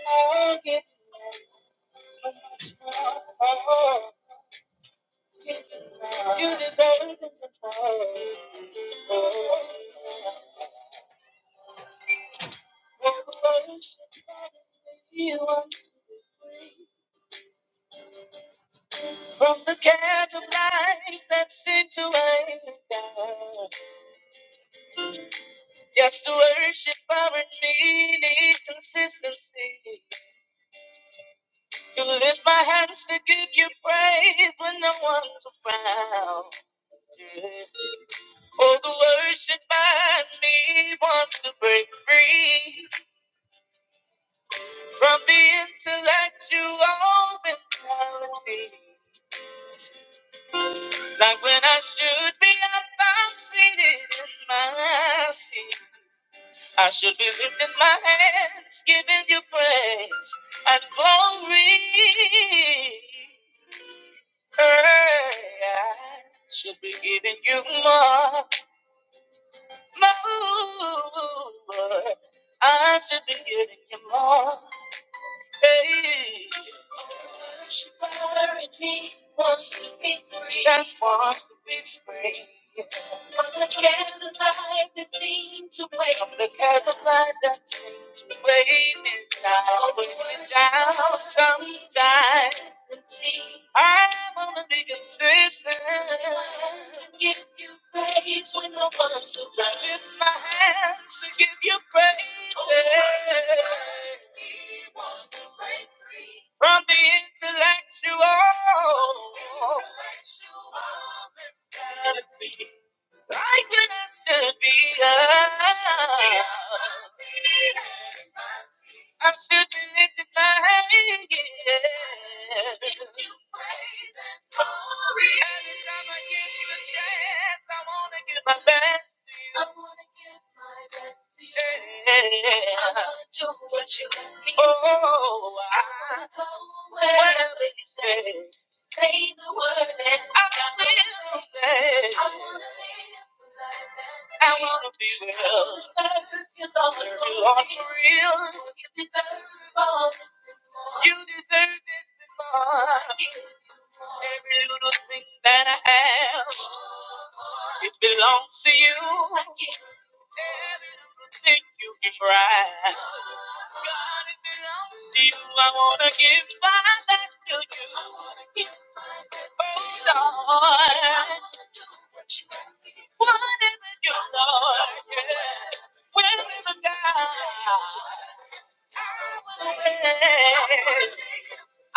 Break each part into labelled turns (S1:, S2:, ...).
S1: You deserve it to You want to be free. From the cares of life that seem to weigh us down. Yes, to worship our need is consistency. To lift my hands to give you praise when no one's around. Yeah. Oh, the worship I need wants to break free from the intellectual mentality. Like when I should be up, I'm seated in my seat. I should be lifting my hands, giving you praise and glory. Hey, I should be giving you more, more. I should be giving you more. Hey, just want to be free. Because of life that's waiting now. I want to be consistent. Lift my hands to give you praise. From the intellectual. Like when I should be up. I should be lifting my hands. Every time I get the chance, I wanna give my best to you. Oh, I really say, say, I'll be with you You deserve this and more. Every little thing that I have, it belongs to you. Every little thing you can right. God, it belongs to you. I wanna give my life to you. Oh, Lord. What is it you Lord? Yeah. Will live and die? I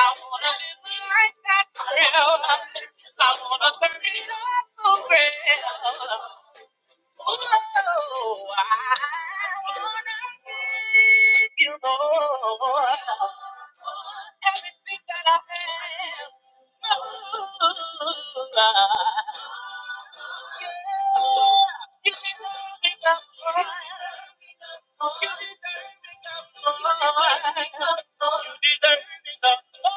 S1: wanna live a life that's real. I wanna burn it up for real. Whoa, I wanna give you Lord everything that I have. Ooh, ah. You deserve it. that's right. You deserve it all. You deserve it all.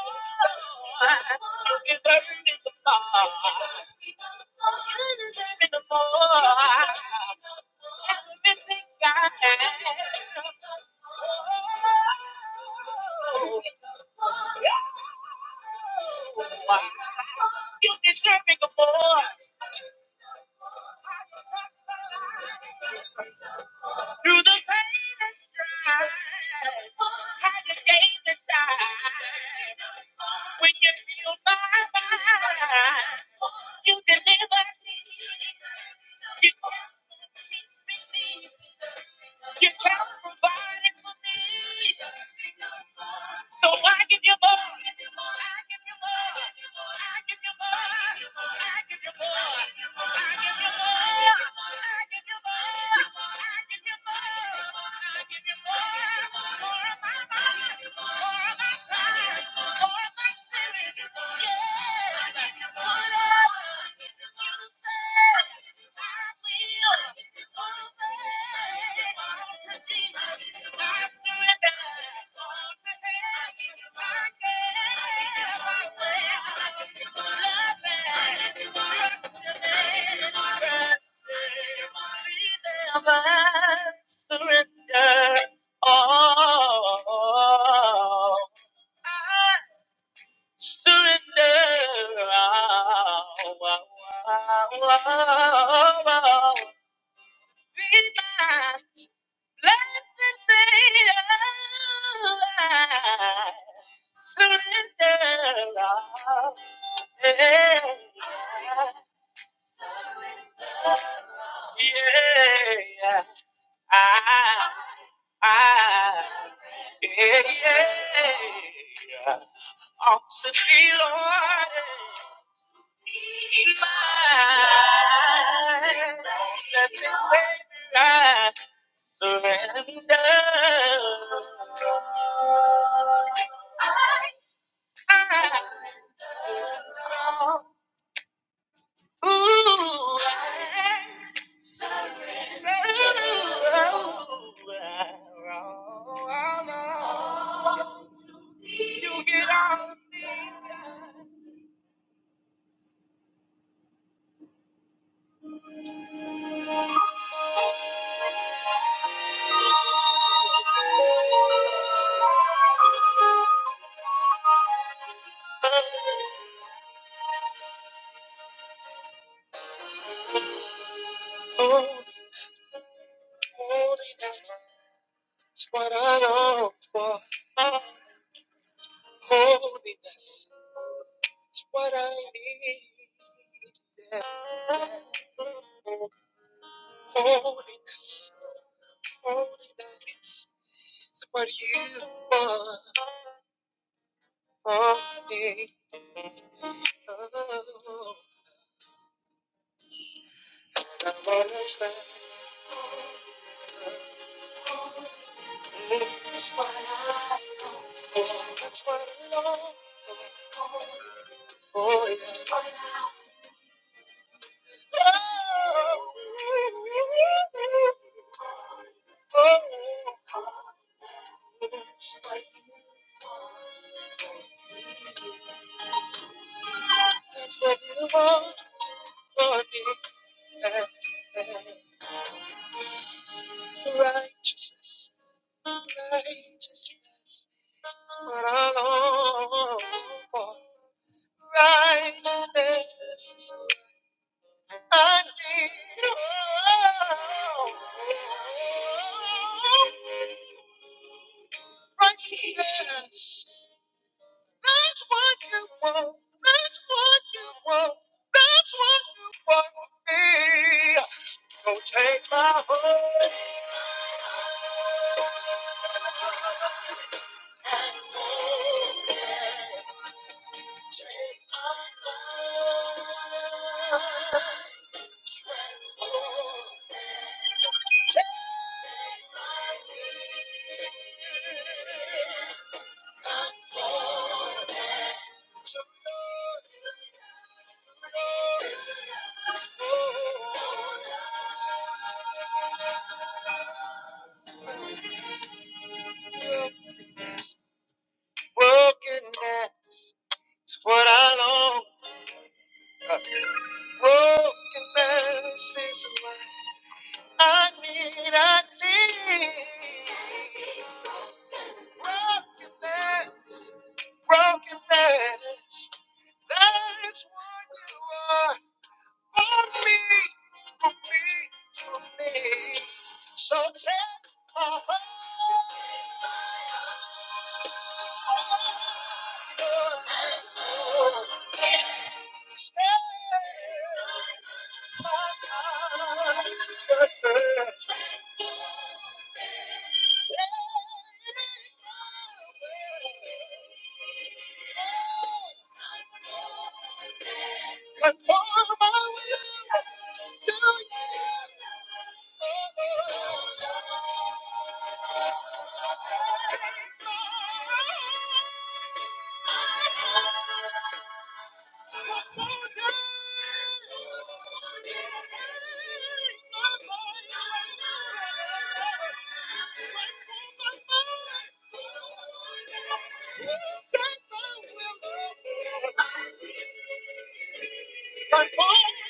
S1: You deserve it all. Everything I am. You deserve it more. Through the pain and strife, how the days and time. When you feel my mind, you deliver. You, you help provide. So I give you more. Yeah. I surrender all. I surrender all. Be my blessed Savior. I Surrender all. Yeah, yeah, yeah. I I, yeah, yeah, ought to be Lord in mine. Let me say I surrender. Ooh, ooh, You get out. Oh, holiness, it's what I long for. Oh, holiness. It's what I need. Holiness, holiness. It's what you want Oh, me. Oh, I wanna stand. It's what I want. It's what I long oh, It's oh, I want. That's what you want oh, me. Righteousness, righteousness. But alone, for righteousness is I need. Righteousness. That's what you want. That's what you want. That's what you want from me. So take my heart. To love you. Brokenness is what I long. Brokenness is what I need. I need brokenness. Brokenness. That's what you are for me, for me, for me. So take my heart, stand. Conform my will to you. Conform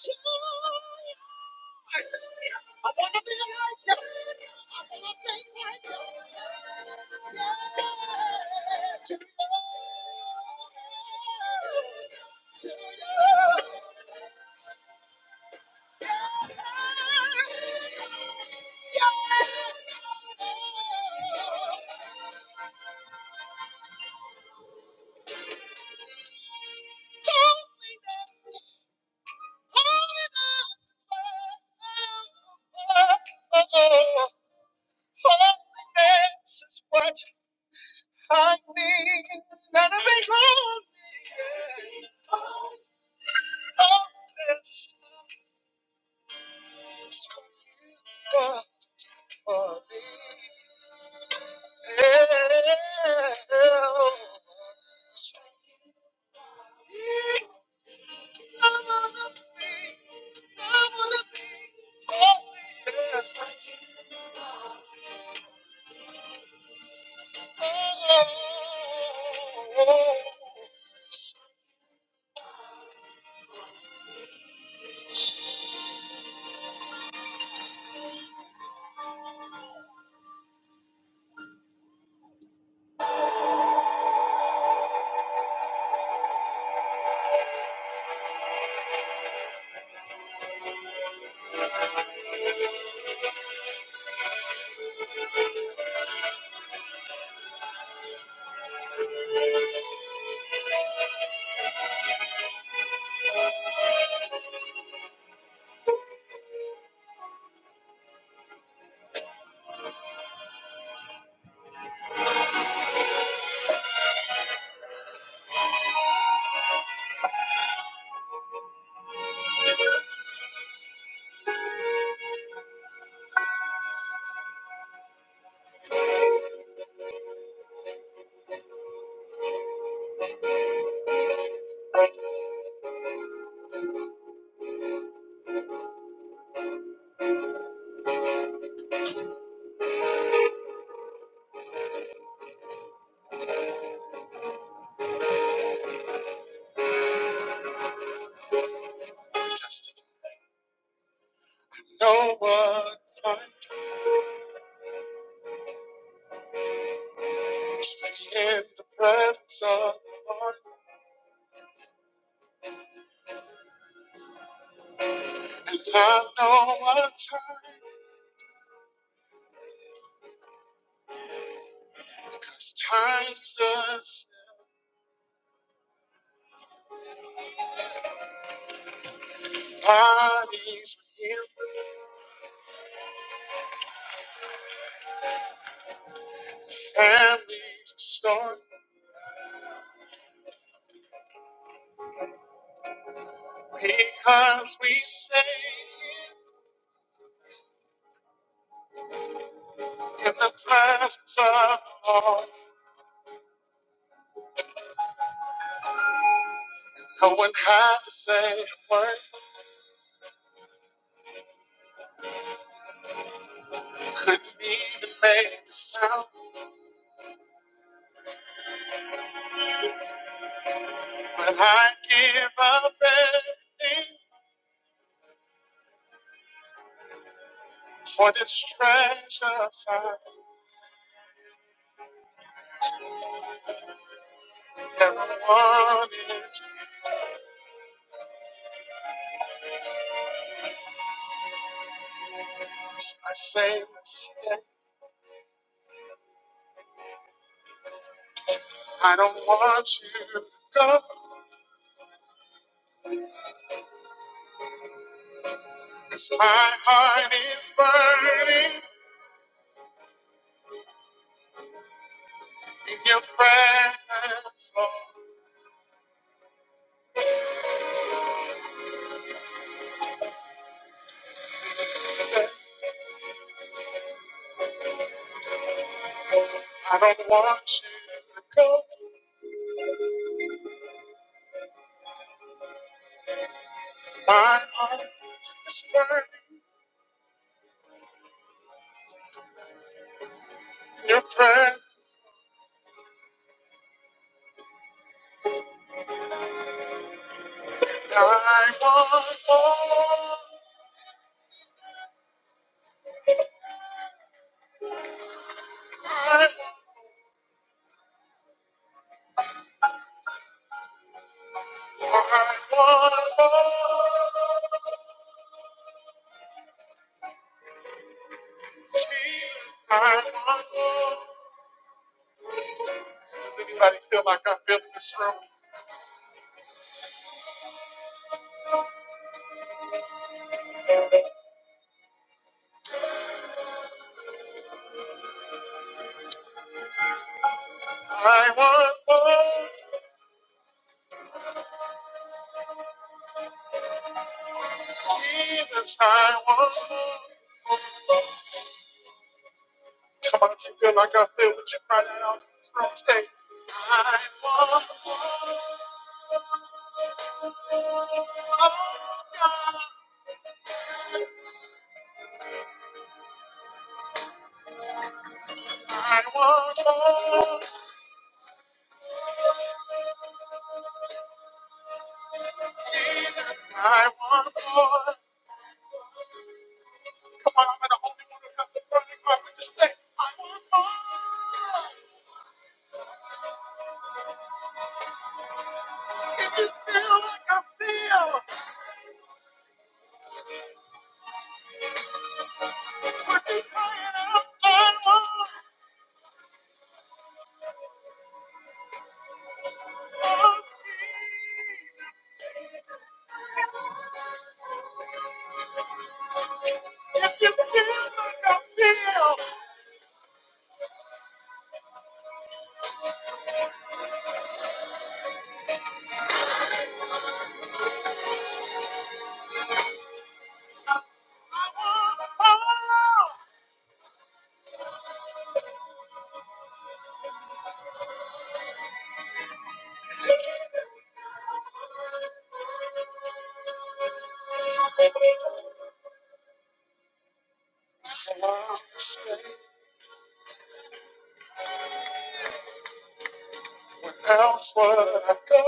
S1: to my I wanna be like God. I wanna think like God. Yeah, to Holiness, holiness, holiness is what I need. Gotta be drawn. Holiness is what I need. No one's like in the presence of the Lord, and I know what time, 'cause time stood still. Bodies were healed, families restored, because we say. in the presence of the Lord, No one had to say a word, couldn't even make a sound. But I give up everything for this treasure find. never wanted. I say, mistake. I don't want you to go, 'cause my heart is burning. In your presence, Lord, I don't want you to go, 'cause My heart is burning in your presence. I want more. I I want more. Jesus, I want more. Does anybody feel like I feel in this room? I want more. Jesus, I want more. Come on, if you feel like I feel, would you cry that out in this room? Say, I want more, God. I want more. I want more. Come on, I'm the only one who has the burning heart. But just say, I want more. If you feel like I feel, I want. If you feel like I feel, I want. So I'll say, when else would I go?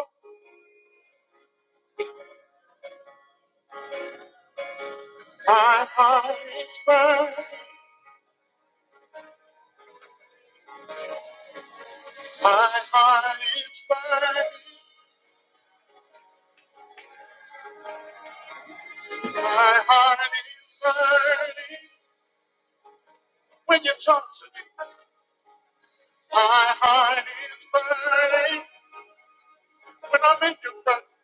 S1: My heart is burning. My heart is burning. My heart is burning. When you talk to me, my heart is burning. When I'm in your presence.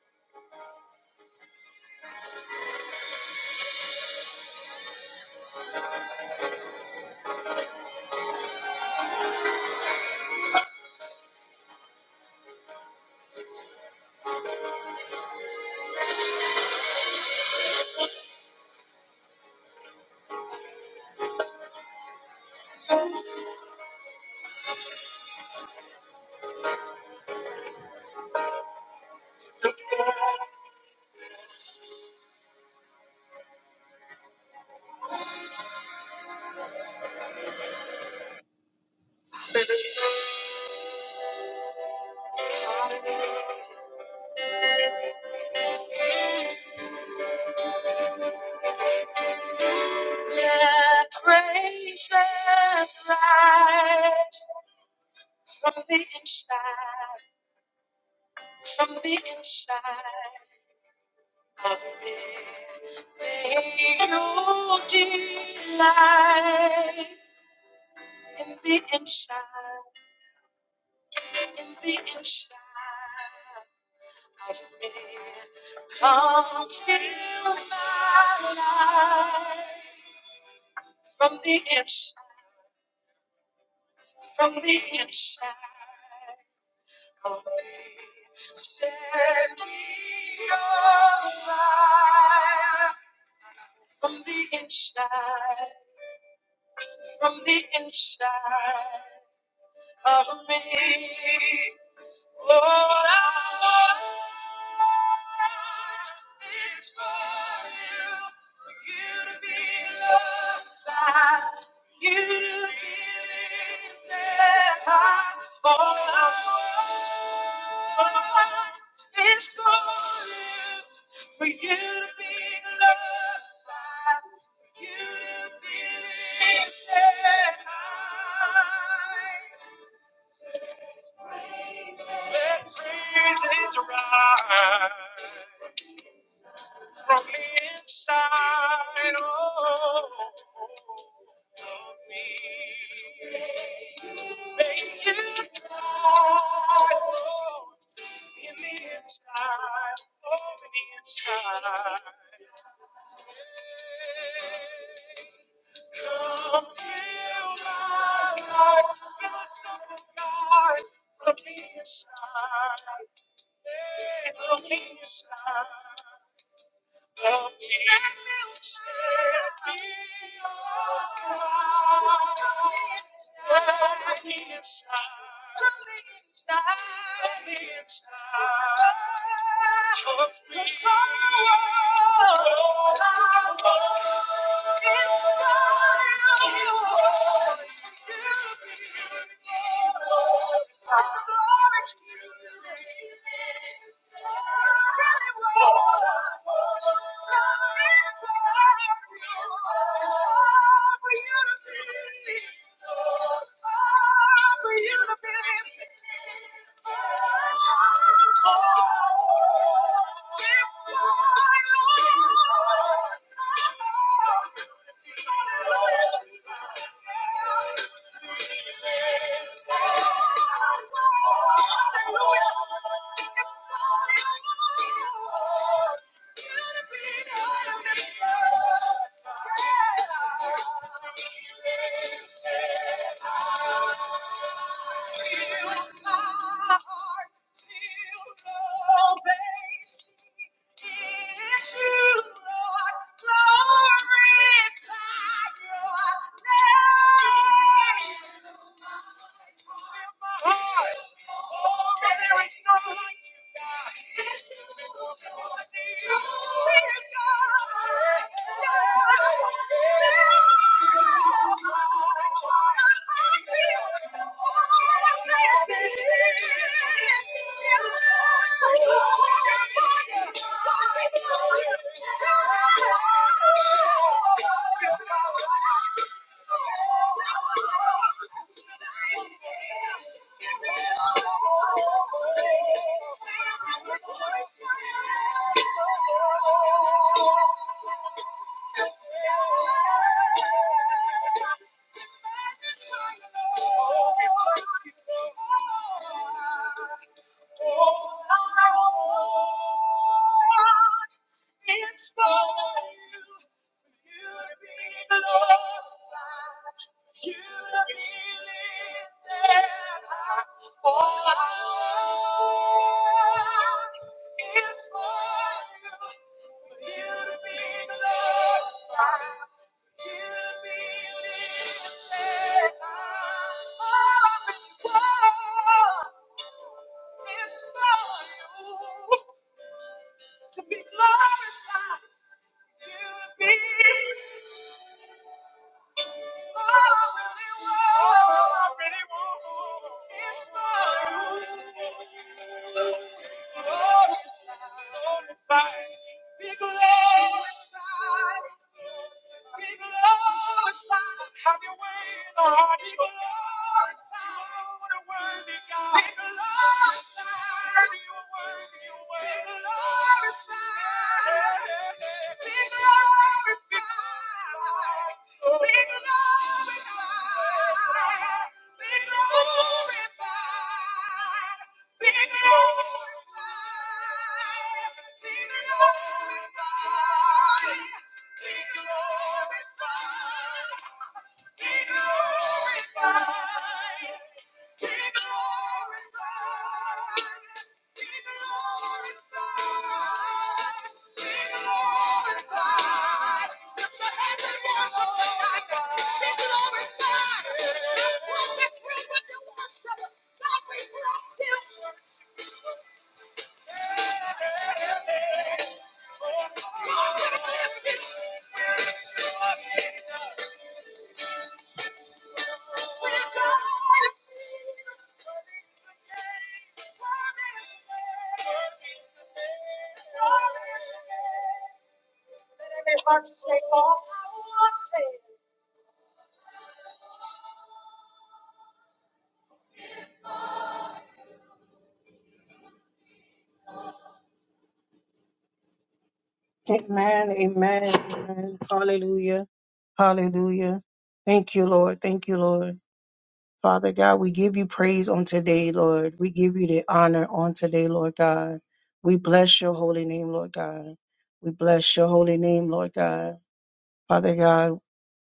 S1: baby. rise from the, from the inside of me. May you delight in me. Come from the inside, from the inside. of me. Set me on From the inside, from the inside of me. Lord, I It's for you, for you to be loved by, for you to be lifted high. All Oh, it's for you, for you to be loved by, for you to be lifted high. Let praises rise. from inside oh, me. Make you cry oh, in the inside, oh, in the inside. Come fill my life with the song of God. Fill my life with the inside. for you. to be. Till the Thank you. Thank you. It's for you, for you to be glorified, for you to be lifted high. All I want is for you, for you to be glorified, for you to be lifted high. All I want is for you to be glorified. Beautiful. glorified. Be glorified. Be glorified. Be glorified. Put your hands and worship tonight, God. Be glorified. That's what this room with the worship. God, we bless you. We adore you, Jesus. Worthy is the King. Worthy is the King. Worthy is the King. Amen, amen, amen. Hallelujah, hallelujah. Thank you, Lord. Thank you, Lord. Father God, we give you praise on today, Lord. We give you the honor on today, Lord God. We bless your holy name, Lord God. We bless your holy name, Lord God. Father God,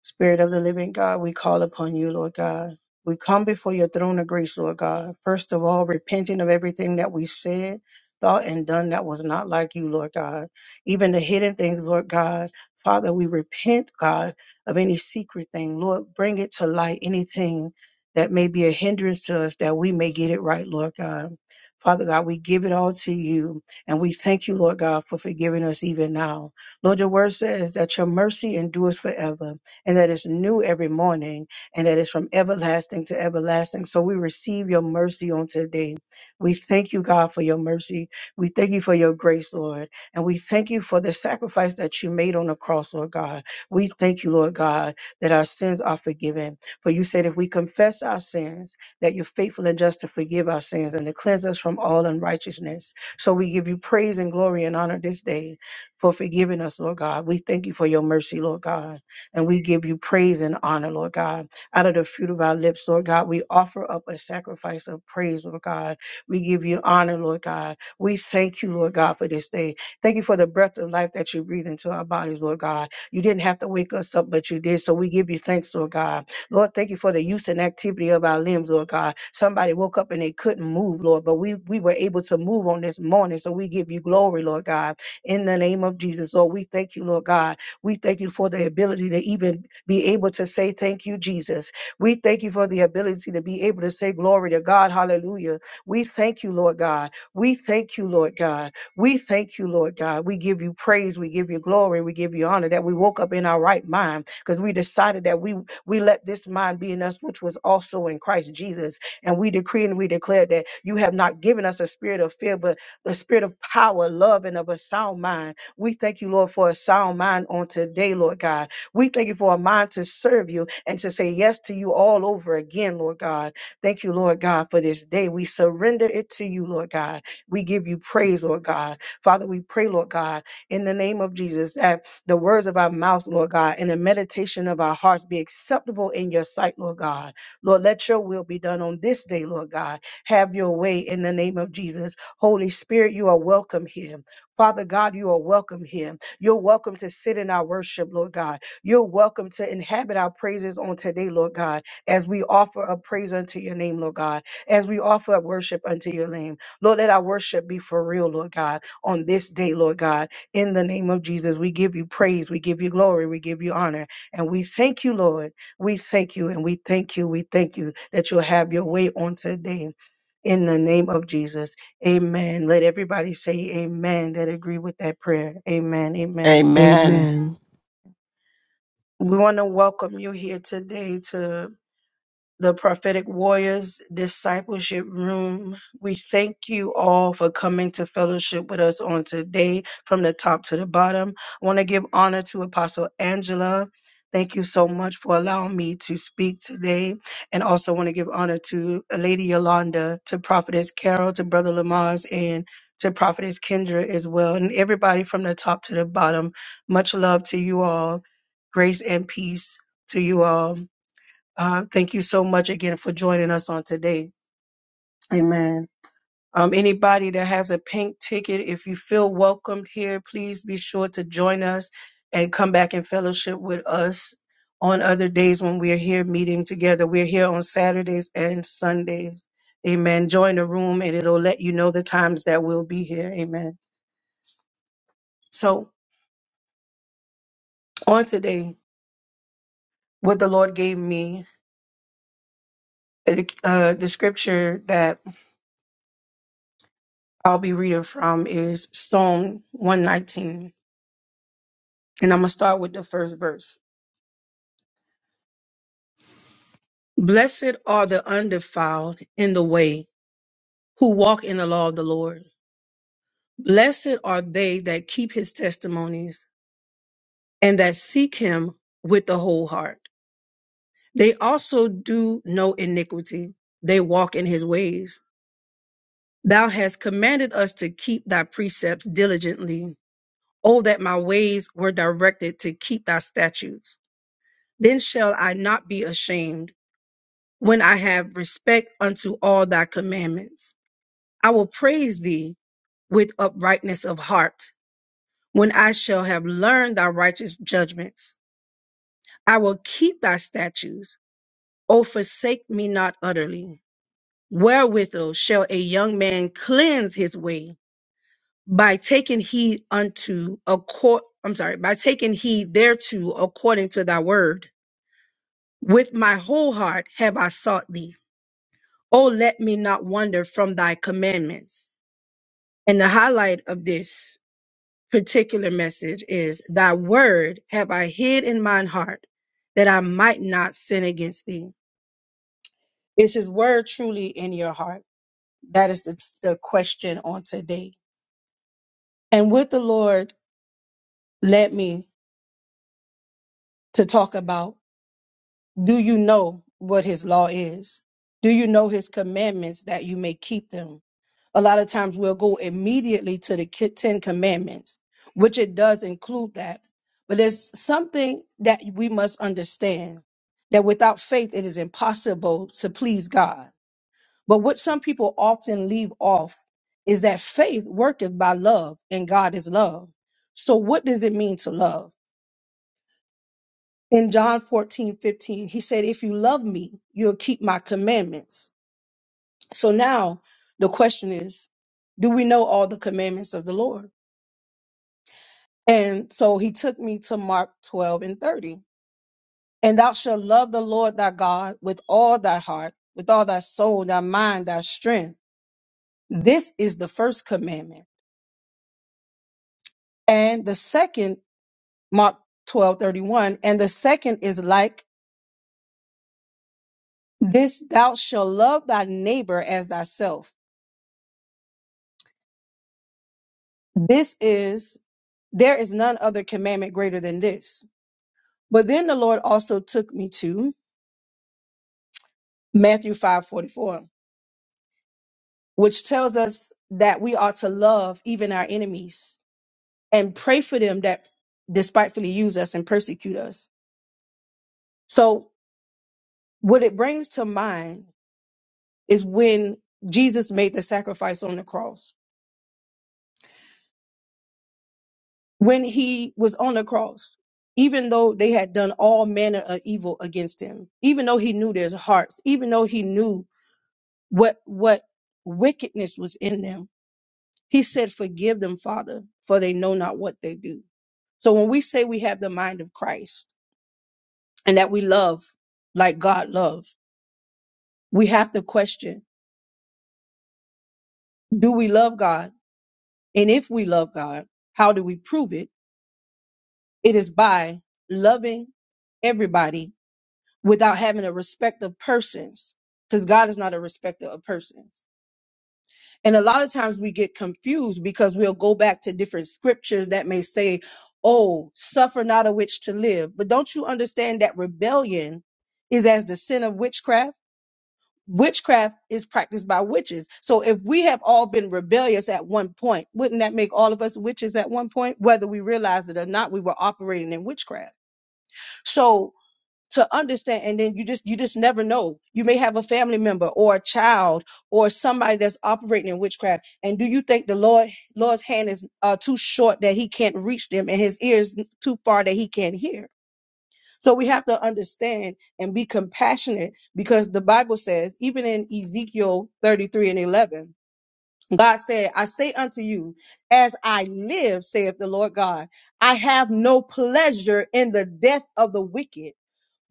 S1: Spirit of the living God, we call upon you, Lord God. We come before your throne of grace, Lord God. First of all, repenting of everything that we said, thought, and done that was not like you, Lord God. Even the hidden things, Lord God. Father, we repent, God, of any secret thing. Lord, bring it to light, anything that may be a hindrance to us that we may get it right, Lord God. Father God, we give it all to you and we thank you, Lord God, for forgiving us even now. Lord, your word says that your mercy endures forever and that is new every morning, and that is from everlasting to everlasting. So we receive your mercy on today. We thank you, God, for your mercy. We thank you for your grace, Lord. And we thank you for the sacrifice that you made on the cross, Lord God. We thank you, Lord God, that our sins are forgiven. For you said if we confess our sins, that you're faithful and just to forgive our sins and to cleanse us from all unrighteousness. So we give you praise and glory and honor this day for forgiving us, Lord God. We thank you for your mercy, Lord God. And we give you praise and honor, Lord God. Out of the fruit of our lips, Lord God, we offer up a sacrifice of praise, Lord God. We give you honor, Lord God. We thank you, Lord God, for this day. Thank you for the breath of life that you breathe into our bodies, Lord God. You didn't have to wake us up, but you did. So we give you thanks, Lord God. Lord, thank you for the use and activity of our limbs, Lord God. Somebody woke up and they couldn't move, Lord, but we, we were able to move on this morning. So we give you glory, Lord God. In the name of Jesus, Lord, we thank you, Lord God we thank you for the ability to even be able to say, Thank you, Jesus. We thank you for the ability to be able to say, Glory to God. Hallelujah. We thank you, Lord God. We thank you, Lord God. We thank you, Lord God. We give you praise. We give you glory. We give you honor that we woke up in our right mind because we decided that we we let this mind be in us, which was also in Christ Jesus. And we decree and we declare that you have not given us a spirit of fear, but the spirit of power, love, and of a sound mind. We thank you, Lord, for a sound mind on today, Lord God. We thank you for a mind to serve you and to say yes to you all over again, Lord God. Thank you, Lord God, for this day. We surrender it to you, Lord God. We give you praise, Lord God. Father, we pray, Lord God, in the name of Jesus, that the words of our mouths, Lord God, and the meditation of our hearts be acceptable in your sight, Lord God. Lord, let your will be done on this day, Lord God. Have your way in the name of Jesus. Holy Spirit, you are welcome here. Father God, you are welcome here. You're welcome to sit in our worship, Lord God. You're welcome to inhabit our praises on today, Lord God, as we offer up praise unto your name, Lord God, as we offer up worship unto your name. Lord, let our worship be for real, Lord God, on this day, Lord God. In the name of Jesus, we give you praise, we give you glory, we give you honor, and we thank you, Lord. We thank you and we thank you. We thank you that you'll have your way on today. In the name of Jesus. Amen. Let everybody say amen that agree with that prayer. Amen. Amen. Amen.
S2: Amen.
S3: Amen.
S1: We want to welcome you here today to the Prophetic Warriors Discipleship Room. We thank you all for coming to fellowship with us on today from the top to the bottom. I want to give honor to Apostle Angela. Thank you so much for allowing me to speak today. And also want to give honor to Lady Yolanda, to Prophetess Carol, to Brother Lamaze, and to Prophetess Kendra as well. And everybody from the top to the bottom, much love to you all. Grace and peace to you all. Uh, thank you so much again for joining us on today. Amen. Um, anybody that has a pink ticket, if you feel welcomed here, please be sure to join us and come back and fellowship with us on other days when we're here meeting together. We're here on Saturdays and Sundays. Amen. Join the room and it'll let you know the times that we'll be here. Amen. So on today, what the Lord gave me, uh, the scripture that I'll be reading from is Psalm 119. And I'm going to start with the first verse. Blessed are the undefiled in the way who walk in the law of the Lord. Blessed are they that keep his testimonies and that seek him with the whole heart. They also do no iniquity. They walk in his ways. Thou hast commanded us to keep thy precepts diligently. Oh, that my ways were directed to keep thy statutes. Then shall I not be ashamed when I have respect unto all thy commandments. I will praise thee with uprightness of heart when I shall have learned thy righteous judgments. I will keep thy statutes. O forsake me not utterly. Wherewithal shall a young man cleanse his way? By taking heed unto a court, I'm sorry, by taking heed thereto according to thy word. With my whole heart have I sought thee. O let me not wander from thy commandments. And the highlight of this particular message is Thy word have I hid in mine heart that I might not sin against thee. Is his word truly in your heart? That is the, the question on today. And what the Lord led me to talk about Do you know what his law is? Do you know his commandments that you may keep them? A lot of times we'll go immediately to the ki- 10 commandments, which it does include that. But there's something that we must understand that without faith, it is impossible to please God. But what some people often leave off is that faith worketh by love and God is love. So what does it mean to love? in John 14 15, he said, If you love me, you'll keep my commandments. So now the question is, do we know all the commandments of the Lord? And so he took me to Mark 12 and 30. And thou shalt love the Lord thy God with all thy heart, with all thy soul, thy mind, thy strength. This is the first commandment. And the second, Mark 12 31. and the second is like this, thou shalt love thy neighbor as thyself. This is There is none other commandment greater than this. But then the Lord also took me to Matthew 5 44, which tells us that we ought to love even our enemies and pray for them that despitefully use us and persecute us. So, what it brings to mind is when Jesus made the sacrifice on the cross, when he was on the cross. Even though they had done all manner of evil against him, even though he knew their hearts, even though he knew what what wickedness was in them. He said, "Forgive them, Father, for they know not what they do." So when we say we have the mind of Christ and that we love like God loved, we have to question, do we love God? And if we love God, how do we prove it? It is by loving everybody without having a respect of persons because God is not a respecter of persons. And a lot of times we get confused because we'll go back to different scriptures that may say, Oh, suffer not a witch to live. But don't you understand that rebellion is as the sin of witchcraft? Witchcraft is practiced by witches. So if we have all been rebellious at one point, wouldn't that make all of us witches at one point? Whether we realize it or not, we were operating in witchcraft. So to understand and then you just you just never know you may have a family member or a child or somebody that's operating in witchcraft and do you think the lord lord's hand is uh, too short that he can't reach them and his ears too far that he can't hear so we have to understand and be compassionate because the bible says even in ezekiel 33 and 11 god said i say unto you as i live saith the lord god i have no pleasure in the death of the wicked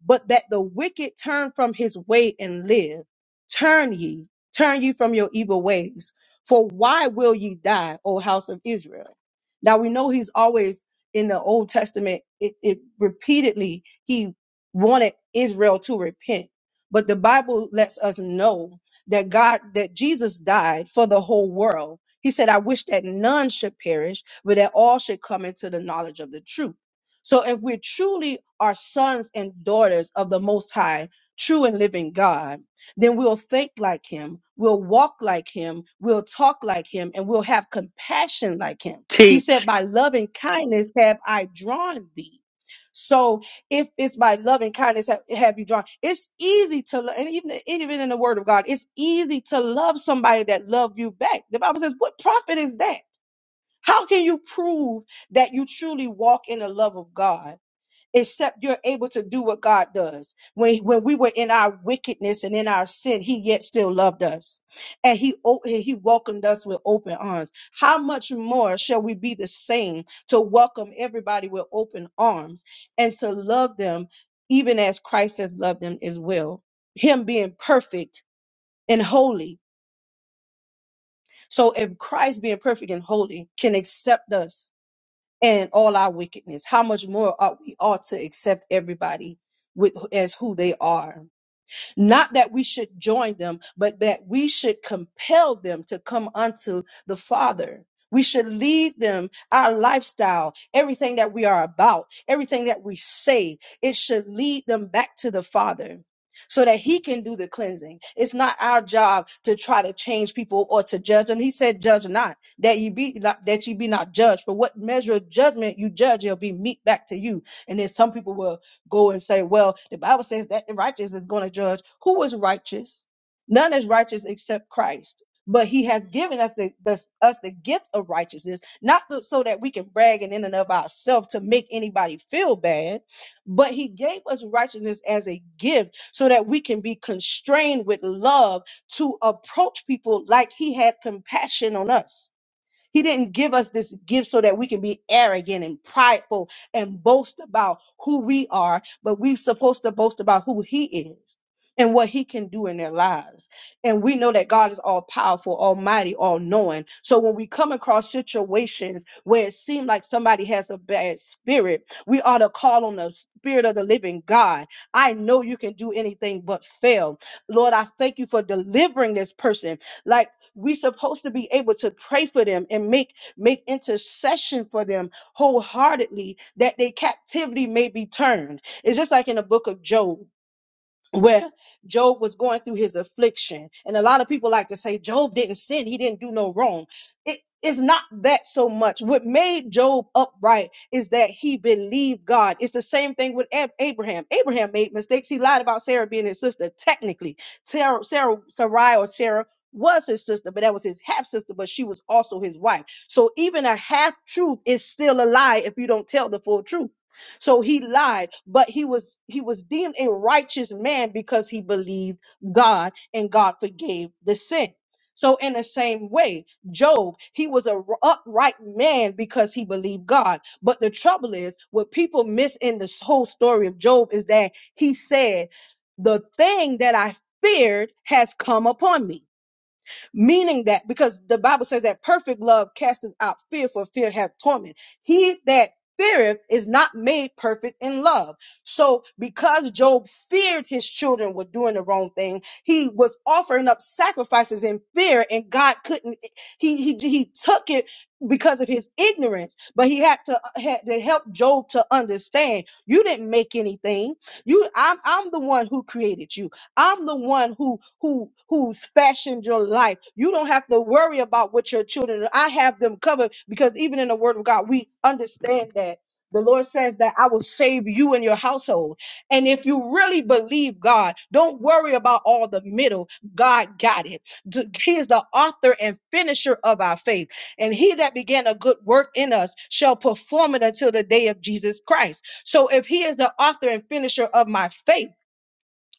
S1: but that the wicked turn from his way and live. Turn ye, turn ye from your evil ways. For why will ye die, O house of Israel? Now we know he's always in the Old Testament, it, it repeatedly, he wanted Israel to repent. But the Bible lets us know that God, that Jesus died for the whole world. He said, I wish that none should perish, but that all should come into the knowledge of the truth. So if we're truly are sons and daughters of the Most High, true and living God, then we'll think like Him, we'll walk like Him, we'll talk like Him, and we'll have compassion like Him. He said,
S2: Teach.
S1: By loving kindness have I drawn thee. So if it's by loving kindness have, have you drawn, it's easy to lo- and even even in the Word of God, it's easy to love somebody that love you back. The Bible says, "What profit is that? How can you prove that you truly walk in the love of God?" except you're able to do what God does. When, when we were in our wickedness and in our sin, he yet still loved us and he, o- and he welcomed us with open arms. How much more shall we be the same to welcome everybody with open arms and to love them even as Christ has loved them as well? Him being perfect and holy. So if Christ being perfect and holy can accept us and all our wickedness, how much more ought we ought to accept everybody with as who they are. Not that we should join them, but that we should compel them to come unto the Father. We should lead them our lifestyle, everything that we are about, everything that we say, it should lead them back to the Father so that He can do the cleansing. It's not our job to try to change people or to judge them. He said, Judge not, that you be not, that you be not judged. For what measure of judgment you judge, it'll be meet back to you. And then some people will go and say, well, the Bible says that the righteous is going to judge. Who is righteous? None is righteous except Christ. But he has given us the, the us the gift of righteousness, not th- so that we can brag in and of ourselves to make anybody feel bad, but he gave us righteousness as a gift so that we can be constrained with love to approach people like he had compassion on us he didn't give us this gift so that we can be arrogant and prideful and boast about who we are, but we're supposed to boast about who He is and what He can do in their lives. And we know that God is all powerful, almighty, all knowing. So when we come across situations where it seems like somebody has a bad spirit, we ought to call on the Spirit of the living God. I know you can do anything but fail. Lord, I thank you for delivering this person. Like, we're supposed to be able to pray for them and make make intercession for them wholeheartedly that their captivity may be turned. It's just like in the book of Job where Job was going through his affliction. And a lot of people like to say Job didn't sin, he didn't do no wrong. It is not that so much. What made Job upright is that he believed God. It's the same thing with Ab- Abraham. Abraham made mistakes. He lied about Sarah being his sister. Technically, Sarah, Sarah Sarai or Sarah was his sister, but that was his half sister, but she was also his wife. So even a half truth is still a lie if you don't tell the full truth. So he lied, but he was he was deemed a righteous man because he believed God and God forgave the sin. So in the same way, Job, he was a r- upright man because he believed God. But the trouble is, what people miss in this whole story of Job is that he said, "The thing that I feared has come upon me." meaning that because the Bible says that perfect love casteth out fear, for fear hath torment. He that feareth is not made perfect in love. So because Job feared his children were doing the wrong thing, he was offering up sacrifices in fear, and God couldn't. He he he took it because of his ignorance, but he had to uh, had to help Job to understand. You didn't make anything. You, I'm I'm the one who created you. I'm the one who who who's fashioned your life. You don't have to worry about what your children. are. I have them covered because even in the Word of God, we understand that the Lord says that I will save you and your household. And if you really believe God, don't worry about all the middle. God got it. D- He is the author and finisher of our faith. And he that began a good work in us shall perform it until the day of Jesus Christ. So if he is the author and finisher of my faith,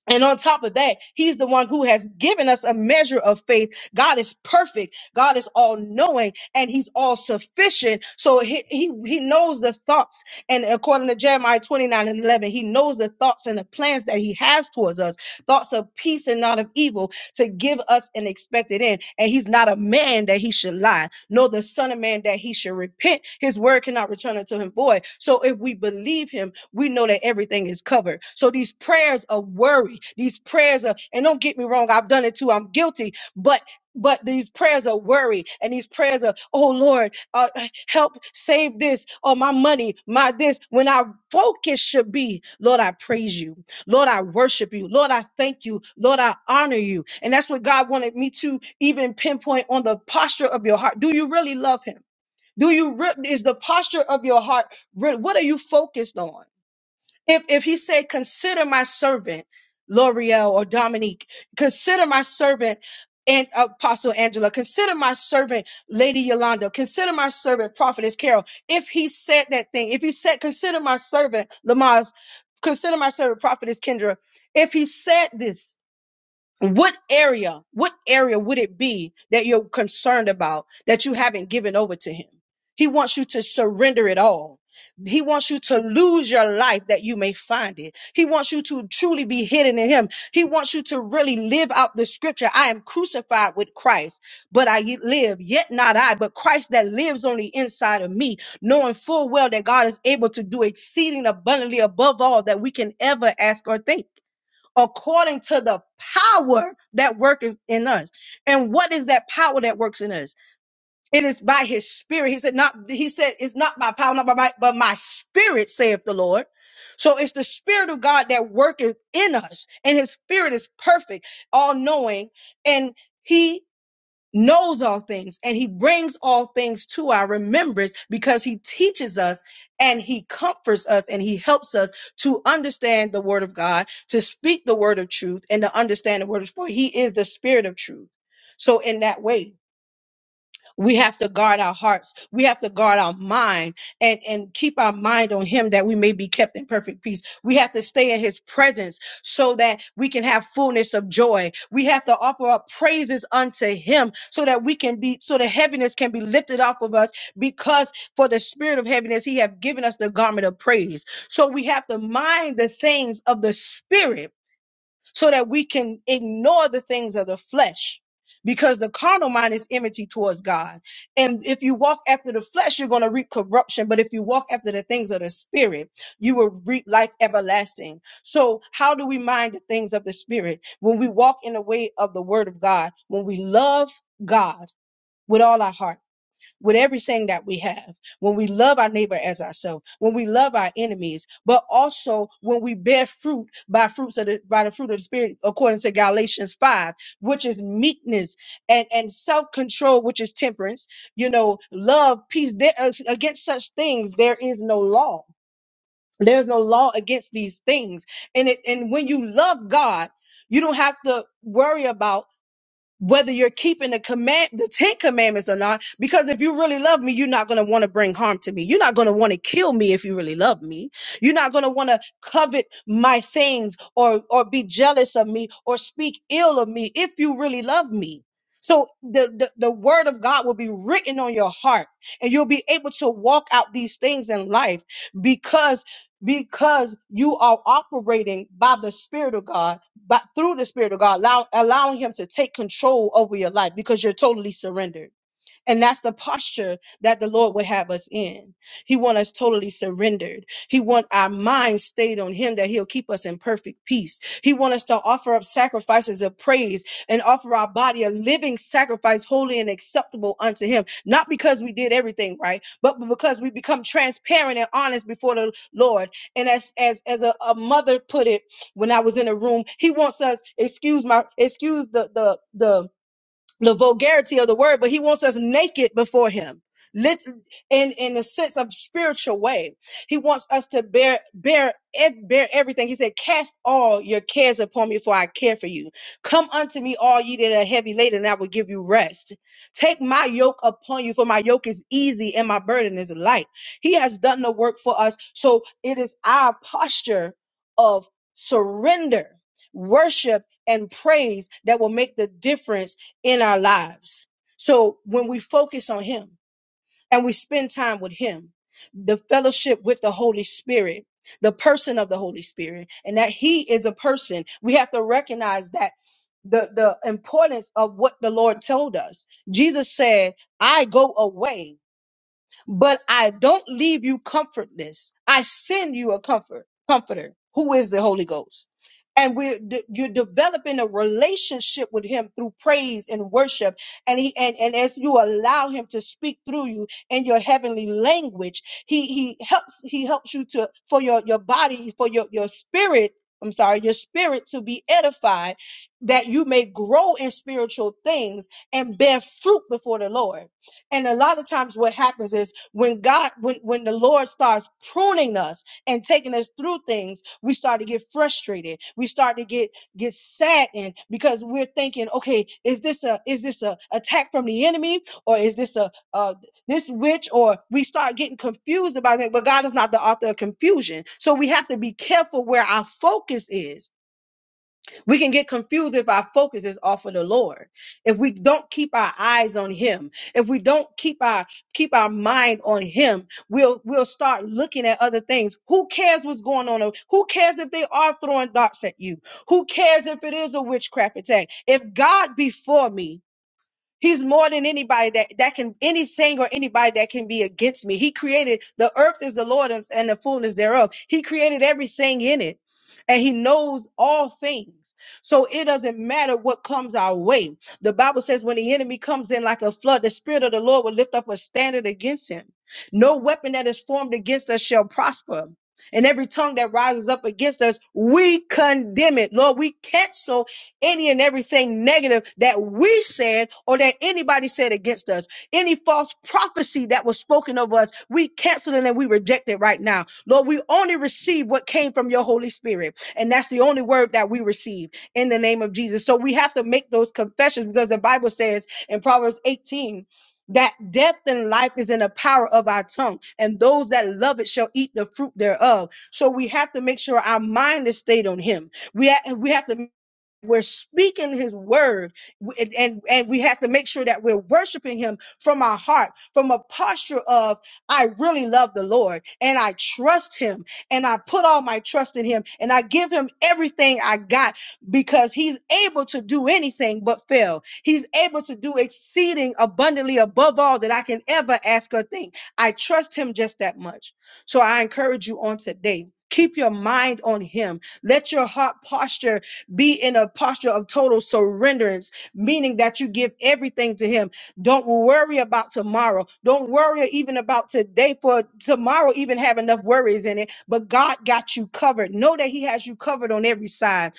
S1: and on top of that, he's the one who has given us a measure of faith. God is perfect. God is all knowing and he's all sufficient. So he, he, he knows the thoughts. And according to Jeremiah 29 and 11, he knows the thoughts and the plans that he has towards us. Thoughts of peace and not of evil to give us an expected end. And he's not a man that he should lie, nor the son of man that he should repent. His word cannot return unto him void. So if we believe him, we know that everything is covered. So these prayers of worry, these prayers of, and don't get me wrong, I've done it too. I'm guilty, but but these prayers of worry and these prayers of, oh Lord, uh, help save this or my money, my this, when our focus should be, Lord, I praise you. Lord, I worship you. Lord, I thank you. Lord, I honor you. And that's what God wanted me to even pinpoint on the posture of your heart. Do you really love him? Do you re- is the posture of your heart? re- what are you focused on? if if he said consider my servant l'oreal or dominique consider my servant and uh, apostle angela consider my servant lady yolanda consider my servant prophetess carol if he said that thing if he said consider my servant Lamaze, consider my servant prophetess kendra if he said this what area, what area would it be that you're concerned about that you haven't given over to him? He wants you to surrender it all. He wants you to lose your life that you may find it. He wants you to truly be hidden in him. He wants you to really live out the scripture. I am crucified with Christ, but I yet live, yet not I, but Christ that lives on the inside of me, knowing full well that God is able to do exceeding abundantly above all that we can ever ask or think according to the power that worketh in us. And what is that power that works in us? It is by his spirit. He said, not, he said, it's not by power, not by might, but my spirit, saith the Lord. So it's the spirit of God that worketh in us and his spirit is perfect, all knowing, and he knows all things and he brings all things to our remembrance because he teaches us and he comforts us and he helps us to understand the word of God, to speak the word of truth and to understand the word of truth. He is the spirit of truth. So in that way, we have to guard our hearts. We have to guard our mind and, and keep our mind on him that we may be kept in perfect peace. We have to stay in his presence so that we can have fullness of joy. We have to offer up praises unto him so that we can be, so the heaviness can be lifted off of us because for the spirit of heaviness, he have given us the garment of praise. So we have to mind the things of the spirit so that we can ignore the things of the flesh because the carnal mind is enmity towards God. And if you walk after the flesh, you're going to reap corruption. But if you walk after the things of the spirit, you will reap life everlasting. So how do we mind the things of the spirit? When we walk in the way of the word of God, when we love God with all our heart with everything that we have, when we love our neighbor as ourselves, when we love our enemies, but also when we bear fruit by fruits of the by the fruit of the spirit, according to Galatians five, which is meekness and and self control, which is temperance. You know, love, peace. There, uh, against such things, there is no law. There's no law against these things, and it and when you love God. You don't have to worry about whether you're keeping the command the Ten Commandments or not, because if you really love me, you're not gonna want to bring harm to me. You're not gonna want to kill me if you really love me. You're not gonna want to covet my things or or be jealous of me or speak ill of me if you really love me. So the, the the word of God will be written on your heart and you'll be able to walk out these things in life because because you are operating by the spirit of God but through the spirit of god allow, allowing him to take control over your life because you're totally surrendered and that's the posture that the Lord would have us in. He wants us totally surrendered. He wants our minds stayed on him that he'll keep us in perfect peace. He wants us to offer up sacrifices of praise and offer our body a living sacrifice, holy and acceptable unto him. Not because we did everything right, but because we become transparent and honest before the Lord. And as as as a, a mother put it when I was in a room, he wants us, excuse my excuse the the the the vulgarity of the word, but he wants us naked before him. Lit in in the sense of spiritual way, he wants us to bear bear ev- bear everything. He said, "Cast all your cares upon me, for I care for you. Come unto me, all ye that are heavy laden, and I will give you rest. Take my yoke upon you, for my yoke is easy and my burden is light." He has done the work for us, so it is our posture of surrender, worship, and praise that will make the difference in our lives. So when we focus on Him and we spend time with Him, the fellowship with the Holy Spirit, the person of the Holy Spirit, and that He is a person, we have to recognize that the, the importance of what the Lord told us. Jesus said, I go away but I don't leave you comfortless. I send you a comfort, comforter who is the Holy Ghost. And we're de- you're developing a relationship with him through praise and worship. And he and, and as you allow him to speak through you in your heavenly language, he he helps he helps you to for your your body, for your your spirit. I'm sorry, your spirit to be edified, that you may grow in spiritual things and bear fruit before the Lord. And a lot of times what happens is when God, when, when the Lord starts pruning us and taking us through things, we start to get frustrated. We start to get, get saddened because we're thinking, okay, is this a, is this a attack from the enemy or is this a, uh, this witch or we start getting confused about it but god is not the author of confusion so we have to be careful where our focus is we can get confused if our focus is off of the Lord. If we don't keep our eyes on him, if we don't keep our keep our mind on him, we'll we'll start looking at other things. Who cares what's going on? Who cares if they are throwing darts at you? Who cares if it is a witchcraft attack? If God be for me, He's more than anybody that, that can, anything or anybody that can be against me. He created the earth is the Lord and the fullness thereof. He created everything in it and he knows all things. So it doesn't matter what comes our way. The Bible says when the enemy comes in like a flood, the spirit of the Lord will lift up a standard against him. No weapon that is formed against us shall prosper. And every tongue that rises up against us, we condemn it. Lord, we cancel any and everything negative that we said or that anybody said against us. Any false prophecy that was spoken of us, we cancel it and we reject it right now. Lord, we only receive what came from your Holy Spirit. And that's the only word that we receive in the name of Jesus. So we have to make those confessions because the Bible says in Proverbs 18, that death and life is in the power of our tongue, and those that love it shall eat the fruit thereof. So we have to make sure our mind is stayed on Him. We ha- we have to we're speaking his word and, and and we have to make sure that we're worshiping him from our heart from a posture of i really love the lord and i trust him and i put all my trust in him and i give him everything i got because he's able to do anything but fail he's able to do exceeding abundantly above all that i can ever ask or think i trust him just that much so i encourage you on today keep your mind on him let your heart posture be in a posture of total surrenderance, meaning that you give everything to Him. Don't worry about tomorrow. Don't worry even about today, for tomorrow even have enough worries in it. But God got you covered. Know that He has you covered on every side.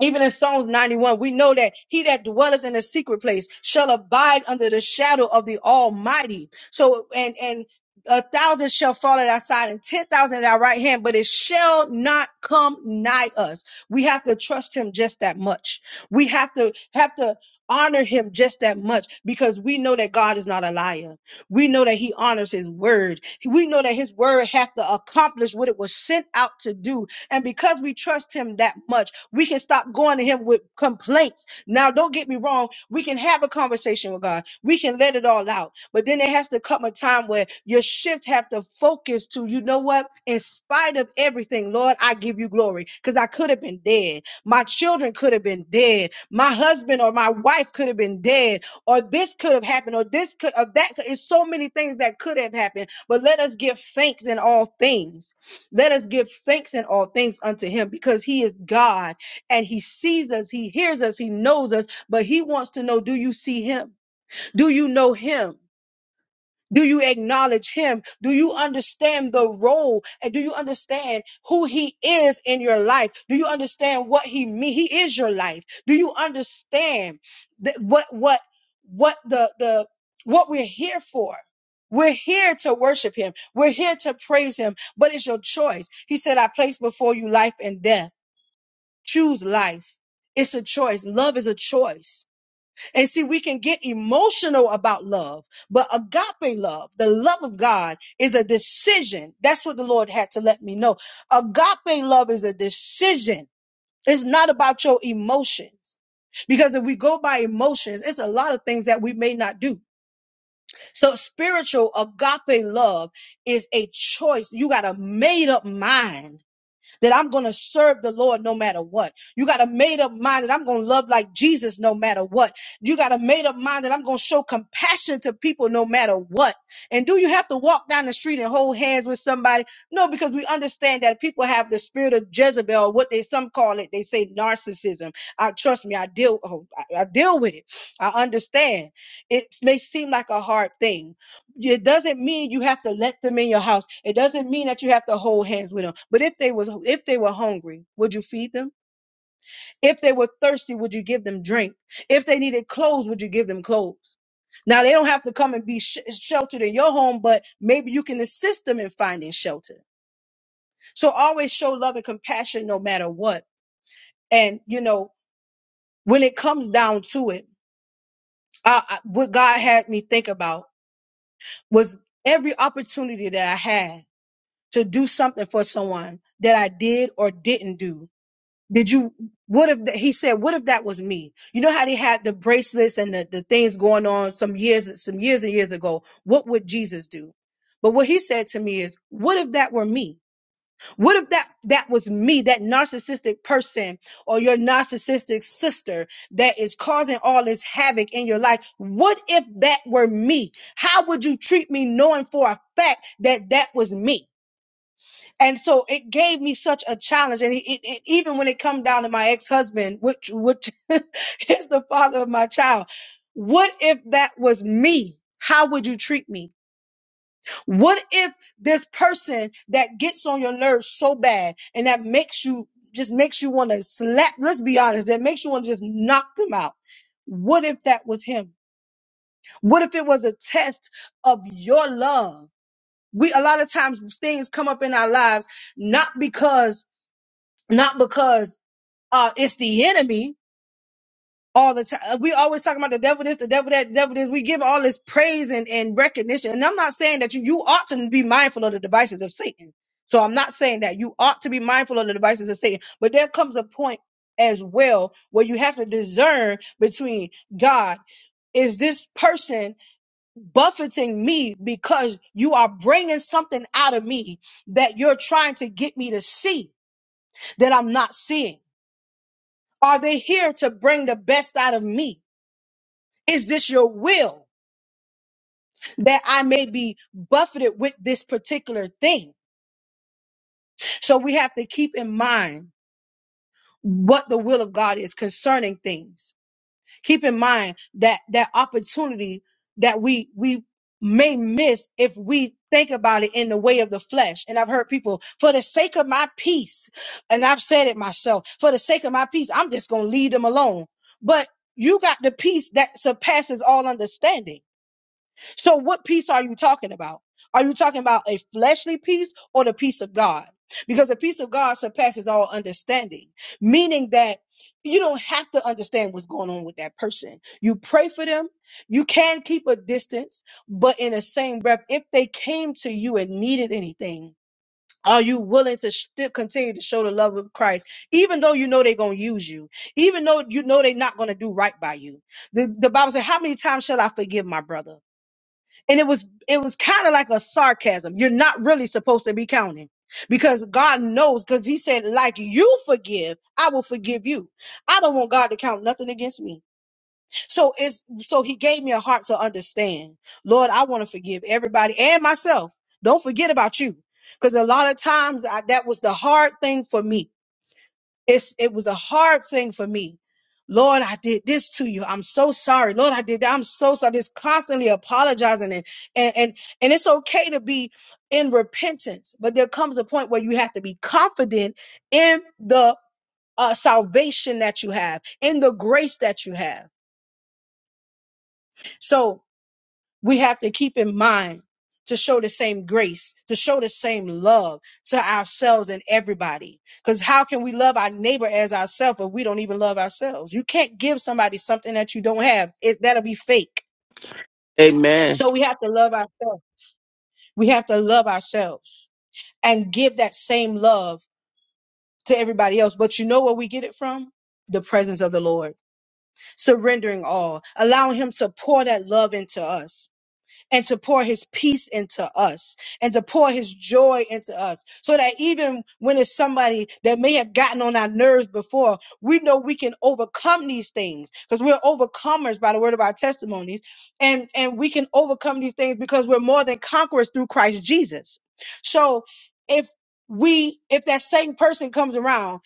S1: Even in Psalms 91, we know that he that dwelleth in a secret place shall abide under the shadow of the Almighty. So, and, and a thousand shall fall at our side and 10,000 at our right hand, but it shall not come nigh us. We have to trust him just that much. We have to, have to honor him just that much because we know that God is not a liar. We know that he honors his word. We know that his word have to accomplish what it was sent out to do. And because we trust him that much, we can stop going to him with complaints. Now, don't get me wrong. We can have a conversation with God. We can let it all out. But then there has to come a time where your shift have to focus to, you know what? In spite of everything, Lord, I give you glory because I could have been dead. My children could have been dead. My husband or my wife could have been dead or this could have happened, or this could, or that could. It's so many things that could have happened. But let us give thanks in all things. Let us give thanks in all things unto Him, because He is God and he sees us, he hears us, he knows us, but he wants to know do you see him? Do you know him? Do you acknowledge him? Do you understand the role? And do you understand who he is in your life? Do you understand what he means? He is your life. Do you understand that what what what the the what we're here for? We're here to worship him. We're here to praise him, but it's your choice. He said, I place before you life and death. Choose life. It's a choice. Love is a choice. And see, we can get emotional about love, but agape love, the love of God, is a decision. That's what the Lord had to let me know. Agape love is a decision. It's not about your emotions. Because if we go by emotions, it's a lot of things that we may not do. So spiritual agape love is a choice. You got a made up mind that I'm going to serve the Lord no matter what. You got a made up mind that I'm going to love like Jesus no matter what. You got a made up mind that I'm going to show compassion to people no matter what. And do you have to walk down the street and hold hands with somebody? No, because we understand that people have the spirit of Jezebel, or what they some call it. They say narcissism. I trust me, I deal, oh, I, I deal with it. I understand. It may seem like a hard thing, it doesn't mean you have to let them in your house. It doesn't mean that you have to hold hands with them. But if they was if they were hungry, would you feed them? If they were thirsty, would you give them drink? If they needed clothes, would you give them clothes? Now they don't have to come and be sh- sheltered in your home, but maybe you can assist them in finding shelter. So always show love and compassion no matter what. And you know, when it comes down to it, I, I, what God had me think about was every opportunity that I had. to do something for someone that I did or didn't do? Did you, what if, th- he said, what if that was me? You know how they had the bracelets and the, the things going on some years, some years and years ago. What would Jesus do? But what he said to me is, what if that were me? What if that, that was me, that narcissistic person or your narcissistic sister that is causing all this havoc in your life? What if that were me? How would you treat me knowing for a fact that that was me? and so it gave me such a challenge and it, it, it- even when it come down to my ex-husband which which is the father of my child what if that was me how would you treat me what if this person that gets on your nerves so bad and that makes you just makes you want to slap let's be honest that makes you want to just knock them out what if that was him what if it was a test of your love we a lot of times things come up in our lives not because not because uh it's the enemy all the time. We always talking about the devil this, the devil that, the devil this. We give all this praise and, and recognition. And I'm not saying that you you ought to be mindful of the devices of Satan. So I'm not saying that you ought to be mindful of the devices of Satan. But there comes a point as well where you have to discern between God, is this person buffeting me because you are bringing something out of me that you're trying to get me to see that I'm not seeing? Are they here to bring the best out of me? Is this your will that I may be buffeted with this particular thing? So we have to keep in mind what the will of God is concerning things. Keep in mind that that opportunity that we we may miss if we think about it in the way of the flesh. And I've heard people, for the sake of my peace, and I've said it myself, for the sake of my peace, I'm just gonna leave them alone. But you got the peace that surpasses all understanding so, what peace are you talking about? Are you talking about a fleshly peace or the peace of God? Because the peace of God surpasses all understanding, meaning that you don't have to understand what's going on with that person. You pray for them. You can keep a distance, but in the same breath, if they came to you and needed anything, are you willing to still continue to show the love of Christ, even though you know they're going to use you, even though you know they're not going to do right by you? The, the Bible says, How many times shall I forgive my brother? and it was it was kind of like a sarcasm you're not really supposed to be counting because god knows because he said like you forgive i will forgive you i don't want god to count nothing against me so it's so he gave me a heart to understand lord i want to forgive everybody and myself don't forget about you because a lot of times I, that was the hard thing for me it's it was a hard thing for me. Lord, I did this to you. I'm so sorry. Lord, I did that. I'm so sorry. Just constantly apologizing and and and, and it's okay to be in repentance, but there comes a point where you have to be confident in the uh, salvation that you have, in the grace that you have. So we have to keep in mind to show the same grace, to show the same love to ourselves and everybody. Because how can we love our neighbor as ourselves if we don't even love ourselves? You can't give somebody something that you don't have. It, that'll be fake.
S2: Amen.
S1: So we have to love ourselves. We have to love ourselves and give that same love to everybody else. But you know where we get it from? The presence of the Lord, surrendering all, allowing Him to pour that love into us and to pour his peace into us and to pour his joy into us so that even when it's somebody that may have gotten on our nerves before, we know we can overcome these things because we're overcomers by the word of our testimonies and, and we can overcome these things because we're more than conquerors through Christ Jesus. So if we, if that same person comes around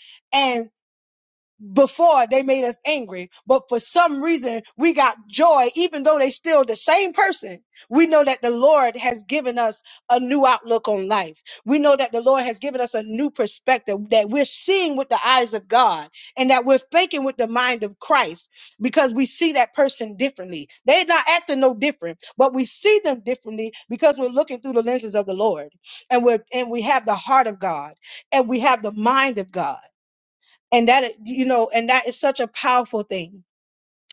S1: before they made us angry, but for some reason we got joy, even though they still the same person. We know that the Lord has given us a new outlook on life. We know that the Lord has given us a new perspective that we're seeing with the eyes of God and that we're thinking with the mind of Christ because we see that person differently. They're not acting no different, but we see them differently because we're looking through the lenses of the Lord and we're, and we have the heart of God and we have the mind of God and that is- you know and that is such a powerful thing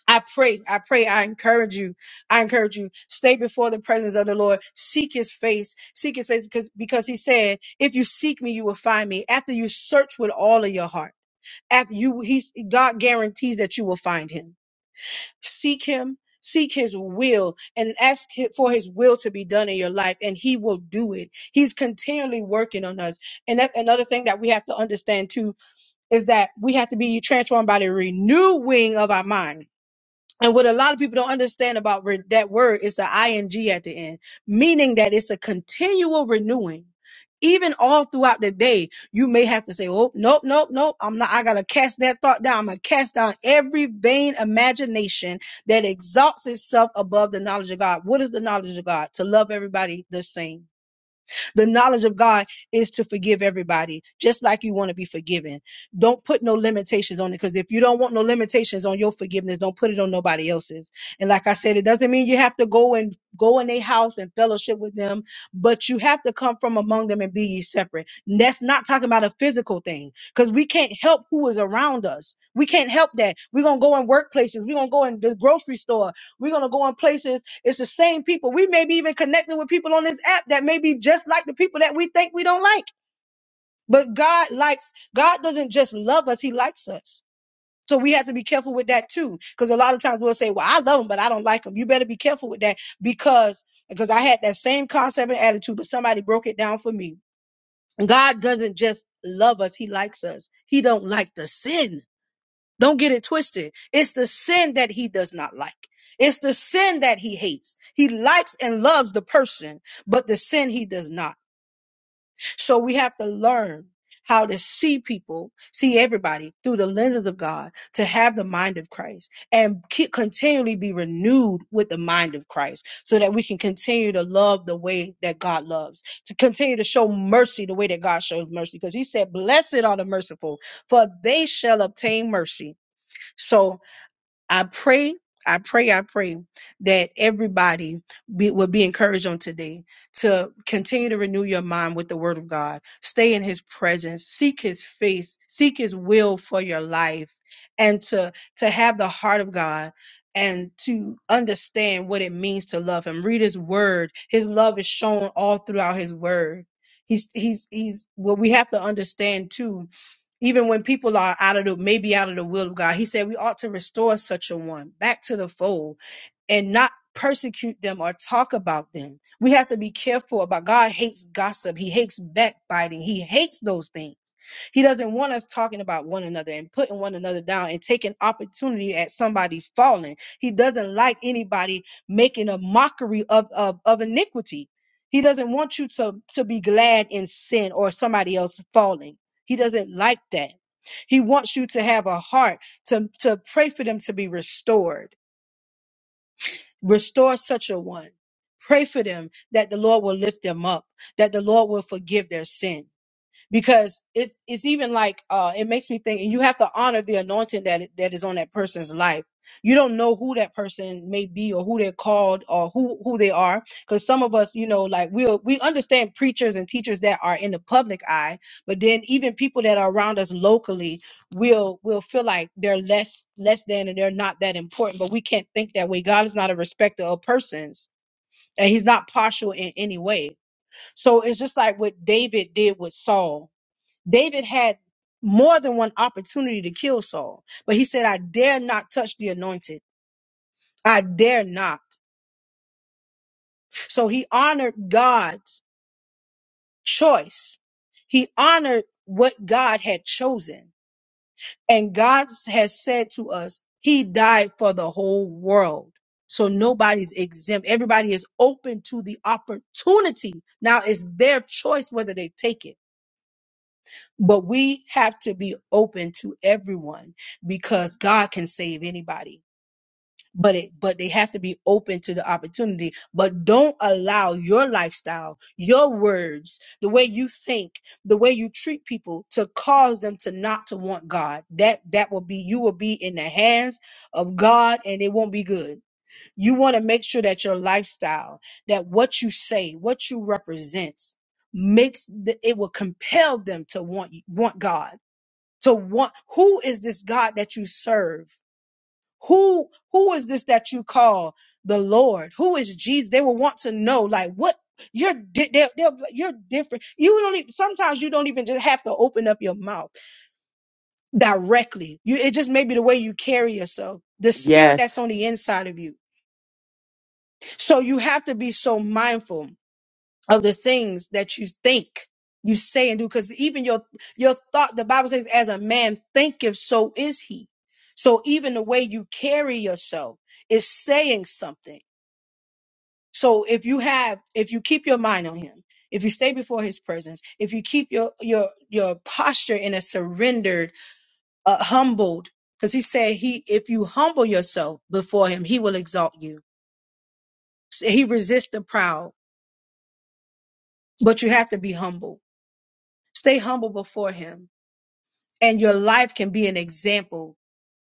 S1: i pray i pray i encourage you i encourage you stay before the presence of the lord seek his face seek his face because because he said if you seek me you will find me after you search with all of your heart after you he's god guarantees that you will find him seek him seek his will and ask hi- for his will to be done in your life and he will do it he's continually working on us and that's another thing that we have to understand too is that we have to be transformed by the renewing of our mind. And what a lot of people don't understand about re- that word is the ing at the end, meaning that it's a continual renewing. Even all throughout the day, you may have to say, "Oh, nope, nope, nope. I'm not. I gotta cast that thought down. I'm gonna cast down every vain imagination that exalts itself above the knowledge of God. What is the knowledge of God? To love everybody the same." The knowledge of God is to forgive everybody, just like you want to be forgiven. Don't put no limitations on it because if you don't want no limitations on your forgiveness, don't put it on nobody else's. And like I said, it doesn't mean you have to go and go in their house and fellowship with them, but you have to come from among them and be ye separate. And that's not talking about a physical thing because we can't help who is around us. We can't help that. We're gonna go in workplaces, we're gonna go in the grocery store, we're gonna go in places it's the same people. We may be even connecting with people on this app that may be just like the people that we think we don't like. But God likes, God doesn't just love us, He likes us. So we have to be careful with that too. Because a lot of times we'll say, Well, I love him, but I don't like him. You better be careful with that because because I had that same concept and attitude, but somebody broke it down for me. God doesn't just love us, He likes us. He don't like the sin. Don't get it twisted. It's the sin that he does not like. It's the sin that he hates. He likes and loves the person, but the sin he does not. So we have to learn how to see people, see everybody through the lenses of God, to have the mind of Christ and keep continually be renewed with the mind of Christ so that we can continue to love the way that God loves, to continue to show mercy the way that God shows mercy. Because he said, blessed are the merciful, for they shall obtain mercy. So I pray, I pray, I pray that everybody be, will be encouraged on today to continue to renew your mind with the word of God. Stay in his presence, seek his face, seek his will for your life, and to, to have the heart of God and to understand what it means to love him. Read his word. His love is shown all throughout his word. He's, he's, he's, what we have to understand too even when people are out of the maybe out of the will of God. He said we ought to restore such a one back to the fold and not persecute them or talk about them. We have to be careful about God hates gossip. He hates backbiting. He hates those things. He doesn't want us talking about one another and putting one another down and taking opportunity at somebody falling. He doesn't like anybody making a mockery of, of, of iniquity. He doesn't want you to, to be glad in sin or somebody else falling. He doesn't like that. He wants you to have a heart to, to pray for them to be restored Restore such a one. Pray for them that the Lord will lift them up, that the Lord will forgive their sin because it's it's even like uh it makes me think and you have to honor the anointing that i- that is on that person's life you don't know who that person may be or who they're called or who who they are because some of us you know like we will we understand preachers and teachers that are in the public eye but then even people that are around us locally will will feel like they're less less than and they're not that important but we can't think that way god is not a respecter of persons and he's not partial in any way so it's just like what david did with saul David had more than one opportunity to kill Saul, but he said, I dare not touch the anointed. I dare not. So he honored God's choice. He honored what God had chosen. And God has said to us, He died for the whole world. So nobody's exempt. Everybody is open to the opportunity. Now it's their choice whether they take it. But we have to be open to everyone because God can save anybody. But it, but they have to be open to the opportunity. But don't allow your lifestyle, your words, the way you think, the way you treat people to cause them to not to want God. That, that will be, you will be in the hands of God and it won't be good. You want to make sure that your lifestyle, that what you say, what you represents makes, the, it will compel them to want, you- want God to want who is this God that you serve? Who who is this that you call the Lord? Who is Jesus? They will want to know like what you're di- they'll, they'll, you're different. You don't even, sometimes you don't even just have to open up your mouth directly. You it just may be the way you carry yourself, the spirit
S2: Yes.
S1: that's on the inside of you. So you have to be so mindful of the things that you think you say and do because even your your thought the bible says as a man thinketh so is he so even the way you carry yourself is saying something so if you have if you keep your mind on him if you stay before his presence if you keep your your your posture in a surrendered uh, humbled because he said he if you humble yourself before him he will exalt you he resists the proud but you have to be humble stay humble before him and your life can be an example.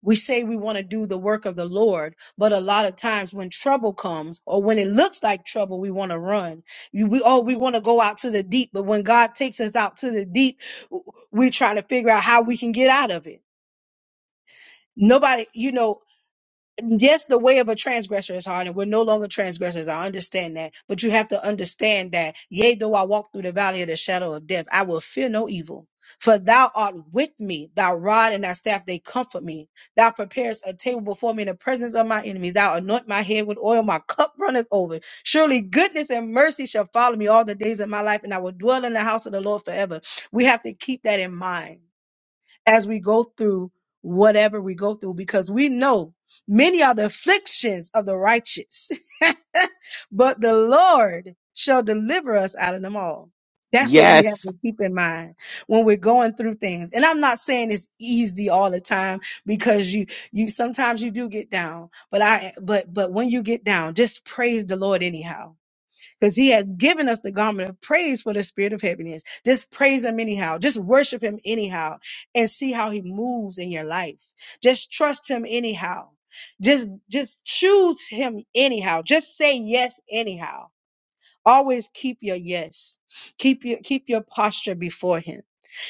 S1: We say we want to do the work of the Lord, but a lot of times when trouble comes or when it looks like trouble, we want to run. You- We oh, we want to go out to the deep, but when God takes us out to the deep, w- we're trying to figure out how we can get out of it. Nobody, you know, yes, the way of a transgressor is hard, and we're no longer transgressors. I understand that. But you have to understand that, yea, though I walk through the valley of the shadow of death, I will fear no evil. For thou art with me, thy rod and thy staff, they comfort me. Thou preparest a table before me in the presence of my enemies. Thou anoint my head with oil, my cup runneth over. Surely goodness and mercy shall follow me all the days of my life, and I will dwell in the house of the Lord forever. We have to keep that in mind as we go through whatever we go through because we know many are the afflictions of the righteous, but the Lord shall deliver us out of them all. That's what we have
S2: Yes.
S1: to keep in mind when we're going through things. And I'm not saying it's easy all the time because you you sometimes you do get down, but I but but when you get down, just praise the Lord anyhow because he has given us the garment of praise for the spirit of heaviness. Just praise him anyhow. Just worship him anyhow and see how he moves in your life. Just trust him anyhow. Just, just choose him anyhow. Just say yes anyhow. Always keep your yes. Keep your, keep your posture before him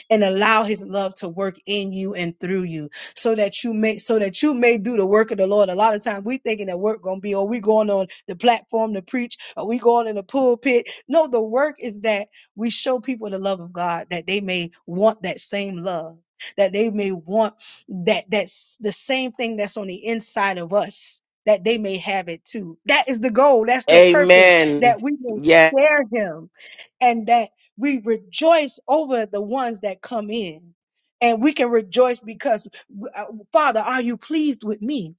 S1: and allow his love to work in you and through you so that you may so that you may do the work of the Lord. A lot of times we thinking that work gonna be or we going on the platform to preach or we going in the pulpit. No, the work is that we show people the love of God that they may want that same love, that they may want that that's the same thing that's on the inside of us. That they may have it too. That is the goal. That's the purpose. That
S2: Amen.
S1: we may
S2: Yes.
S1: share him and that we rejoice over the ones that come in and we can rejoice because uh, father are you pleased with me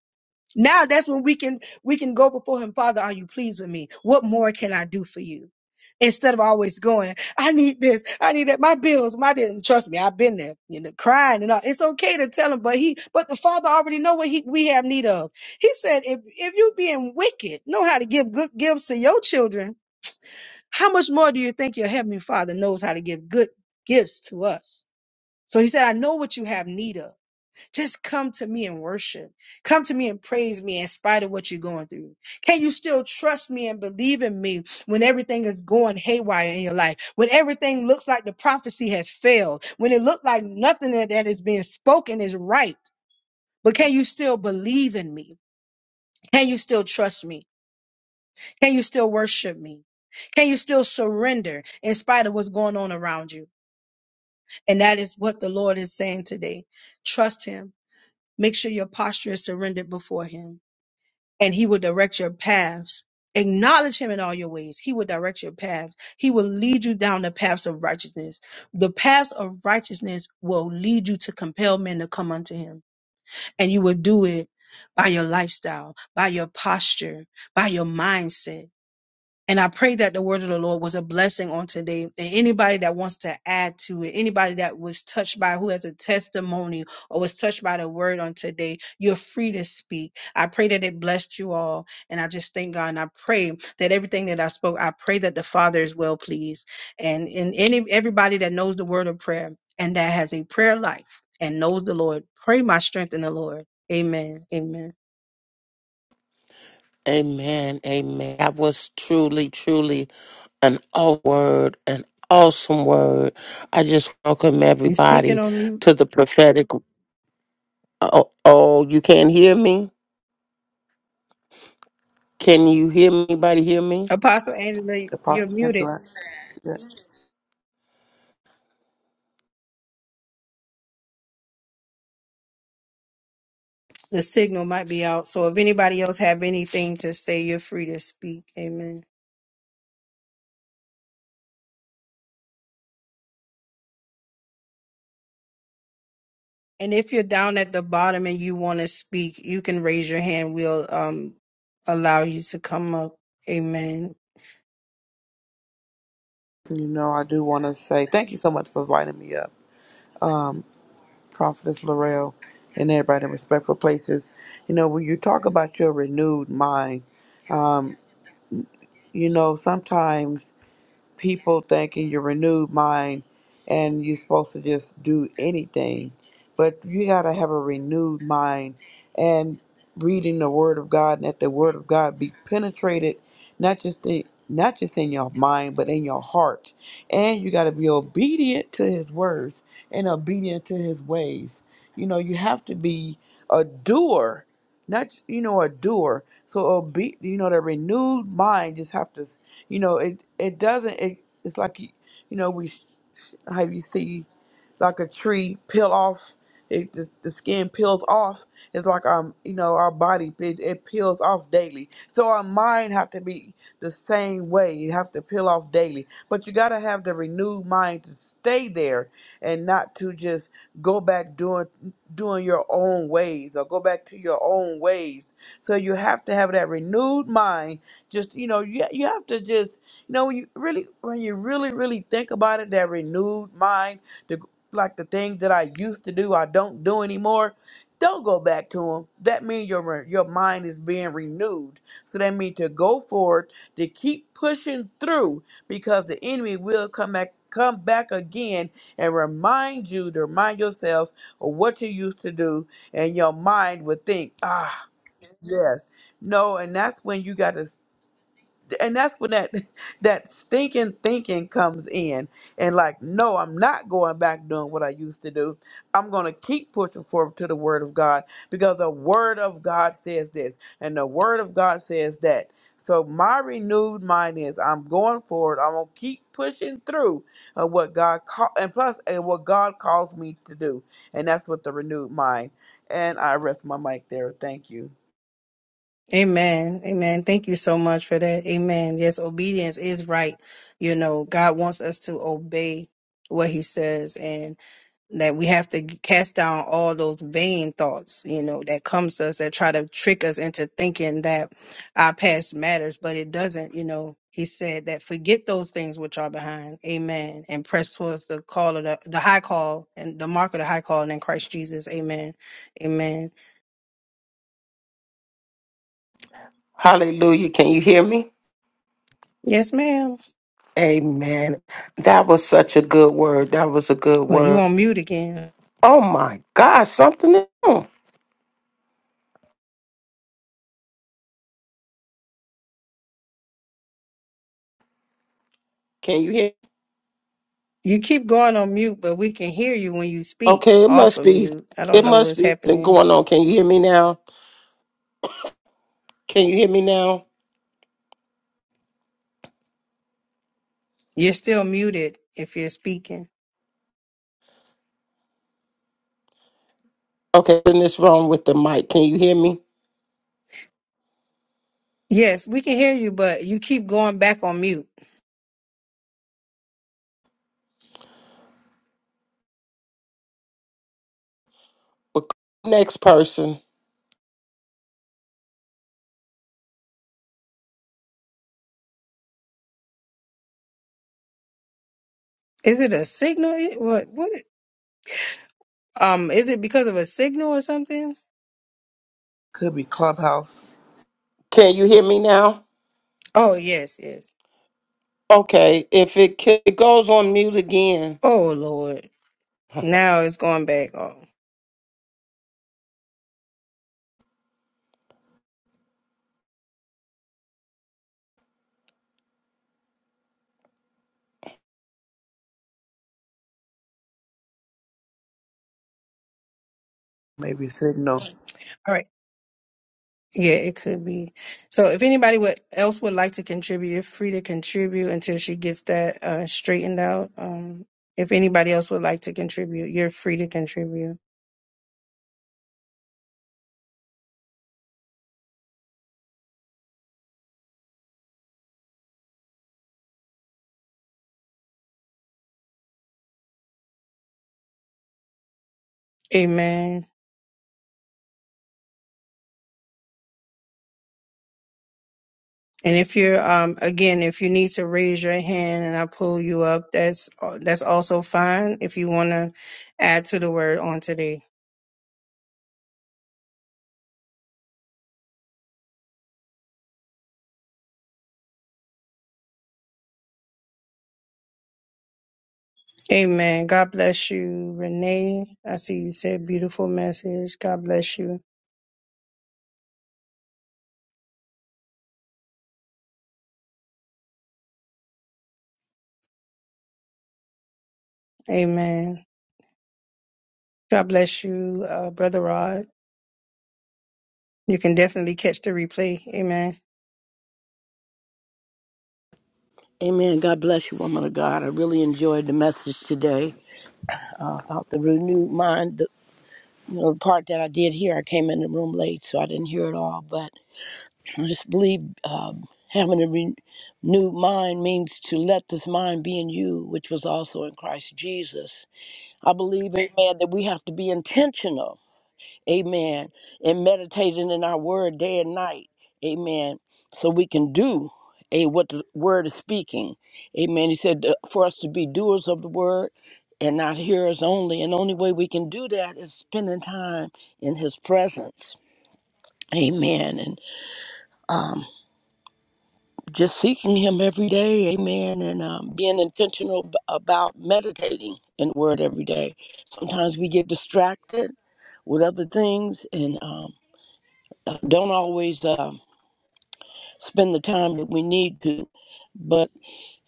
S1: now that's when we can we can go before him father are you pleased with me what more can i do for you instead of always going i need this i need that my bills my did trust me i've been there you know crying and all it's okay to tell him but he but the father already know what he we have need of he said if if you being wicked know how to give good gifts to your children how much more do you think your heavenly father knows how to give good gifts to us? So he said, I know what you have need of. Just come to me and worship. Come to me and praise me in spite of what you're going through. Can you still trust me and believe in me when everything is going haywire in your life? When everything looks like the prophecy has failed? When it looked like nothing that that is being spoken is right? But can you still believe in me? Can you still trust me? Can you still worship me? Can you still surrender in spite of what's going on around you? And that is what the Lord is saying today. Trust Him. Make sure your posture is surrendered before Him, and He will direct your paths. Acknowledge Him in all your ways. He will direct your paths. He will lead you down the paths of righteousness. The paths of righteousness will lead you to compel men to come unto Him, and you will do it by your lifestyle, by your posture, by your mindset And I pray that the word of the Lord was a blessing on today. And anybody that wants to add to it, anybody that was touched by who has a testimony or was touched by the word on today, you're free to speak. I pray that it blessed you all. And I just thank God and I pray that everything that I spoke, I pray that the Father is well pleased. And in any everybody that knows the word of prayer and that has a prayer life and knows the Lord, pray my strength in the Lord. Amen. Amen.
S2: Amen. Amen. That was truly, truly an awesome word, an awesome word. I just welcome
S1: You speaking
S2: everybody
S1: on mute.
S2: to the prophetic. Oh, oh, you can't hear me? Can you hear me? Anybody hear me?
S1: Apostle Angela, you're
S4: Apostle and
S1: muted.
S4: bless. Yeah,
S1: The signal might be out. So if anybody else have anything to say, you're free to speak. Amen. And if you're down at the bottom and you want to speak, you can raise your hand. We'll um allow you to come up. Amen.
S4: You know, I do want to say thank you so much for inviting me up, Prophetess Laurel, and everybody in respectful places. You know, when you talk about your renewed mind, you know, sometimes. people thinking your renewed mind and you're supposed to just do anything. But you got to have a renewed mind and reading the Word of God and let the Word of God be penetrated, not just in, not just in your mind, but in your heart. And you got to be obedient to His words and obedient to His ways. You know, you have to be a doer, not you know a doer. So obe- you know, the renewed mind just have to you know, it it doesn't. It, it's like you, you know we sh- sh- how you see like a tree peel off. It, the, the skin peels off. It's like um, you know, our body it, it peels off daily. So our mind have to be the same way. You have to peel off daily. But you gotta have the renewed mind to stay there and not to just go back doing doing your own ways or go back to your own ways. So you have to have that renewed mind just you know you, you have to just you know when you really when you really really think about it that renewed mind the like the things that i used to do i don't do anymore don't go back to them that means your re- your mind is being renewed so that means to go forward to keep pushing through because the enemy will come back come back again and remind you to remind yourself of what you used to do and your mind would think ah yes no, and that's when you got to and that's when that that stinking thinking comes in and like no i'm not going back doing what i used to do i'm going to keep pushing forward to the word of god because the word of god says this and the word of god says that so my renewed mind is i'm going forward i'm going to keep pushing through uh, what god call and plus and what god calls me to do and that's what the renewed mind and i rest my mic there thank you
S1: Amen. Amen. Thank you so much for that. Amen. Yes, obedience is right. You know, God wants us to obey what he says and. that we have to cast down all those vain thoughts, you know, that comes to us that try to trick us into thinking that our past matters, but it doesn't, you know. He said that forget those things which are behind, amen, and press towards the call of the, the high call and the mark of the high calling in Christ Jesus, amen, amen.
S2: Hallelujah. Can you hear me?
S1: Yes, ma'am.
S2: Amen. That was such a good word. That was a good
S1: Well, you
S2: word.
S1: on mute again.
S2: Oh my gosh, something. is wrong. Can you hear?
S1: You keep going on mute, but we can hear you when you speak
S2: Okay, it
S1: off
S2: must
S1: of
S2: be.
S1: mute. I
S2: It
S1: don't know
S2: must
S1: what's
S2: be something
S1: happening.
S2: going on. Can you hear me now? Can you hear me now?
S1: You're still muted if you're speaking.
S2: Okay, something is wrong with the mic. Can you hear me?
S1: Yes, we can hear you, but you keep going back on mute.
S2: Well, Next person.
S1: Is it a signal? What? What? Um, is it because of a signal or something?
S4: could be clubhouse
S2: Can you hear me now?
S1: Oh yes, yes.
S2: Okay, if it, ca- it goes on mute again.
S1: Oh Lord, now it's going back. Oh,
S4: maybe signal
S1: all right. Yeah, it could be. So if anybody would else would like to contribute, you're free to contribute until she gets that uh, straightened out. Um, if anybody else would like to contribute, you're free to contribute. Amen. And if you're um again, if you need to raise your hand and I pull you up, that's uh, that's also fine. If you want to add to the word on today. Amen. God bless you, Renee. I see you said beautiful message. God bless you. Amen. God bless you, uh, Brother Rod. You can definitely catch the replay. Amen.
S5: Amen. God bless you, woman of God. I really enjoyed the message today uh, about the renewed mind. The, you know, the part that I did hear, I came in the room late, so I didn't hear it all. But I just believe um, having a re- renewed mind means to let this mind be in you, which was also in Christ Jesus. I believe, amen, that we have to be intentional Amen. And meditating in our word day and night. Amen. So we can do a what the word is speaking. Amen. He said uh, for us to be doers of the word and not hearers only. And the only way we can do that is spending time in his presence. Amen. And um, just seeking him every day. Amen. And um, being intentional ab- about meditating in the word every day. Sometimes we get distracted with other things and um, don't always um spend the time that we need to. But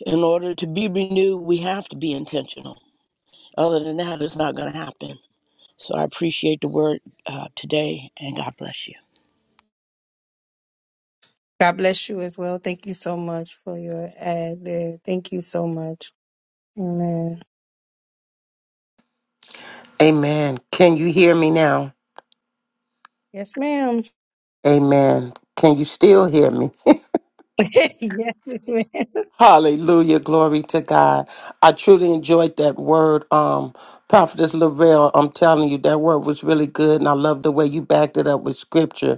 S5: in order to be renewed, we have to be intentional. Other than that, it's not going to happen. So I appreciate the word uh, today, and God bless you.
S1: God bless you as well. Thank you so much for your ad there. Thank you so much. Amen.
S2: Amen. Can you hear me now?
S1: Yes, ma'am.
S2: Amen. Can you still hear me?
S1: yes, amen.
S2: Hallelujah. Glory to God. I truly enjoyed that word. Um, Prophetess Lavelle, I'm telling you, that word was really good. And I love the way you backed it up with scripture,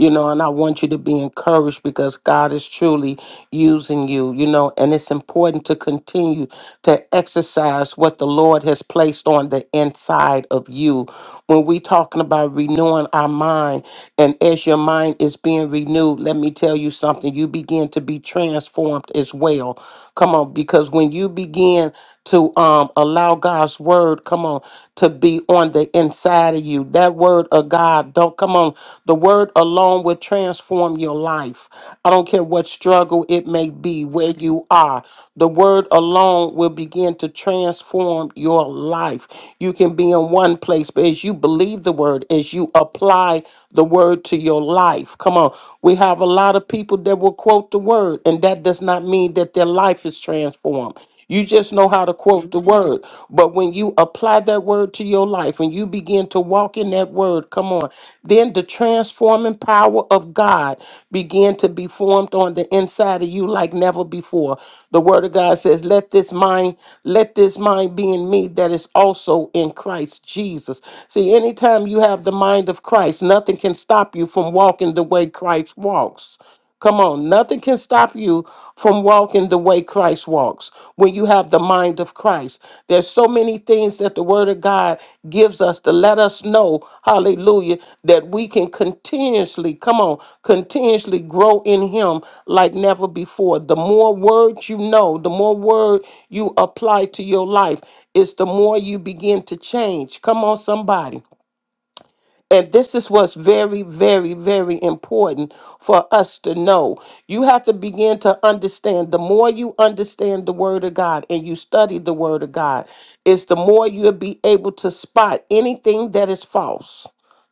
S2: you know, and I want you to be encouraged because God is truly using you, you know, and it's important to continue to exercise what the Lord has placed on the inside of you. When we talking about renewing our mind, and as your mind is being renewed, let me tell you something, you begin to be transformed as well. Come on, because when you begin to um, allow God's word, come on, to be on the inside of you, that word of God, don't come on. The word alone will transform your life. I don't care what struggle it may be, where you are, the word alone will begin to transform your life. You can be in one place, but as you believe the word, as you apply the word to your life, come on. We have a lot lot of people that will quote the word, and that does not mean that their life is transformed. You just know how to quote the word. But when you apply that word to your life, when you begin to walk in that word, come on, then the transforming power of God began to be formed on the inside of you like never before. The word of God says, Let this mind, let this mind be in me that is also in Christ Jesus. See, anytime you have the mind of Christ, nothing can stop stop you from walking the way Christ walks. Come on, nothing can stop you from walking the way Christ walks when you have the mind of Christ. There's so many things that the Word of God gives us to let us know, hallelujah, that we can continuously, come on, continuously grow in Him like never before. The more words you know, the more word you apply to your life, is the more you begin to change. Come on, somebody. And this is what's very, very, very important for us to know. You have to begin to understand. The more you understand the Word of God and you study the Word of God, is the more you'll be able to spot anything that is false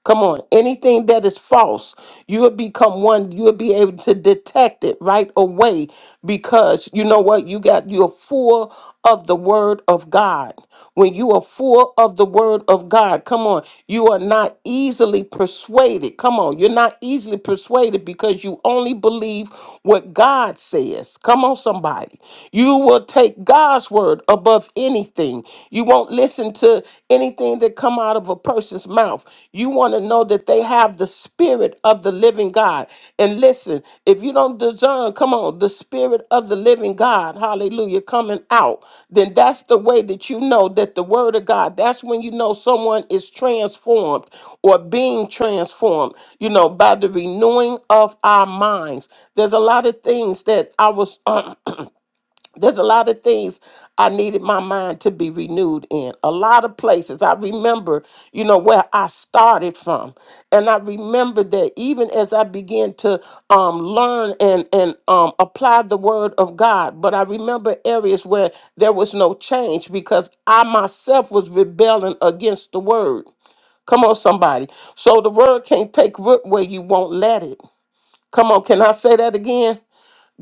S2: Come on. Anything that is false, you will become one, you will be able to detect it right away because you know what? You got you're full of the word of God. When you are full of the word of God, come on, you are not easily persuaded. Come on, you're not easily persuaded because you only believe what God says. Come on, somebody. You will take God's word above anything. You won't listen to anything that come out of a person's mouth. You want to know that they have the spirit of the living God. And listen, if you don't discern, come on, the spirit of the living God, hallelujah, coming out, then that's the way that you know that the word of God, that's when you know someone is transformed or being transformed, you know, by the renewing of our minds. There's a lot of things that I was there's a lot of things I needed my mind to be renewed in. A lot of places. I remember, you know, where I started from. And I remember that even as I began to um, learn and, and um, apply the word of God, but I remember areas where there was no change because I myself was rebelling against the word. Come on, somebody. So the word can't take root where you won't let it. Come on, can I say that again?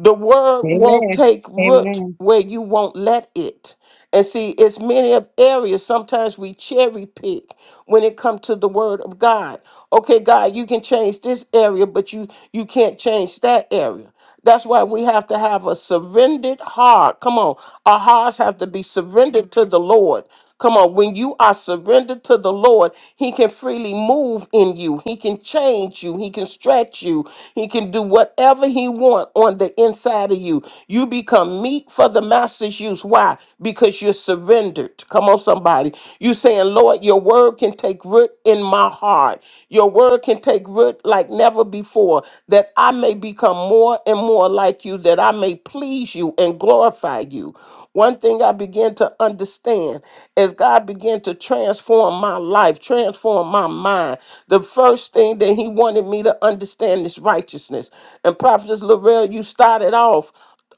S2: The word won't
S1: Amen.
S2: take root
S1: Amen.
S2: where you won't let it. And see, it's many of areas. Sometimes we cherry pick when it comes to the word of God. Okay, God, you can change this area, but you you can't change that area. That's why we have to have a surrendered heart. Come on. Our hearts have to be surrendered to the Lord Come on, when you are surrendered to the Lord, He can freely move in you. He can change you. He can stretch you. He can do whatever He wants on the inside of you. You become meat for the master's use. Why? Because you're surrendered. Come on, somebody. You saying, Lord, your word can take root in my heart. Your word can take root like never before, that I may become more and more like you, that I may please you and glorify you. One thing I began to understand as God began to transform my life, transform my mind, the first thing that He wanted me to understand is righteousness. And Prophetess Lorel, you started off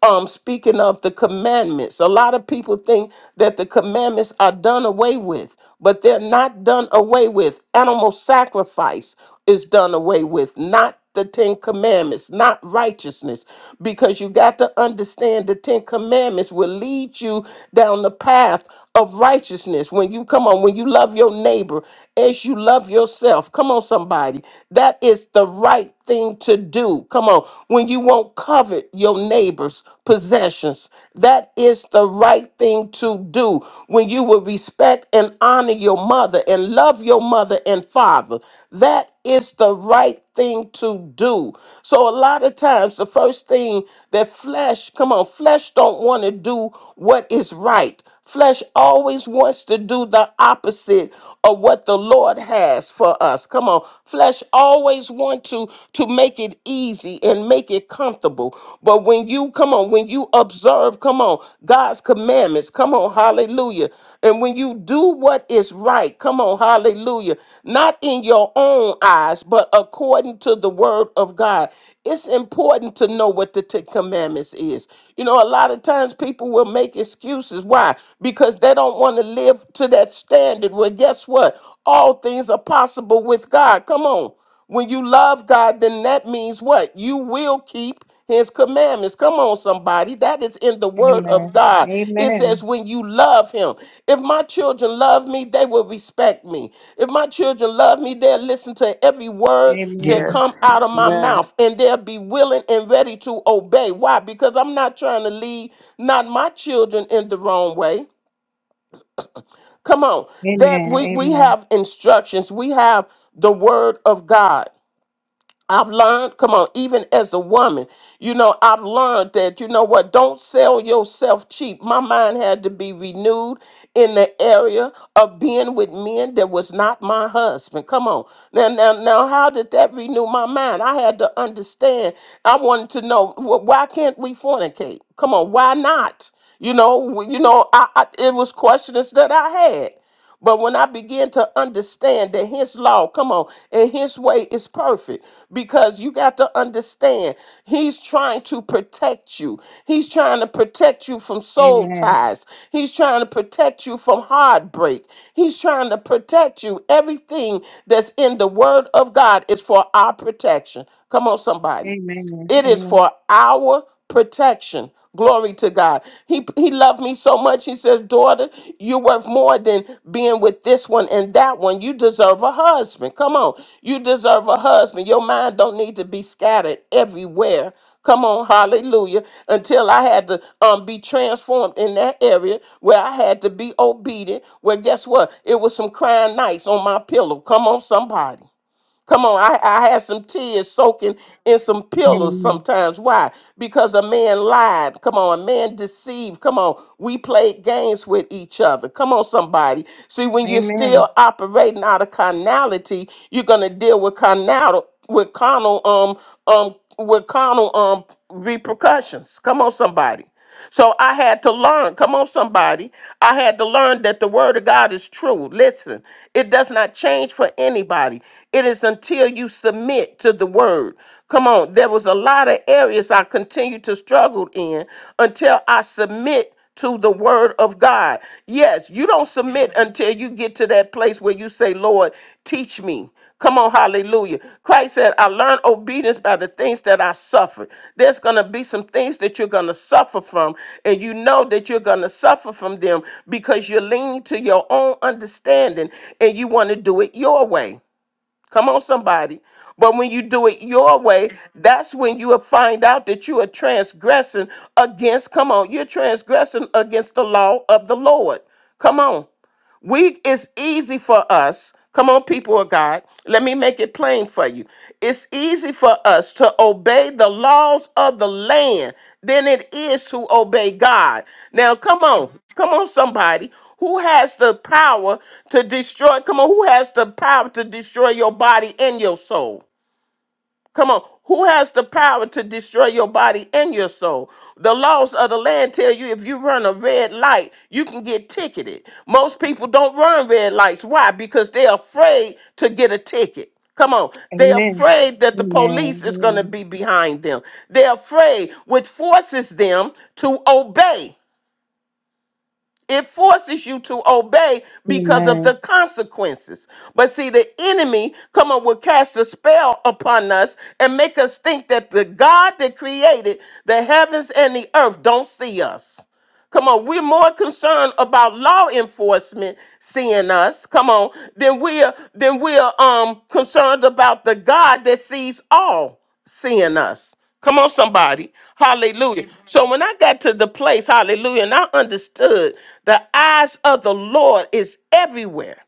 S2: um speaking of the commandments a lot of people think that the commandments are done away with but they're not done away with animal sacrifice is done away with not the Ten Commandments, not righteousness, because you got to understand the Ten Commandments will lead you down the path of righteousness. When you come on, when you love your neighbor as you love yourself, come on, somebody, that is the right thing to do. Come on, when you won't covet your neighbor's possessions, that is the right thing to do. When you will respect and and honor your mother and love your mother and father. That is the right thing to do. So a lot of times the first thing that flesh, come on, flesh don't want to do what is right. Flesh always wants to do the opposite of what the Lord has for us. Come on. Flesh always want to to make it easy and make it comfortable. But when you you come on, when you observe, come on, God's commandments, come on, hallelujah. And when you do what is right, come on, hallelujah, not in your own eyes, but according to the word of God. It's important to know what the Ten Commandments is. You know, a lot of times people will make excuses. Why? Because they don't want to live to that standard. Well, guess what? All things are possible with God. Come on. When you love God, then that means what? You will keep his commandments. Come on, somebody. That is in the word of God. It says,
S1: Amen.
S2: when you love him. If my children love me, they will respect me. If my children love me, they'll listen to every word that
S1: Amen.
S2: come out
S4: Yes.
S2: of my
S4: Amen.
S2: mouth and they'll be willing and ready to obey. Why? Because I'm not trying to lead not my children in the wrong way. Come on. That
S1: Amen.
S2: we, we
S1: Amen.
S2: have instructions. We have the word of God. I've learned, come on, even as a woman, you know, I've learned that, you know what, don't sell yourself cheap. My mind had to be renewed in the area of being with men that was not my husband. Come on. Now, now, now, how did that renew my mind? I had to understand. I wanted to know, wh- why can't we fornicate? Come on, why not? You know, w- you know, I, I, it was questions that I had. But when I begin to understand that his law, come on, and his way is perfect, because you got to understand he's trying to protect you. He's trying to protect you from soul
S1: Amen.
S2: ties. He's trying to protect you from heartbreak. He's trying to protect you. Everything that's in the word of God is for our protection. Come on, somebody.
S1: Amen.
S2: It is
S1: Amen.
S2: for our protection. Glory to God. He he loved me so much. He says, "Daughter, you're worth more than being with this one and that one. You deserve a husband. Come on. You deserve a husband. Your mind don't need to be scattered everywhere. Come on, hallelujah. Until I had to um, be transformed in that area where I had to be obedient. Where guess what? It was some crying nights on my pillow. Come on, somebody. Come on, I, I had some tears soaking in some pillows
S1: Amen.
S2: sometimes. Why? Because a man lied. Come on, a man deceived. Come on, we played games with each other. Come on, somebody. See, when you're
S1: Amen.
S2: still operating out of carnality, you're gonna deal with carnal with carnal um um with carnal um repercussions. Come on, somebody. So I had to learn. Come on, somebody. I had to learn that the word of God is true. Listen, it does not change for anybody. It is until you submit to the word. Come on. There was a lot of areas I continued to struggle in until I submit to the word of God. Yes, you don't submit until you get to that place where you say, Lord, teach me. Come on, hallelujah. Christ said, I learned obedience by the things that I suffered. There's going to be some things that you're going to suffer from, and you know that you're going to suffer from them because you're leaning to your own understanding and you want to do it your way. Come on, somebody. But when you do it your way, that's when you will find out that you are transgressing against, come on, you're transgressing against the law of the Lord. Come on. We it's easy for us. Come on, people of God. Let me make it plain for you. It's easy for us to obey the laws of the land than it is to obey God. Now, come on. Come on, somebody. Who has the power to destroy? Come on, who has the power to destroy your body and your soul? Come on. Who has the power to destroy your body and your soul? The laws of the land tell you if you run a red light, you can get ticketed. Most people don't run red lights. Why? Because they're afraid to get a ticket. Come on. They're
S1: Amen.
S2: afraid
S1: Amen. Amen.
S2: that the police is going to
S1: Amen.
S2: be behind them. They're afraid, which forces them to obey. It forces you to obey because of
S1: Amen.
S2: the consequences. But see, the enemy come up will cast a spell upon us and make us think that the God that created the heavens and the earth don't see us. Come on, we're more concerned about law enforcement seeing us. Come on, than we're than we're um concerned about the God that sees all seeing us. Come on, somebody. Hallelujah. Amen. So when I got to the place, hallelujah, and I understood the eyes of the Lord is everywhere.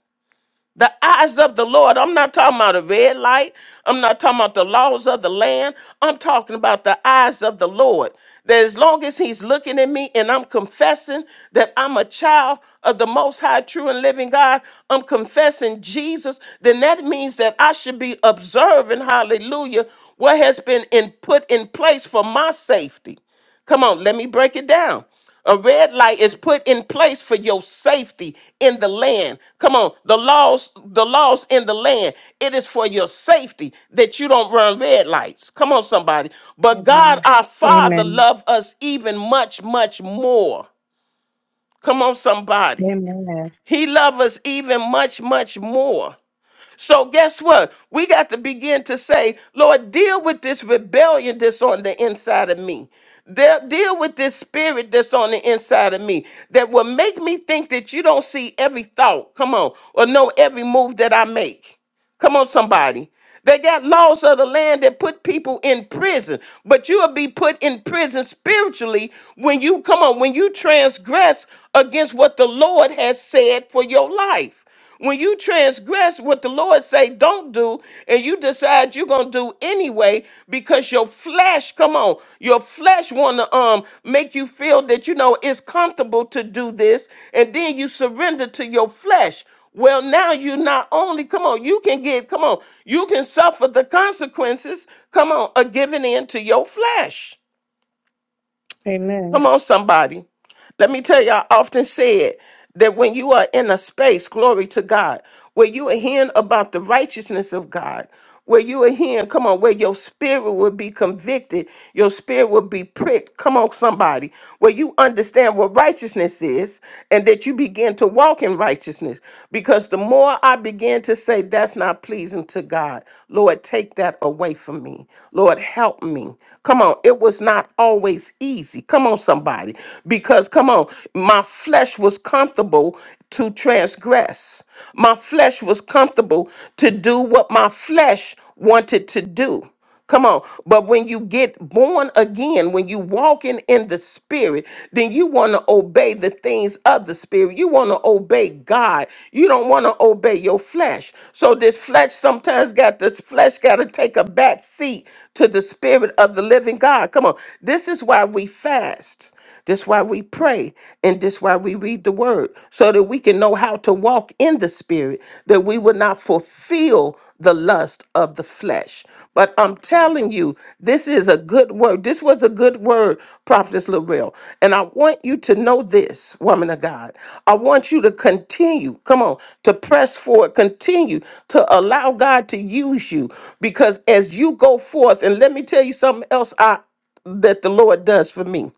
S2: The eyes of the Lord. I'm not talking about a red light. I'm not talking about the laws of the land. I'm talking about the eyes of the Lord. That as long as He's looking at me and I'm confessing that I'm a child of the Most High, true and living God, I'm confessing Jesus, then that means that I should be observing, hallelujah, what has been in, put in place for my safety. Come on, let me break it down. A red light is put in place for your safety in the land. Come on, the laws, the laws in the land. It is for your safety that you don't run red lights. Come on, somebody. But God our Father love us even much, much more. Come on, somebody.
S1: Amen.
S2: He loves us even much, much more. So guess what? We got to begin to say, Lord, deal with this rebellion that's on the inside of me. De- deal with this spirit that's on the inside of me that will make me think that you don't see every thought, come on, or know every move that I make. Come on, somebody. They got laws of the land that put people in prison, but you will be put in prison spiritually when you come on, when you transgress against what the Lord has said for your life. When you transgress what the Lord say don't do, and you decide you're gonna do anyway because your flesh, come on, your flesh wanna um make you feel that you know it's comfortable to do this, and then you surrender to your flesh. Well, now you not only, come on, you can get, come on, you can suffer the consequences, come on, of giving in to your flesh.
S1: Amen. Amen.
S2: Come on, somebody. Let me tell you, I often said that when you are in a space, glory to God, where you are hearing about the righteousness of God, where you are hearing, come on, where your spirit will be convicted, your spirit will be pricked. Come on, somebody, where you understand what righteousness is and that you begin to walk in righteousness. Because the more I begin to say, that's not pleasing to God, Lord, take that away from me. Lord, help me. Come on, it was not always easy easy. Come on, somebody. Because, come on, my flesh was comfortable to transgress. My flesh was comfortable to do what my flesh wanted to do. Come on. But when you get born again, when you walking in the spirit, then you want to obey the things of the spirit. You want to obey God. You don't want to obey your flesh. So this flesh sometimes got this flesh got to take a back seat to the spirit of the living God. Come on. This this is why we fast. This is why we pray and this is why we read the word so that we can know how to walk in the spirit that we would not fulfill the lust of the flesh. But I'm telling you, this is a good word. This was a good word, Prophetess Lorel. And I want you to know this, woman of God. I want you to continue, come on, to press forward, continue to allow God to use you because as you go forth, and let me tell you something else. I that the Lord does for me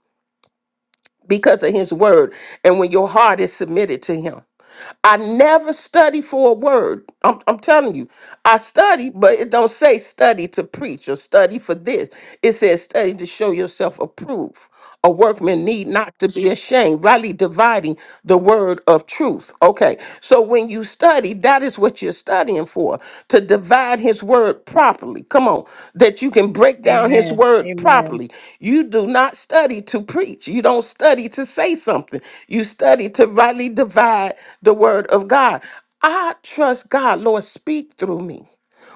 S2: because of his word and when your heart is submitted to him. I never study for a word. I'm, I'm telling you, I study, but it don't say study to preach or study for this. It says study to show yourself approved. A workman need not to be ashamed, rightly dividing the word of truth. Okay. So when you study, that is is what you're studying for to divide his word properly. Come on, that you can break down his
S1: Amen.
S2: word
S1: Amen.
S2: properly. You do not study to preach, you don't study to say something, you study to rightly divide the word of God. I trust God, Lord, speak through me.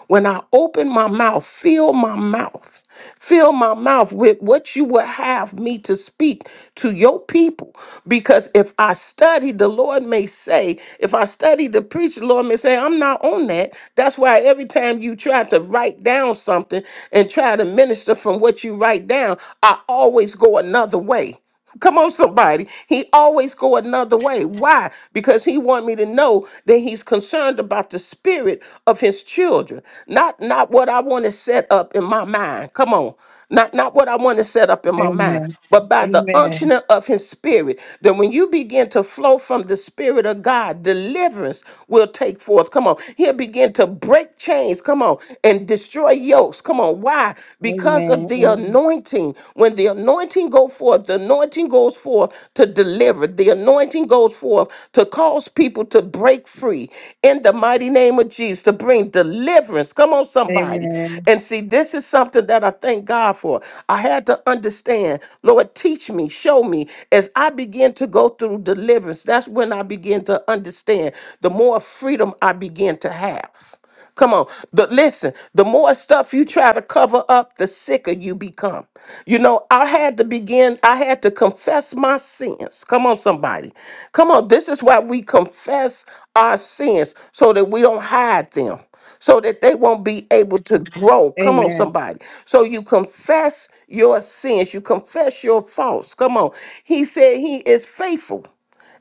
S2: When I open my mouth, fill my mouth, fill my mouth with what you would have me to speak to your people. Because if I study, the Lord may say, if I study to preach, the Lord may say, I'm not on that. That's why every time you try to write down something and try to minister from what you write down, I always go another way. Come on, somebody. He always go another way. Why? Because he want me to know that he's concerned about the spirit of his children, not not what I want to set up in my mind. Come on, not not what I want to set up in my mind,
S1: Amen.
S2: but by the
S1: Amen.
S2: unctioning of his spirit. That when you begin to flow from the spirit of God, deliverance will take forth. Come on, he'll begin to break chains. Come on, and destroy yokes. Come on, why? Why? Because of
S1: Amen.
S2: the anointing. When the anointing go forth, the anointing goes forth to deliver. The anointing goes forth to cause people to break free in the mighty name of Jesus, to bring deliverance. Come on, somebody.
S1: Amen.
S2: And see, this is something that I thank God for. I had to understand, Lord, teach me, show me. As I begin to go through deliverance, that's when I begin to understand the more freedom I begin to have. Come on. The, listen, the more stuff you try to cover up, the sicker you become. You know, I had to begin, I had to confess my sins. Come on, somebody. Come on. This is why we confess our sins so that we don't hide them, so that they won't be able to grow. Come on,
S1: Amen.
S2: somebody. So you confess your sins, you confess your faults. Come on. He said he is faithful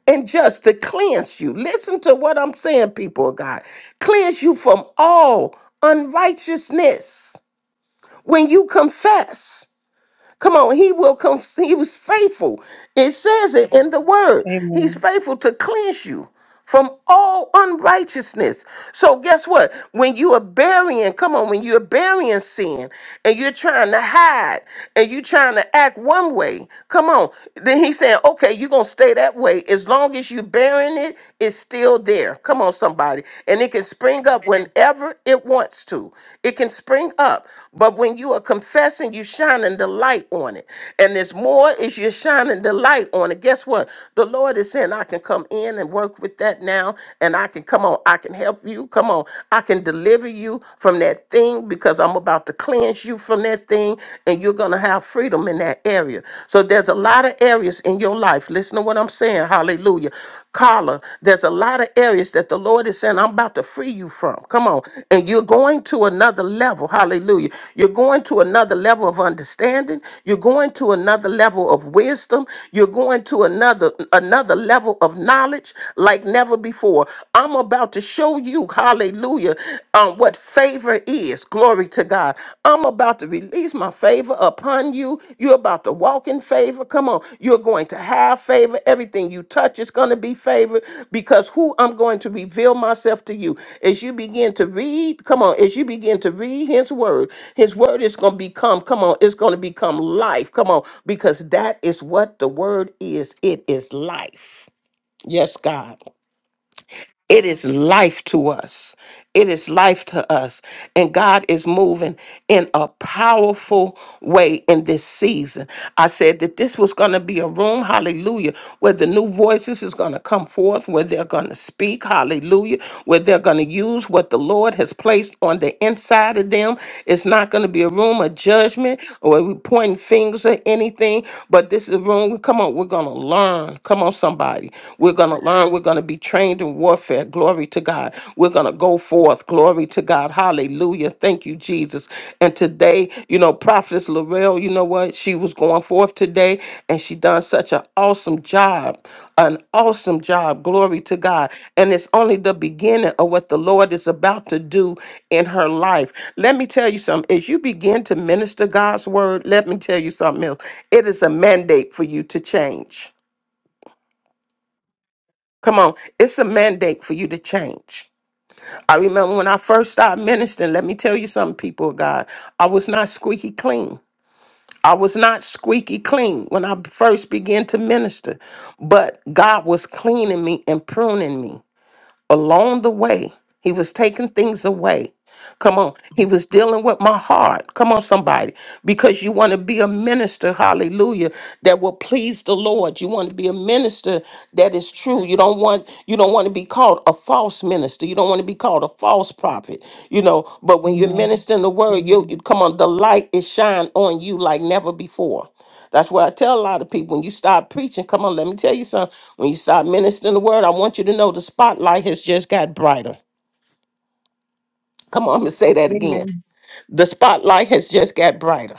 S2: and just to cleanse you. Listen to what I'm saying, people of God. Cleanse you from all unrighteousness when you confess. Come on, he will come. He was faithful. It says it in the word. He's
S1: Amen.
S2: faithful to cleanse you from all unrighteousness. So guess what? When you are burying, come on, when you're burying sin and you're trying to hide and you're trying to act one way, come on. Then he's saying, okay, you're gonna stay that way. As long as you're burying it, it's still there. Come on, somebody. And it can spring up whenever it wants to. It can spring up. But when you are confessing, you're shining the light on it. And there's more as you're shining the light on it. Guess what? The Lord is saying, I can come in and can work with that now and I can come on, I can help you. Come on, I can deliver you from that thing because I'm about to cleanse you from that thing and you're going to have freedom in that area. So there's a lot of areas in your life. Listen to what I'm saying. Hallelujah. Carla, there's a lot of areas that the Lord is saying, I'm about to free you from. Come on. And you're going to another level. Hallelujah. You're going to another level of understanding. You're going to another level of wisdom. You're going to another another level of knowledge knowledge like never before. I'm about to show you, hallelujah, um, what favor is. Glory to God. I'm about to release my favor upon you. You're about to walk in favor. Come on. You're going to have favor. Everything you touch is going to be favored because who I'm going to reveal myself to you. As you begin to read, come on, as you begin to read his word, his word is going to become, come on, it's going to become life. Come on, because that is what the word is. It is life. Yes, God. It is life to us. It is life to us. And God is moving in a powerful way in this season. I said that this was going to be a room, hallelujah, where the new voices is going to come forth, where they're going to speak, hallelujah, where they're going to use what the Lord has placed on the inside of them. It's not going to be a room of judgment or we pointing fingers or anything, but this is a room, come on, we're going to learn. Come on, somebody going to learn. We're going to be trained in warfare. Glory to God. We're going to go forth. Glory to God. Hallelujah. Thank you, Jesus. And today, you know, Prophetess Laurel, you know what? She was going forth today and she done such an awesome job. An awesome job. Glory to God. And it's only the beginning of what the Lord is about to do in her life. Let me tell you something. As you begin to minister God's word, let me tell you something else. It is a mandate for you to change. Come on, it's a mandate for you to change. I remember when I first started ministering, let me tell you something, people of God, I was not squeaky clean. I was not squeaky clean when I first began to minister, but God was cleaning me and pruning me along the way. He was taking things away Come on. He was dealing with my heart. Come on, somebody. Because you want to be a minister, hallelujah, that will please the Lord. You want to be a minister that is true. You don't want you don't want to be called a false minister. You don't want to be called a false prophet. You know, but when you're
S1: Amen.
S2: ministering the word, you you-
S1: Amen.
S2: come on, the light is shine on you like never before. That's why I tell a lot of people when you start preaching, come on, let me tell you something. When you start ministering the word, I want you to know the spotlight has just got brighter. Come on, I'm gonna say that again
S1: Amen. Amen.
S2: the spotlight has just got brighter.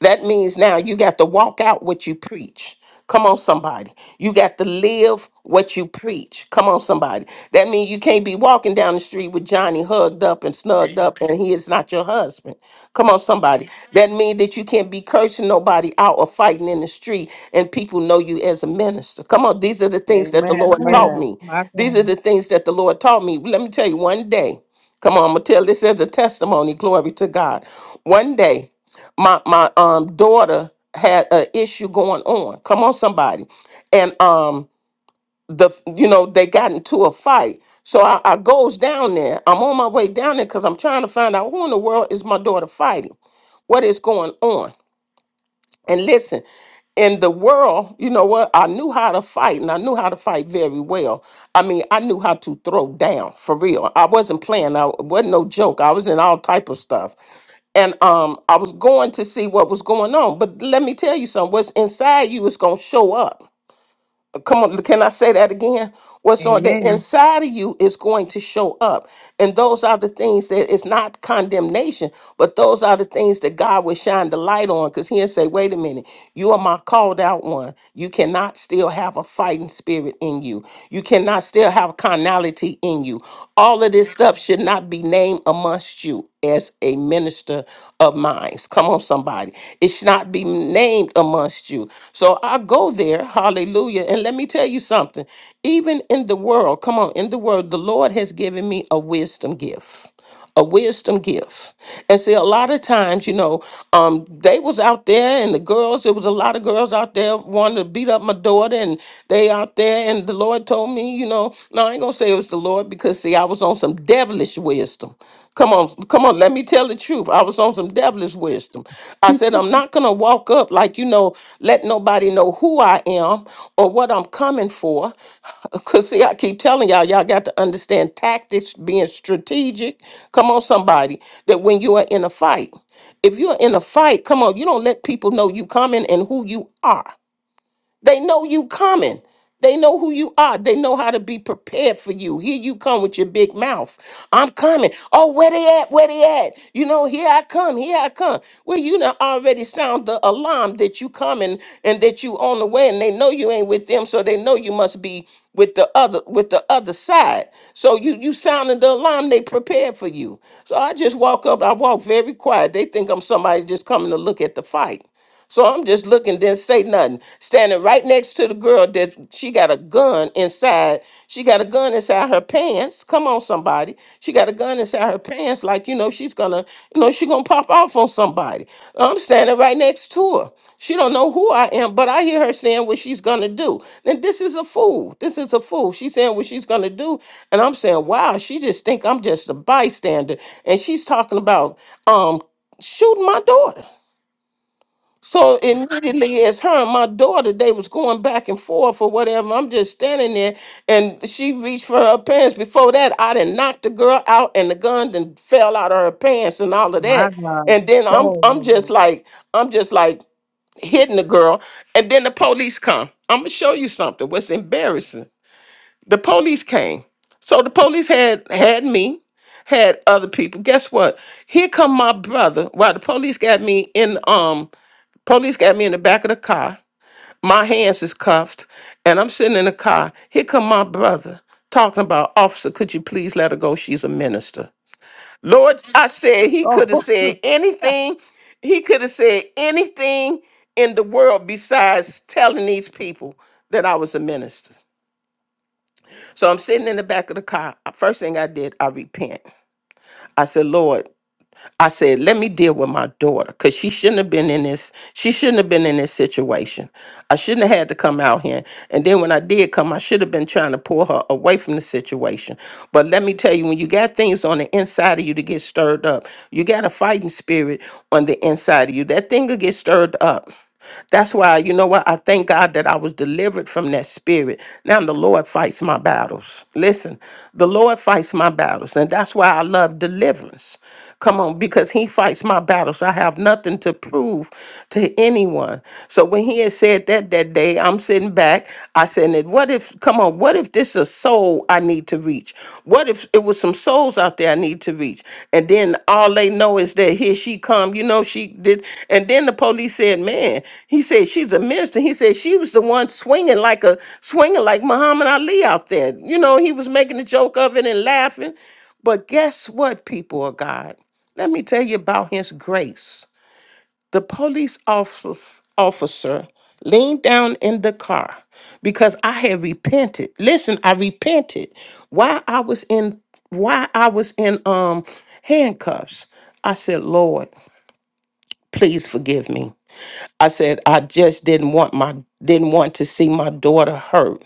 S2: That means now you got to walk out what you preach. Come on, somebody. You got to live what you preach. Come on, somebody. That means you can't be walking down the street with Johnny hugged up and snugged up and he is not your husband. Come on, somebody. That means that you can't be cursing nobody out or fighting in the street and people know you as a minister. Come on, these are the things that the
S4: Amen.
S2: Lord taught
S1: Amen.
S4: Amen.
S2: me.
S1: My
S2: These
S1: God.
S2: are the things that the Lord taught me. Let me tell you, one day, come on, I'm going to tell this as a testimony. Glory to God. One day, my my um daughter had an issue going on. Come on, somebody, and um the you know they got into a fight. So I, I goes down there. I'm on my way down there because I'm trying to find out who in the world is my daughter fighting. What is going on? And listen, in the world, you know what? I knew how to fight and I knew how to fight very well. I mean, I knew how to throw down for real. I wasn't playing. I wasn't no joke. I was in all type of stuff. And um I was going to see what was going on. But let me tell you something, what's inside you is gonna show up. Come on, can I say that again? What's on the
S1: Amen.
S2: inside of you is going to show up. And those are the things that it's not condemnation, but those are the things that God will shine the light on because he'll say, wait a minute, you are my called out one. You cannot still have a fighting spirit in you. You cannot still have carnality in you. All of this stuff should not be named amongst you as a minister of minds. Come on, somebody. It should not be named amongst you. So I go there, hallelujah. And let me tell you something. Even in the world, come on, in the world, the Lord has given me a wisdom gift. A wisdom gift. And see, a lot of times, you know, um, they was out there and the girls, there was a lot of girls out there wanting to beat up my daughter, and they out there, and the Lord told me, you know, no, I ain't gonna say it was the Lord because see, I was on some devilish wisdom. Come on, come on, let me tell the truth. I was on some devilish wisdom. I said, I'm not going to walk up like, you know, let nobody know who I am or what I'm coming for. Because, see, I keep telling y'all, y'all got to understand tactics, being strategic. Come on, somebody, that when you are in a fight, if you're in a fight, come on, you don't let people know you coming and who you are. They know you coming. They know who you are. They know how to be prepared for you. Here you come with your big mouth. I'm coming. Oh, where they at? Where they at? You know, here I come. Here I come. Well, you done already sound the alarm that you coming and that you on the way, and they know you ain't with them, so they know you must be with the other with the other side. So you you sounding the alarm. They prepared for you. So I just walk up. I walk very quiet. They think I'm somebody just coming to look at the fight. So I'm just looking, didn't say nothing. Standing right next to the girl that she got a gun inside. She got a gun inside her pants. Come on, somebody. She got a gun inside her pants, like you know, she's gonna, you know, she gonna pop off on somebody. I'm standing right next to her. She don't know who I am, but I hear her saying what she's gonna do. Then this is a fool. This is a fool. She's saying what she's gonna do, and I'm saying, wow, she just think I'm just a bystander, and she's talking about um shooting my daughter. So immediately, as her and my daughter, they was going back and forth or whatever. I'm just standing there, and she reached for her pants. Before that, I didn't knock the girl out, and the gun then fell out of her pants and all of
S1: My
S2: that.
S1: God.
S2: And then I'm
S1: Oh
S2: I'm just
S1: Lord.
S2: like I'm just like hitting the girl, and then the police come. I'm gonna show you something. What's embarrassing? The police came. So the police had had me, had other people. Guess what? Here come my brother. While the police got me in um Police got me in the back of the car. My hands is cuffed, and I'm sitting in the car. Here come my brother talking about, officer, could you please let her go? She's a minister. Lord, I said he could have
S1: Oh.
S2: said anything. He could have said anything in the world besides telling these people that I was a minister. So I'm sitting in the back of the car. First thing I did, I repent. I said, Lord, I said, let me deal with my daughter because she shouldn't have been in this. She shouldn't have been in this situation. I shouldn't have had to come out here. And then when I did come, I should have been trying to pull her away from the situation. But let me tell you, when you got things on the inside of you to get stirred up, you got a fighting spirit on the inside of you. That thing will get stirred up. That's why, you know what? I thank God that I was delivered from that spirit. Now the Lord fights my battles. Listen, the Lord fights my battles. And that's why I love deliverance. Come on, because he fights my battles. I have nothing to prove to anyone. So when he had said that that day, I'm sitting back. I said, "What if, come on, what if this is a soul I need? need to reach? What if it was some souls out there I need to reach? And then all they know is that here she come, you know, she did. And then the police said, man, he said, she's a minister. He said, she was the one swinging like a, swinging like Muhammad Ali out there. You know, he was making a joke of it and laughing. But guess what, people of God? Let me tell you about his grace. The police office- officer leaned down in the car because I had repented. Listen, I repented while I was in while I was in um handcuffs. I said, "Lord, please forgive me." I said, "I just didn't want my didn't want to see my daughter hurt."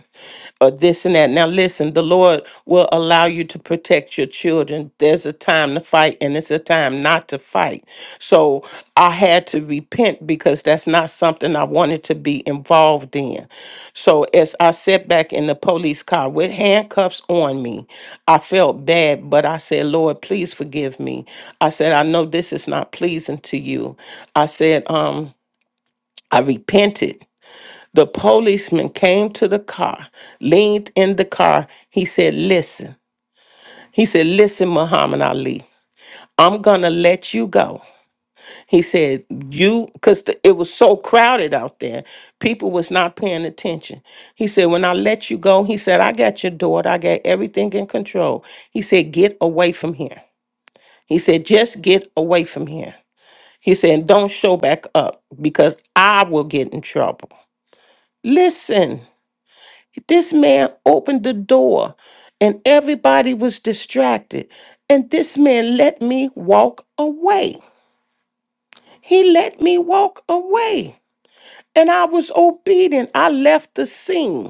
S2: or this and that. Now, listen, the Lord will allow you to protect your children. There's a time to fight and it's a time not to fight. So I had to repent because that's not something I wanted to be involved in. So as I sat back in the police car with handcuffs on me, I felt bad, but I said, Lord, please forgive me. I said, I know this is not pleasing to you. I said, um, I repented the policeman came to the car, leaned in the car. He said, Listen. He said, Listen, Muhammad Ali, I'm going to let you go. He said, You, because it was so crowded out there, people was not paying attention. He said, When I let you go, he said, I got your daughter, I got everything in control. He said, Get away from here. He said, Just get away from here. He said, Don't show back up because I will get in trouble. Listen. This man opened the door and everybody was distracted. And this man let me walk away. He let me walk away. And I was obedient. I left the scene.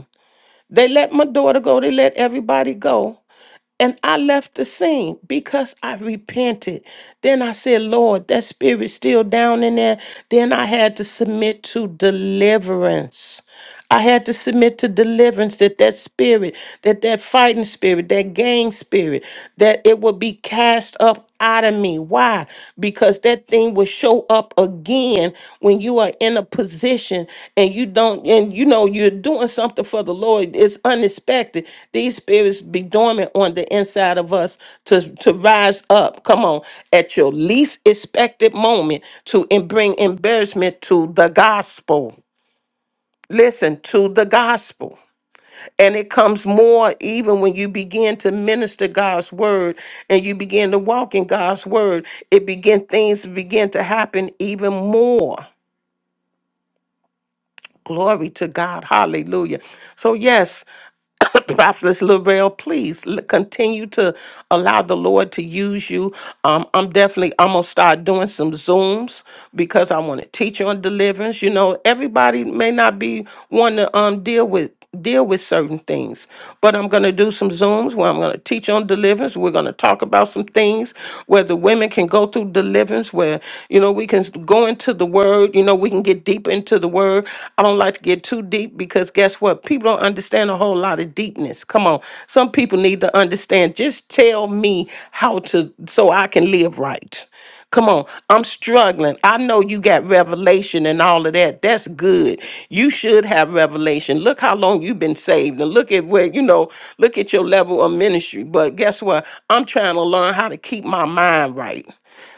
S2: They let my daughter go, they let everybody go. And I left the scene because I repented. Then I said, Lord, that spirit's still down in there. Then I had to submit to deliverance. I had to submit to deliverance that that spirit, that that fighting spirit, that gang spirit, that it would be cast up out of me. Why? Because that thing will show up again when you are in a position and you don't, and you know, you're doing something for the Lord. It's unexpected. These spirits be dormant on the inside of us to, to rise up. Come on, at your least expected moment to em- bring embarrassment to the gospel. Listen to the gospel. And it comes more even when you begin to minister God's word and you begin to walk in God's word. It begin things begin to happen even more. Glory to God. Hallelujah. So yes, Prophetess Lorel, please l- continue to allow the Lord to use you. Um, I'm definitely I'm gonna start doing some zooms because I want to teach on deliverance. You know, everybody may not be one to um deal with deal with certain things. But I'm going to do some Zooms where I'm going to teach on deliverance. We're going to talk about some things where the women can go through deliverance, where, you know, we can go into the word, you know, we can get deep into the word. I don't like to get too deep because guess what? People don't understand a whole lot of deepness. Come on. Some people need to understand. Just tell me how to, so I can live right. Come on, I'm struggling. I know you got revelation and all of that. That's good. You should have revelation. Look how long you've been saved, and look at where you know. Look at your level of ministry. But guess what? I'm trying to learn how to keep my mind right.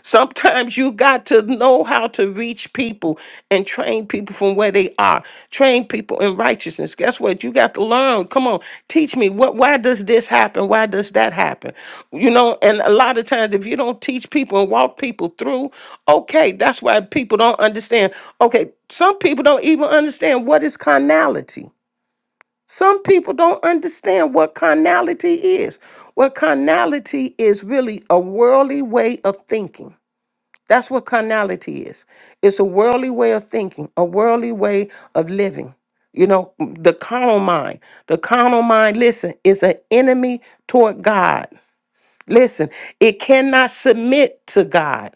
S2: Sometimes you got to know how to reach people and train people from where they are. Train people in righteousness. Guess what? You got to learn. Come on, teach me what why does this happen? Why does that happen? You know, and a lot of times if you don't teach people and walk people through, okay, that's why people don't understand. Okay, some people don't even understand what is carnality. Some people don't understand what carnality is. What carnality is really a worldly way of thinking that's what carnality is. It's a worldly way of thinking, a worldly way of living. You know, the carnal mind. The carnal mind, listen, is an enemy toward God. Listen, it cannot submit to God.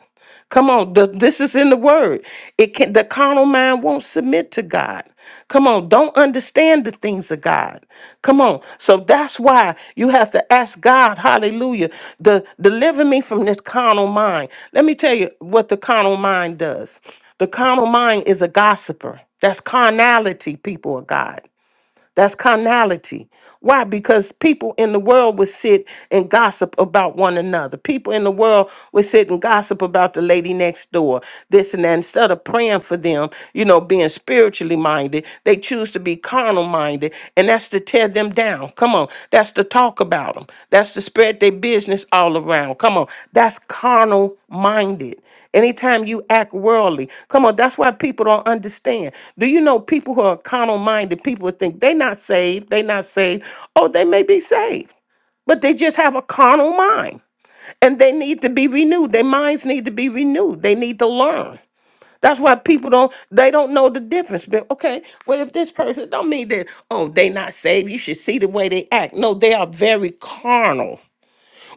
S2: Come on, the, this is in the word. It can the carnal mind won't submit to God. Come on, don't understand the things of God. Come on. So that's why you have to ask God, hallelujah, to deliver me from this carnal mind. Let me tell you what the carnal mind does. The carnal mind is a gossiper. That's carnality, people of God. That's carnality. Why? Because people in the world would sit and gossip about one another. People in the world would sit and gossip about the lady next door, this and that. Instead of praying for them, you know, being spiritually minded, they choose to be carnal minded. And that's to tear them down. Come on. That's to talk about them. That's to spread their business all around. Come on. That's carnal minded. Anytime you act worldly, come on, that's why people don't understand. Do you know people who are carnal minded, people think they're not saved, they're not saved, oh, they may be saved, but they just have a carnal mind and they need to be renewed. Their minds need to be renewed. They need to learn. That's why people don't they don't know the difference. But okay, well if this person don't mean that, oh, they not saved, you should see the way they act. No, they are very carnal.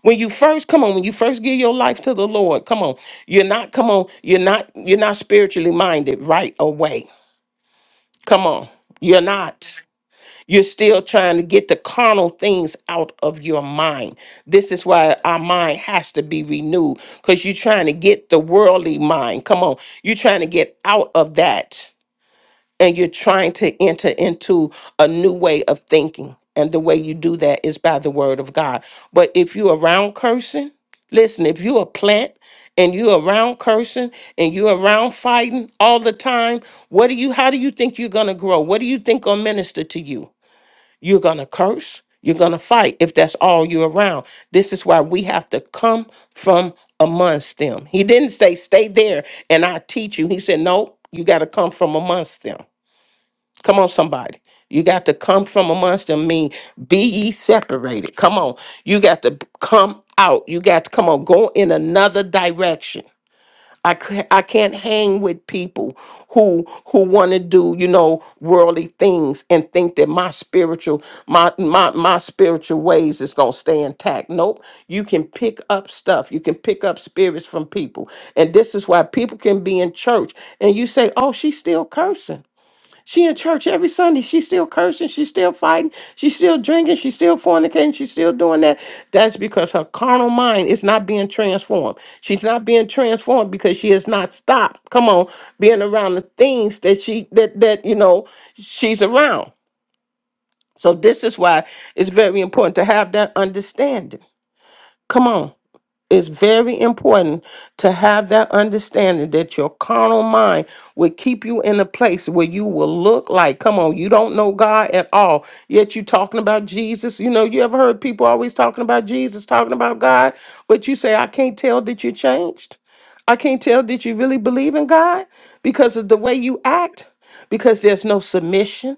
S2: When you first come on, when you first give your life to the Lord, come on. You're not come on, you're not you're not spiritually minded right away. Come on. You're not. You're still trying to get the carnal things out of your mind. This is why our mind has to be renewed because you're trying to get the worldly mind. Come on. You're trying to get out of that and you're trying to enter into a new way of thinking. And the way you do that is by the word of God. But if you're around cursing, listen, if you're a plant and you're around cursing and you're around fighting all the time, what do you how do you think you're gonna grow? What do you think gonna minister to you? You're gonna curse, you're gonna fight if that's all you're around. This is why we have to come from amongst them. He didn't say stay there and I teach you. He said, No, you gotta come from amongst them. Come on, somebody. You got to come from amongst them, mean be ye separated. Come on. You got to come out. You got to come on, go in another direction. I, ca- I can't hang with people who who want to do you know worldly things and think that my spiritual my my my spiritual ways is gonna stay intact. Nope, you can pick up stuff. You can pick up spirits from people, and this is why people can be in church and you say, "Oh, she's still cursing." She in church every Sunday. She's still cursing. She's still fighting. She's still drinking. She's still fornicating. She's still doing that. That's because her carnal mind is not being transformed. She's not being transformed because she has not stopped. Come on, being around the things that she that that you know she's around. So this is why it's very important to have that understanding. Come on. It's very important to have that understanding that your carnal mind will keep you in a place where you will look like, come on, you don't know God at all. Yet you talking about Jesus. You know, you ever heard people always talking about Jesus, talking about God, but you say, I can't tell that you changed. I can't tell that you really believe in God because of the way you act, because there's no submission.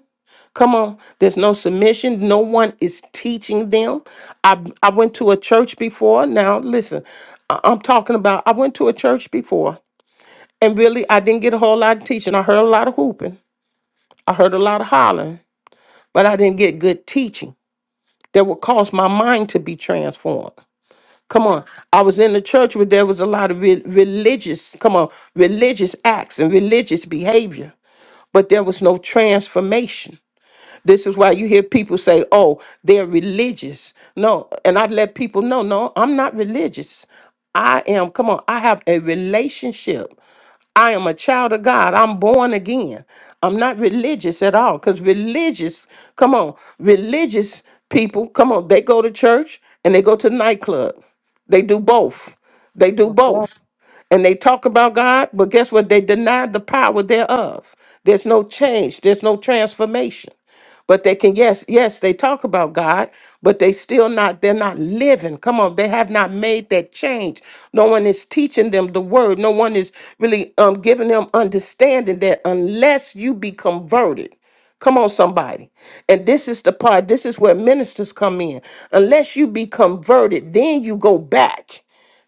S2: Come on, there's no submission. No one is teaching them. I I went to a church before. Now listen, I- I'm talking about I went to a church before, and really I didn't get a whole lot of teaching. I heard a lot of hooping. I heard a lot of hollering, but I didn't get good teaching that would cause my mind to be transformed. Come on, I was in the church where there was a lot of re- religious, come on, religious acts and religious behavior, but there was no transformation. This is why you hear people say, oh, they're religious. No, and I let people know, no, I'm not religious. I am, come on, I have a relationship. I am a child of God. I'm born again. I'm not religious at all because religious, come on, religious people, come on, they go to church and they go to the nightclub. They do both. They do both. And they talk about God, but guess what? They deny the power thereof. There's no change, there's no transformation. But they can yes, yes, they talk about God, but they still not they're not living. Come on, they have not made that change. No one is teaching them the word. No one is really um giving them understanding that unless you be converted, Come on, somebody. And this is the part, this is where ministers come in. Unless you be converted, then you go back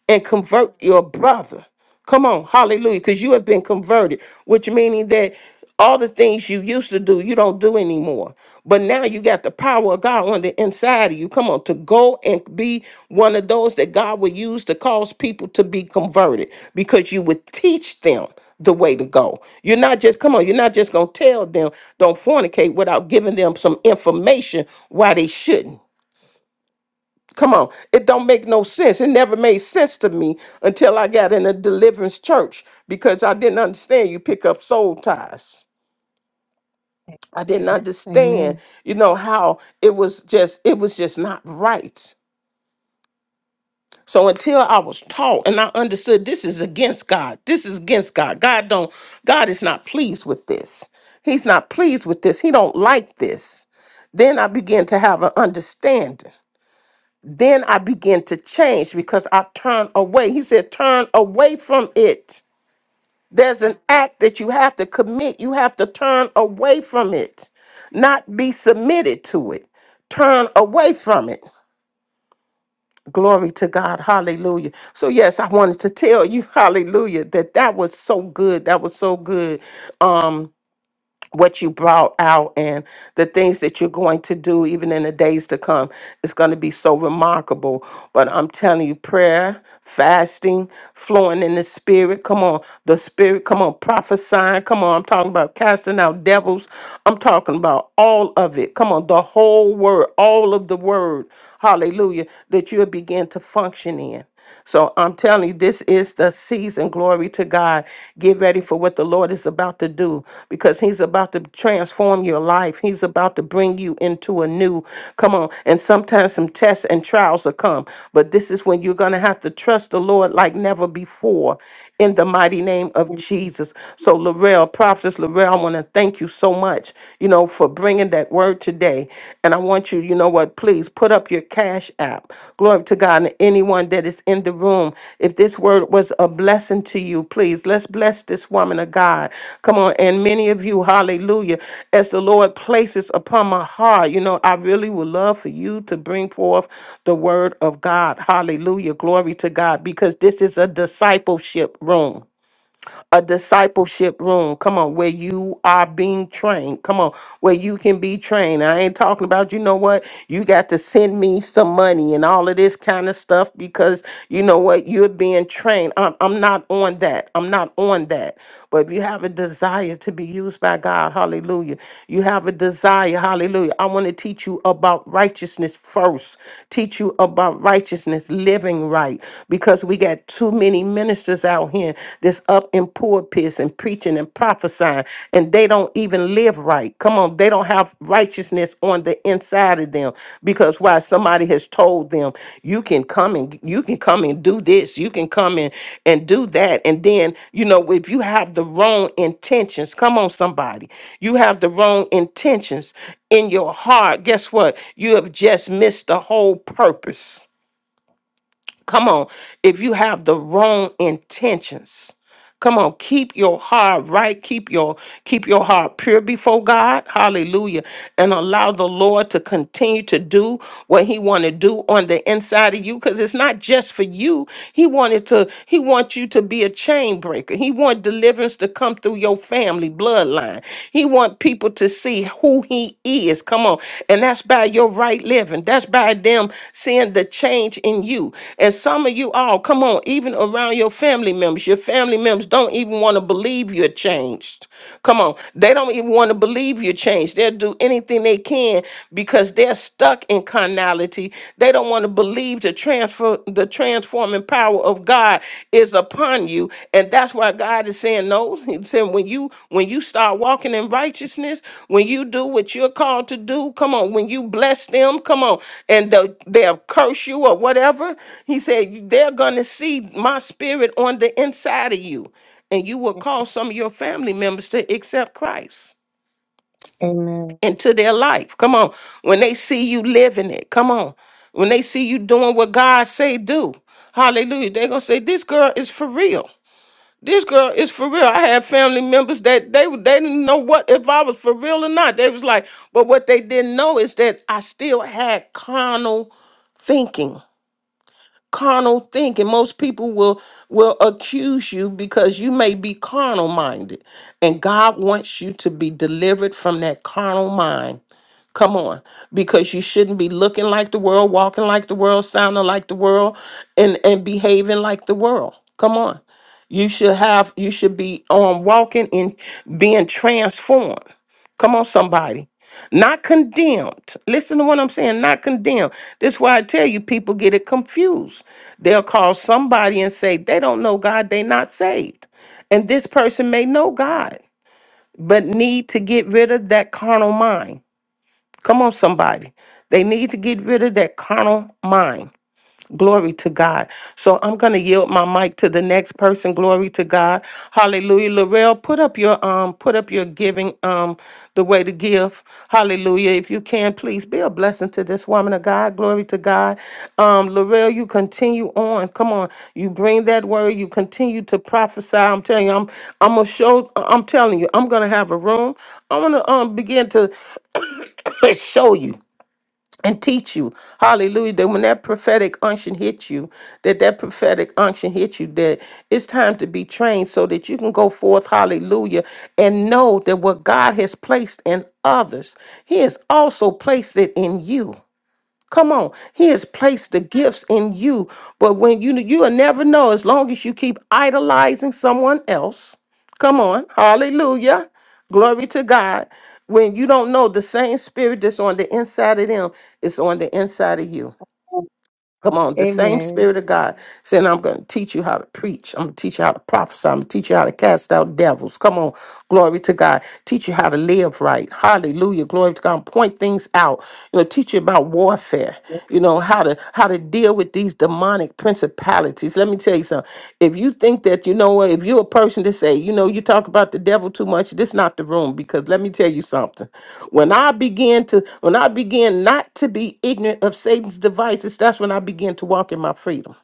S2: and convert your brother. Come on, hallelujah, because you have been converted, which meaning that all the things you used to do, you don't do anymore. But now you got the power of God on the inside of you. Come on, to go and be one of those that God will use to cause people to be converted because you would teach them the way to go. You're not just, come on, you're not just going to tell them don't fornicate without giving them some information why they shouldn't. Come on, it don't make no sense. It never made sense to me until I got in a deliverance church because I didn't understand you pick up soul ties. I didn't understand,
S1: Amen.
S2: you know, how it was just it was just not right. So until I was taught and I understood this is against God. This is against God. God don't God is not pleased with this. He's not pleased with this. He don't like this. Then I began to have an understanding. Then I began to change because I turned away. He said, Turn away from it. There's an act that you have to commit. You have to turn away from it, not be submitted to it. Turn away from it. Glory to God. Hallelujah. So, yes, I wanted to tell you, hallelujah, that that was so good. That was so good. Um, what you brought out and the things that you're going to do even in the days to come it's going to be so remarkable but i'm telling you prayer fasting flowing in the spirit come on the spirit come on prophesying come on i'm talking about casting out devils i'm talking about all of it come on the whole word all of the word hallelujah that you'll begin to function in so I'm telling you, this is the season. Glory to God. Get ready for what the Lord is about to do because He's about to transform your life. He's about to bring you into a new, come on. And sometimes some tests and trials will come, but this is when you're going to have to trust the Lord like never before in the mighty name of Jesus. So, Laurel, Prophetess Laurel, I want to thank you so much, you know, for bringing that word today. And I want you, you know what, please put up your cash app. Glory to God. And anyone that is in the room, if this word was a blessing to you, you, please. Let's bless this woman of God. Come on. And many of you, hallelujah, as the Lord places upon my heart, you know, I really would love for you to bring forth the word of God. Hallelujah. Glory to God, because this is a discipleship room a discipleship room. Come on, where you are being trained. Come on, where you can be trained. I ain't talking about, you know what, you got to send me some money and all of this kind of stuff because you know what, you're being trained. I'm, I'm not on that. I'm not on that. But if you have a desire to be used by God, hallelujah. You have a desire, hallelujah. I want to teach you about righteousness first. Teach you about righteousness, living right, because we got too many ministers out here that's up in pulpits and preaching and prophesying, and they don't even live right. Come on, they don't have righteousness on the inside of them because why somebody has told them you can come and you can come and do this you can come and and do that and then you know if you have the wrong intentions come on somebody you have the wrong intentions in your heart guess what you have just missed the whole purpose Come on. If you have the wrong intentions, come on, keep your heart right. Keep your keep your heart pure before God. Hallelujah. And allow the Lord to continue to do what he want to do on the inside of you cuz it's not just for you. He wanted to he wants you to be a chain breaker. He want deliverance to come through your family bloodline. He want people to see who he is. Come on. Come on. And that's by your right living. That's by them seeing the change in you. And some of you all, come on, even around your family members, your family members don't even want to believe you're changed. Come on. They don't even want to believe you're changed. They'll do anything they can because they're stuck in carnality. They don't want to believe the transfer the transforming power power of God is upon you. And that's why God is saying, no, he's saying when you when you start walking in righteousness, when you do what you're called to do, come on, when you bless them, come on, and they'll, they'll curse you or whatever. He said, they're gonna see my spirit on the inside of you. And you will cause some of your family members to accept Christ
S1: Amen.
S2: into their life. Come on. When they see you living it, come on. When they see you doing what God say do, hallelujah, they going to say, this girl is for real. This girl is for real. I had family members that they they didn't know what if I was for real or not. They was like, but what they didn't know is that I still had carnal thinking carnal thinking. Most people will will accuse you because you may be carnal minded, and God wants you to be delivered from that carnal mind. Come on, because you shouldn't be looking like the world, walking like the world, sounding like the world, and and behaving like the world. Come on, you should have you should be um walking and being transformed. Come on, somebody not condemned. Listen to what I'm saying, not condemned. This is why I tell you people get it confused. They'll call somebody and say they don't know God, they not saved. And this person may know God, but need to get rid of that carnal mind. Come on, somebody. They need to get rid of that carnal mind. Glory to God. So I'm going to yield my mic to the next person. Glory to God. Hallelujah. Laurel, put up your um put up your giving um the way to give. Hallelujah. If you can, please be a blessing to this woman of God. Glory to God. Um Laurel, you continue on. Come on. You bring that word. You continue to prophesy. I'm telling you, I'm I'm going to show I'm telling you, I'm going to have a room. I'm going to um begin to show you and teach you hallelujah that when that prophetic unction hits you that that prophetic unction hits you that it's time to be trained so that you can go forth hallelujah and know that what god has placed in others he has also placed it in you Come on, He has placed the gifts in you, but when you you'll never know as long as you keep idolizing someone else. Come on, Hallelujah, glory to God. When you don't know the same spirit that's on the inside of them is on the inside of you. Come on, the same Spirit of
S1: Amen.
S2: God saying, I'm going to teach you how to preach. I'm going to teach you how to prophesy. I'm going to teach you how to cast out devils. Come on, glory to God. Teach you how to live right. Hallelujah, glory to God. Point things out. You know, teach you about warfare. You know how to how to deal with these demonic principalities. Let me tell you something. If you think that you know what, if you're a person to say say, you know, you talk about the devil too much. This not the room because let me tell you something. When I began to, when I began not to be ignorant of Satan's devices, that's when I began to walk in my freedom,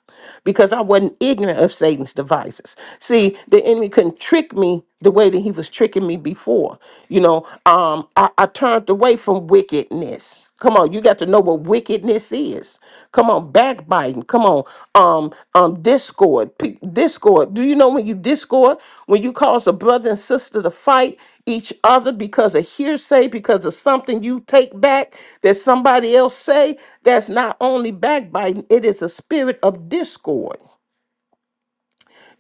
S2: because I wasn't ignorant of Satan's devices. See, the enemy couldn't trick me the way that he was tricking me before. You know, um, I, I turned away from wickedness Come on, you got to know what wickedness is. Come on, backbiting. Come on, um, um, discord, P- discord. Do you know when you discord, when you cause a brother and sister to fight each other because of hearsay, because of something you take back that somebody else say? That's not only backbiting; it is a spirit of discord.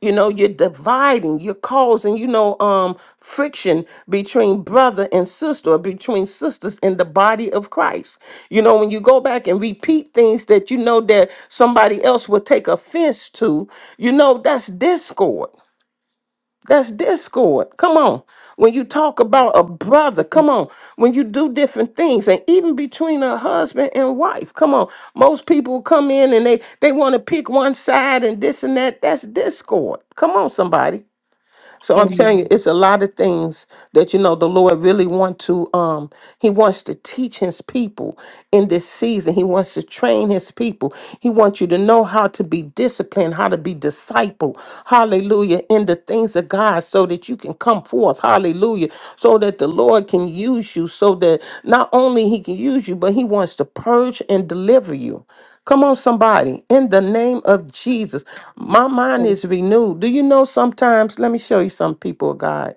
S2: You know, you're dividing, you're causing, you know, um, friction between brother and sister, or between sisters in the body of Christ. You know, when you go back and repeat things that you know that somebody else will take offense to, you know, that's discord. That's discord. Come on. When you talk about a brother, come on. When you do different things, and even between a husband and wife, come on. Most people come in and they they want to pick one side and this and that. That's discord. Come on, somebody. So I'm telling you,
S1: Amen.
S2: it's a lot of things that you know the Lord really want to um he wants to teach his people in this season. He wants to train his people. He wants you to know how to be disciplined, how to be disciple. Hallelujah. In the things of God so that you can come forth. Hallelujah. So that the Lord can use you so that not only he can use you, but he wants to purge and deliver you. Come on, somebody. In the name of Jesus, my mind is renewed. Do you know sometimes? Let me show you some people, of God.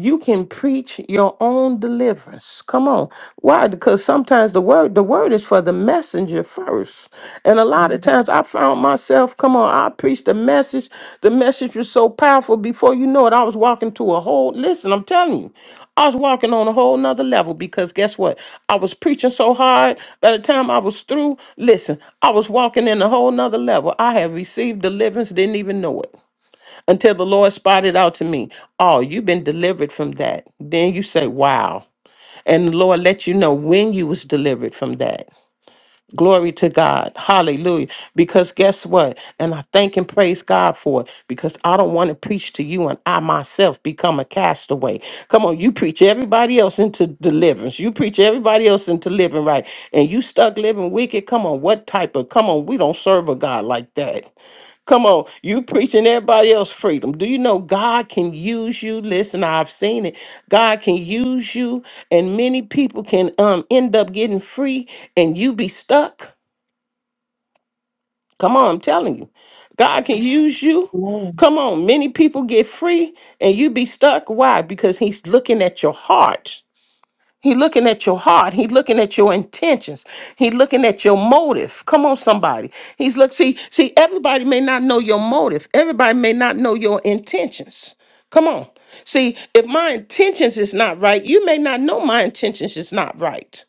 S2: You can preach your own deliverance. Come on. Why? Because sometimes the word, the word is for the messenger first. And a lot of times I found myself, come on, I preached a message. The message was so powerful before you know it, I was walking to a whole listen, I'm telling you, I was walking on a whole nother level because guess what? I was preaching so hard by the time I was through, listen, I was walking in a whole nother level. I had received deliverance, didn't even know it until the Lord spotted out to me, oh, you've been delivered from that. Then you say, wow. And the Lord let you know when you was delivered from that. Glory to God. Hallelujah. Because guess what? And I thank and praise God for it because I don't want to preach to you and I myself become a castaway. Come on, you preach everybody else into deliverance. You preach everybody else into living right. And you stuck living wicked. Come on, what type of, come on, we don't serve a God like that. Come on, you preaching everybody else freedom. Do you know God can use you? Listen, I've seen it. God can use you, and many people can um end up getting free, and you be stuck. Come on, I'm telling you, God can use you.
S1: Amen.
S2: Come on, many people get free, and you be stuck. Why? Because He's looking at your heart. He looking at your heart. He looking at your intentions. He looking at your motive. Come on, somebody. He's look. See, see. Everybody may not know your motive. Everybody may not know your intentions. Come on. See, if my intentions is not right, you may not know my intentions is not right.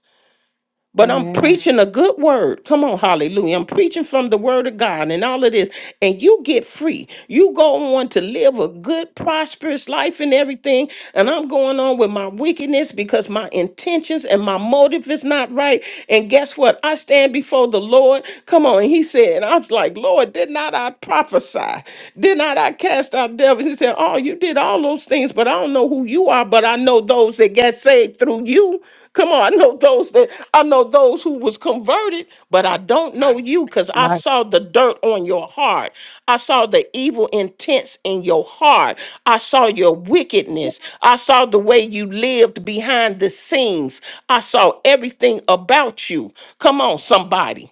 S2: But I'm
S1: Amen.
S2: preaching a good word. Come on, hallelujah. I'm preaching from the word of God and all of this. And you get free. You go on to live a good, prosperous life and everything. And I'm going on with my wickedness because my intentions and my motive is not right. And guess what? I stand before the Lord. Come on. And he said, and I was like, Lord, did not I prophesy? Did not I cast out devils? He said, Oh, you did all those things, but I don't know who you are, but I know those that get saved through you. Come on, I know those that I know those who was converted, but I don't know you because I
S1: My,
S2: saw the dirt on your heart. I saw the evil intents in your heart. I saw your wickedness. I saw the way you lived behind the scenes. I saw everything about you. Come on, somebody.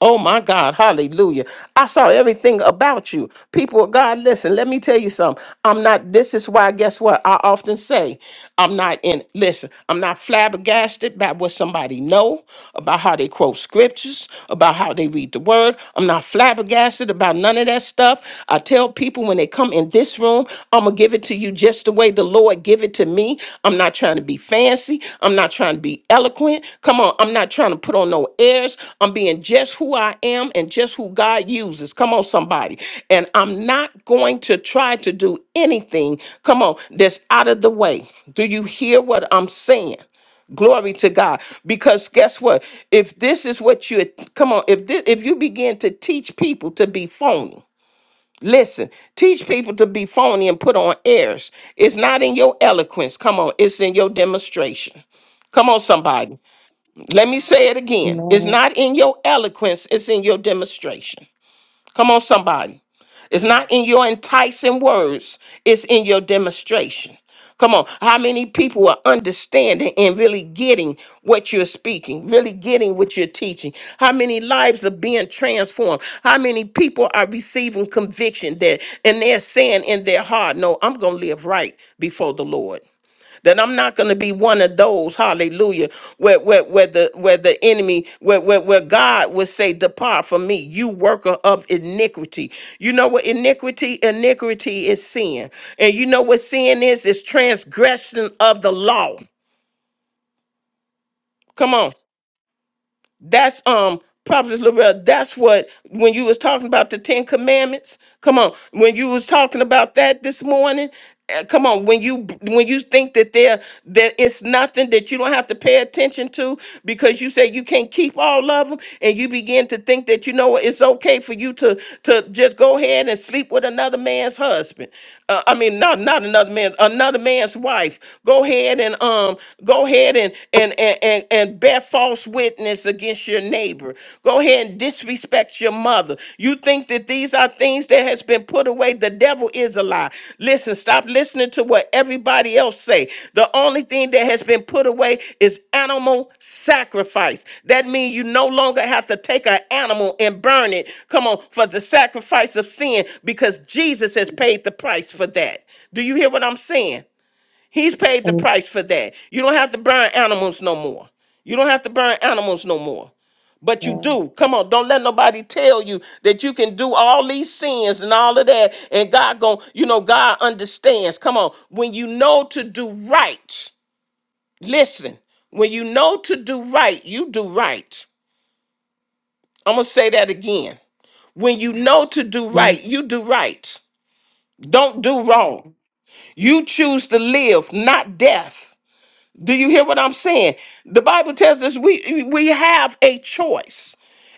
S2: Oh my God, hallelujah. I saw everything about you. People of God, listen, let me tell you something. I'm not, this is why, guess what? I often say, I'm not in, listen, I'm not flabbergasted by what somebody know, about how they quote scriptures, about how they read the word. I'm not flabbergasted about none of that stuff. I tell people when they come in this room, I'm going to give it to you just the way the Lord give it to me. I'm not trying to be fancy. I'm not trying to be eloquent. Come on, I'm not trying to put on no airs. I'm being just who I am and just who God uses. Come on, somebody. And I'm not going to try to do anything, come on, that's out of the way. Do you hear what I'm saying? Glory to God. Because guess what? If this is what you come on, if this if you begin to teach people to be phony, Listen, teach people to be phony and put on airs. It's not in your eloquence. Come on, it's in your demonstration. Come on, somebody. Let me say it again. It's
S1: amen.
S2: not in your eloquence, it's in your demonstration. Come on, somebody. It's not in your enticing words, it's in your demonstration. Come on, how many people are understanding and really getting what you're speaking, really getting what you're teaching? How many lives are being transformed? How many people are receiving conviction that and they're saying in their heart, No, I'm gonna live right before the Lord. That I'm not going to be one of those, hallelujah, where, where, where, the, where the enemy, where, where, where God would say, Depart from me, you worker of iniquity. You know what iniquity? Iniquity is sin. And you know what sin is? It's transgression of the law. Come on. That's um Prophet Lorel. That's what when you was talking about the Ten Commandments. Come on, when you was talking about that this morning. uh, Come on, when you when you think that there that it's nothing that you don't have to pay attention to because you say you can't keep all of them, and you begin to think that you know what, it's okay for you to to just go ahead and sleep with another man's husband uh, I mean, not not another man, another man's wife. Go ahead and um, go ahead and and and and, and bear false witness against your neighbor. Go ahead and disrespect your mother. You think that these are things that has been put away? The devil is a lie. Listen, stop listening to what everybody else say. The only thing that has been put away is animal sacrifice. That means you no longer have to take an animal and burn it. Come on, for the sacrifice of sin, because Jesus has paid the price for that. Do you hear what I'm saying? He's paid the price for that. You don't have to burn animals no more. You don't have to burn animals no more. But you
S1: Amen.
S2: do. Come on, don't let nobody tell you that you can do all these sins and all of that. And God gon' you know, God understands. Come on. When you know to do right, listen, when you know to do right, you do right. I'm gonna say that again. When you know to do
S1: Amen.
S2: right, you do right. Don't do wrong. You choose to live, not death. Do you hear what I'm saying? The Bible tells us we we have a choice.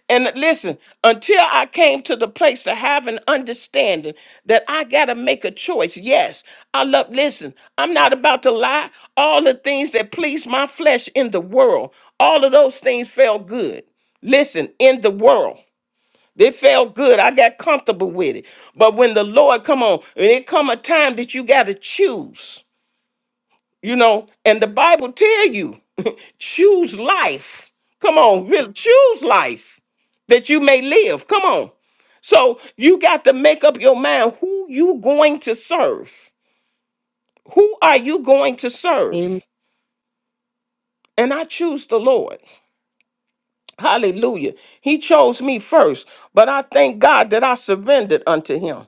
S2: And listen, until I came to the place to have an understanding that I got to make a choice. Yes, I love, listen, I'm not about to lie. All the things that please my flesh in the world, all of those things felt good. Listen, in the world. They felt good. I got comfortable with it. But when the Lord come on, and it come a time that you got to choose. You know, and the Bible tell you, choose life. Come on, really choose life that you may live. Come on. So you got to make up your mind who you going to serve. Who are you going to serve?
S1: Amen.
S2: And I choose the Lord. Hallelujah. He chose me first, but I thank God that I surrendered unto him.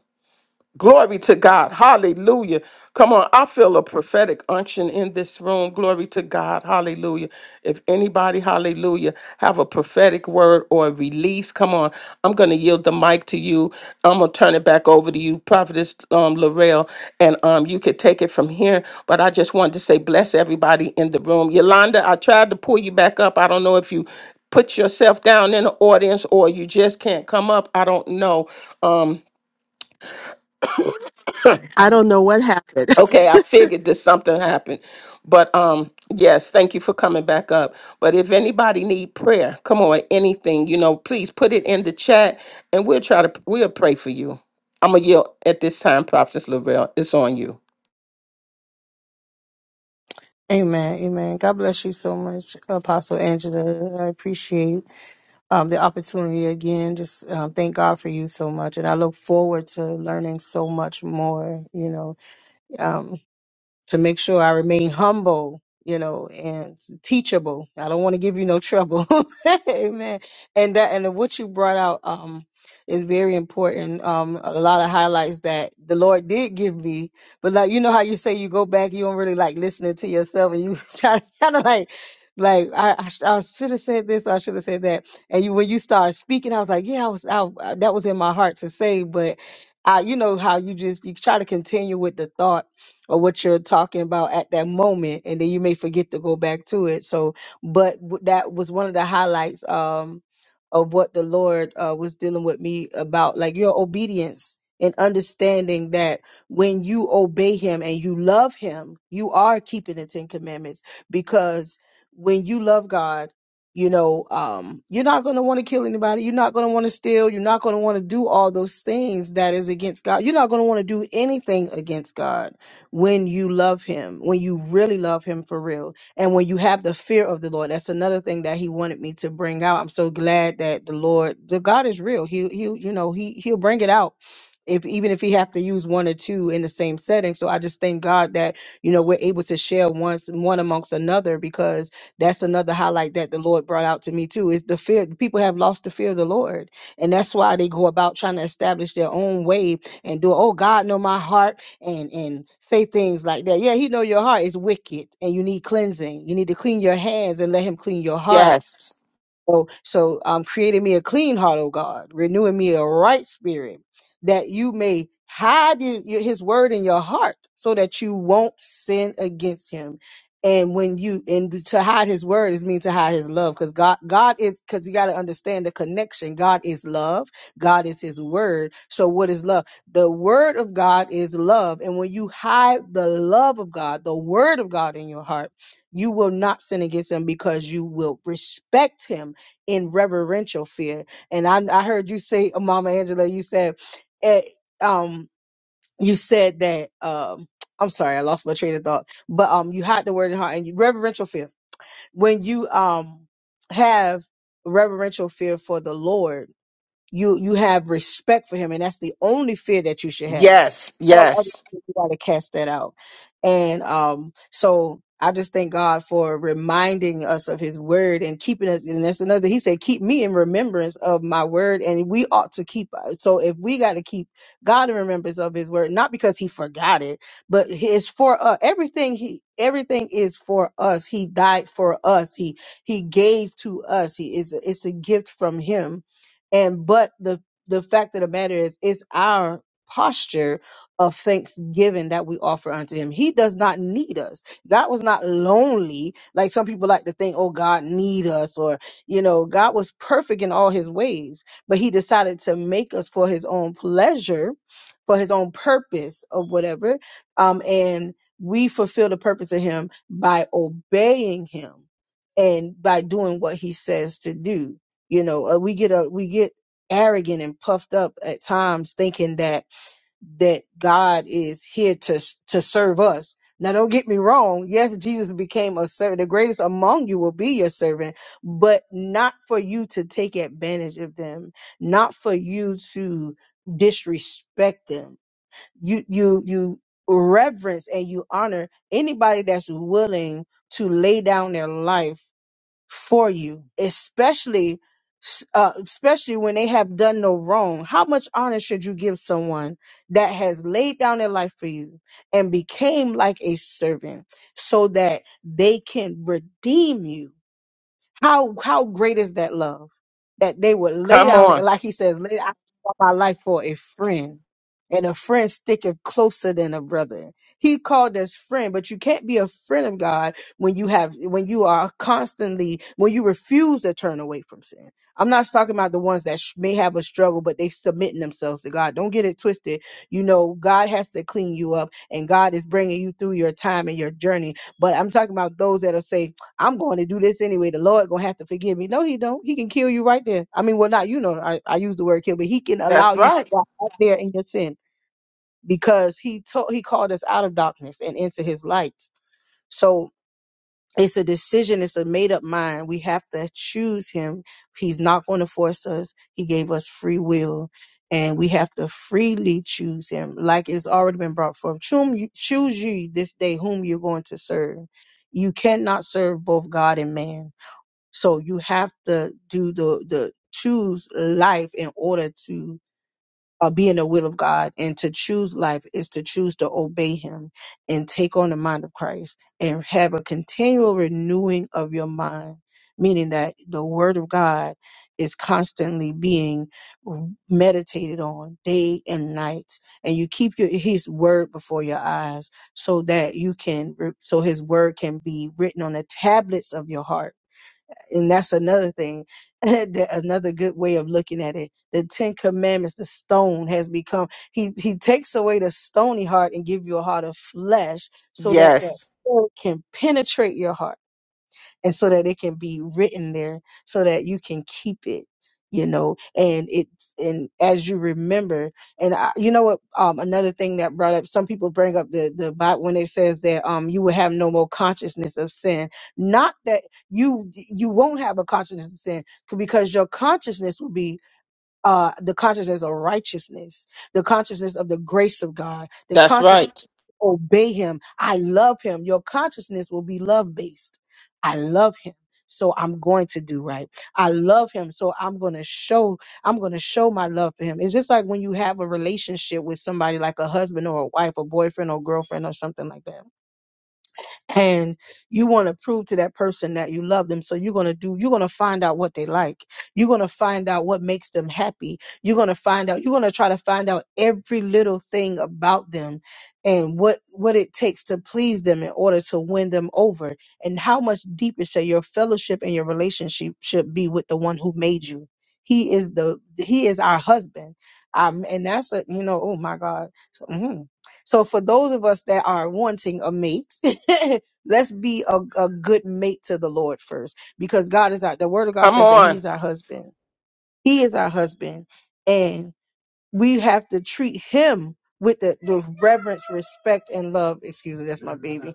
S2: Glory to God. Hallelujah. Come on. I feel a prophetic unction in this room. Glory to God. Hallelujah. If anybody, hallelujah, have a prophetic word or a release, come on. I'm going to yield the mic to you. I'm going to turn it back over to you, Prophetess um, Laurel, and um, you could take it from here. But I just wanted to say, bless everybody in the room. Yolanda, I tried to pull you back up. I don't know if you put yourself down in the audience or you just can't come up. I don't know. Um,
S3: I don't know what happened.
S2: Okay, I figured that something happened. But um yes, thank you for coming back up. But if anybody need prayer, come on, anything, you know, please put it in the chat and we'll try to we'll pray for you. I'm gonna yield at this time, Prophetess Lavelle. It's on you.
S1: Amen. Amen. God bless you so much, Apostle Angela. I appreciate um, the opportunity again. Just um, thank God for you so much, and I look forward to learning so much more. You know, um, to make sure I remain humble, you know, and teachable. I don't want to give you no trouble. Amen. And that and what you brought out um is very important. Um a lot of highlights that the Lord did give me. But like you know how you say you go back, you don't really like listening to yourself and you try to kind of like like I, I, sh- I should have said this, I should have said that, and you when you started speaking, I was like, yeah, I was, I, that was in my heart to say, but I, you know how you just you try to continue with the thought or what you're talking about at that moment and then you may forget to go back to it so but w- that was one of the highlights um of what the lord uh, was dealing with me about like your obedience and understanding that when you obey him and you love him you are keeping the 10 commandments because when you love god you know um, you're not going to want to kill anybody you're not going to want to steal you're not going to want to do all those things that is against god you're not going to want to do anything against god when you love him, when you really love him for real, and when you have the fear of the Lord. That's another thing that he wanted me to bring out. I'm so glad that the Lord, the God is real. He he you know, he he'll bring it out. If even if he have to use one or two in the same setting. So I just thank God that, you know, we're able to share once one amongst another because that's another highlight that the Lord brought out to me too is the fear people have lost the fear of the Lord. And that's why they go about trying to establish their own way and do, oh God know my heart and and say things like that. Yeah, he know your heart is wicked and you need cleansing. You need to clean your hands and let him clean your heart.
S2: Yes.
S1: So, so um, creating me a clean heart, O God, renewing me a right spirit, that you may hide in- your- his word in your heart so that you won't sin against him. And when you, and to hide his word is mean to hide his love because God, God is, because you got to understand the connection. God is love. God is his word. So what is love? The word of God is love. And when you hide the love of God, the word of God in your heart, you will not sin against him because you will respect him in reverential fear. And I, I heard you say, uh, Mama Angela, you said, eh, um, you said that, um, I'm sorry, I lost my train of thought, but um, you had the word in heart and you, reverential fear. When you um have reverential fear for the Lord, you you have respect for him, and that's the only fear that you should have.
S2: Yes,
S1: All other
S2: yes.
S1: things, you got to cast that out. And um, so I just thank God for reminding us of His word and keeping us. And that's another. He said, "Keep me in remembrance of my word," and we ought to keep. uh, So if we got to keep God in remembrance of His word, not because He forgot it, but it's for us. Everything He everything is for us. He died for us. He He gave to us. He is it's a gift from Him and but the the fact of the matter is it's our posture of thanksgiving that we offer unto him he does not need us god was not lonely like some people like to think oh god need us or you know god was perfect in all his ways but he decided to make us for his own pleasure for his own purpose or whatever um and we fulfill the purpose of him by obeying him and by doing what he says to do you know uh, we get a we get arrogant and puffed up at times thinking that that god is here to to serve us now don't get me wrong yes jesus became a servant the greatest among you will be your servant but not for you to take advantage of them not for you to disrespect them you you you reverence and you honor anybody that's willing to lay down their life for you, especially uh, especially when they have done no wrong. How much honor should you give someone that has laid down their life for you and became like a servant so that they can redeem you? How how great is that love? That they would lay
S2: Come
S1: down and
S2: on.
S1: like he says, lay down my life for a friend. And a friend sticketh closer than a brother. He called us friend, but you can't be a friend of God when you have when you are constantly when you refuse to turn away from sin. I'm not talking about the ones that sh- may have a struggle, but they submitting themselves to God. Don't get it twisted. You know, God has to clean you up, and God is bringing you through your time and your journey. But I'm talking about those that'll say, I'm going to do this anyway. The Lord gonna have to forgive me. No, he don't. He can kill you right there. I mean, well, not you know, I, I use the word kill, but he can allow
S2: That's
S1: you to
S2: right.
S1: walk out there in your sin because he told he called us out of darkness and into his light. So it's a decision, it's a made up mind. We have to choose him. He's not going to force us. He gave us free will. And we have to freely choose him. Like it's already been brought forth. Choom- Choose ye this day whom you're going to serve. You cannot serve both God and man so you have to do the the choose life in order to uh, be in the will of God, and to choose life is to choose to obey Him and take on the mind of Christ and have a continual renewing of your mind, meaning that the Word of God is constantly being meditated on day and night, and you keep your His Word before your eyes so that you can, so His Word can be written on the tablets of your heart and that's another thing that another good way of looking at it the ten commandments the stone has become he he takes away the stony heart and give you a heart of flesh so that that
S2: Yes.
S1: word can penetrate your heart and so that it can be written there so that you can keep it you know and it and as you remember and I, you know what um another thing that brought up some people bring up the the Bible when it says that um you will have no more consciousness of sin not that you you won't have a consciousness of sin c- because your consciousness will be uh the consciousness of righteousness the consciousness of the grace of God the
S2: That's
S1: consciousness
S2: right.
S1: obey him. I love him. Your consciousness will be love based. I love him. So I'm going to do right. I love him. So I'm going to show I'm going to show my love for him. It's just like when you have a relationship with somebody like a husband or a wife or boyfriend or girlfriend or something like that and you want to prove to that person that you love them so you're going to do you're going to find out what they like you're going to find out what makes them happy you're going to find out you're going to try to find out every little thing about them and what what it takes to please them in order to win them over and how much deeper shall your fellowship and your relationship should be with the one who made you he is the he is our husband um and that's a you know oh my god So, mhm. so for those of us that are wanting a mate Let's be a, a good mate to the Lord first because God is our, the word of God
S2: Come
S1: says that he
S2: on.
S1: is our husband. He is our husband and we have to treat him with the, the reverence, respect, and love. Excuse me, that's my baby.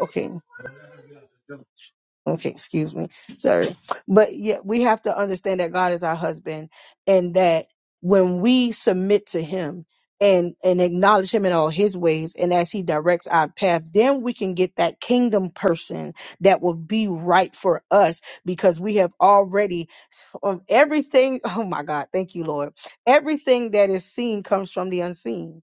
S1: Okay. Okay, excuse me. Sorry. But yet we have to understand that God is our husband and that when we submit to him and and acknowledge him in all his ways and as he directs our path, then we can get that kingdom person that will be right for us because we have already of everything. Oh my God, thank you, Lord. Everything that is seen comes from the unseen.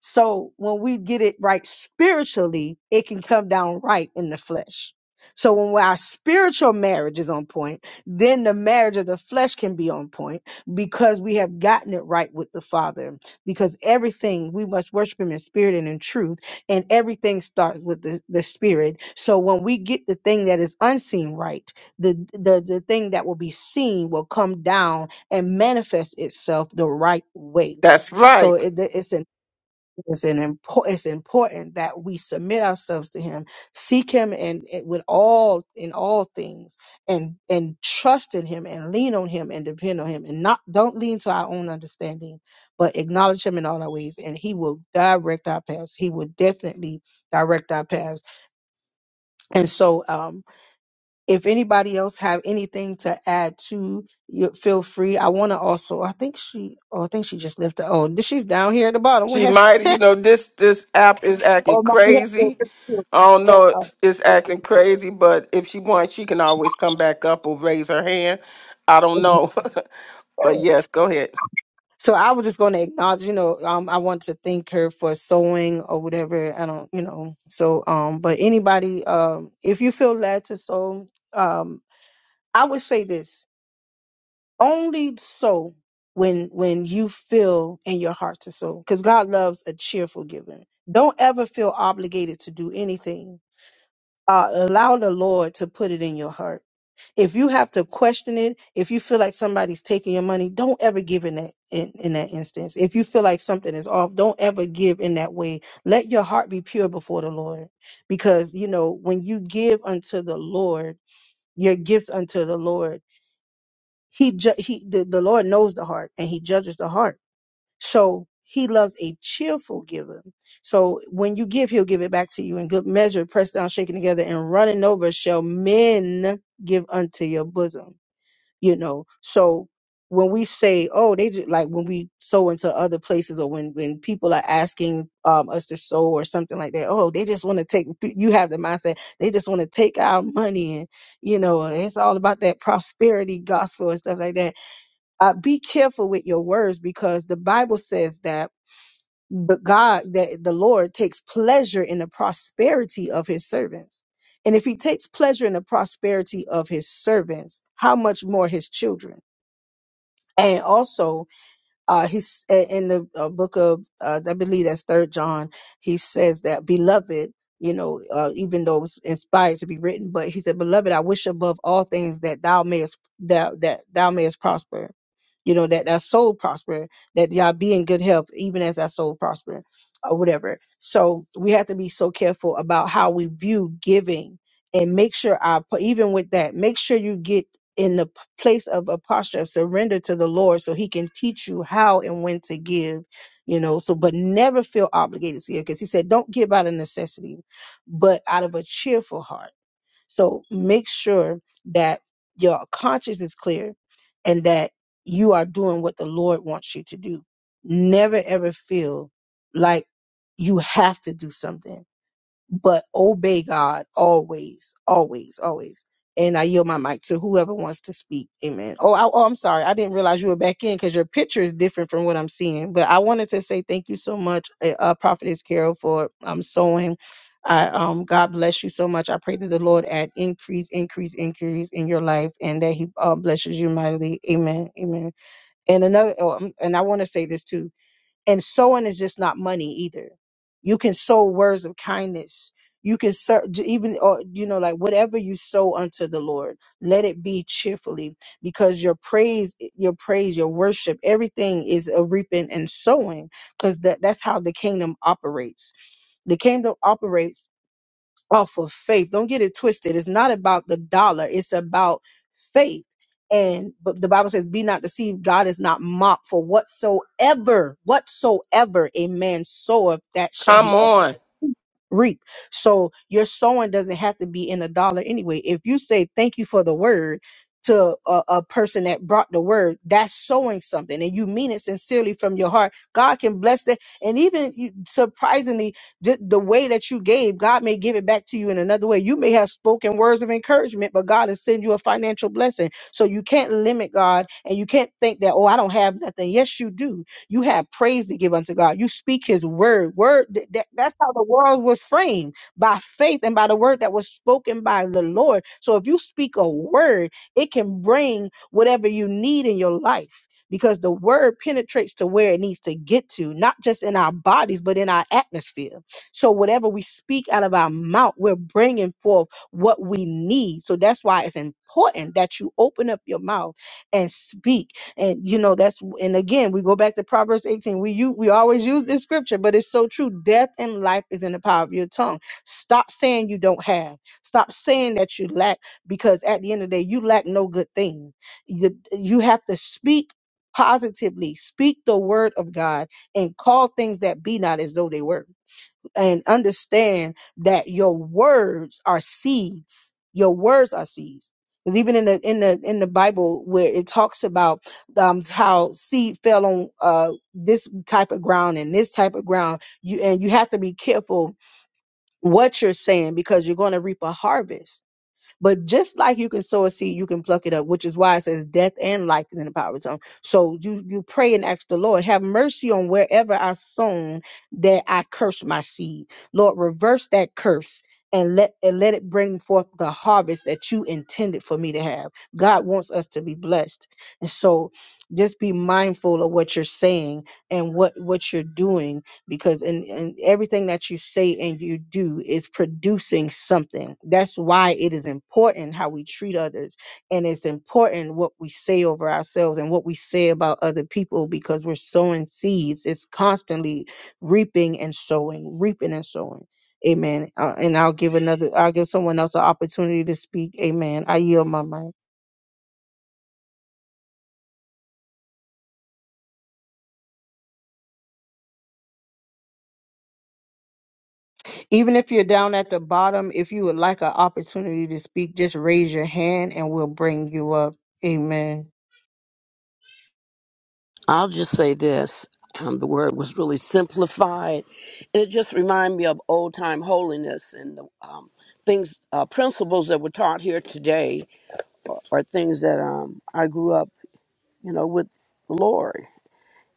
S1: So when we get it right spiritually, it can come down right in the flesh. So when our spiritual marriage is on point, then the marriage of the flesh can be on point because we have gotten it right with the Father. Because everything we must worship Him in spirit and in truth, and everything starts with the, the spirit. So when we get the thing that is unseen right, the the the thing that will be seen will come down and manifest itself the right way
S2: That's
S1: so
S2: right.
S1: it, th- it's an it's an important it's important that we submit ourselves to him seek him and and with all in all things and and trust in him and lean on him and depend on him and not don't lean to our own understanding but acknowledge him in all our ways and he will direct our paths he will definitely direct our paths and so um if anybody else have anything to add to you feel free i want to also i think she oh i think she just left the, oh she's down here at the bottom we
S2: She
S1: have
S2: might, you know, this this app is acting crazy. I don't know, it's, it's acting crazy, but if she wants, she can always come back up or raise her hand. I don't know, but yes, go ahead.
S1: so i was just going to acknowledge you know um i want to thank her for sewing or whatever i don't you know so um but anybody um if you feel led to sew um i would say this only sew when when you feel in your heart to sew, because god loves a cheerful giver. don't ever feel obligated to do anything uh, allow the Lord to put it in your heart. If you have to question it, if you feel like somebody's taking your money, don't ever give in that in, in that instance. If you feel like something is off, don't ever give in that way. Let your heart be pure before the Lord, because you know when you give unto the Lord your gifts unto the Lord, He ju- He the, the Lord knows the heart and He judges the heart. So he loves a cheerful giver. So when you give, he'll give it back to you in good measure, pressed down, shaken together, and running over shall men give unto your bosom. You know, so when we say, oh, they just, like when we sow into other places or when, when people are asking um, us to sow or something like that, oh, they just want to take, you have the mindset, they just want to take our money and, you know, it's all about that prosperity gospel and stuff like that uh, be careful with your words because the Bible says that the God that the Lord takes pleasure in the prosperity of his servants. And if he takes pleasure in the prosperity of his servants, how much more his children? And also uh, he's a- in the uh, book of uh, I believe that's Third John. He says that beloved, you know, uh, even though it was inspired to be written, but he said, "Beloved, I wish above all things that thou mayest that that thou mayest prosper." You know that that soul prosper, that y'all be in good health, even as that soul prosper, or whatever. So we have to be so careful about how we view giving, and make sure our even with that, make sure you get in the p- place of a posture of surrender to the Lord so he can teach you how and when to give, you know. So, but never feel obligated to give because he said, don't give out of necessity, but out of a cheerful heart. So make sure that your conscience is clear and that you are doing what the Lord wants you to do. Never ever feel like you have to do something but obey God always, always, always. And I yield my mic to whoever wants to speak. Amen. Oh, I, oh, I'm sorry. I didn't realize you were back in because your picture is different from what I'm seeing. But I wanted to say thank you so much, uh, uh, Prophetess Carol, for um, sowing. I, um, God bless you so much. I pray that the Lord add increase, increase, increase in your life, and that He uh, blesses you mightily. Amen. Amen. And another, oh, um, and I want to say this too and sowing is just not money either. You can sow words of kindness. You can sow, j- even, or, you know, like whatever you sow unto the Lord, let it be cheerfully because your praise, eh, your praise, your worship, everything is a reaping and sowing because that, that's how the kingdom operates. The kingdom operates off of faith. Don't get it twisted. It's not about the dollar, it's about faith. And but the Bible says, Be not deceived, God is not mocked for whatsoever, whatsoever a man soweth, that shall
S2: Come
S1: he
S2: on,
S1: reap. So your sowing doesn't have to be in a dollar anyway. If you say thank you for the word to a, a person that brought the word, that's sowing something and you mean it sincerely from your heart. God can bless that. And even you- surprisingly, the, the way that you gave, God may give it back to you in another way. You may have spoken words of encouragement, but God has send you a financial blessing. So you can't limit God and you can't think that, oh, I don't have nothing. Yes, you do you have praise to give unto God. You speak his word. Word th- that, that's how the world was framed by faith and by the word that was spoken by the Lord. So if you speak a word, it can bring whatever you need in your life. Because the word penetrates to where it needs to get to, not just in our bodies, but in our atmosphere. So, whatever we speak out of our mouth, we're bringing forth what we need. So, that's why it's important that you open up your mouth and speak and you know that's and again we go back to proverbs 18 we you we always use this scripture but it's so true death and life is in the power of your tongue stop saying you don't have stop saying that you lack because at the end of the day you lack no good thing you, you have to speak positively speak the word of god and call things that be not as though they were and understand that your words are seeds. Your words are seeds. Because even in the in the in the Bible, where it talks about um, how seed fell on uh, this type of ground and this type of ground, you and you have to be careful what you're saying because you're going to reap a harvest but just like you can sow a seed, you can pluck it up, which is why it says death and life is in the power of the tongue. So you you pray and ask the Lord, have mercy on wherever I sown that I curse my seed. Lord, reverse that curse and let and let it bring forth the harvest that you intended for me to have. God wants us to be blessed. And so just be mindful of what you're saying and what what you're doing because and and everything that you say and you do is producing something that's why it is important how we treat others and it's important what we say over ourselves and what we say about other people because we're sowing seeds it's constantly reaping and sowing reaping and sowing amen uh, and i'll give another i'll give someone else an opportunity to speak amen i yield my mind even if you're down at the bottom if you would like an opportunity to speak just raise your hand and we'll bring you up amen
S5: I'll just say this. Um, the word was really simplified, and it just reminded me of old time holiness and the um, things, uh, principles that were taught here today are things that um, I grew up, you know, with the Lord.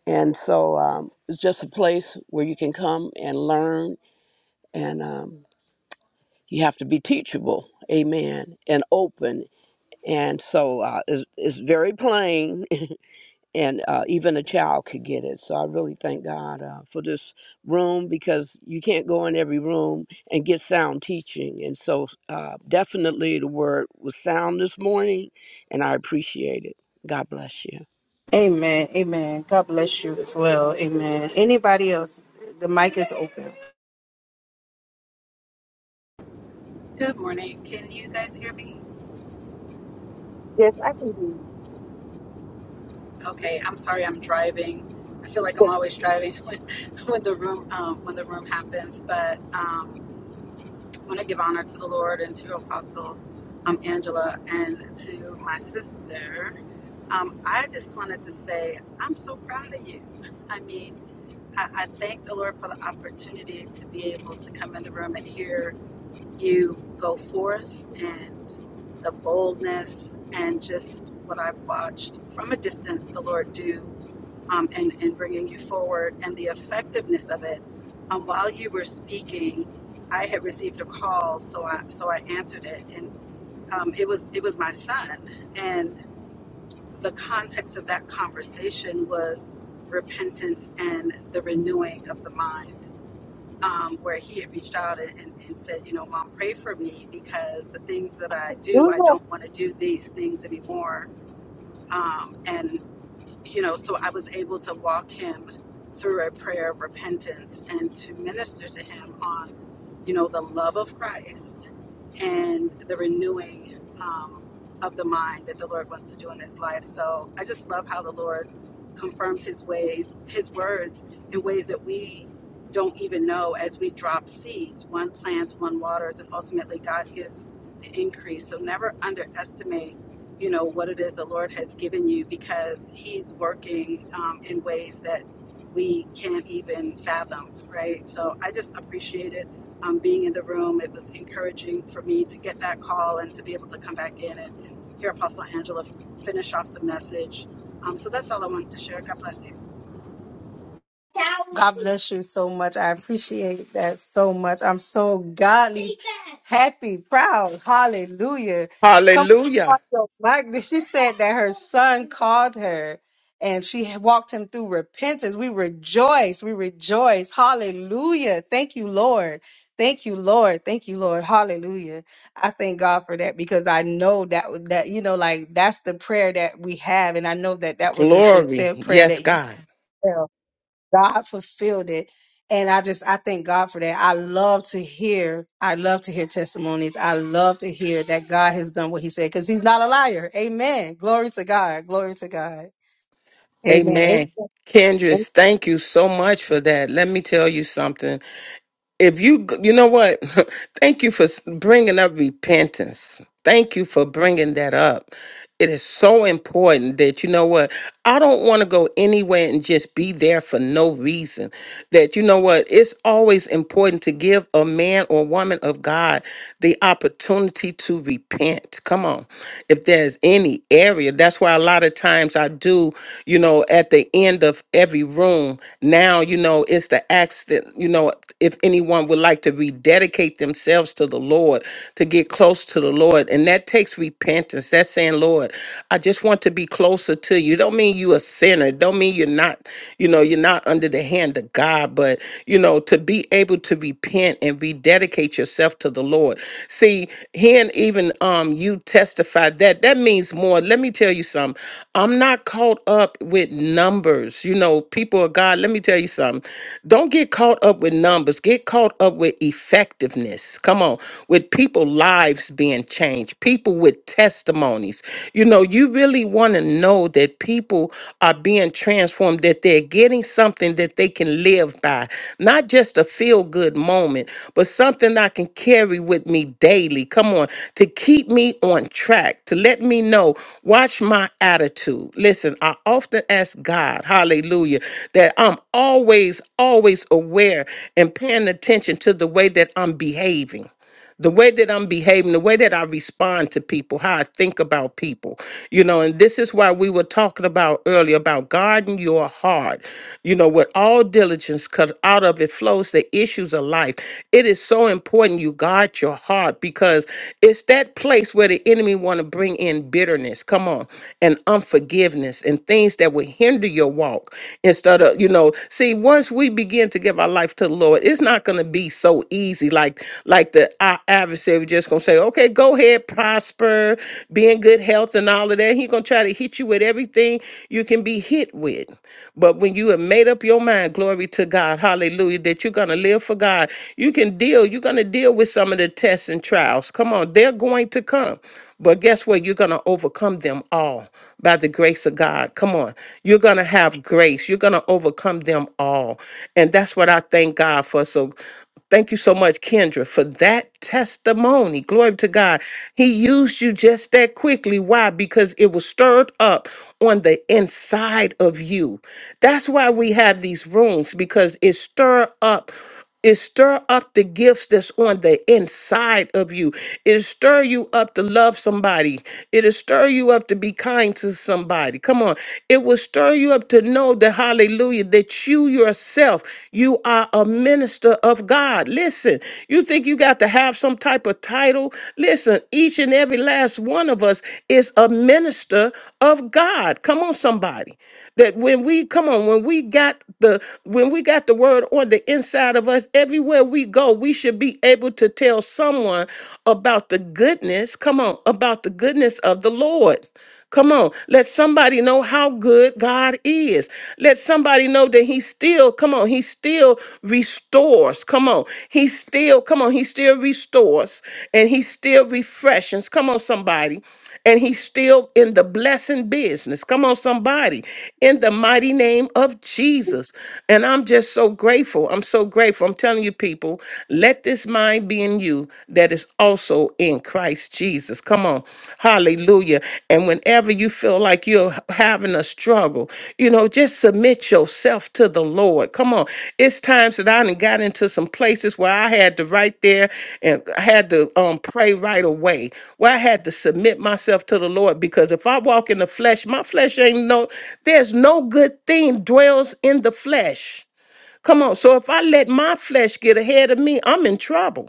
S5: And so um, it's just a place where you can come and learn, and um, you have to be teachable, amen, and open. And so uh, it's, it's very plain, and uh, even a child could get it. So I really thank God uh, for this room because you can't go in every room and get sound teaching. And so uh, definitely the word was sound this morning, and I appreciate it. God bless you.
S1: Amen. Amen. God bless you as well. Amen. Anybody else? The mic is open.
S6: Good morning. Can you guys hear me?
S1: Yes, I can hear you.
S6: Okay, I'm sorry I'm driving. I feel like I'm always driving when, when the room um, when the room happens, but um, I want to give honor to the Lord and to Apostle um, Angela and to my sister. Um, I just wanted to say I'm so proud of you. I mean, I, I thank the Lord for the opportunity to be able to come in the room and hear you go forth and the boldness and just what I've watched from a distance the Lord do um, and, and bringing you forward and the effectiveness of it. Um, while you were speaking, I had received a call, so I so I answered it, and um, it was it was my son, and the context of that conversation was repentance and the renewing of the mind um, where he had reached out and, and, and said, you know, mom, pray for me because the things that I do, I don't want to do these things anymore. Um, and you know, so I was able to walk him through a prayer of repentance and to minister to him on, you know, the love of Christ and the renewing um, of the mind that the Lord wants to do in his life. So I just love how the Lord confirms his ways, his words in ways that we don't even know as we drop seeds. One plants, one waters, and ultimately God gives the increase. So never underestimate you know what it is the lord has given you because he's working um, in ways that we can't even fathom right so i just appreciate it um, being in the room it was encouraging for me to get that call and to be able to come back in and hear apostle angela f- finish off the message um, so that's all i wanted to share god bless you
S1: God bless you so much. I appreciate that so much. I'm so godly, happy, proud. Hallelujah. Come on,
S2: Hallelujah,
S1: your mic. She said that her son called her and she walked him through repentance. We rejoice. We rejoice. Hallelujah. Thank you, Lord. Thank you, Lord. Thank you, Lord. Hallelujah. I thank God for that because I know that that you know, like that's the prayer that we have, and I know that that was a
S2: glory,
S1: sincere prayer
S2: yes,
S1: that you.
S2: God,
S1: felt. God fulfilled it. And I just I thank God for that. I love to hear, I love to hear testimonies. I love to hear that God has done what he said because he's not a liar. Amen. Glory to God. Glory to God. Amen.
S2: Amen. Kendris, thank you so much for that. Let me tell you something. If you, you know what, thank you for s- bringing up repentance. Thank you for bringing that up It is so important that you know what? I don't want to go anywhere and just be there for no reason. That you know what? It's always important to give a man or woman of God the opportunity to repent. Come on. If there's any area, that's why a lot of times I do, you know, at the end of every room, now, you know, it's the acts that you know, if anyone would like to rededicate themselves to the Lord, to get close to the to the Lord. And that takes repentance. That's saying, Lord, I just want to be closer to you. Don't mean you a sinner. Don't mean you're not, you know, you're not under the hand of God, but you know, to be able to repent and rededicate yourself to the Lord. See, hearing even um you testify that that means more. Let me tell you something. I'm not caught up with numbers. You know, people of God, let me tell you something. Don't get caught up with numbers. Get caught up with effectiveness effectiveness. Come on, with people lives being changed, people with testimonies. You know, you really want to know that people are being transformed, that they're getting something that they can live by, not just a feel good moment, but something I can carry with me daily. Come on, to keep me on track, to let me know, watch my attitude. Listen, I often ask God, hallelujah, that I'm always, always aware aware and paying attention to the way that I'm behaving. The way that I'm behaving, the way that I respond to people, how I think about people, you know, and this is why we were talking about earlier about guarding your heart, you know, with all diligence, because out of it flows the issues of life. It is so important you guard your heart because it's that place where the enemy want to bring in bitterness, come on, and unforgiveness and things that will hinder your walk instead of you know see once we begin to give our life to the lord it's not going to be so easy like like the our adversary just going to say okay go ahead prosper be in good health and all of that He going to try to hit you with everything you can be hit with but when you have made up your mind glory to god hallelujah that you're going to live for god you can deal you're going to deal with some of the tests and trials come on they're going to come but guess what? You're going to overcome them all by the grace grace of God. Come on. You're going to have grace. You're going to overcome them all. And that's what I thank God for. So thank you so much, Kendra, for that testimony. Glory to God. He used you just that quickly. Why? Because it was stirred up on the inside of you. That's why we have these rooms because it stir up. It stir up the gifts that's on the inside of you. It'll stir you up to love somebody. It'll stir you up to be kind to somebody. Come on. It will stir you up to know that, hallelujah, that you yourself, you are a minister of God. Listen, you think you got to have some type of title? Listen, each and every last one of us is a minister of God. Come on, somebody. That when we, come on, when we got the when we got the word on the inside of us everywhere we go we should be able to tell someone about the goodness come on about the goodness of the lord Come on, let somebody know how good God is. Let somebody know that He still, come on, He still restores. Come on, He still, come on, He still restores and He still refreshes. Come on, somebody and he's still in the blessing business. Come on, somebody, in the mighty name of Jesus. And I'm just so grateful. I'm so grateful. I'm telling you, people, let this mind be in you that is also in Christ Jesus. Come on, hallelujah. And whenever you feel like you're having a struggle. You know, just submit yourself to the Lord. Come on. It's times that I done got into some places where I had to right there and I had to um pray right away. Where I had to submit myself to the Lord because if I walk in the flesh, my flesh ain't no there's no good thing dwells in the flesh. Come on. So if I let my flesh get ahead of me, I'm in trouble.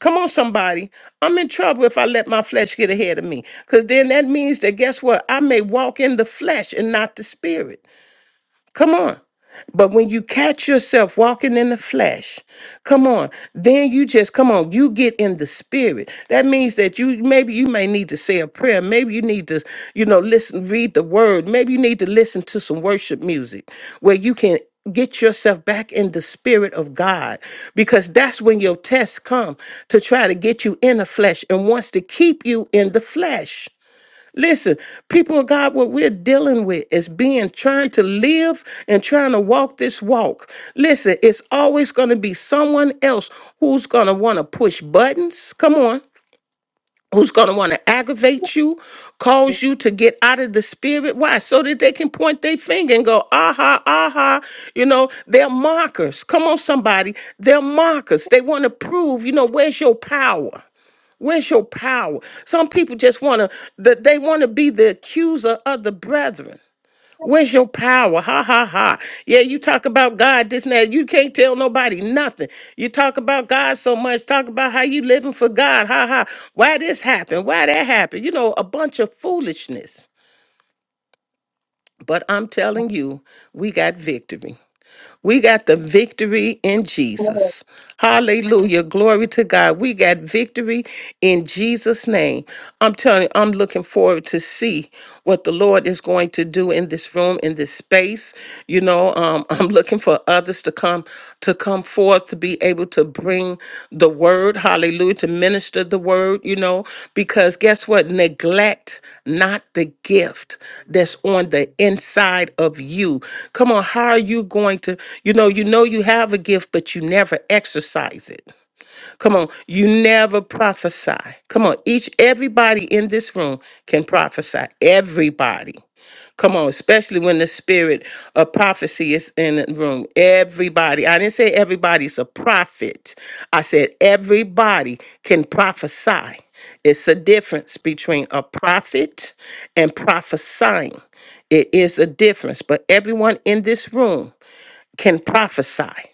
S2: Come on, somebody. I'm in trouble if I let my flesh get ahead of me. Because then that means that guess what? I may walk in the flesh and not the spirit. Come on. But when you catch yourself walking in the flesh, come on, then you just come on, you get in the spirit. That means that you maybe you may need to say a prayer, maybe you need to, you know, listen, read the word, maybe you need to listen to some worship music where you can get yourself back in the spirit of God because that's when your tests come to try to get you in the flesh and wants to keep you in the flesh. Listen, people of God, what we're dealing with is being trying to live and trying to walk this walk. Listen, it's always going to be someone else who's going to want to push buttons. Come on. Who's going to want to aggravate you, cause you to get out of the spirit? Why? So that they can point their finger and go, aha, aha. You know, they're mockers. Come on, somebody. They're mockers. They want to prove, you know, where's your power? Where's your power? Some people just want to that they want to be the accuser of the brethren. Where's your power? Ha ha ha. Yeah, you talk about God this and that. You can't tell nobody nothing. You talk about God so much, talk about how you living for God. Ha ha. Why this happened? Why that happened? You know, a bunch of foolishness. But I'm telling you, we got victory. We got the victory in Jesus. Hallelujah. Glory to God. We got victory in Jesus' name. I'm telling you, I'm looking forward to see what the Lord is going to do in this room, in this space. You know, um, I'm looking for others to come to come come forth to be able to bring the word, hallelujah, to minister the word, you know, because guess what? Neglect not the gift that's on the inside of you. Come on, how are you going to, you know, you know you have a gift, but you never exercise it. Come on, you never prophesy. Come on, each everybody in this room can prophesy. Everybody. Come on, especially when the spirit of prophecy is in the room. Everybody. I didn't say everybody's a prophet. I said everybody can prophesy. It's a difference between a prophet and prophesying. It is a difference, but everyone in this room can prophesy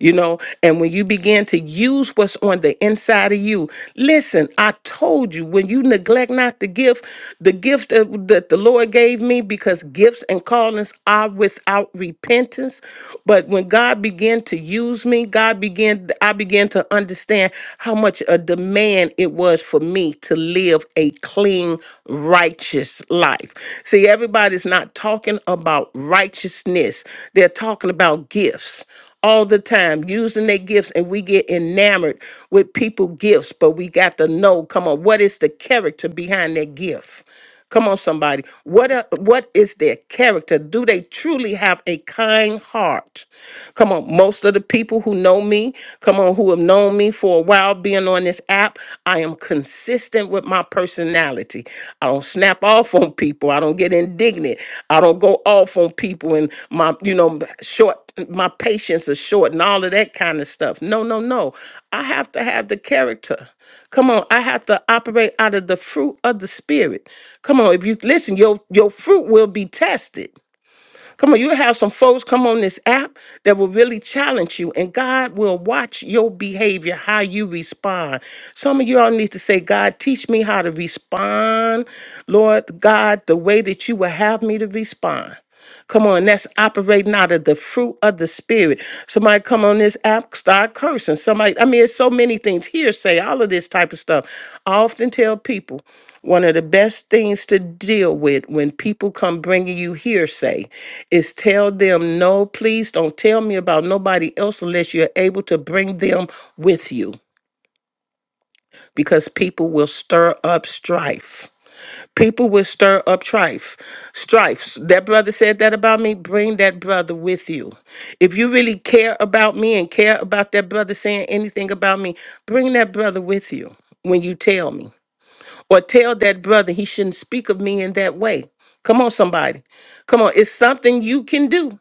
S2: you know and when you begin to use what's on the inside of you listen i told you when you neglect not the gift the gift that, that the lord gave me because gifts and callings are without repentance but when god began to use me god began i began to understand how much a demand it was for me to live a clean righteous life see everybody's not talking about righteousness they're talking about gifts all the time using their gifts and we get enamored with people gifts but we got to know come on what is the character behind their gift come on somebody what are, what is their character do they truly have a kind heart come on most of the people who know me come on who have known me for a while being on this app i am consistent with my personality i don't snap off on people i don't get indignant i don't go off on people and my you know short my patience is short and all of that kind of stuff. No, no, no. I have to have the character. Come on, I have to operate out of the fruit of the spirit. Come on, if you listen, your your fruit will be tested. Come on, you have some folks come on this app that will really challenge you, and God will watch your behavior, how you respond. Some of y'all need to say, God, teach me how to respond, Lord God, the way that you will have me to respond. Come on, that's operating out of the fruit of the spirit. Somebody come on this app, start cursing. Somebody, I mean, it's so many things. Hearsay, all of this type of stuff. I often tell people. One of the best things to deal with when people come bringing you hearsay is tell them, no, please don't tell me about nobody else unless you're able to bring them with you because people will stir up strife. People will stir up strife. Strifes. That brother said that about me. Bring that brother with you. If you really care about me and care about that brother saying anything about me, bring that brother with you when you tell me or tell that brother he shouldn't speak of me in that way. Come on, somebody. Come on. It's something you can do.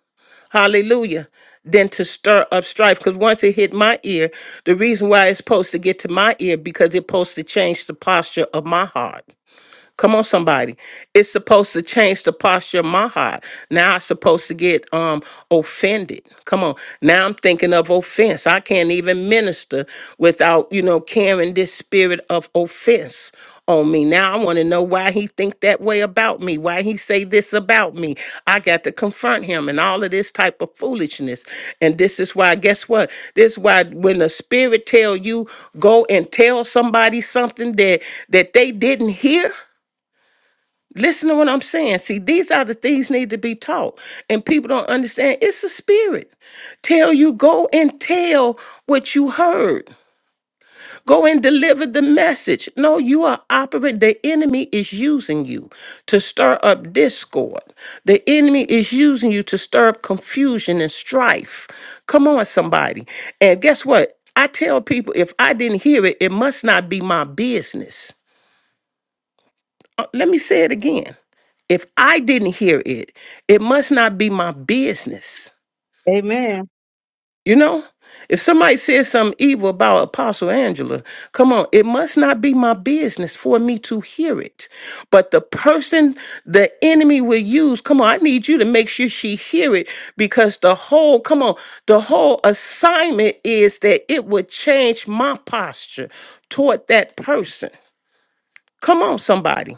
S2: Hallelujah. Than to stir up strife. Because once it hit my ear, the reason why it's supposed to get to my ear, because it's supposed to change the posture of my heart. Come on, somebody. It's supposed to change the posture of my heart. Now I'm supposed to get um offended. Come on. Now I'm thinking of offense. I can't even minister without, you know, carrying this spirit of offense on me. Now I want to know why he think that way about me, why he say this about me. I got to confront him and all of this type of foolishness. And this is why, guess what? This is why when the spirit tell you go and tell somebody something that that they didn't hear, Listen to what I'm saying. See, these are the things need to be taught, and people don't understand. It's the spirit. Tell you go and tell what you heard. Go and deliver the message. No, you are operating. The enemy is using you to stir up discord. The enemy is using you to stir up confusion and strife. Come on, somebody. And guess what? I tell people if I didn't hear it, it must not be my business. Uh, Let me say it again. If I didn't hear it, it must not be my business.
S1: Amen.
S2: You know? If somebody says something evil about Apostle Angela, come on, it must not be my business for me to hear it. But the person the enemy will use, come on, I need you to make sure she hear it because the whole, come on, the whole assignment is that it would change my posture toward that person. Come on, somebody.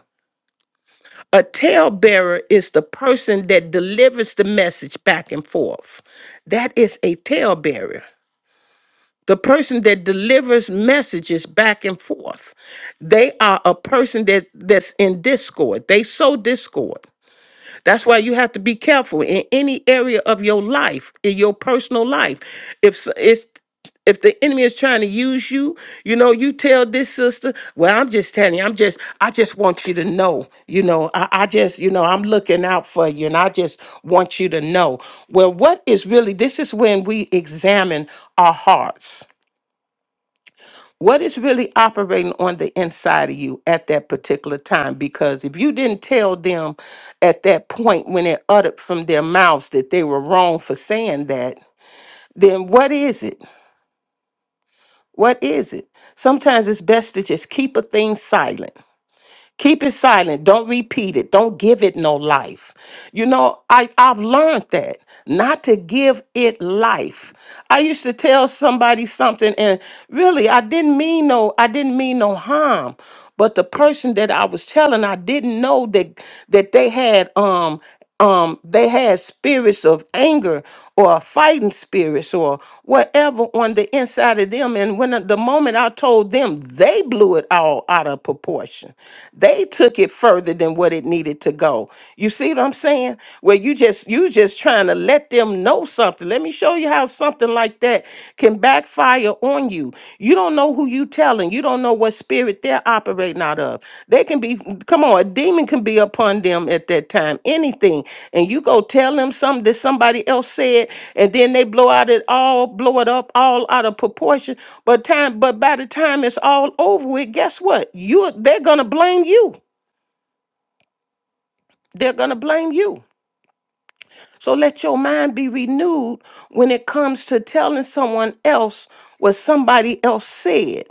S2: A talebearer is the person that delivers the message back and forth. That is a talebearer. The person that delivers messages back and forth. They are a person that, that's in discord. They sow discord. That's why you have to be careful in any area of your life, in your personal life. If s- it's if the enemy is trying to use you, you know, you tell this sister, well, I'm just telling you, I'm just, I just want you to know, you know, I, I just, you know, I'm looking out for you and I just want you to know. Well, what is really, this is when we examine our hearts what is really operating on the inside of you at that particular time because if you didn't tell them at that point when it uttered from their mouths that they were wrong for saying that then what is it what is it sometimes it's best to just keep a thing silent Keep it silent. Don't repeat it. Don't give it no life. You know, I, I've learned that not to give it life. I used to tell somebody something and really I didn't mean no I didn't mean no harm. But the person that I was telling, I didn't know that that they had um um they had spirits of anger or fighting spirits or whatever on the inside of them and when uh, the moment i told them they blew it all out of proportion they took it further than what it needed to go you see what i'm saying where you just you just trying to let them know something let me show you how something like that can fire on you. You don't know who you telling. You don't know what spirit they're operating out of. They can be, come on, a demon can be upon them at that time, anything. And you go tell them something that somebody else said, and then they blow out it all, blow it up all out of proportion. But time, but by the time it's all over with, guess what? You they're gonna blame you. They're gonna blame you. So let your mind be renewed when it comes to telling someone else what somebody else said,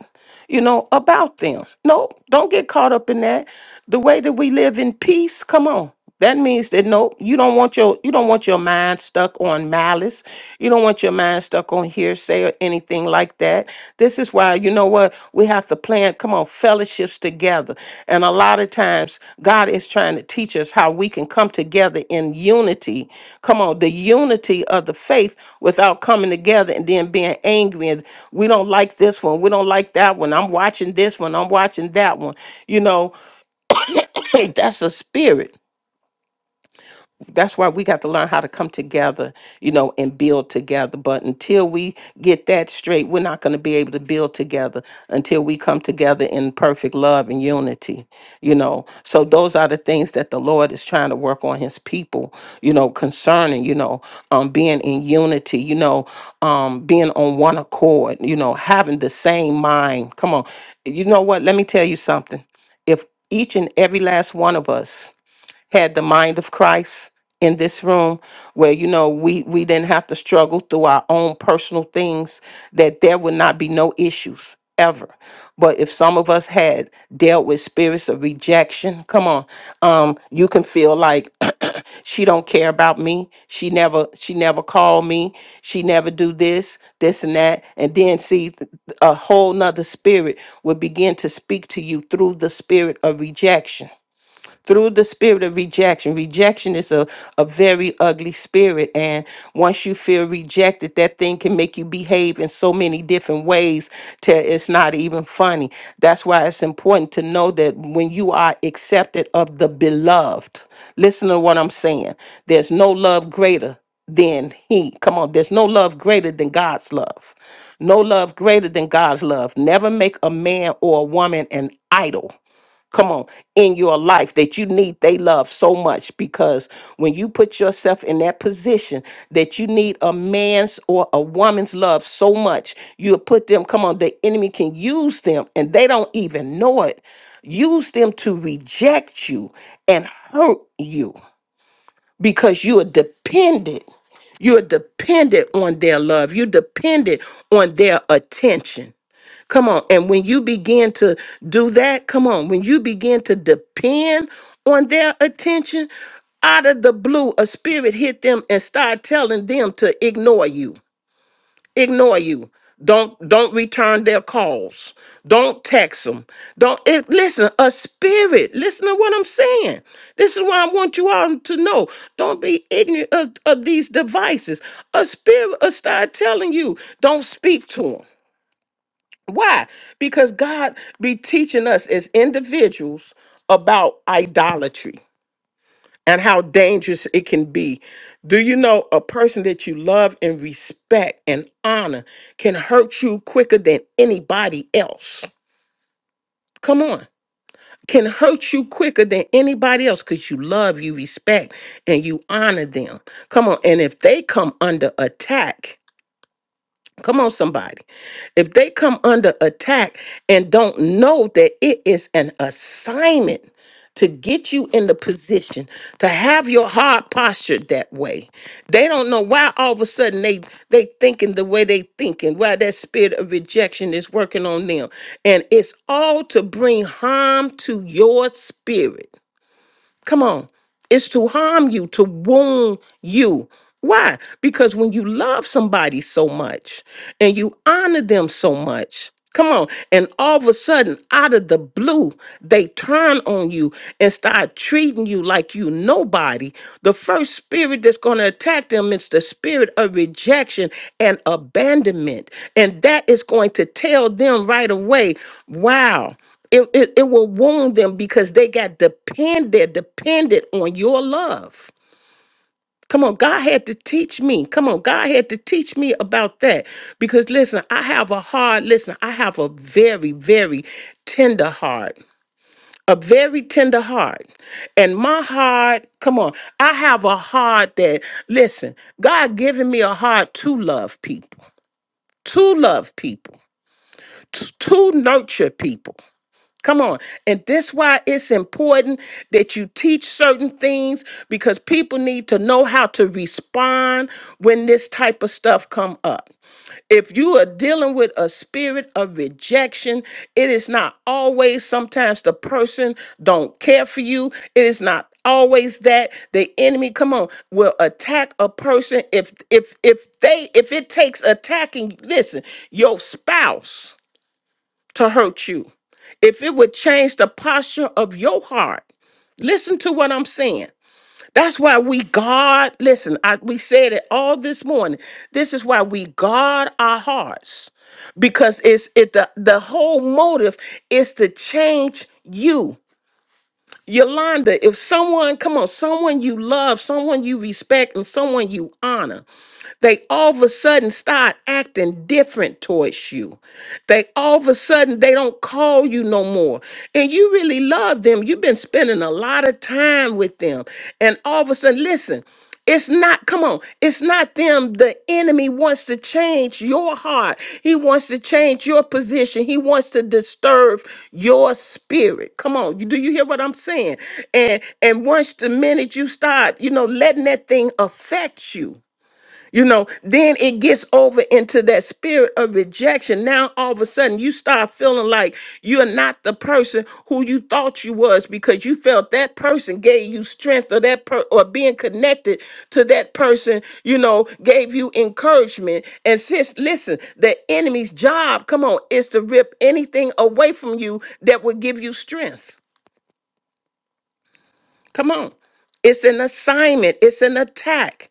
S2: you know, about them. No, don't get caught up in that. The way that we live in peace, come on. That means that no, you don't want your you don't want your mind stuck on malice. You don't want your mind stuck on hearsay or anything like that. This is why, you know what, we have to plan, come on, fellowships together. And a lot of times, God is trying to teach us how we can come together in unity. Come on, the unity of the faith without coming together and then being angry. And we don't like this one. We don't like that one. I'm watching this one. I'm watching that one. You know, that's a spirit that's why we got to learn how to come together, you know, and build together. But until we get that straight, we're not going to be able to build together until we come together in perfect love and unity, you know. So those are the things that the Lord is trying to work on his people, you know, concerning, you know, um being in unity, you know, um being on one accord, you know, having the same mind. Come on. You know what? Let me tell you something. If each and every last one of us had the mind of Christ in this room where you know we we didn't have to struggle through our own personal things that there would not be no issues ever but if some of us had dealt with spirits of rejection come on um you can feel like she don't care about me she never she never called me she never do this this and that and then see th- a whole nother spirit would begin to speak to you through the spirit of rejection through the spirit of rejection. Rejection is a, a very ugly spirit. And once you feel rejected, that thing can make you behave in so many different ways till it's not even funny. That's why it's important to know that when you are accepted of the beloved, listen to what I'm saying. There's no love greater than he. Come on, there's no love greater than God's love. No love greater than God's love. Never make a man or a woman an idol come on in your life that you need they love so much because when you put yourself in that position that you need a man's or a woman's love so much you put them come on the enemy can use them and they don't even know it use them to reject you and hurt you because you are dependent you're dependent on their love you're dependent on their attention Come on. And when you begin to do that, come on, when you begin to depend on their attention, out of the blue, a spirit hit them and start telling them to ignore you. Ignore you. Don't don't return their calls. Don't text them. Don't it, listen. A spirit. Listen to what I'm saying. This is why I want you all to know. Don't be ignorant of, of these devices. A spirit will start telling you. Don't speak to them. Why? Because God be teaching us as individuals about idolatry and how dangerous it can be. Do you know a person that you love and respect and honor can hurt you quicker than anybody else? Come on. Can hurt you quicker than anybody else because you love, you respect, and you honor them. Come on. And if they come under attack, Come on, somebody. If they come under attack and don't know that it is an assignment to get you in the position to have your heart postured that way, they don't know why all of a sudden they they thinking the way they thinking, why that spirit of rejection is working on them. And it's all to bring harm to your spirit. Come on. It's to harm you, to wound you. Why? Because when you love somebody so much and you honor them so much, come on, and all of a sudden, out of the blue, they turn on you and start treating you like you nobody. The first spirit that's going to attack them is the spirit of rejection and abandonment. And that is going to tell them right away, wow. It, it, it will wound them because they got dependent, they're dependent on your love. Come on, God had to teach me. Come on, God had to teach me about that. Because listen, I have a heart. Listen, I have a very, very tender heart. A very tender heart. And my heart, come on, I have a heart that, listen, God giving me a heart to love people, to love people, t- to nurture people. Come on. And this why it's important that you teach certain things because people need to know how to respond when this type of stuff come up. If you are dealing with a spirit of rejection, it is not always sometimes the person don't care for you. It is not always that the enemy come on will attack a person if if if they if it takes attacking listen your spouse to hurt you, if it would change the posture of your heart, listen to what I'm saying. That's why we guard, listen, I, we said it all this morning. This is why we guard our hearts because it's it the, the whole motive is to change you. Yolanda, if someone, come on, someone you love, someone you respect, and someone you honor. They all of a sudden start acting different towards you. They all of a sudden they don't call you no more. And you really love them. You've been spending a lot of time with them. And all of a sudden, listen, it's not, come on, it's not them. The enemy wants to change your heart. He wants to change your position. He wants to disturb your spirit. Come on, you- do you hear what I'm saying? And and once the minute you start, you know, letting that thing affect you. You know, then it gets over into that spirit of rejection. Now all of a sudden you start feeling like you're not the person who you thought you was because you felt that person gave you strength or that per- or being connected to that person, you know, gave you encouragement. And sis, listen, the enemy's job, come on, is to rip anything away from you that would give you strength. Come on. It's an assignment, it's an attack.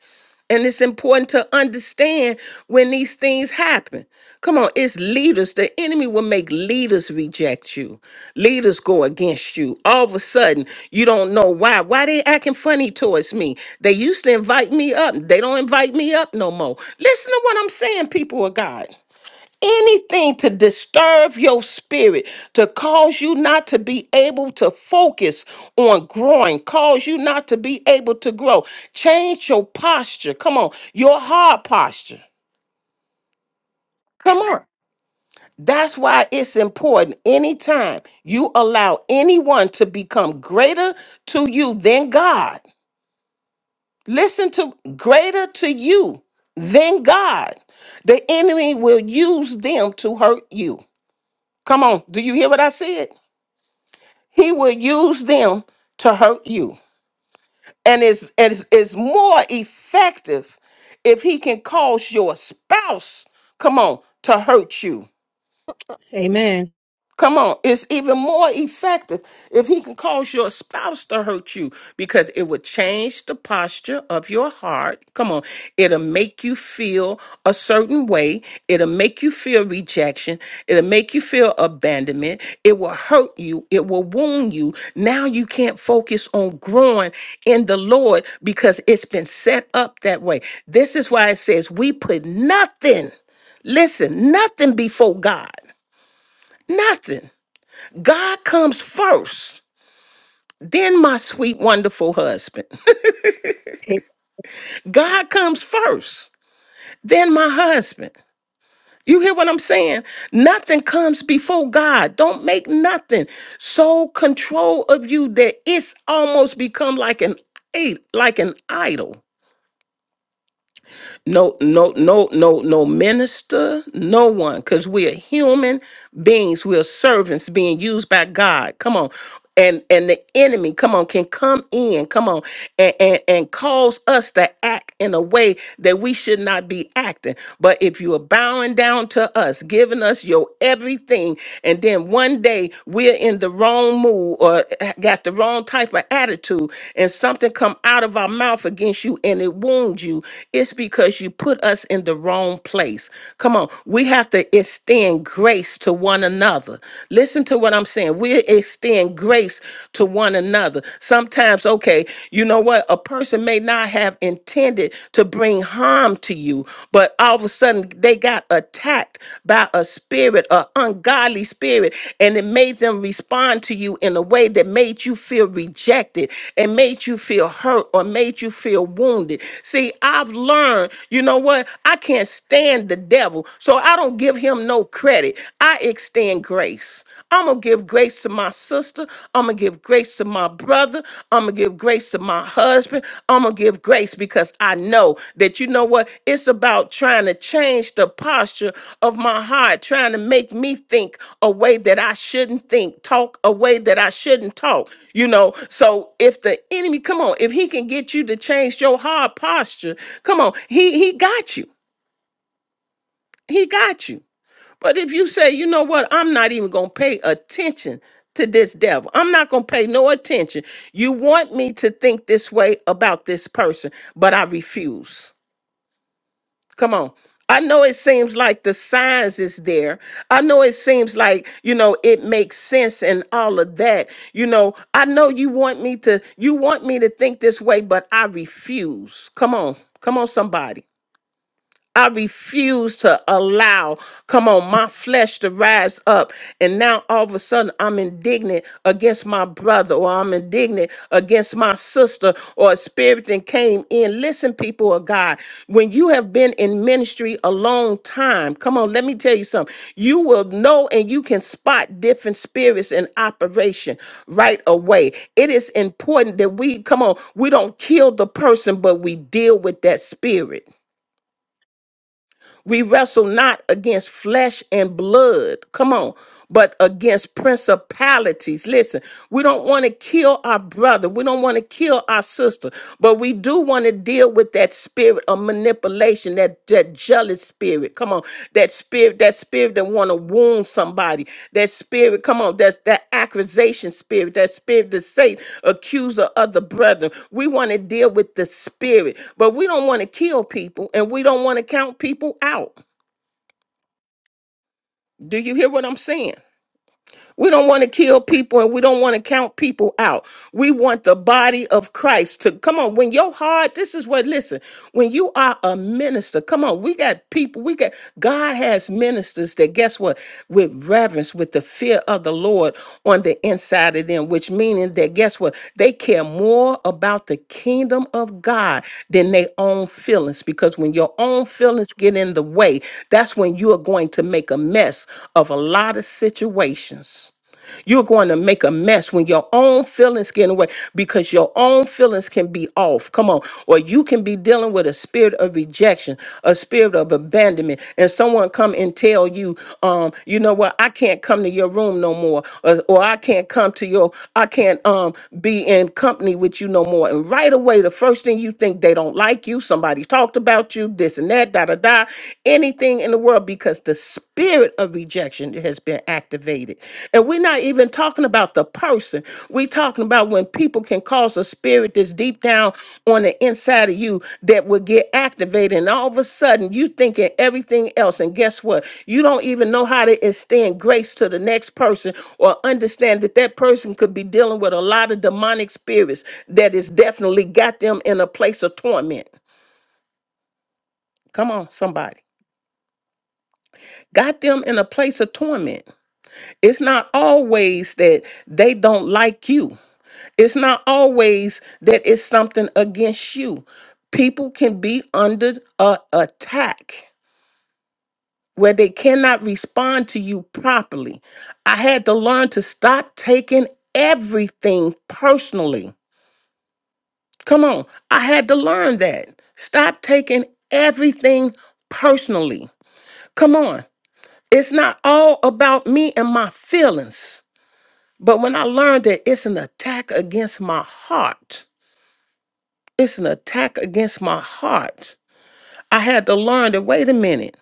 S2: And it's important to understand when these things happen. Come on, it's leaders. The enemy will make leaders reject you. Leaders go against you. All of a sudden, you don't know why. Why they acting funny towards me? They used to invite me up. They don't invite me up no more. Listen to what I'm saying, people of God anything to disturb your spirit, to cause you not to be able to focus on growing, cause you not to be able to grow. Change your posture. Come on, your hard posture. Come on. That's why it's important anytime you allow anyone to become greater to you than God. Listen to greater to you than God. The enemy will use them to hurt you. Come on, do you hear what I said? He will use them to hurt you. And it's, it's, it's more effective if he can cause your spouse, come on, to hurt you
S1: Amen.
S2: Come on, it's even more effective if he can cause your spouse to hurt you because it would change the posture of your heart. Come on, it'll make you feel a certain way, it'll make you feel rejection, it'll make you feel abandonment, it will hurt you, it will wound you. Now you can't focus on growing in the Lord because it's been set up that way. This is why it says, We put nothing, listen, nothing before God, nothing. God comes first, then my sweet, wonderful husband. God comes first, then my husband. You hear what I'm saying? Nothing comes before God. Don't make nothing so control of you that it's almost become like an i- like an idol. no no no no no minister no one because we are human beings we are servants being used by god come on and and the enemy come on can come in come on and, and and cause us to act in a way that we should not be acting but if you are bowing down to us giving us your everything and then one day we're in the wrong wrong mood or got the wrong type of attitude and something come out of our mouth against you and it wounds you, it's because you put us in the wrong place. Come on, we have to extend grace to one another. Listen to what I'm saying. We extend grace to one another. Sometimes, okay, you know what? A person may not have intended to bring harm to you you. But all of a sudden, they got attacked by a spirit, an ungodly spirit, and it made them respond to you in a way that made you feel rejected and made you feel hurt or made you feel wounded. See, I've learned, you know what? I can't stand the devil, so I don't give him no credit. I extend grace. I'm gonna give grace to my sister. I'm going to give grace to my brother. I'm going to give grace to my husband. I'm going to give grace because I know that you know what? It's about trying to change the posture of my heart, trying to make me think a way that I shouldn't think, talk a way that I shouldn't talk. You know, so if the enemy, come on, if he can get you to change your hard posture, come on, he he got you. He got you. But if you say, you know what, I'm not even going to pay attention to this devil, I'm not going to pay no attention. You want me to think this way about this person, but I refuse. Come on. I know it seems like the signs is there. I know it seems like, you know, it makes sense and all of that. You know, I know you want me to you want me to think this way, but I refuse. Come on. Come on somebody. I refuse to allow, come on, my flesh to rise up. And now all of a sudden I'm indignant against my brother or I'm indignant against my sister or a spirit that came in. Listen, people of God, when you have been in ministry a long time, come on, let me tell you something. You will know and you can spot different spirits in operation right away. It is important that we, come on, we don't kill the person, but we deal with that spirit. We wrestle not against flesh and blood, come on, but against principalities. Listen, we don't want to kill our brother, we don't want to kill our sister, but we do want to deal with that spirit of manipulation, that, that jealous spirit spirit. Come on, that spirit, that spirit that want to wound somebody. That spirit, come on, that's that accusation spirit. That spirit that say accuser of the brethren. We want to deal with the spirit, but we don't want to kill people and we don't want to count people out. Do you hear what I'm saying? We don't want to kill people and we don't want to count people out. We want the body of Christ to come on. When your heart, this is what, listen, when you are a minister, come on, we got people, we got, God has ministers that guess what? With reverence, with the fear of the of the Lord on the inside of them, which meaning that guess what? They care more about the kingdom of God than their own feelings. Because when your own feelings get in the way, that's when you are going to make a mess of a lot of situations. You're going to make a mess when your own feelings get in the way because your own feelings can be off. Come on. Or you can be dealing with a spirit of rejection, a spirit of abandonment, and someone come and tell you, um, you know what, I can't come to your room no more, or, or I can't come to your, I can't um be in company with you no more. And right away, the first thing you think they don't like you, somebody talked about you, this and that, da da da, anything in the world because the spirit of rejection has been activated. And we're not even talking about the person. We're talking about when people can cause a spirit that's deep down on the inside of you that will get activated. And all of a sudden, you thinking everything else. And guess what? You don't even know how to extend grace to the next person or understand that that person could be dealing with a lot of demonic spirits that has definitely got them in a place of torment. Come on, somebody. Got them in a place of torment It's not always that they don't like you. It's not always that it's something against you. People can be under a attack where they cannot respond to you properly. I had to learn to stop taking everything personally. Come on, I had to learn that. Stop taking everything personally. Come on. It's not all about me and my feelings. But when I learned that it's an attack against my heart, it's an attack against my heart. I had to learn that wait a minute,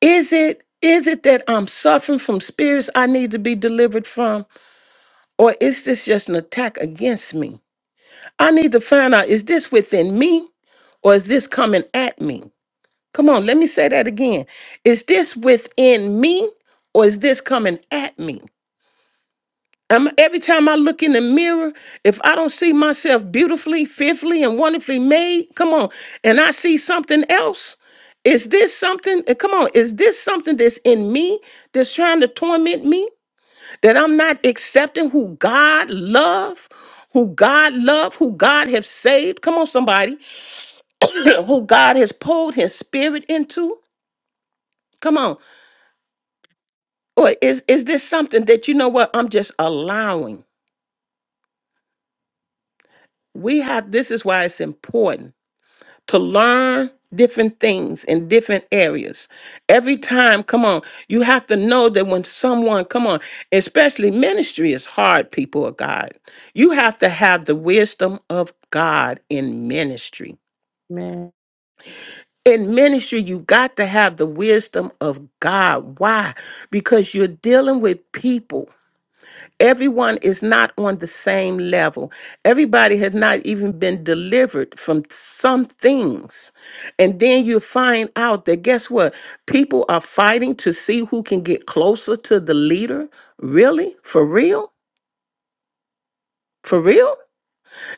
S2: is it is it that I'm suffering from spirits I need to be delivered from? Or is this just an attack against me? I need to find out is this within me or is this coming at me? Come on, let me say that again. Is this within me or is this coming at me? I'm, every time I look in the mirror, if I don't see myself beautifully, fearfully, and wonderfully made, come on, and I see something else, is this something? uh, Come on, is this something that's in me that's trying to torment me? That I'm not accepting who God love, who God love, who God have saved? Come on, somebody, who God has poured His Spirit into? Come on, or is is this something that you know what I'm just allowing? We have. This is why it's important to learn different things in different areas. Every time, come on, you have to know that when someone, come on, especially ministry is hard, people of God. You have to have the wisdom of God in ministry.
S1: Amen.
S2: In ministry, you got to have the wisdom of God. Why? Because you're dealing with people Everyone is not on the same level. Everybody has not even been delivered from some things. And then you find out that guess what? People are fighting to see who can get closer to the leader. Really? For real? For real?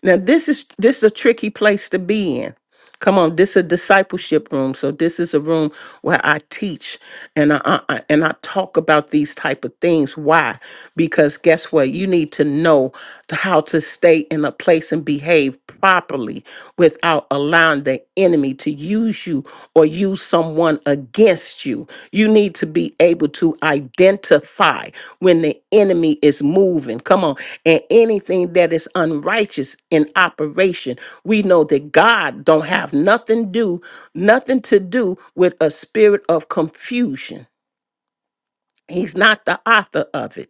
S2: Now this is this is a tricky place to be in. Come on, this is a discipleship room. So this is a room where I teach and I, I I- and I talk about these type of things. Why? Because guess what? You need to know to how to stay in a place and behave properly without allowing the enemy to use you or use someone against you. You need to be able to identify when the enemy is moving. Come on. And anything that is unrighteous in operation. We know that God don't have nothing do, nothing to do with a spirit of confusion. He's not the author of it.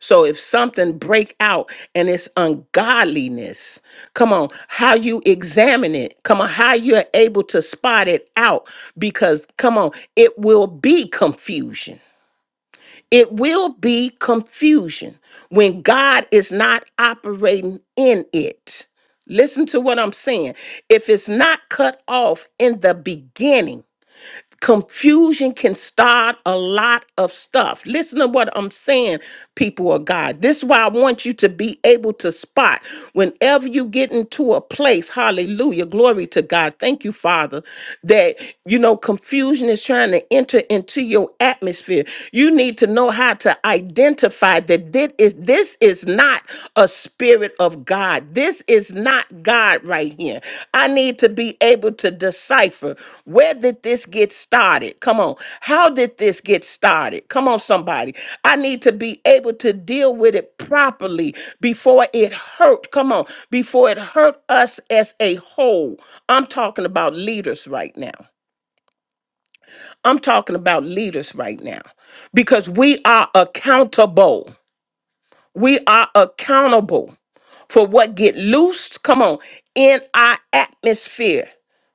S2: So if something break out and it's ungodliness, come on, how you examine it, come on, how you're able to spot it out because come on, it will be confusion. It will be confusion when God is not operating in it. Listen to what I'm saying. If it's not cut off in the beginning, Confusion can start a lot of stuff. Listen to what I'm saying, people of God. This is why I want you to be able to spot whenever you get into a place, hallelujah, glory to God. Thank you, Father, that you know confusion is trying to enter into your atmosphere. You need to know how to identify that this is this is not a spirit of God. This is not God right here. I need to be able to decipher where did this get started? Come on. How did this get started? Come on, somebody. I need to be able to deal with it properly before it hurt. Come on. Before it hurt us as a whole. I'm talking about leaders right now. I'm talking about leaders right now because we are accountable. We are accountable for what get loose, come on, in our atmosphere.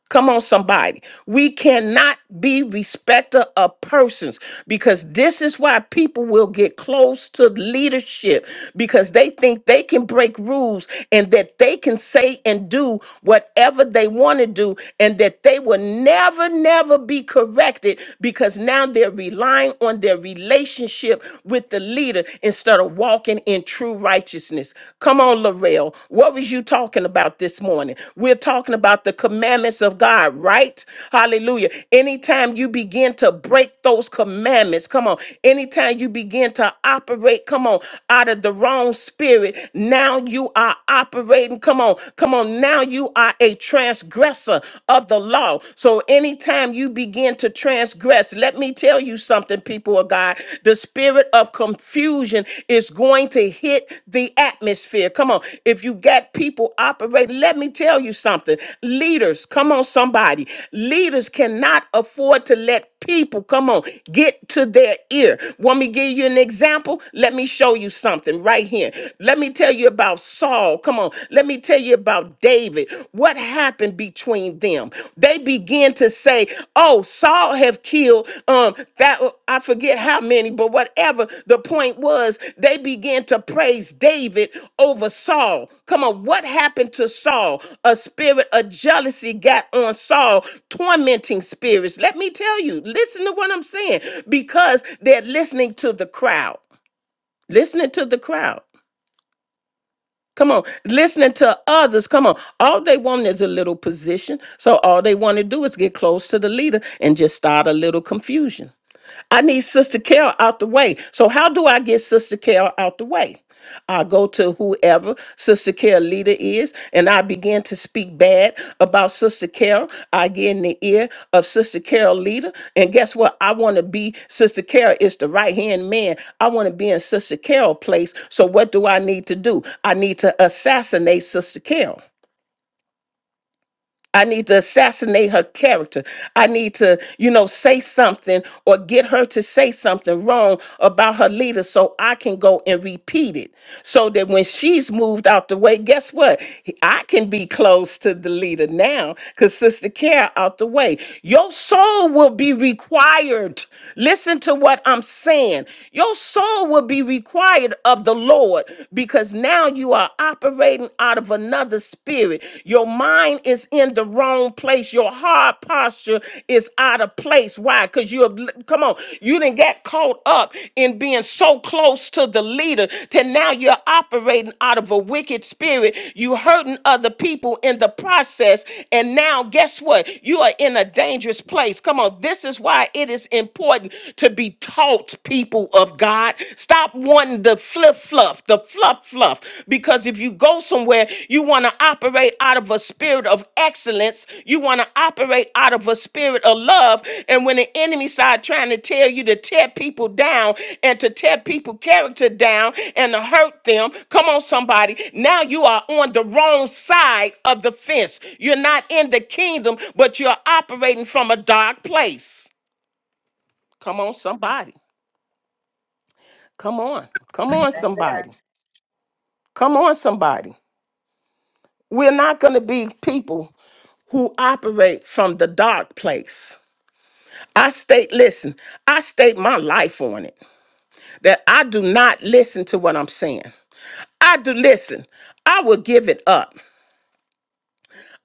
S2: Come on, somebody. We cannot be respecter of persons because this is why people will get close to leadership because they think they can break rules and that they can say and do whatever they want to do and that they will never, never be corrected because now they're relying on their relationship with the leader instead of walking in true righteousness righteousness. Come on, Larell. What was you talking about this morning? We're talking about the commandments of God, right? Hallelujah. Anytime you begin to break those commandments, come on. Anytime you begin to operate, come on, out of the wrong spirit, now you are operating. Come on, come on. Now you are a transgressor of the law. So anytime you begin to transgress, Yes, let me tell you something, people of God. The spirit of confusion is going to hit the atmosphere. Come on. If you got people operating, let me tell you something. Leaders, come on, somebody. Leaders cannot afford to let people, come on, get to their ear. Want me to give you an example? Let me show you something right here. Let me tell you about Saul. Come on. Let me tell you about David. David, what happened between them? They begin to say, "Oh, Saul have killed um that uh, I forget how many, but whatever." The point was, they began to praise David over Saul. Come on, what happened to Saul? A spirit of jealousy got on Saul, tormenting spirits. Let me tell you, listen to what I'm saying because they're listening to the crowd. Listening to the crowd. Come on, listening to others. Come on. All they want is a little position. So all they want to do is get close to the leader and just start a little confusion. I need Sister Carol out the way. So how do I get Sister Carol out the way? I go to whoever Sister Carol leads leader is, and I began to speak bad about Sister Carol. I get in the ear of Sister Carol leader, and guess what? I want to be Sister Carol is the right hand man. I want to be in Sister Carol place. So what do I need to do? I need to assassinate Sister Carol. I need to assassinate her character. I need to, you know, say something or get her to say something wrong about her leader so I can go and repeat it. So that when she's moved out the way, guess what? I can be close to the leader now because Sister Care out the way. Your soul will be required. Listen to what I'm saying. Your soul will be required of the Lord because now you are operating out of another spirit. Your mind is in the wrong place. Your heart posture is out of place. Why? Because you have, come on, you didn't get caught up in being so close to the leader that now you're operating out of a wicked spirit. You hurting other people in the process. And now, guess what? You are in a dangerous place. Come on, this is why it is important to be taught, people of God. Stop wanting the fluff fluff, the fluff fluff. Because if you go somewhere, you want to operate out of a spirit of excellence. You want to operate out of a spirit of love. And when the enemy side trying to tell you to tear people down and to tear people character down and to hurt them, come on, somebody. Now you are on the wrong side of the fence. You're not in the kingdom, but you're operating from a dark place. Come on, somebody. Come on. Come on, somebody. Come on, somebody. We're not going to be people who operate from the dark place. I state, listen, I state my life on it that I do not listen to what I'm saying. I do listen. I will give it up.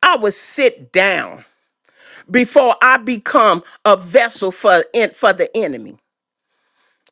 S2: I will sit down before I become a vessel for, en- for the enemy.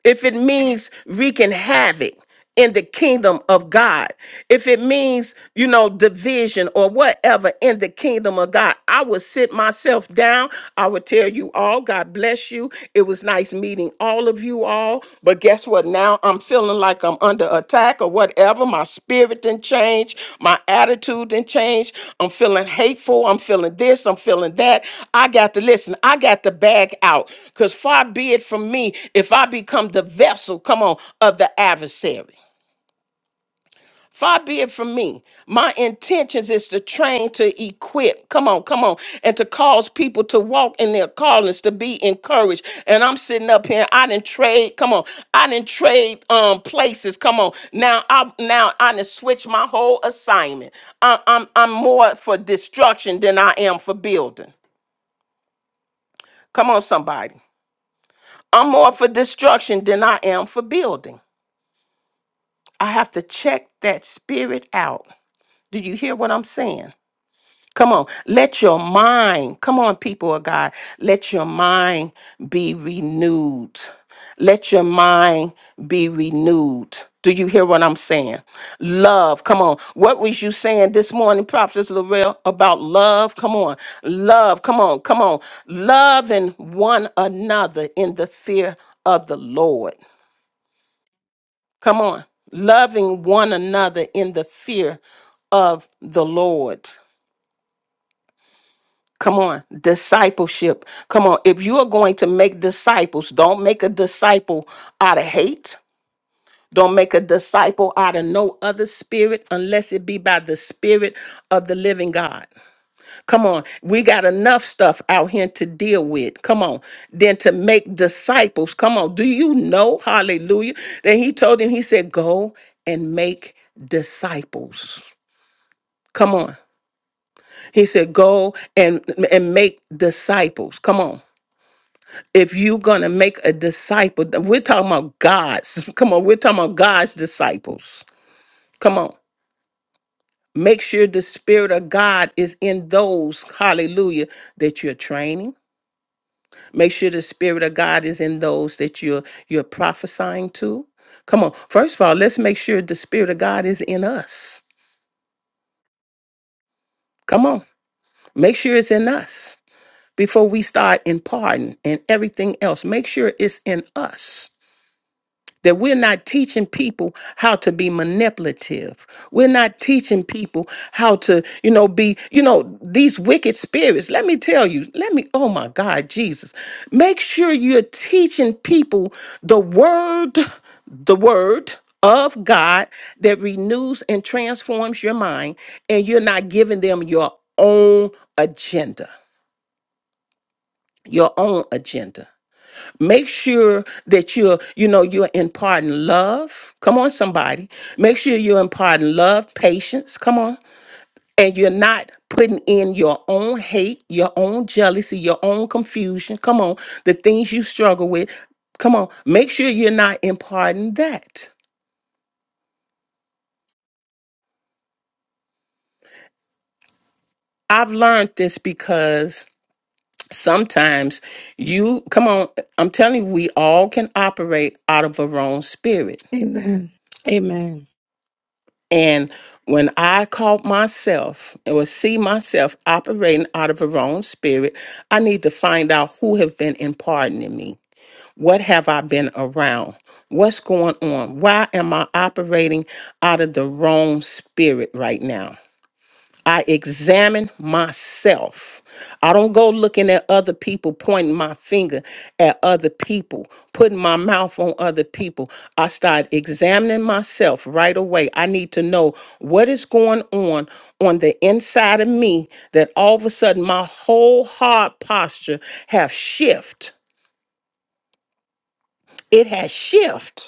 S2: if it means wreaking havoc in the kingdom of God, if it means, you know, division or whatever in the kingdom of God, I would sit myself down. I would tell you all, God bless you. It was nice meeting all of you all. But guess what? Now now I'm feeling like I'm under attack or whatever. My spirit didn't change. My attitude didn't change. I'm feeling hateful. I'm feeling this. I'm feeling that. I got to listen. I got to bag out because far be it from me if I become the vessel, come on, of the adversary. Far be it from me. My intentions is to train, to equip, come on, come on, and to cause people to walk in their callings, to be encouraged. And I'm sitting up here, I didn't trade, come on, I didn't trade um places, come on. Now I now I didn't switch my whole assignment. I, I'm I'm more for destruction than I am for building. Come on, somebody. I'm more for destruction than I am for building. I have to check that spirit out. Do you hear what I'm saying? Come on, let your mind, come on, people of God, let your mind be renewed. Let your mind be renewed. Do you hear what I'm saying? Love, come on. What was you saying this morning, Prophet Lorel, about love? Come on, love, come on, come on. Loving one another in the fear of the Lord. Come on, loving one another in the fear of the Lord. Come on, discipleship. Come on, if you are going to make disciples, don't make a disciple out of hate. Don't make a disciple out of no other spirit unless it be by the spirit of the living God. Come on, we got enough stuff out here to deal with. Come on, then to make disciples. Come on, do you know? Hallelujah. Then he told him, he said, Go and make disciples. Come on. He said, Go and, and make disciples. Come on. if you're going to make a disciple, th- we're talking about God's. Come on, we're talking about God's disciples. Come on. Make sure the Spirit of God is in those, hallelujah, that you're training. Make sure the Spirit of God is in those that you're you're prophesying to. Come on. First of all, let's make sure the Spirit of God is in us. Come on. Make sure it's in us before we start imparting and everything else. Make sure it's in us. that we're not teaching people how to be manipulative. We're not teaching people how to, you know, be, you know, these wicked spirits. Let me tell you, let me, oh my God, Jesus. Make sure you're teaching people the word, the word of God that renews and transforms your mind, and you're not giving them your own agenda. Your own agenda make sure that you're you know you're imparting love come on somebody make sure you're imparting love patience come on and you're not putting in your own hate your own jealousy your own confusion come on the things you struggle with come on make sure you're not imparting that i've learned this because sometimes you come on i'm telling you we all can operate out of a wrong spirit
S1: Amen. Amen.
S2: And when I caught myself and would see myself operating out of a wrong spirit, I need to find out who have been imparting me. What have I been around? What's going on? Why am I operating out of the wrong spirit right now? I examine myself. I don't go looking at other people, pointing my finger at other people, putting my mouth on other people. I start examining myself right away. I need to know what is going on on the inside of me that all of a sudden my whole hard posture have shift. It has shift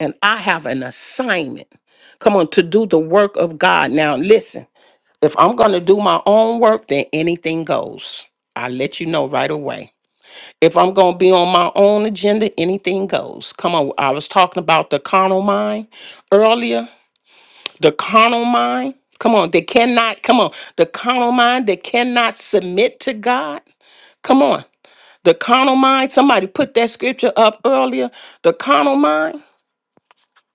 S2: and I have an assignment. Come on, to do the work of God. Now, listen, if I'm going to do my own work, then anything goes. I let you know right away. If I'm going to be on my own agenda, anything goes. Come on, I was talking about the carnal mind earlier. The carnal mind, come on, they cannot, come on, the carnal mind, they cannot submit to God. Come on, the carnal mind, somebody put that scripture up earlier. The carnal mind.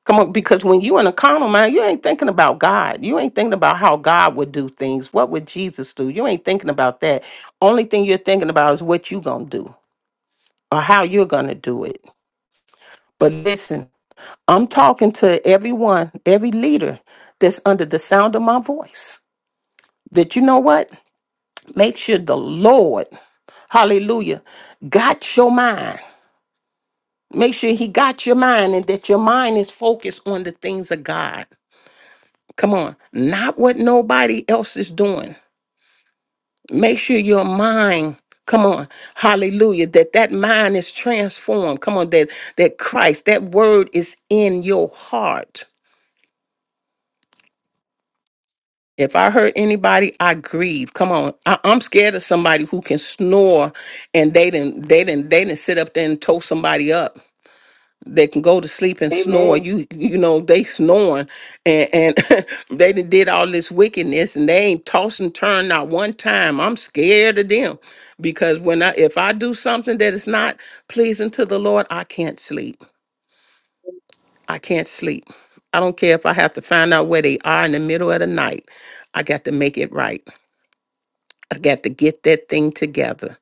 S2: Come on, because when you in a carnal mind, you ain't thinking about God. You ain't thinking about how God would do things. What would Jesus do? You ain't thinking about that. Only thing you're thinking about is what you gonna do or how you're gonna do it. But listen, I'm talking to everyone, every leader that's under the sound of my voice. That you know what? Make sure the Lord, hallelujah, got your mind. Make sure he got your mind and that your mind is focused on the things of God. Come on. Not what nobody else is doing. Make sure your mind, come on, hallelujah, that that mind is transformed. Come on, that that Christ, that word is in your heart. If I hurt anybody, I grieve. Come on, I, I'm scared of somebody who can snore, and they didn't, they didn't, they didn't sit up there and tow somebody up. They can go to sleep and snore.
S1: Amen.
S2: You you know they snoring, and and they done did all this wickedness, and they ain't tossed and turned not one time. I'm scared of them because when I if I do something that is not pleasing to the Lord, I can't sleep. I can't sleep. I don't care if I have to find out where they are in the middle of the night. I got to make it right. I got to get that thing together.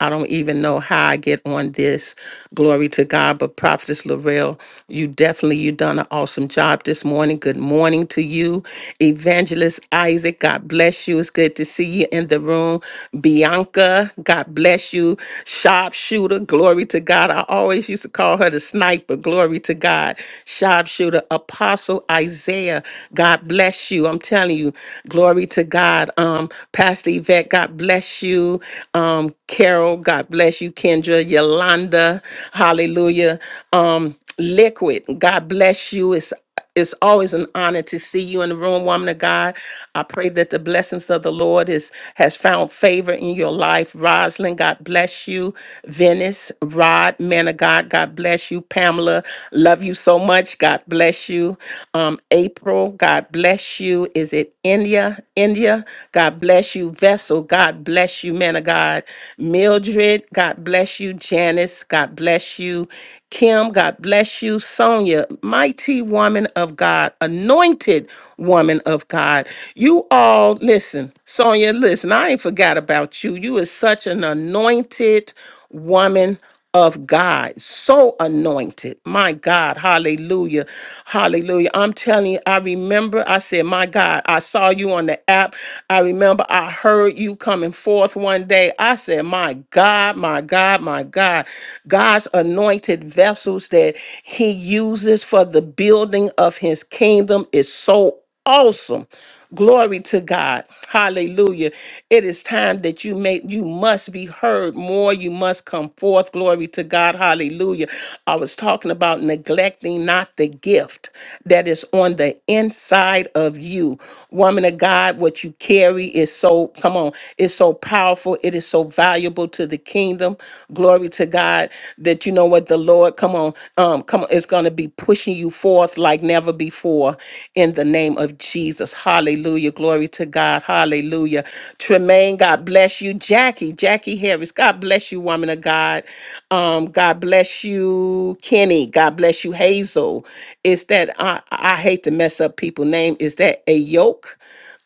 S2: I don't even know how I get on this. Glory to God. But Prophetess Laurel, you definitely you done an awesome job this morning. Good morning to you. Evangelist Isaac, God bless you. It's good to see you in the room. Bianca, God bless you. Sharpshooter, glory to God. I always used to call her the sniper. Glory to God. Sharpshooter, Apostle Isaiah, God bless you. I'm telling you. Glory to God. Um, Pastor Yvette, God bless you. Um, Carol, God bless you. Kendra, Yolanda, hallelujah. Um, Liquid, God bless you. It's it's always an honor to see you in the room, woman of God. I pray that the blessings of the Lord is has found favor in your life. Rosalind, God bless you. Venice, Rod, man of God, God bless you. Pamela, love you so much. God bless you um, April. God bless you. Is it India? India. God bless you. Vessel. God bless you, man of God. Mildred. God bless you. Janice. God bless you. Kim. God bless you. Sonia. Mighty woman of God. Anointed woman of God. You all, listen, Sonia, listen, I ain't forgot about you. You is such an anointed woman of God, so anointed. My God, hallelujah, hallelujah. I'm telling you, I remember I said, My God, I saw you on the app. I remember I heard you coming forth one day. I said, My God, my God, my God, God's anointed vessels that He uses for the building of His kingdom is so awesome. Glory to God. Hallelujah. It is time that you make you must be heard more. You must come forth. Glory to God. Hallelujah. I was talking about neglecting not the gift that is on the inside of you. Woman of God, what you carry is so come on, it's so powerful. It is so valuable valuable to the kingdom. Glory to God that you know what the Lord, come on, um, come on, is gonna be pushing you forth like never before in the name of Jesus. Hallelujah. Glory to God. Hallelujah. Tremaine, God bless you. Jackie, Jackie Harris, God bless you, woman of God. Um, God bless you, Kenny. God bless you, Hazel. Is that I I hate to mess up people' name. Is that a yoke?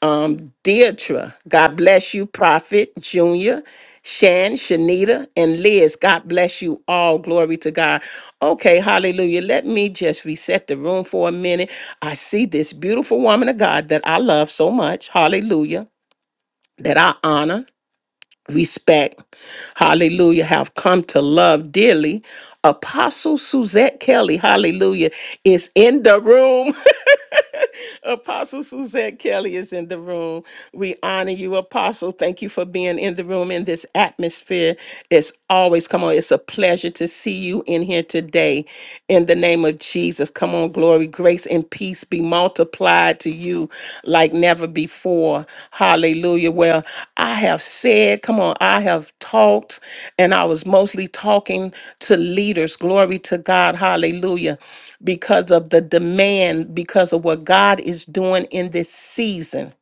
S2: um, Deidre, God bless you, Prophet Junior, Shan, Shanita, and Liz. God bless you all. Glory to God. Okay, hallelujah. Let me just reset the room for a minute. I see this beautiful woman of God that I love so much. Hallelujah. That I honor, respect, hallelujah, have come to love dearly. Apostle Suzette Kelly, hallelujah, is in the room. Apostle Suzette Kelly is in the room. We honor you, Apostle. Thank you for being in the room in this atmosphere. It's always, come on, it's a pleasure to see you in here today. In the name of Jesus, come on, glory, grace, and peace be multiplied to you like never before. Hallelujah. Well, I have said, come on, I have talked, and I was mostly talking to leaders. Glory to God. Hallelujah. Because of the demand, because of what God is doing in this season.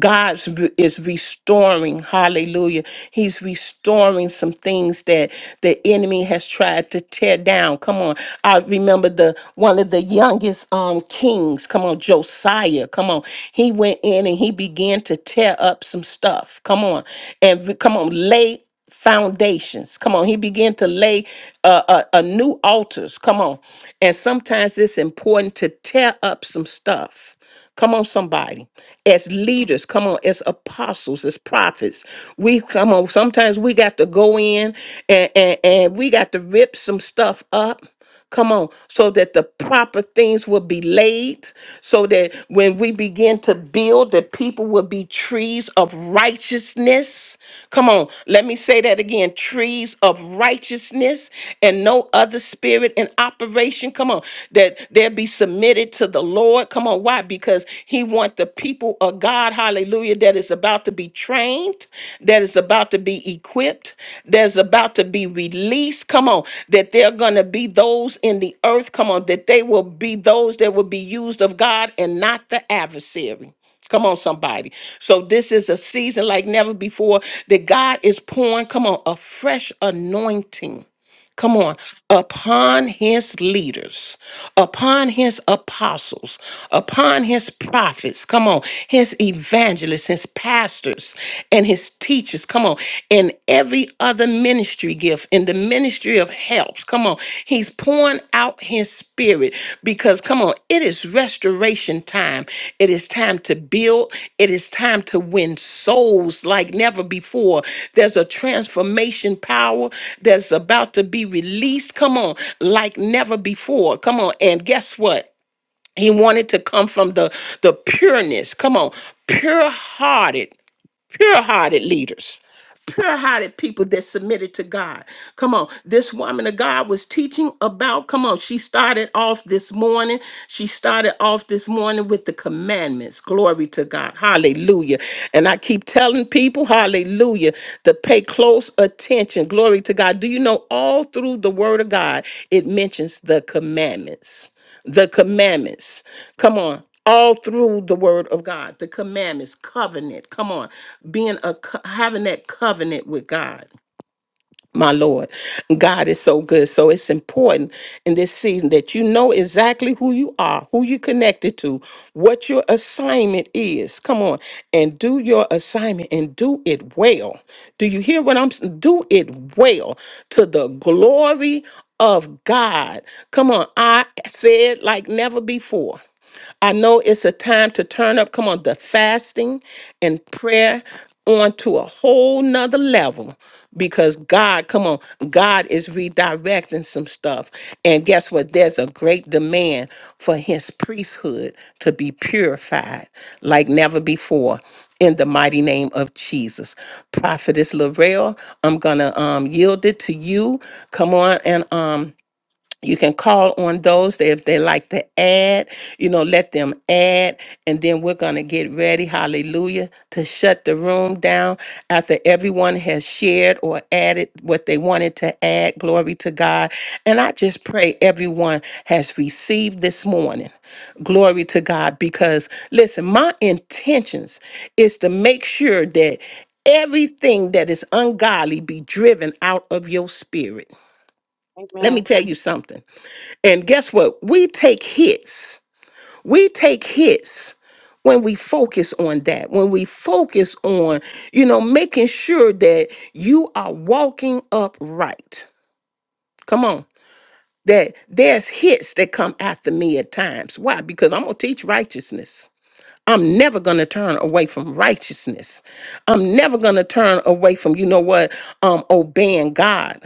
S2: God's re- is restoring, hallelujah. He's restoring some things that the enemy has tried to tear down. Come on. I remember the one of the youngest um kings, come on, Josiah. Come on. He went in and he began to tear up some stuff. Come on. And re- come on, lay foundations. Come on, he began to lay uh, uh, uh, new altars. Come on, and sometimes it's important to tear up some stuff. Come on, somebody. As leaders, come on, as apostles, as prophets, we come on. Sometimes we got to go in and, and, and we got to rip some stuff up. Come on, so that the proper things will be laid, so that when we begin to build, the people will be trees of righteousness. Come on, let me say that again trees of righteousness and no other spirit in operation. Come on, on, that they'll be submitted to the Lord. Come on, why? Because He want the people of God, hallelujah, that is about to be trained, that is about to be equipped, that's about to be released. Come on, that they're gonna be those in the earth. Come on, that they will be those that will be used of God and not the adversary. Come on, somebody. So this is a season like never before that God is pouring, come on, a fresh anointing. Come on. Upon his leaders, upon his apostles, upon his prophets, come on, his evangelists, his pastors, and his teachers, come on, and every other ministry gift in the ministry of helps, come on. He's pouring out his spirit because come on it is restoration time it is time to build it is time to win souls like never before there's a transformation power that's about to be released come on like never before come on and guess what he wanted to come from the the pureness come on pure hearted pure hearted leaders, pure hearted people that submitted to God. Come on, this woman of God was teaching about, come on, she started off this morning. She started off this morning with the commandments. Glory to God. Hallelujah. And I keep telling people, hallelujah, to pay close attention. Glory to God. Do you know all through the word of God, it mentions the commandments? the commandments. Come on. All through the word of God, the commandments, covenant. Come on. Being a co- having that covenant with God my Lord. God is so good. So it's important in this season that you know exactly who you are, who you connected to, what your assignment is. Come on and do your assignment and do it well. Do you hear what I'm s- do it well to the glory of God. Come on, I said like never before. I know it's a time to turn up. Come on, the fasting and prayer on to a whole nother level because God, come on, God is redirecting some stuff. And guess what? There's a great demand for his priesthood to be purified like never before in the mighty name of Jesus. Prophetess Laurel, I'm gonna um yield it to you. Come on and um you can call on those that if they like to add you know let them add and then we're going to get ready hallelujah to shut the room down after everyone has shared or added what they wanted to add glory to god and i just pray everyone has received this morning glory to god because listen my intentions is to make sure that everything that is ungodly be driven out of your spirit let
S1: Amen.
S2: me tell you something and guess what? We take hits. We take hits when we focus on that, when we focus on, you know, making sure that you are walking upright. Come on. That there's hits that come after me at times. Why? Because I'm going to teach righteousness. I'm never going to turn away from righteousness. I'm never going to turn away from, you know what, um, obeying God.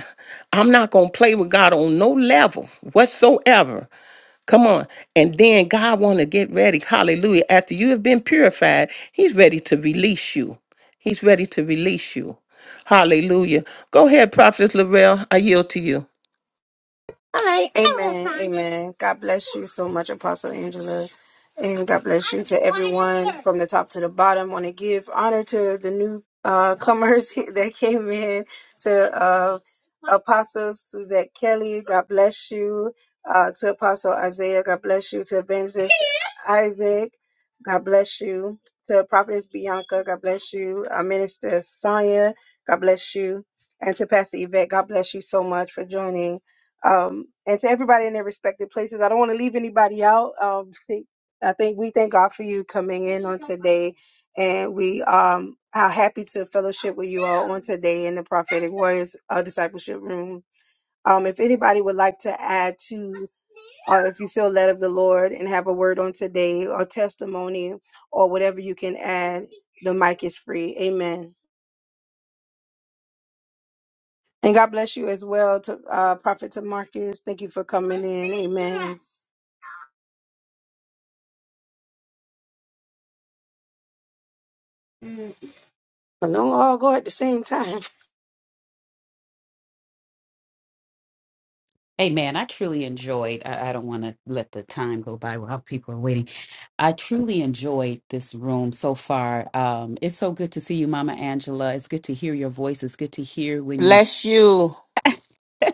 S2: I'm not going to play with God on no level whatsoever. Come on. And then God want to get ready. Hallelujah. After you have been purified, he's ready to release you. He's ready to release you. Hallelujah. Go ahead, Prophet Laurel. I yield to you.
S1: Amen. Amen. God bless you so much, Apostle Angela. And God bless you to everyone from the top to the bottom. Want to give honor to the new uh, comers that came in, to uh, Apostle Suzette Kelly. God bless you. Uh, to Apostle Isaiah. God bless you. To Evangelist Isaac. God bless you. To Prophetess Bianca. God bless you. Uh, Minister Sonia. God bless you. And to Pastor Yvette. God bless you so much for joining um, and to everybody in their respective places. I don't want to leave anybody out. Um, see, I think we thank God for you coming in on today, and we um, are happy to fellowship with you all on today in the Prophetic Warriors uh, Discipleship Room. Um, if anybody would like to add to, uh, if you feel led of the Lord and have a word on today or testimony or whatever you can add, the mic is free. Amen. And God bless you as well, to, uh, Prophet Marcus. Thank you for coming in. Amen. But don't all go at the same time.
S7: Hey man, I truly enjoyed. I, I don't want to let the time go by while people are waiting. I truly enjoyed this room so far. Um, it's so good to see you, Mama Angela. It's good to hear your voice. It's good to hear when you.
S2: Bless you.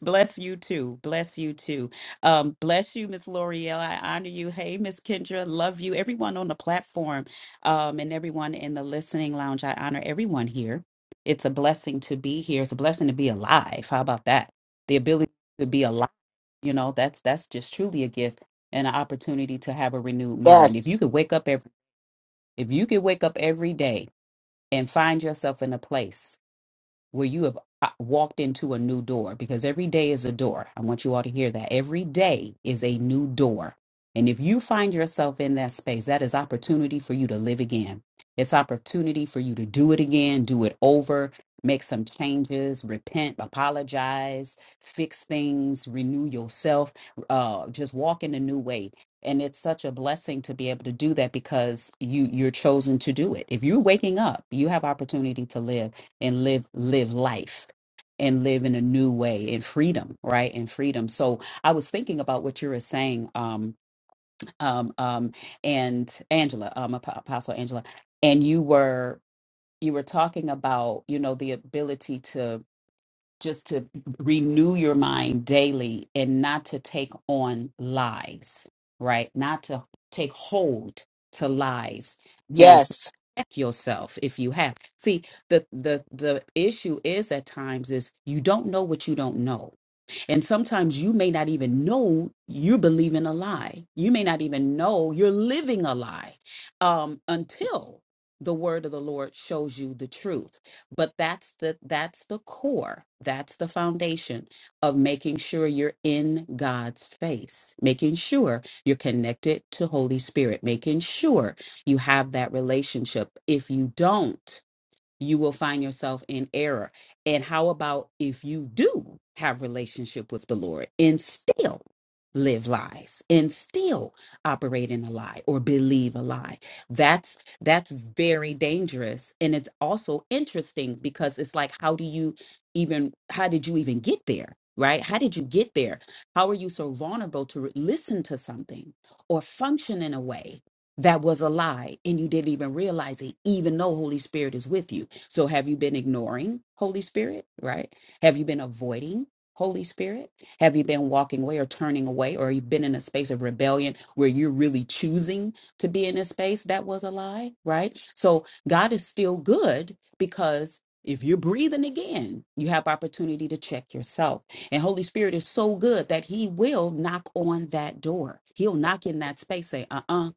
S7: bless you too. Bless you too. Um, bless you, Miss L'Oreal. I honor you. Hey, Miss Kendra. Love you. Everyone on the platform um, and everyone in the listening lounge. I honor everyone here. It's a blessing to be here. It's a blessing to be alive. How about that? The ability to be alive you know that's that's just truly a gift and an opportunity to have a renewed mind if you
S2: Yes.
S7: could wake up every if you could wake up every day and find yourself in a place where you have uh, walked into a new door because every day is a door. I want you all to hear that. Every day is a new door. And if you find yourself in that space, that is opportunity for you to live again. It's opportunity for you to do it again, do it over, make some changes, repent, apologize, fix things, renew yourself, uh, just walk in a new way. And it's such a blessing to be able to do that because you you're chosen to do it. If you're waking up, you have opportunity to live and live live life and live in a new way in freedom right in freedom so i was thinking about what you were saying um um um and angela um Ap- apostle angela and you were you were talking about you know the ability to just to renew your mind daily and not to take on lies, right? Not to take hold to lies and
S2: Yes.
S7: check yourself if you have. See, the the the issue is at times is you don't know what you don't know and sometimes you may not even know you believe in a lie. You may not even know you're living a lie um, until the word of the Lord shows you the truth. But that's the that's the core. That's the foundation of making sure you're in God's face, making sure you're connected to Holy Spirit, making sure you have that relationship. If you don't, you will find yourself in error. And how about if you do have relationship with the Lord and still live lies and still operate in a lie or believe a lie? That's that's very dangerous and it's also interesting because it's like how do you even how did you even get there? Right? How did you get there? How are you so vulnerable to re- listen to something or function in a way that was a lie and you didn't even realize it, even though Holy Spirit is with you? So have you been ignoring Holy Spirit, right? Have you been avoiding Holy Spirit? Have you been walking away or turning away or you've been in a space of rebellion where you're really choosing to be in a space that was a lie, right? So God is still good because if you're breathing again, you have opportunity to check yourself. And Holy Spirit is so good that He will knock on that door. He'll knock in that space, say, uh uh-uh,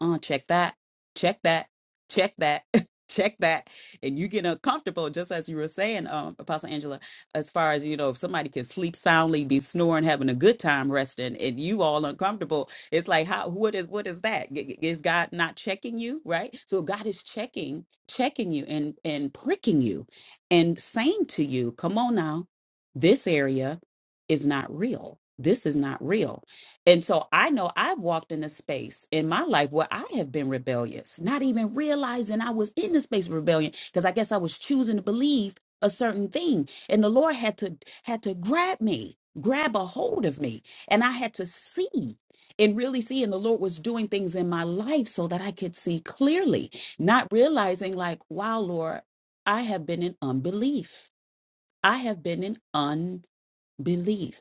S7: uh, check that, check that, check that, check that and you get uncomfortable, just as you were saying, um, Apostle Angela, as far as you know, if somebody can sleep soundly, be snoring, having a good time resting, and you all uncomfortable, it's like how what is what is that? G- g- Is God not checking you, right? So God is checking, checking you and and pricking you and saying to you, Come on now, this area is not real. This is not real and so I know I've walked in a space in my life where I have been rebellious, not even realizing I was in the space of rebellion because I guess I was choosing to believe a certain thing. And the Lord had to had to grab me, grab a hold of me. And I had to see and really see. And the Lord was doing things in my life so that I could see clearly, not realizing like, wow, Lord, I have been in unbelief. I have been in unbelief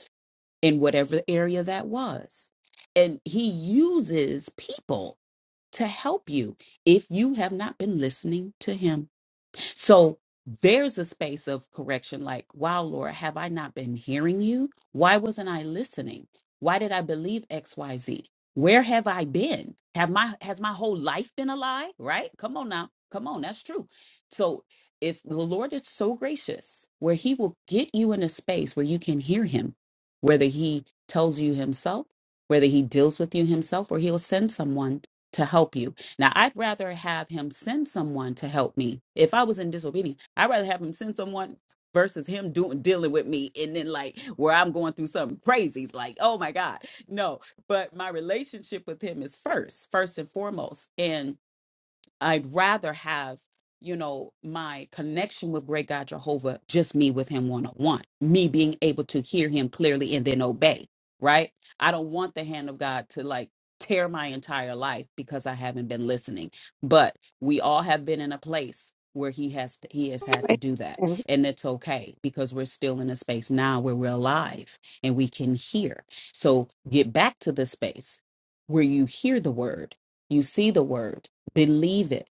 S7: in whatever area that was. And he uses people to help you if you have not been listening to him. So there's a space of correction like, wow, Laura, have I not been hearing you? Why wasn't I listening? Why did I believe XYZ? Where have I been? Have my has my whole life been a lie? Right? Come on now. Come on, that's true. So it's the Lord is so gracious where he will get you in a space where you can hear him, whether he tells you himself, whether he deals with you himself, or he'll send someone to help you now, I'd rather have him send someone to help me. If I was in disobedience, I'd rather have him send someone versus him doing dealing with me and then like where I'm going through something crazy. It's like, oh my God. No. But my relationship with him is first, first and foremost. And I'd rather have, you know, my connection with great God Jehovah, just me with him one on one, me being able to hear him clearly and then obey, right? I don't want the hand of God to like tear my entire life because I haven't been listening. But we all have been in a place where he has he has had to do that
S1: Right.
S7: and it's okay because we're still in a space now where we're alive and we can hear so get back to the space where you hear the word you see the word believe it,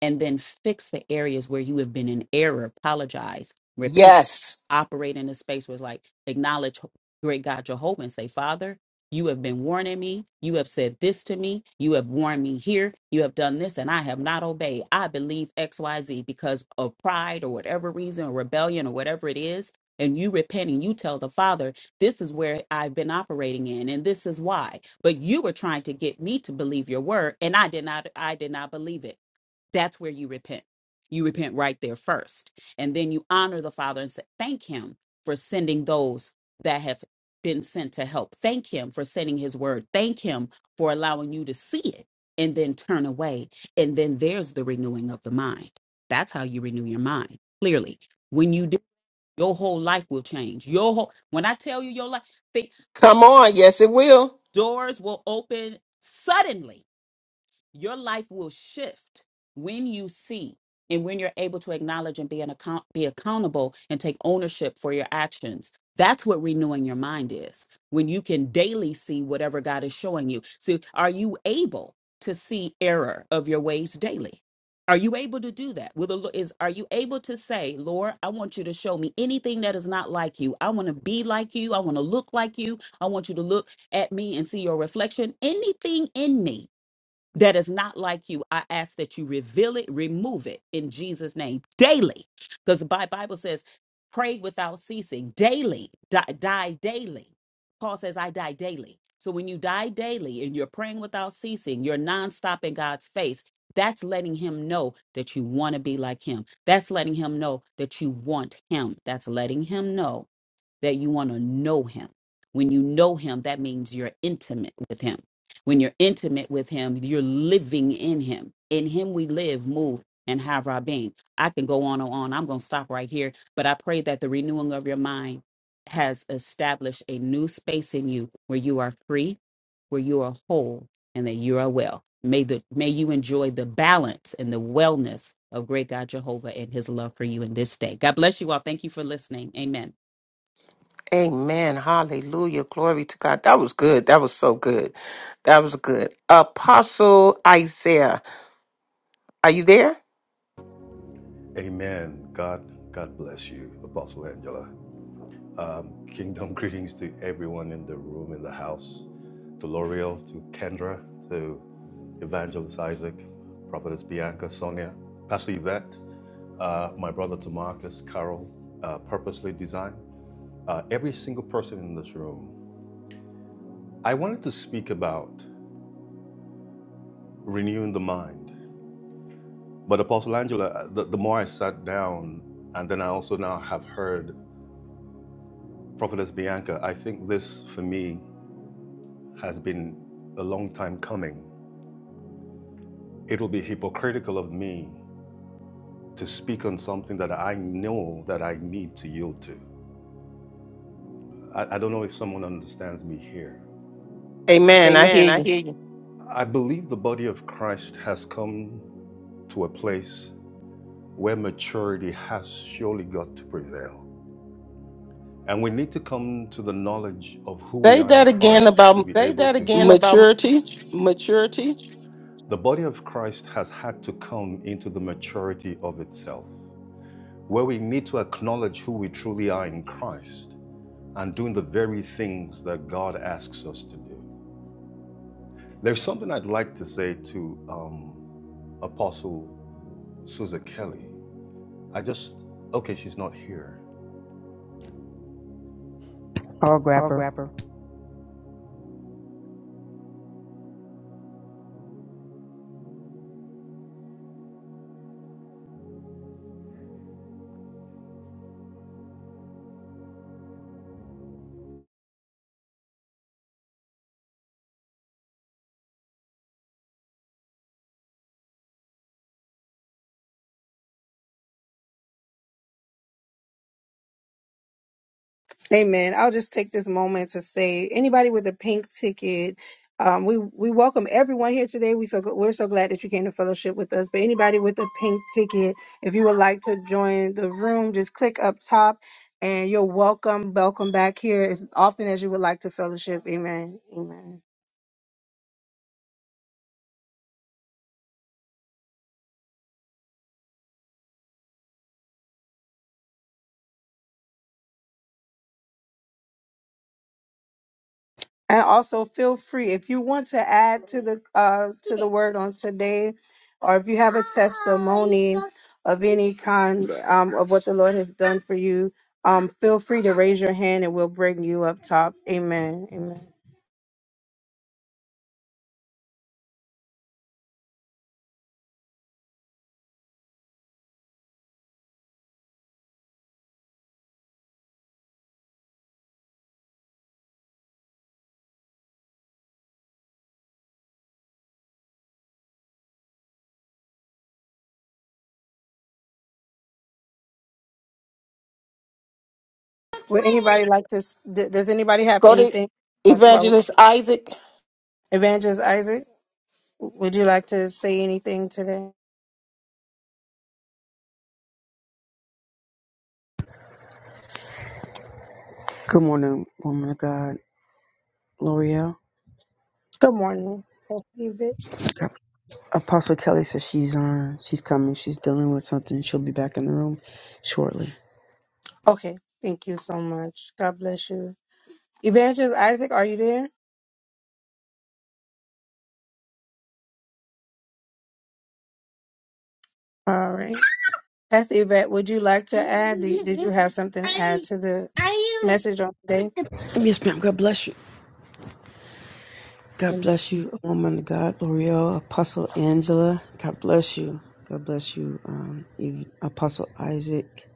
S7: and then fix the areas where you have been in error, apologize, repent
S2: Yes.
S7: operate in a space where it's like acknowledge great God Jehovah and say, Father, you have been warning me. You have said this to me. You have warned me here. You have done this, and I have not obeyed. I believe XYZ because of pride or whatever reason, or rebellion or whatever it is. And you repent and you tell the Father, this is where I've been operating in, and this is why. But you were trying to get me to believe your word, and I did not I did not believe it. That's where you repent. You repent right there first. And then you honor the Father and say, thank Him for sending those that have been sent to help. Thank Him for sending His word. Thank Him for allowing you to see it and then turn away. And then there's the renewing of the mind. That's how you renew your mind. Clearly, when you do, your whole life will change. Your whole, when I tell you your life, think
S2: Come on. Yes, it will.
S7: doors will open suddenly your life will shift when you see and when you're able to acknowledge and be an account be accountable and take ownership for your actions that's what renewing your mind is when you can daily see whatever god is showing you so are you able to see error of your ways daily are you able to do that will the Lo- is are you able to say lord i want you to show me anything that is not like you i want to be like you i want to look like you i want you to look at me and see your reflection anything in me that is not like you, I ask that you reveal it, remove it in Jesus' name daily. Because the Bi- Bible says, pray without ceasing daily, die, die daily. Paul says, I die daily. So when you die daily and you're praying without ceasing, you're nonstop in God's face. That's letting him know that you want to be like him. That's letting him know that you want him. That's letting him know that you want to know him. When you know him, that means you're intimate with him. When you're intimate with him, you're living in him. In him we live, move, and have our being. I can go on and on. I'm going to stop right here, but I pray that the renewing of your mind has established a new space in you where you are free, where you are whole, and that you are well. May the may you enjoy the balance and the wellness of great God Jehovah and his love for you in this day. God bless you all. Thank you for listening. Amen.
S2: Amen. Hallelujah. Glory to God. That was good. That was so good. That was good. Apostle Isaiah, are you there?
S8: Amen. God, God bless you, Apostle Angela. Kingdom greetings to everyone in the room, in the house, to L'Oreal, to Kendra, to Evangelist Isaac, Prophetess Bianca, Sonia, Pastor Yvette, uh, my brother to Marcus, Carol, uh, Purposely Designed, uh, every single person in this room. I wanted to speak about renewing the mind, but Apostle Angela, uh, the, the more I sat down, and then I also now have heard Prophetess Bianca, I think this for me has been a long time coming. It'll be hypocritical of me to speak on something that I know that I need to yield to. I, I don't know if someone understands me here.
S2: Amen. I
S8: Amen.
S2: hear
S8: I
S2: you.
S8: hear you. I believe the body of Christ has come to a place where maturity has surely got to prevail. And we need to come to the knowledge of who we
S2: Say
S8: are in
S2: that again
S8: Christ to
S2: about
S8: be able to... Say that again about
S2: maturity.
S8: maturity. The body of Christ has had to come into the maturity of itself, where we need to acknowledge who we truly are in Christ and doing the very things that God asks us to do. There's something I'd like to say to um, Apostle Susa Kelly. I just, okay, she's not here.
S9: Paul Grapper.
S1: Amen. I'll just take this moment to say, anybody with a pink ticket, um, we we welcome everyone here today. We so we're so glad that you came to fellowship with us. But anybody with a pink ticket, if you would like to join the room, just click up top, and you're welcome. Welcome back here as often as you would like to fellowship. Amen. Amen. And also feel free if you want to add to the uh to the word on today, or if you have a testimony of any kind um of what the Lord has done for you, um feel free to raise your hand and we'll bring you up top. Amen. Amen. Would anybody like to? s- d- Does anybody have
S2: Go to
S1: anything? Well,
S2: Evangelist Isaac.
S1: Evangelist Isaac, would you like to say anything today?
S9: Good morning, woman of God. L'Oreal.
S1: Good morning. Pastor Yvette.
S9: Apostle Kelly says she's on. She's coming. She's dealing with something. She'll be back in the room shortly.
S1: Okay, thank you so much. God bless you. Evangelist Isaac, are you there? All right. Pastor Yvette, would you like to add? Did did you have something to add to the message on today?
S9: Yes, ma'am. God bless you. God bless you, woman of God. L'Oreal. Apostle Angela. God bless you. God bless you, um, Ev- Apostle Isaac.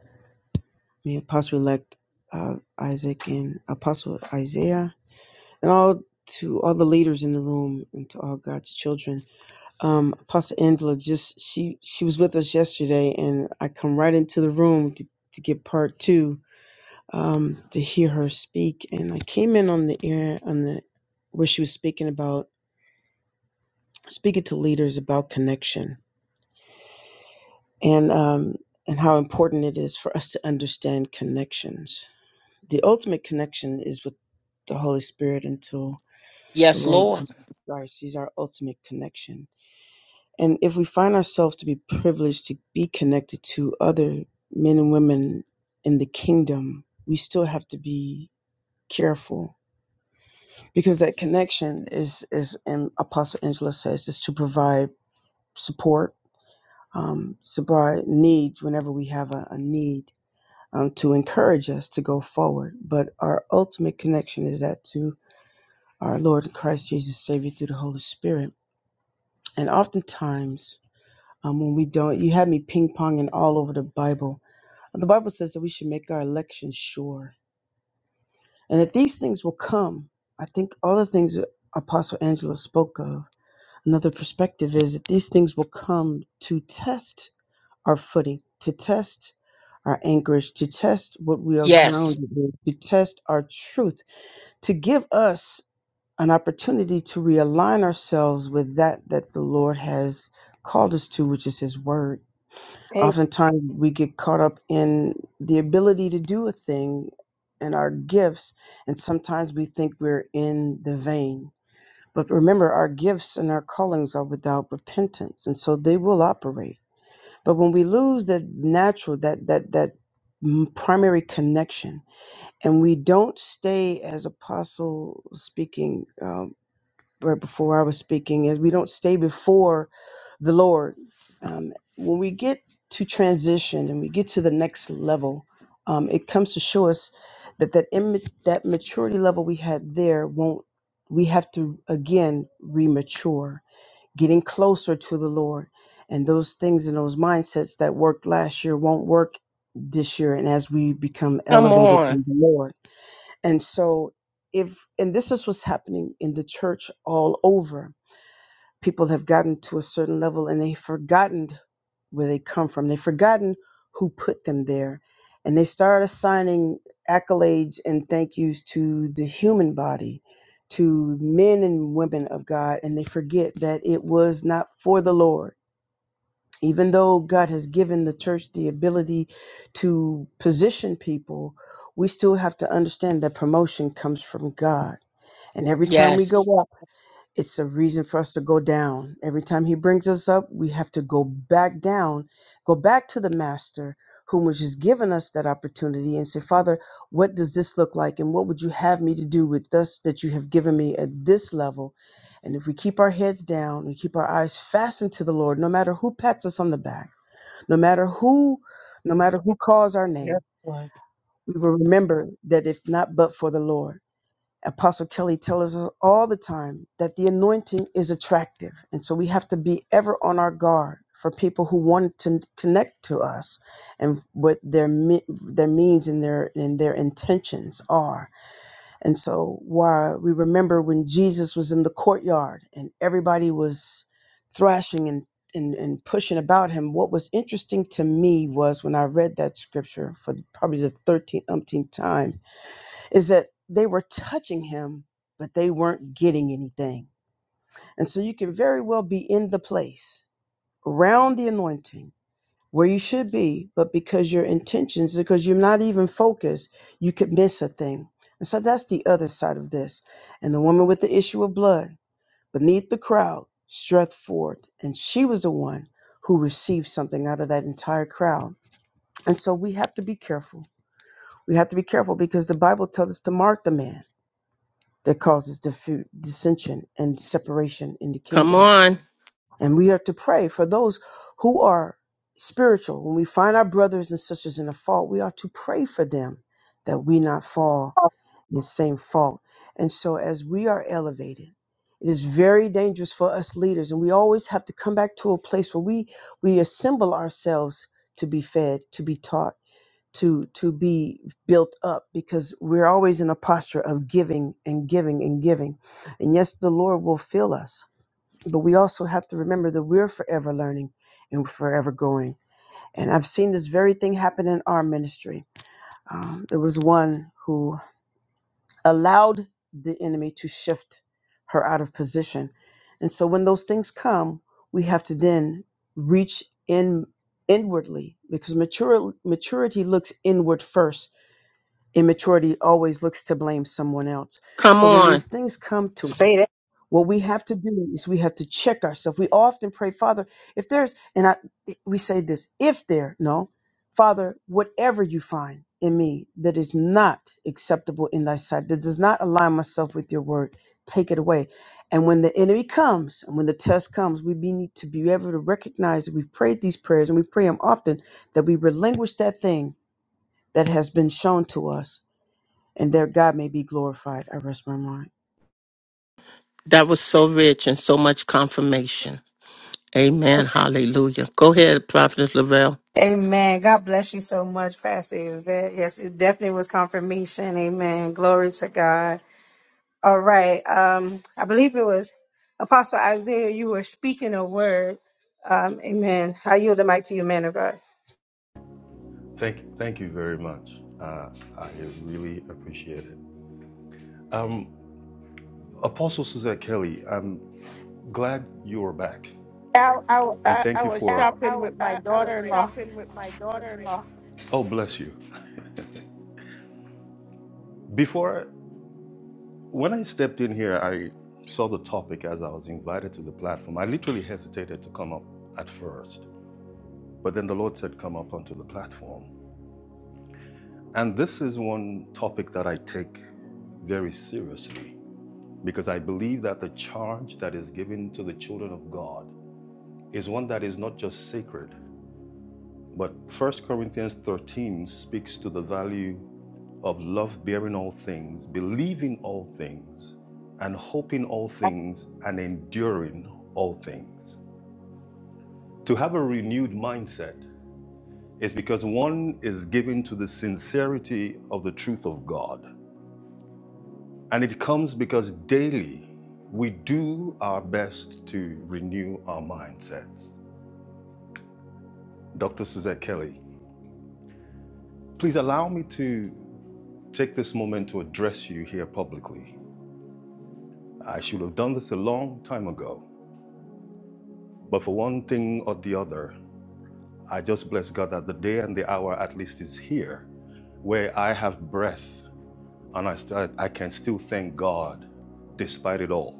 S9: May Apostle elect uh, Isaac and Apostle Isaiah. And all to all the leaders in the room and to all God's children. um, Pastor Angela just she she was with us yesterday, and I come right into the room to, to get part two um, to hear her speak, and I came in on the air on the where she was speaking about speaking to leaders about connection and um, and how important it is for us to understand connections. The ultimate connection is with the Holy Spirit until the
S2: Yes,
S9: Lord
S2: Lord.
S9: Jesus Christ. He's our ultimate connection And if we find ourselves to be privileged to be connected to other men and women in the kingdom, we still have to be careful because that connection is, is and Apostle Angela says, is to provide support, um, supply needs whenever we have a, a need um, to encourage us to go forward. But our ultimate connection is that to our Lord Christ Jesus, Savior through the Holy Spirit. And oftentimes, um, when we don't, you have me ping ponging all over the Bible The Bible says that we should make our election sure and that these things will come. I think all the things that Apostle Angela spoke of, another perspective is that these things will come to test our footing, to test our anchorage, to test what we are
S2: Yes.
S9: grounded in, to test our truth, to give us an opportunity to realign ourselves with that that the Lord has called us to, which is His Word.
S1: A-
S9: Oftentimes we get caught up in the ability to do a thing and our gifts, and sometimes we think we're in the vein. But remember, our gifts and our callings are without repentance, and so they will operate. But when we lose that natural, that that that m- primary connection, and we don't stay as apostle was speaking um, right before I was speaking, and we don't stay before the Lord. Um, when we get to transition and we get to the next level, um, it comes to show us that that, imma- that maturity level we had there won't. We have to again remature, getting closer to the Lord, and those things and those mindsets that worked last year won't work this year. And as we become
S2: Come
S9: elevated in
S2: on.
S9: the Lord, and so if and this is what's happening in the church all over people have gotten to a certain level and they've forgotten where they come from. They've forgotten who put them there. And they start assigning accolades and thank yous to the human body, to men and women of God. And they forget that it was not for the Lord. Even though God has given the church the ability to position people, we still have to understand that promotion comes from God. And every time we go
S2: Yes.
S9: up, it's a reason for us to go down. Every time he brings us up, we have to go back down, go back to the master whom has just given us that opportunity and say, Father, what does this look like? And what would you have me to do with this that you have given me at this level? And if we keep our heads down and keep our eyes fastened to the Lord, no matter who pats us on the back, no matter who, no matter who calls our name, we will remember that if not but for the Lord. Apostle Kelly tells us all the time that the anointing is attractive. And so we have to be ever on our guard for people who want to connect to us and what their me- their means and their and their intentions are. And so while we remember when Jesus was in the courtyard and everybody was thrashing and and, and pushing about him. What was interesting to me was when I read that scripture for probably the 13th umpteenth time is that they were touching him, but they weren't getting anything. And so you can very well be in the place around the anointing where you should be, but because your intentions, because you're not even focused, you could miss a thing. And so that's the other side of this. And the woman with the issue of blood beneath the crowd stretched forth, and she was the one who received something out of that entire crowd. And so we have to be careful. We have to be careful because the Bible tells us to mark the man. that causes diffu- dissension and separation in the
S2: Come
S9: kingdom.
S2: on.
S9: And we are to pray for those who are spiritual. When we find our brothers and sisters in a fault, we are to pray for them that we not fall in the same fault. And so as we are elevated, it is very dangerous for us leaders, and we always have to come back to a place where we we assemble ourselves to be fed, to be taught to to be built up because we're always in a posture of giving and giving and giving and yes the lord will fill us but we also have to remember that we're forever learning and forever growing and i've seen this very thing happen in our ministry um, there was one who allowed the enemy to shift her out of position and so when those things come we have to then reach in inwardly because mature, maturity looks inward first Immaturity always looks to blame someone else.
S2: Come
S9: So when
S2: on.
S9: these things come to us, what we have to do is we have to check ourselves. We often pray, Father, if there's, and I, we say this, if there, no, Father, whatever you find in me that is not acceptable in thy sight, that does not align myself with your word, take it away. And when the enemy comes and when the test comes, we be- need to be able to recognize that we've prayed these prayers and we pray them often, that we relinquish that thing that has been shown to us and their God may be glorified. I rest my mind.
S2: That was so rich and so much confirmation. Amen. Hallelujah. Go ahead, Prophetess Lavelle.
S1: Amen. God bless you so much, Pastor Yvette. Yes, it definitely was confirmation. Amen. Glory to God. All right. Um, I believe it was Apostle Isaiah. You were speaking a word. Um, amen. I yield the mic to you, man of God.
S8: Thank, thank you very much. Uh, I really appreciate it. Um, Apostle Susa Kelly, I'm glad you are back.
S10: I, I,
S8: And
S10: I
S8: thank
S10: I
S8: you
S10: was
S8: for, I,
S10: shopping with my
S8: I I was
S10: daughter-in-law.
S8: shopping with my daughter-in-law. oh, bless you. Before, when I stepped in here, I saw the topic as I was invited to the platform. I literally hesitated to come up at first, but then the Lord said, come up onto the platform. And this is one topic that I take very seriously because I believe that the charge that is given to the children of God is one that is not just sacred, but First Corinthians 13 speaks to the value of love bearing all things, believing all things, and hoping all things, and enduring all things. To have a renewed mindset is because one is given to the sincerity of the truth of God. And it comes because daily we do our best to renew our mindsets. Dr. Suzette Kelly, please allow me to take this moment to address you here publicly. I should have done this a long time ago. But for one thing or the other, I just bless God that the day and the hour at least is here where I have breath and I, st- I can still thank God despite it all.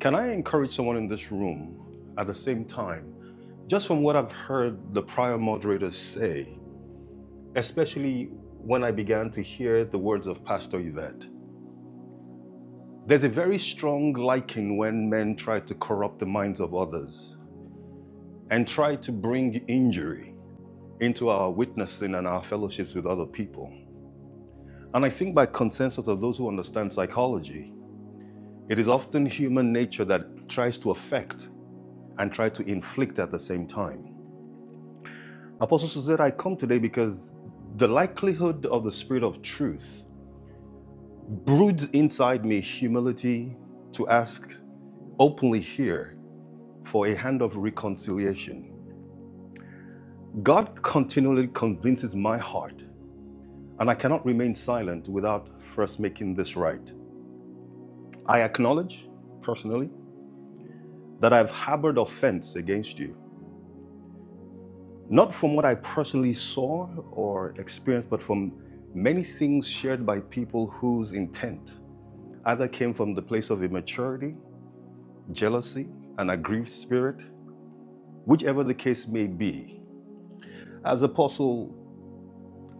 S8: Can I encourage someone in this room at the same time, just from what I've heard the prior moderators say, especially when I began to hear the words of Pastor Yvette? There's a very strong liking when men try to corrupt the minds of others and try to bring injury into our witnessing and our fellowships with other people. And I think by consensus of those who understand psychology, it is often human nature that tries to affect and try to inflict at the same time. Apostle Suzette, I come today because the likelihood of the spirit of truth broods inside me humility to ask openly here for a hand of reconciliation. God continually convinces my heart, and I cannot remain silent without first making this right. I acknowledge, personally, that I've harbored offense against you, not from what I personally saw or experienced, but from many things shared by people whose intent either came from the place of immaturity, jealousy, an aggrieved spirit, whichever the case may be. As Apostle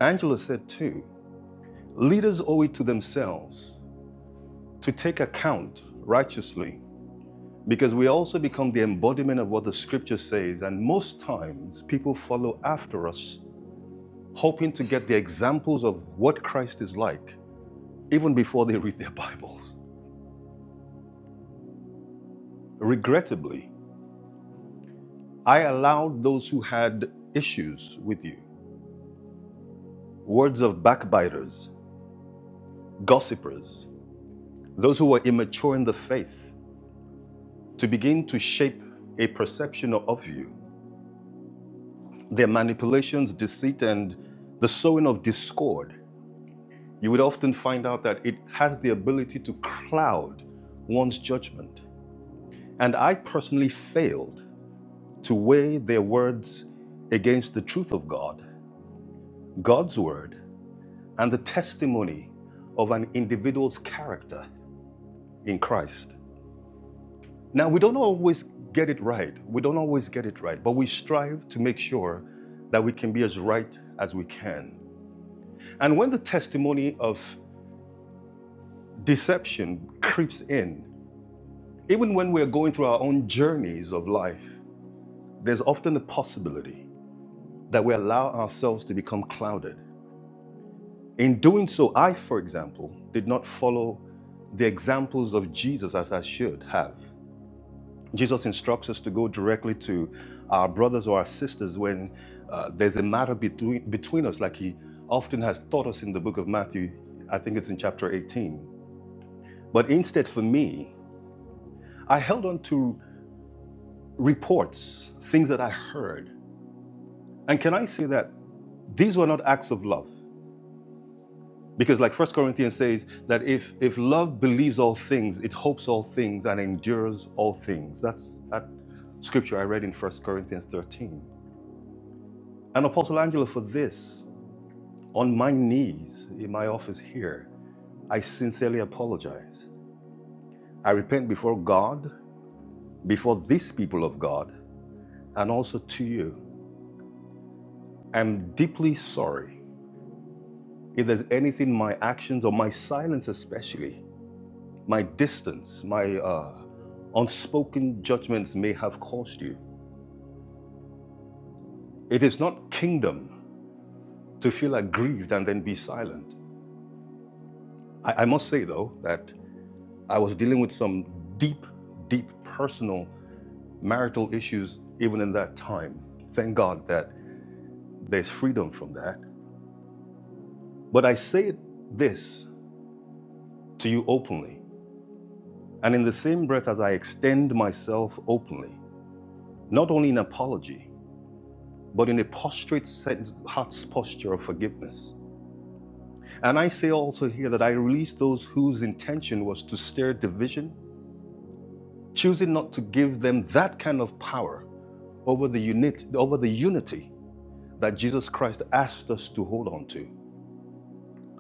S8: Angela said too, leaders owe it to themselves to take account righteously Because we also become the embodiment of what the scripture says, and most times people follow after us, hoping to get the examples of what Christ is like, even before they read their Bibles. Regrettably, I allowed those who had issues with you, words of backbiters, gossipers, those who were immature in the faith, to begin to shape a perception of you, their manipulations, deceit, and the sowing of discord you would often find out that it has the ability to cloud one's judgment. And I personally failed to weigh their words against the truth of God, God's word, and the testimony of an individual's character in Christ. Now, we don't always get it right. We don't always get it right, but we strive to make sure that we can be as right as we can. And when the testimony of deception creeps in, Even when we're going through our own journeys of life, there's often the possibility that we allow ourselves to become clouded. In doing so, I, for example, did not follow the examples of Jesus as I should have. Jesus instructs us to go directly to our brothers or our sisters when uh, there's a matter between, between us, like he often has taught us in the book of Matthew, I think it's in chapter 18. But instead, for me, I held on to reports, things that I heard, And can I say that these were not acts of love? Because like First Corinthians says that if if love believes all things, it hopes all things and endures all things. That's that scripture I read in First Corinthians 13. And Apostle Angela, for this, on my knees in my office here, I sincerely apologize. I repent before God, before these people of God, and also to you. I'm deeply sorry if there's anything my actions or my silence especially My distance, my uh, unspoken judgments may have caused you. It is not kingdom to feel aggrieved and then be silent. I, I must say, though, that I was dealing with some deep, deep personal marital issues even in that time. Thank God that there's freedom from that. But I say this to you openly, and in the same breath as I extend myself openly, not only in apology, but in a prostrate sense, heart's posture of forgiveness. And I say also here that I release those whose intention was to stir division, choosing not to give them that kind of power over the unit, over the unity that Jesus Christ asked us to hold on to.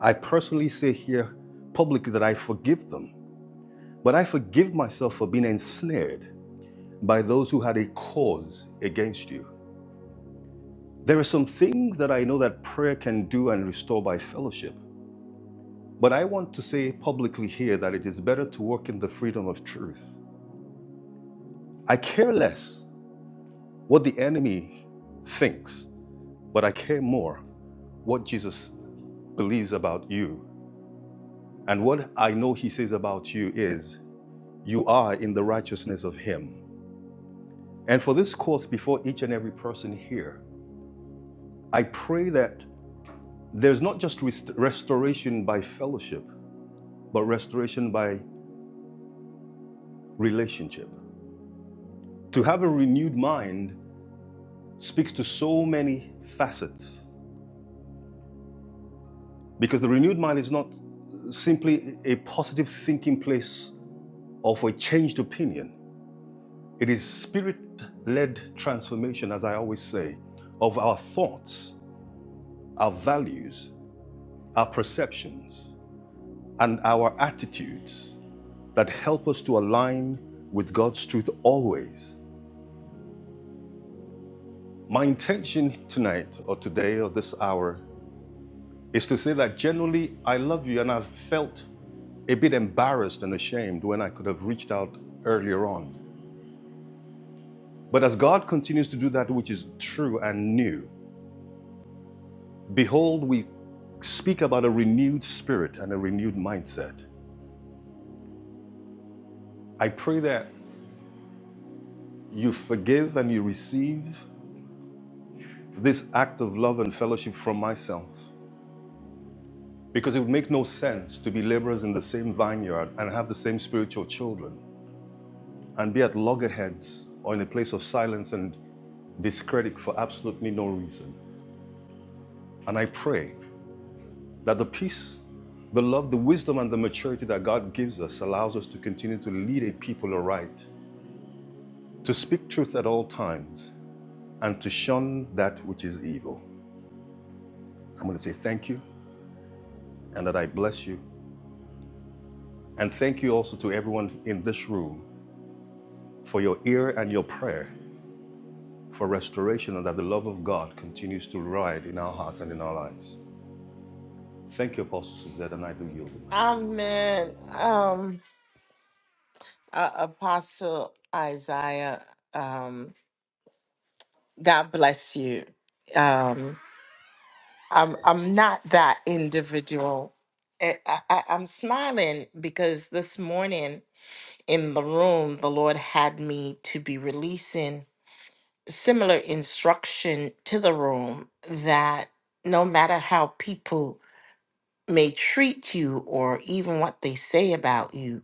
S8: I personally say here publicly that I forgive them, but I forgive myself for being ensnared by those who had a cause against you. There are some things that I know that prayer can do and restore by fellowship. But I want to say publicly here that it is better to work in the freedom of truth. I care less what the enemy thinks, but I care more what Jesus believes about you. And what I know he says about you is, you are in the righteousness of him. And for this course, before each and every person here, I pray that there's not just rest- restoration by fellowship, but restoration by relationship. To have a renewed mind speaks to so many facets because the renewed mind is not simply a positive thinking place or for a changed opinion. It is spirit led transformation, as I always say, of our thoughts, our values, our perceptions, and our attitudes that help us to align with God's truth always. My intention tonight, or today, or this hour, is to say that generally I love you and I've felt a bit embarrassed and ashamed when I could have reached out earlier on. But as God continues to do that which is true and new, behold, we speak about a renewed spirit and a renewed mindset. I pray that you forgive and you receive this act of love and fellowship from myself, because it would make no sense to be laborers in the same vineyard and have the same spiritual children and be at loggerheads or in a place of silence and discredit for absolutely no reason. And I pray That the peace, the love, the wisdom, and the maturity that God gives us allows us to continue to lead a people aright, to speak truth at all times, and to shun that which is evil. I'm going to say thank you and that I bless you. And thank you also to everyone in this room for your ear and your prayer for restoration and that the love of God continues to ride in our hearts and in our lives. Thank you, Apostle Suzette, and I do yield the mic.
S10: Amen. Um, uh, Apostle Isaiah, um, God bless you. Um, I'm I'm not that individual. I, I, I- I'm smiling because this morning in the room, the Lord had me to be releasing similar instruction to the room that no matter how people may treat you or even what they say about you,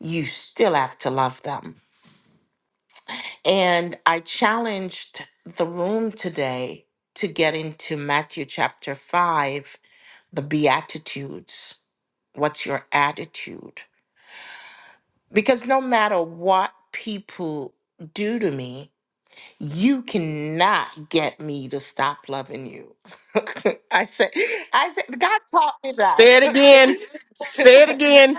S10: you still have to love them. And I challenged the room today to get into Matthew chapter 5, the Beatitudes. What's your attitude? Because no matter what people do to me, you cannot get me to stop loving you. I said, I said, God taught me
S2: Say it again. Say it
S10: that.
S2: again.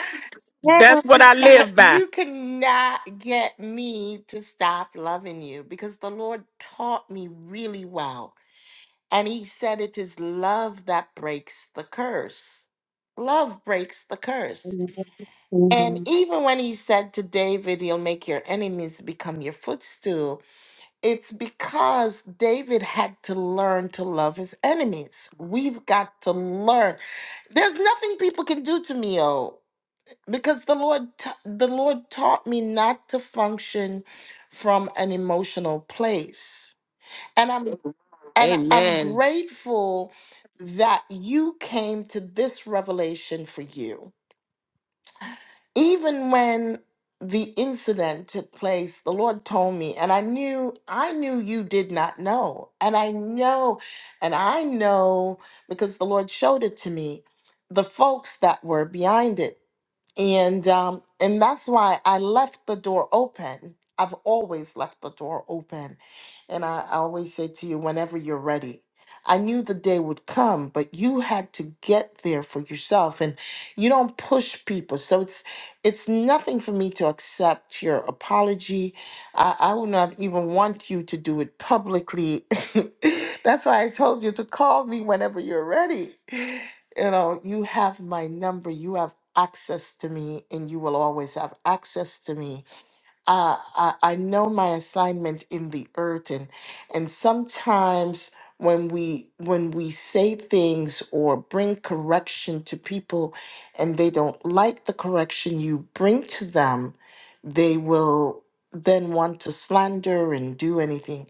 S2: That's what I live by.
S10: you cannot get me to stop loving you because the Lord taught me really well. And He said it is love that breaks the curse. Love breaks the curse. And even when He said to David, He'll make your enemies become your footstool, it's because David had to learn to love his enemies. We've got to learn. There's nothing people can do to me, oh because the lord t- the lord taught me not to function from an emotional place and i'm Mhm. and I- i'm
S2: Amen.
S10: grateful that you came to this revelation for you even when the incident took place the lord told me and i knew i knew you did not know and i know and i know because the lord showed it to me the folks that were behind it and um, and that's why I left the door open. I've always left the door open, and I, I always say to you, whenever you're ready. I knew the day would come, but you had to get there for yourself, and you don't push people. So it's it's nothing for me to accept your apology. I, I would not even want you to do it publicly. That's why I told you to call me whenever you're ready. You know, you have my number. You have access to me and you will always have access to me uh, I, I know my assignment in the earth and and sometimes when we when we say things or bring correction to people and they don't like the correction you bring to them they will then want to slander and do anything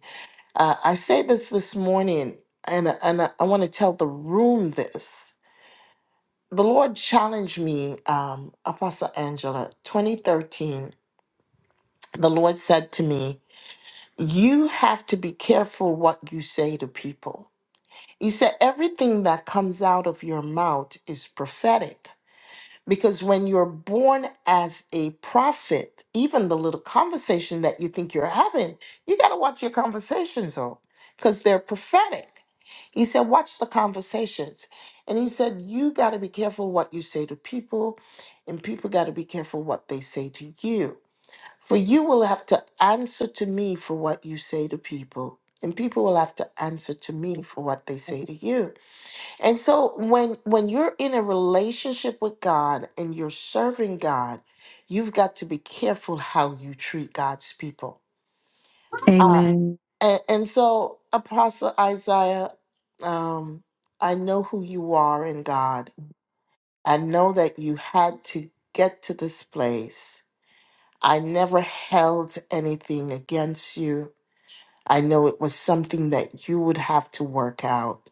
S10: uh, i say this this morning and, and i want to tell the room this the Lord challenged me, um, Apostle Angela, 2013. The Lord said to me, You have to be careful what you say to people. He said, Everything that comes out of your mouth is prophetic. Because when you're born as a prophet, even the little conversation that you think you're having, you got to watch your conversations on because they're prophetic. He said, Watch the conversations. And he said, You got to be careful what you say to people, and people got to be careful what they say to you. For you will have to answer to me for what you say to people, and people will have to answer to me for what they say to you. And so when when you're in a relationship with God and you're serving God, you've got to be careful how you treat God's people. Uh, Mhm. and, and so Apostle Isaiah, um, I know who you are in God. I know that you had to get to this place. I never held anything against you. I know it was something that you would have to work out,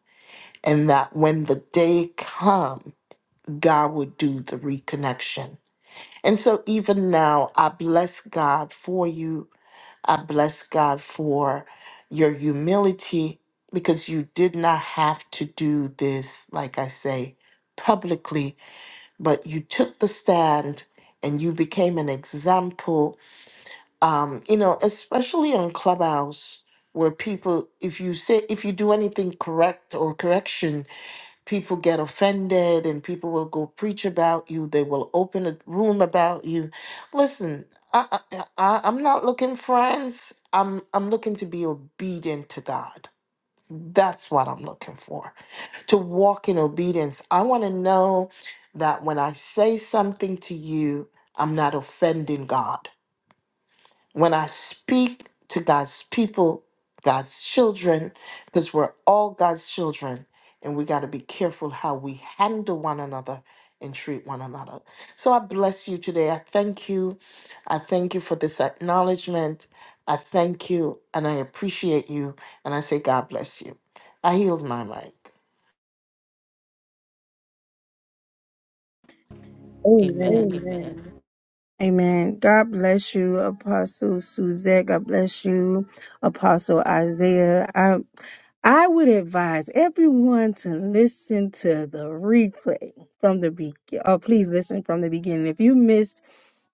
S10: and that when the day comes God would do the reconnection. And so even now, I bless God for you. I bless God for your humility because you did not have to do this, like I say, publicly, but you took the stand and you became an example, um, you know, especially on Clubhouse where people, if you say, if you do anything correct or correction, people get offended and people will go preach about you they will open a room about you listen i, I I- I- am not looking friends i'm i'm looking to be obedient to god that's what i'm looking for to walk in obedience i want to know that when i say something to you i'm not offending god when I speak to God's people, God's children, because we're all God's children, and we got to be careful how we handle one another and treat one another. So I bless you today. I thank you. I thank you for this acknowledgement. I thank you and I appreciate you. And I say, God bless you. I healed my mic.
S1: Amen.
S2: Amen.
S8: Amen.
S1: Amen. God bless you, Apostle Suzette. God bless you, Apostle Isaiah. I, I would advise everyone to listen to the replay from the beginning. Oh, please listen from the beginning. If you missed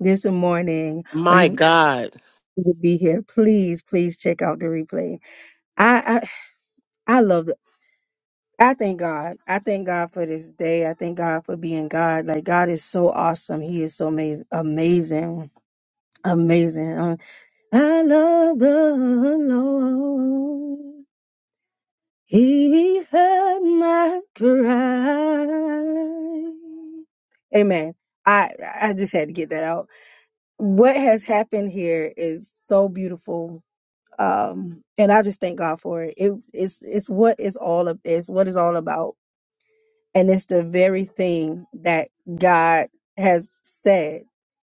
S1: this morning or
S2: My
S1: you
S2: God.
S1: would be here, please, please check out the replay. I, I, I love the I thank God. I thank God for this day. I thank God for being God. Like God is so awesome. He is so amazing, amazing, amazing. I love the Lord. He heard my cry. Amen. I, I just had to get that out. What has happened here is so beautiful. Um, and I just thank God for it. it it's, it's what it's all of, it's what it's all about and it's the very thing that God has said.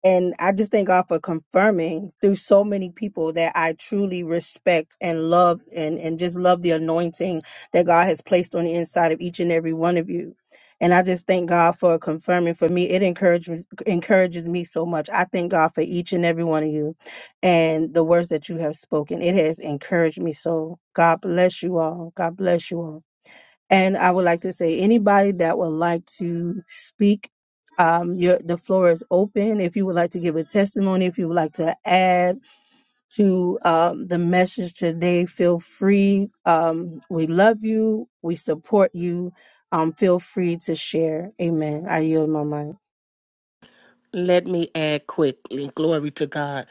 S1: And I just thank God for confirming through so many people that I truly respect and love and, and just love the anointing that God has placed on the inside of each and every one of you. And I just thank God for confirming for me. It encourages encourages me so much. I thank God for each and every one of you and the words that you have spoken. It has encouraged me so. God bless you all. God bless you all. And I would like to say anybody that would like to speak, um, your, the floor is open. If you would like to give a testimony, if you would like to add to um, the message today, feel free. Um, we love you. We support you. Um, feel free to share. Amen. I yield my mind.
S2: Let me add quickly, glory to God.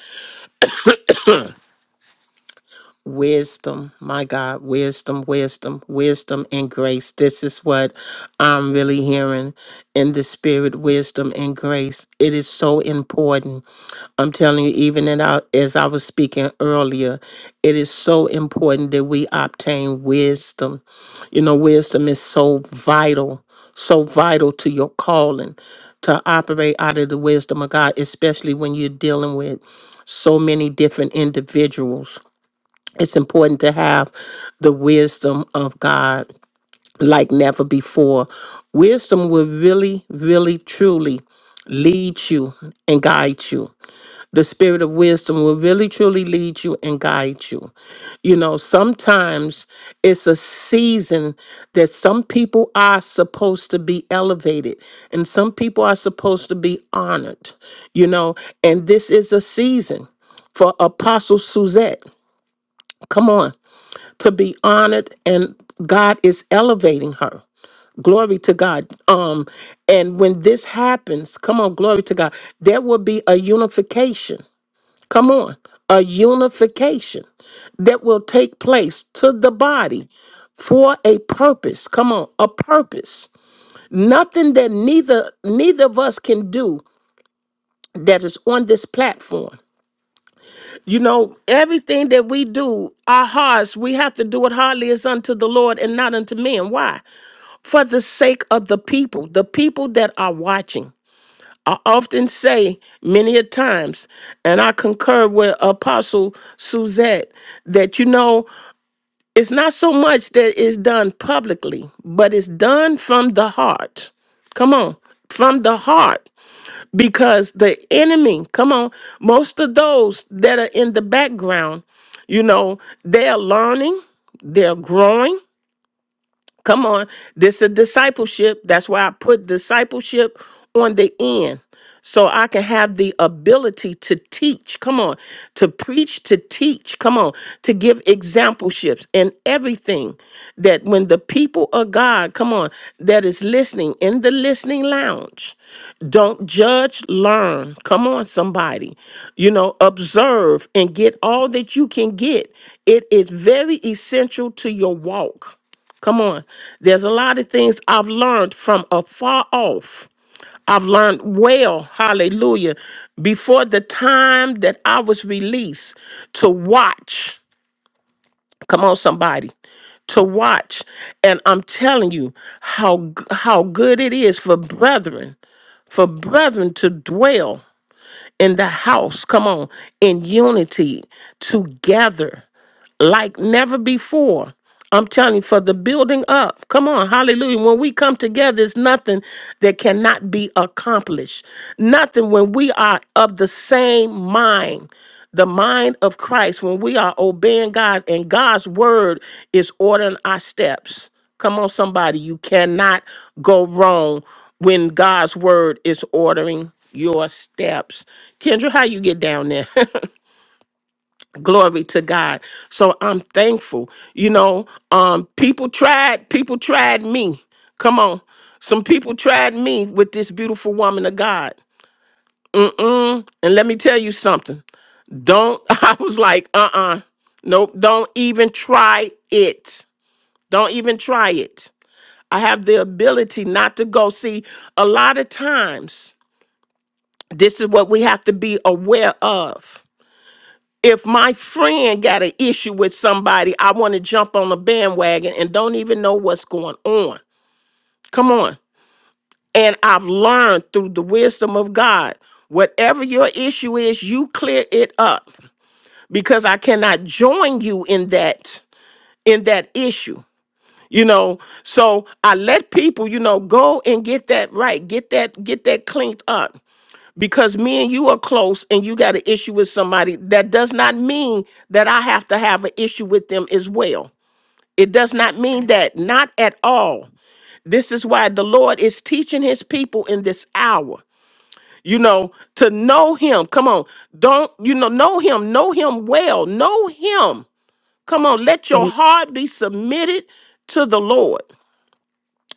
S2: Wisdom, my God, wisdom, wisdom, wisdom and grace. This is what I'm really hearing in the spirit wisdom and grace. It is so important I'm telling you, even in our, as I was speaking earlier, it is so important that we obtain wisdom. You know, wisdom is so vital, so vital to your calling to operate out of the wisdom of God, especially when you're dealing with so many different individuals it's important to have the wisdom of God like never before. Wisdom will really, really, truly lead you and guide you. The spirit of wisdom will really, truly lead you and guide you. You know, sometimes it's a season that some people are supposed to be elevated and some people are supposed to be honored, you know, and this is a season for Apostle Suzette. Come on to be honored and God is elevating her. Glory to God. Um and when this happens, come on, glory to God, there will be a unification. Come on. A unification that will take place to the body for a purpose. Come on, a purpose. Nothing that neither neither of us can do that is on this platform You know, everything that we do, our hearts, we have to do it hardly as unto the Lord and not unto men. Why? For the sake of the people, the people that are watching. I often say many a times, and I concur with Apostle Suzette, that you know, it's not so much that it's done publicly, but it's done from the heart. Come on, from the heart because the enemy, come on, most of those that are in the background, you know, they're learning, they're growing, Come on. This is discipleship. That's why I put discipleship on the end. So I can have the ability to teach. Come on. To preach, to teach. Come on. To give exampleships and everything that when the people of God, come on, that is listening in the listening lounge, don't judge, learn. Come on, somebody. You know, observe and get all that you can get. It is very essential to your walk. Come on. There's a lot of things I've learned from afar off. I've learned well, hallelujah, before the time that I was released to watch. Come on, somebody. To watch. And I'm telling you how g- how good it is for brethren, for brethren to dwell in the house. Come on, in unity together like never before. I'm telling you, for the building up. Come on, hallelujah. When we come together, there's nothing that cannot be accomplished. Nothing when we are of the same mind, the mind of Christ, when we are obeying God and God's word is ordering our steps. Come on, somebody. You cannot go wrong when God's word is ordering your steps. Kendra, how you get down there? glory to god so i'm thankful you know um people tried people tried me come on some people tried me with this beautiful woman of god Mm-mm. and let me tell you something don't i was like uh-uh nope don't even try it don't even try it i have the ability not to go see a lot of times this is what we have to be aware of if my friend got an issue with somebody, I want to jump on the bandwagon and don't even know what's going on. Come on. And I've learned through the wisdom of God, whatever your issue is, you clear it up because I cannot join you in that in that issue. You know, so I let people, you know, go and get that right, get that get that cleaned up. because me and you are close and you got an issue with somebody, that does not mean that I have to have an issue with them as well. It does not mean that, not at all. This is why the Lord is teaching his people in this hour, you know, to know him. Come on. Don't, you know, know him, know him well, know him. Come on, let your heart be submitted to the Lord,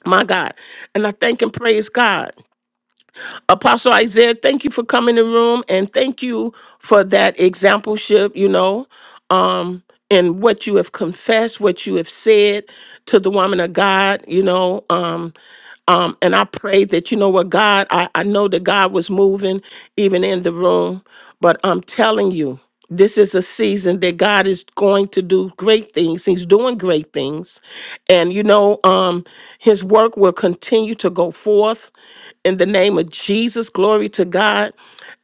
S2: my God. And I thank and praise God. Apostle Isaiah, thank you for coming in the room and thank you for that exampleship, you know, um, and what you have confessed, what you have said to the woman of God, you know. Um, um, and I pray that, you know what, God, I, I know that God was moving even in the room, but I'm telling you, this is a season that God is going to do great things. He's doing great things. And, you know, um, his work will continue to go forth in the name of Jesus. Glory to God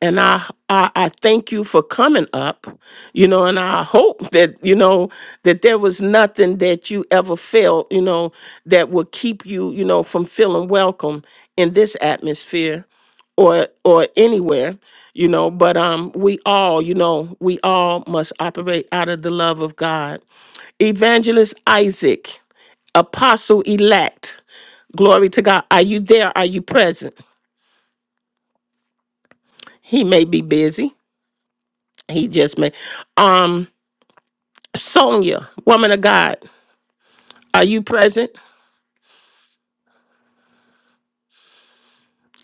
S2: and I, I I thank you for coming up, you know, and I hope that you know that there was nothing that you ever felt, you know, that would keep you, you know, from feeling welcome in this atmosphere or or anywhere, you know, but um we all, you know, we all must operate out of the love of God. Evangelist Isaac, apostle elect. Glory to God. Are you there? Are you present? He may be busy. He just made um Sonia, woman of God, are you present?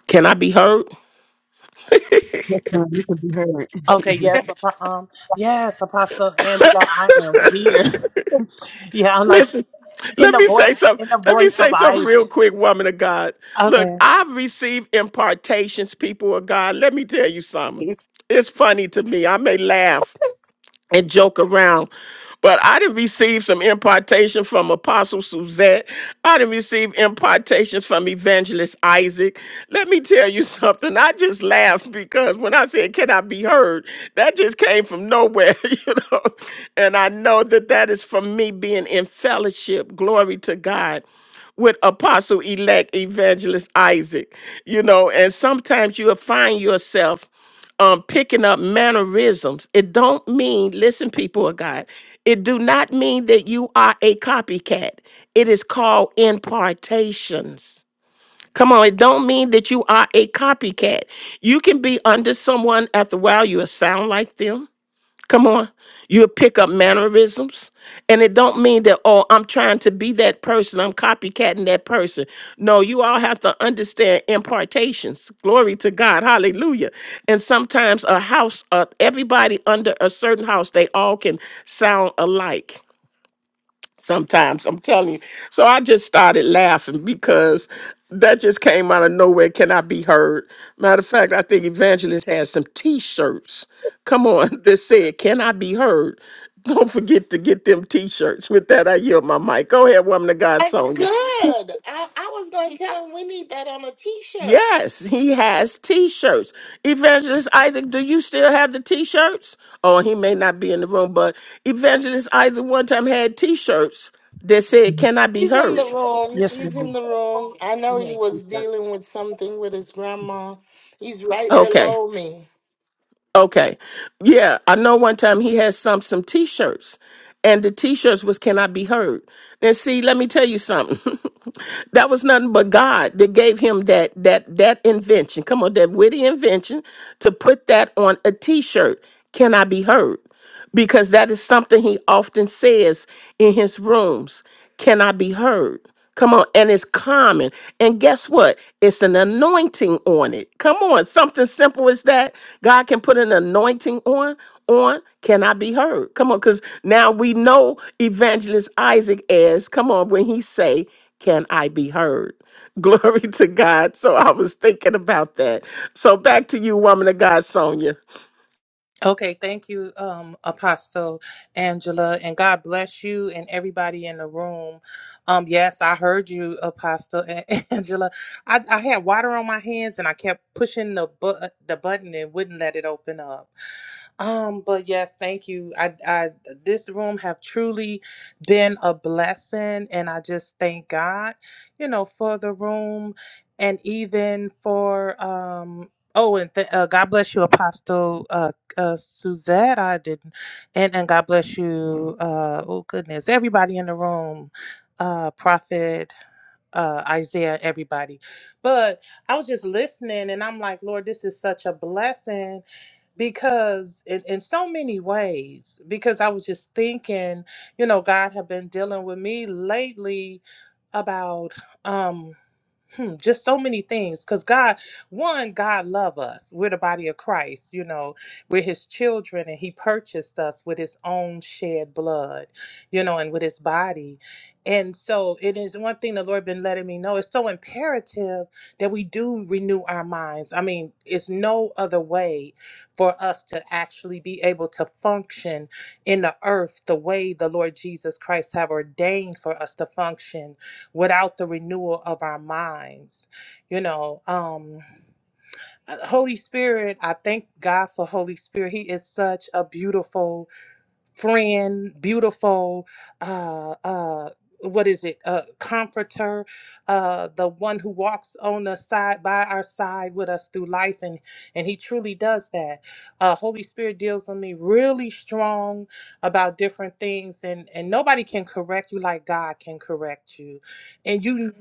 S2: Can I be heard?
S9: Yes, ma'am. You can be heard.
S11: Okay, yes, Apo- um, yes, Apostle Angela, I am here. yeah, I'm like
S2: Listen,
S11: in
S2: let
S11: the
S2: me
S11: voice,
S2: say something.
S11: in the
S2: Let me
S11: voice of
S2: say something real
S11: Isaac.
S2: quick, woman of God. Look,
S11: Okay.
S2: I've received impartations, people of God. Let me tell you something.
S1: It's
S2: It's funny to me. I may laugh. and joke around. But I didn't receive some impartation from Apostle Suzette. I didn't receive impartations from Evangelist Isaac. Let me tell you something. I just laughed because when I said, Can I be heard? That just came from nowhere, you know. And I know that that is from me being in fellowship. Glory to God with apostle elect evangelist Isaac, you know, and sometimes you'll find yourself um picking up mannerisms it don't mean listen people of god it do not mean that you are a copycat it is called impartations come on it don't mean that you are a copycat you can be under someone after a while you will sound like them Come on. You'll pick up mannerisms. And it don't mean that, oh, I'm trying to be that person. I'm copycatting that person. No, you all have to understand impartations. Glory to God. Hallelujah. And sometimes a house, uh, everybody under a certain house, they all can sound alike sometimes i'm telling you so i just started laughing because that just came out of nowhere cannot be heard matter of fact i think evangelist has some t-shirts come on that said cannot be heard don't forget to get them t-shirts with that i yield my mic go ahead woman of god
S10: That's good.
S2: sonia
S10: I, I was going to tell him we need that on a t shirt.
S2: yes he has t-shirts evangelist isaac do you still have the t-shirts oh he may not be in the room but evangelist isaac one time had t-shirts that said cannot be
S10: He's in the
S2: heard
S10: room.
S9: Yes, ma'am.
S10: He's in
S9: You
S10: the room. I know he
S9: know,
S10: was
S9: Jesus.
S10: dealing with something with his grandma. He's right
S2: Okay.
S10: below me.
S2: Okay. Yeah, I know one time he had some some t-shirts and the t-shirts was can I be heard. And see, let me tell you something. that was nothing but God that gave him that that that invention. Come on, that witty invention to put that on a t-shirt. Can I be heard? because that is something he often says in his rooms. Can I be heard? Come on, and it's common. And guess what? It's an anointing on it. Come on, something simple as that. God can put an anointing on on can I be heard? Come on, because now we know evangelist Isaac as come on when he say, Can I be heard? Glory to God. So I was thinking about that. So back to you, woman of God, Sonia.
S11: Okay, thank you, um, Apostle Angela, and God bless you and everybody in the room. Um, yes, I heard you, Apostle A- Angela. I, I had water on my hands and I kept pushing the bu- the button and wouldn't let it open up. Um, but yes, thank you. I, I, this room have truly been a blessing, and I just thank God, you know, for the room, and even for um. Oh, and th- uh, God bless you, Apostle uh, uh, Suzette. I didn't, and and God bless you. Uh, oh goodness, everybody in the room, uh, Prophet uh, Isaiah, everybody. But I was just listening, and I'm like, Lord, this is such a blessing because in, in so many ways because i was just thinking you know god had been dealing with me lately about um, hmm, just so many things because god one god love us we're the body of christ you know we're his children and he purchased us with his own shed blood you know and with his body and so it is one thing the lord been letting me know it's so imperative that we do renew our minds i mean it's no other way for us to actually be able to function in the earth the way the lord jesus christ have ordained for us to function without the renewal of our minds you know um uh, holy spirit i thank god for holy spirit he is such a beautiful friend, beautiful, uh, uh, what is it? Uh, comforter, uh, the one who walks on the side by our side with us through life, and and he truly does that. Uh, Holy Spirit deals with me really strong about different things, and and nobody can correct you like God can correct you, and you,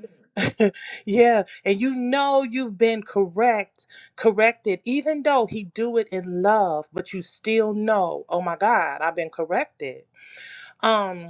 S11: yeah, and you know you've been correct corrected even though he do it in love but you still know oh my god i've been corrected um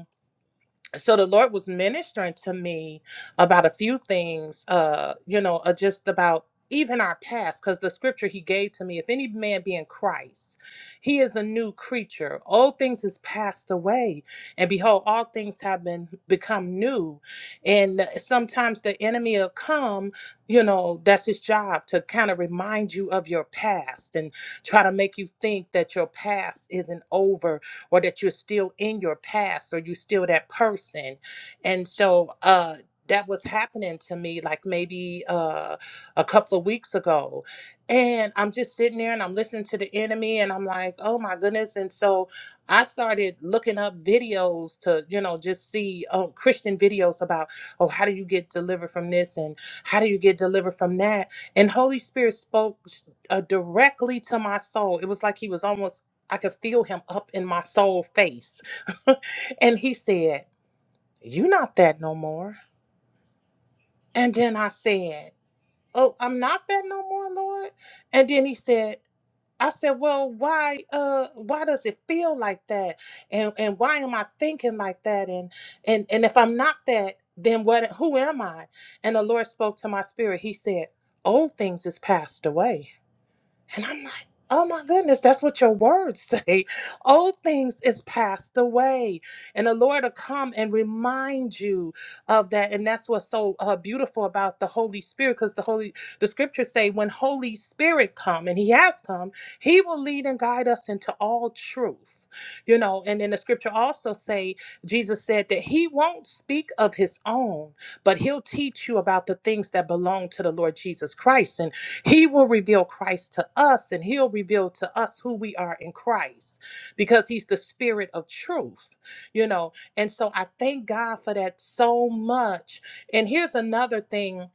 S11: so the lord was ministering to me about a few things uh you know uh, just about even our past because the scripture he gave to me if any man be in christ he is a new creature old things is passed away and behold all things have been become new and sometimes the enemy will come you know that's his job to kind of remind you of your past and try to make you think that your past isn't over or that you're still in your past or you're still that person. And so uh that was happening to me like maybe uh a couple of weeks ago. And I'm just sitting there and I'm listening to the enemy and I'm like, oh my goodness. And so I started looking up videos to, you know, just see um, Christian videos about, oh, how do you get delivered from this and how do you get delivered from that? And Holy Spirit spoke uh, directly to my soul. It was like he was almost I could feel him up in my soul face. and he said, You not that no more. And then I said, Oh, I'm not that no more, Lord. And then he said, I said, Well, why uh why does it feel like that? And and why am I thinking like that? And and and if I'm not that, then what who am I? And the Lord spoke to my spirit. He said, Old things is passed away And I'm like, oh my goodness, that's what your words say. Old things is passed away. And the Lord will come and remind you of that. And that's what's so uh, beautiful about the Holy Spirit, because the Holy, the scriptures say when Holy Spirit come, and he has come, he will lead and guide us into all truth. You know, and then the scripture also say, Jesus said that he won't speak of his own, but he'll teach you about the things that belong to the Lord Jesus Christ. He will reveal Christ to us and he'll reveal to us who we are in Christ because he's the spirit of truth, you know. And so I thank God for that so much. And here's another thing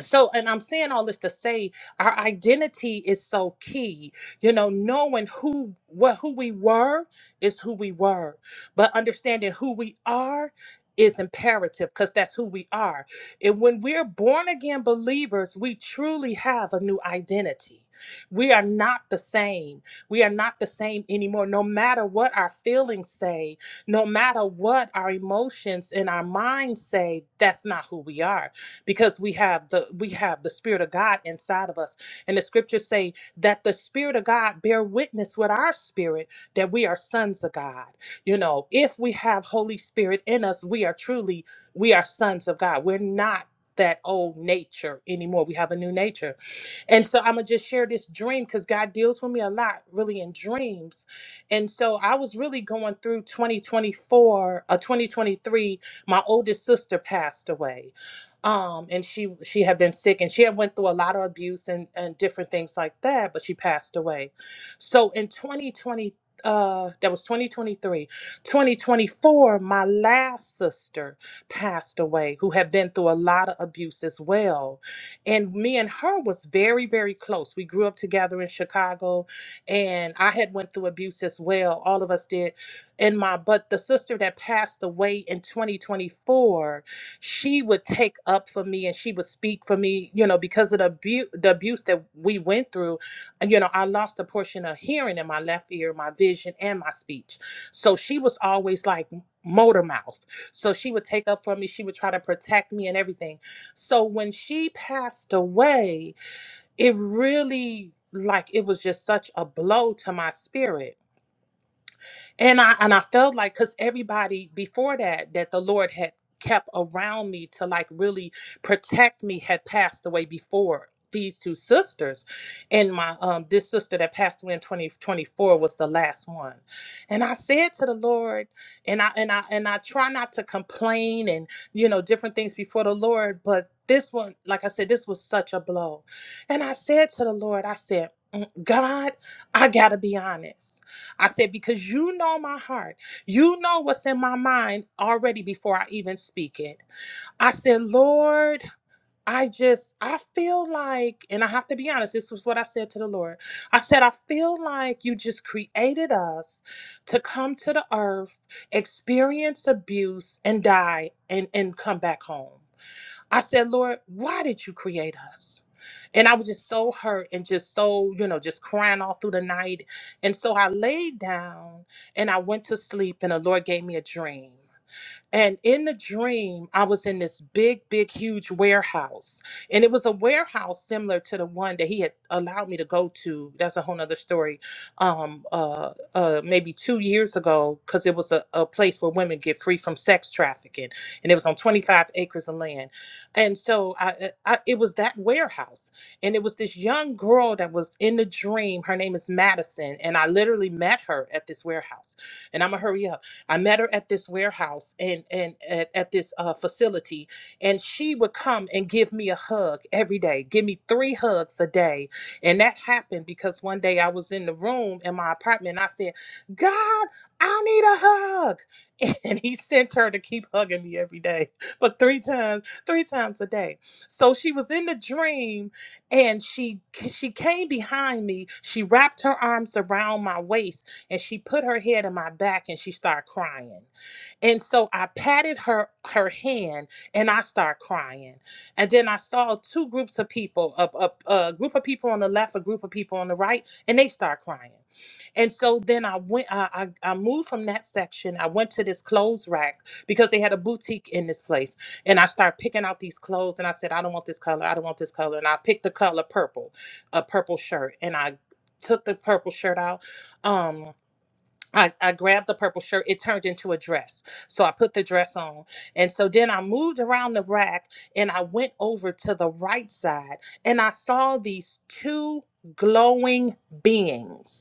S11: so and i'm saying all this to say our identity is so key you know knowing who what who we were is who we were but understanding who we are is imperative because that's who we are and when we're born again believers we truly have a new identity we are not the same we are not the same anymore no matter what our feelings say no matter what our emotions and our minds say that's not who we are because we have the we have the spirit of God inside of us. And the scriptures say that the spirit of God bear witness with our spirit that we are sons of God. You know, if we have Holy Spirit in us, we are truly we are sons of God. We're not that old nature anymore. We have a new nature. And so I'm gonna just share this dream because God deals with me a lot, really in dreams. And so I was really going through 2024, uh, 2023. My oldest sister passed away, um, and she she had been sick, and she had went through a lot of abuse and and different things like that. But she passed away. So in 2020, uh, that was 2023, 2024. My last sister passed away, who had been through a lot of abuse as well and me and her was very very close we grew up together in chicago and i had went through abuse as well all of us did and my but the sister that passed away in 2024 she would take up for me and she would speak for me you know because of the abuse the abuse that we went through and, you know i lost a portion of hearing in my left ear my vision and my speech so she was always like motor mouth so she would take up for me she would try to protect me and everything so when she passed away, it really like it was just such a blow to my spirit and I and I felt like because everybody before that that the Lord had kept around me to like really protect me had passed away before these two sisters and my um this sister that passed away in 2024 was the last one and i said to the lord and i and i and i try not to complain and you know different things before the lord but this one like i said this was such a blow and i said to the lord i said "Mm, god i gotta be honest I said, because you know my heart. You know what's in my mind already before I even speak it. I said, Lord, I just, I feel like, and I have to be honest, this was what I said to the Lord. I said, I feel like you just created us to come to the earth, experience abuse, and die and, and come back home. I said, Lord, why did you create us? And I was just so hurt and just so, you know, just crying all through the night. And so I laid down and I went to sleep, and the Lord gave me a dream. And in the dream, I was in this big, big, huge warehouse. And it was a warehouse similar to the one that he had allowed me to go to. That's a whole nother story. Um, uh, uh, maybe two years ago, because it was a, a place where women get free from sex trafficking. And it was on 25 acres of land. And so I, uh, I, it was that warehouse. And it was this young girl that was in the dream. Her name is Madison. And I literally met her at this warehouse. And I'm going to hurry up I met her at this warehouse and and at, at this uh, facility, and she would come and give me a hug every day, give me three hugs a day, and that happened because one day I was in the room in my apartment. And I said, "God, I need a hug," and He sent her to keep hugging me every day, but three times, three times a day. So she was in the dream, and she she came behind me. She wrapped her arms around my waist and she put her head on my back and she started crying. And so I patted her her hand and I started crying. And then I saw two groups of people, a, a, a group of people on the left, a group of people on the right, and they started crying. And so then I went, I, I, I moved from that section. I went to this clothes rack because they had a boutique in this place. And I started picking out these clothes and I said, I don't want this color. I don't want this color. And I picked the color purple, a purple shirt. And I took the purple shirt out. Um. I, I grabbed the purple shirt. It turned into a dress. So I put the dress on. And so then I moved around the rack and I went over to the right side and I saw these two glowing beings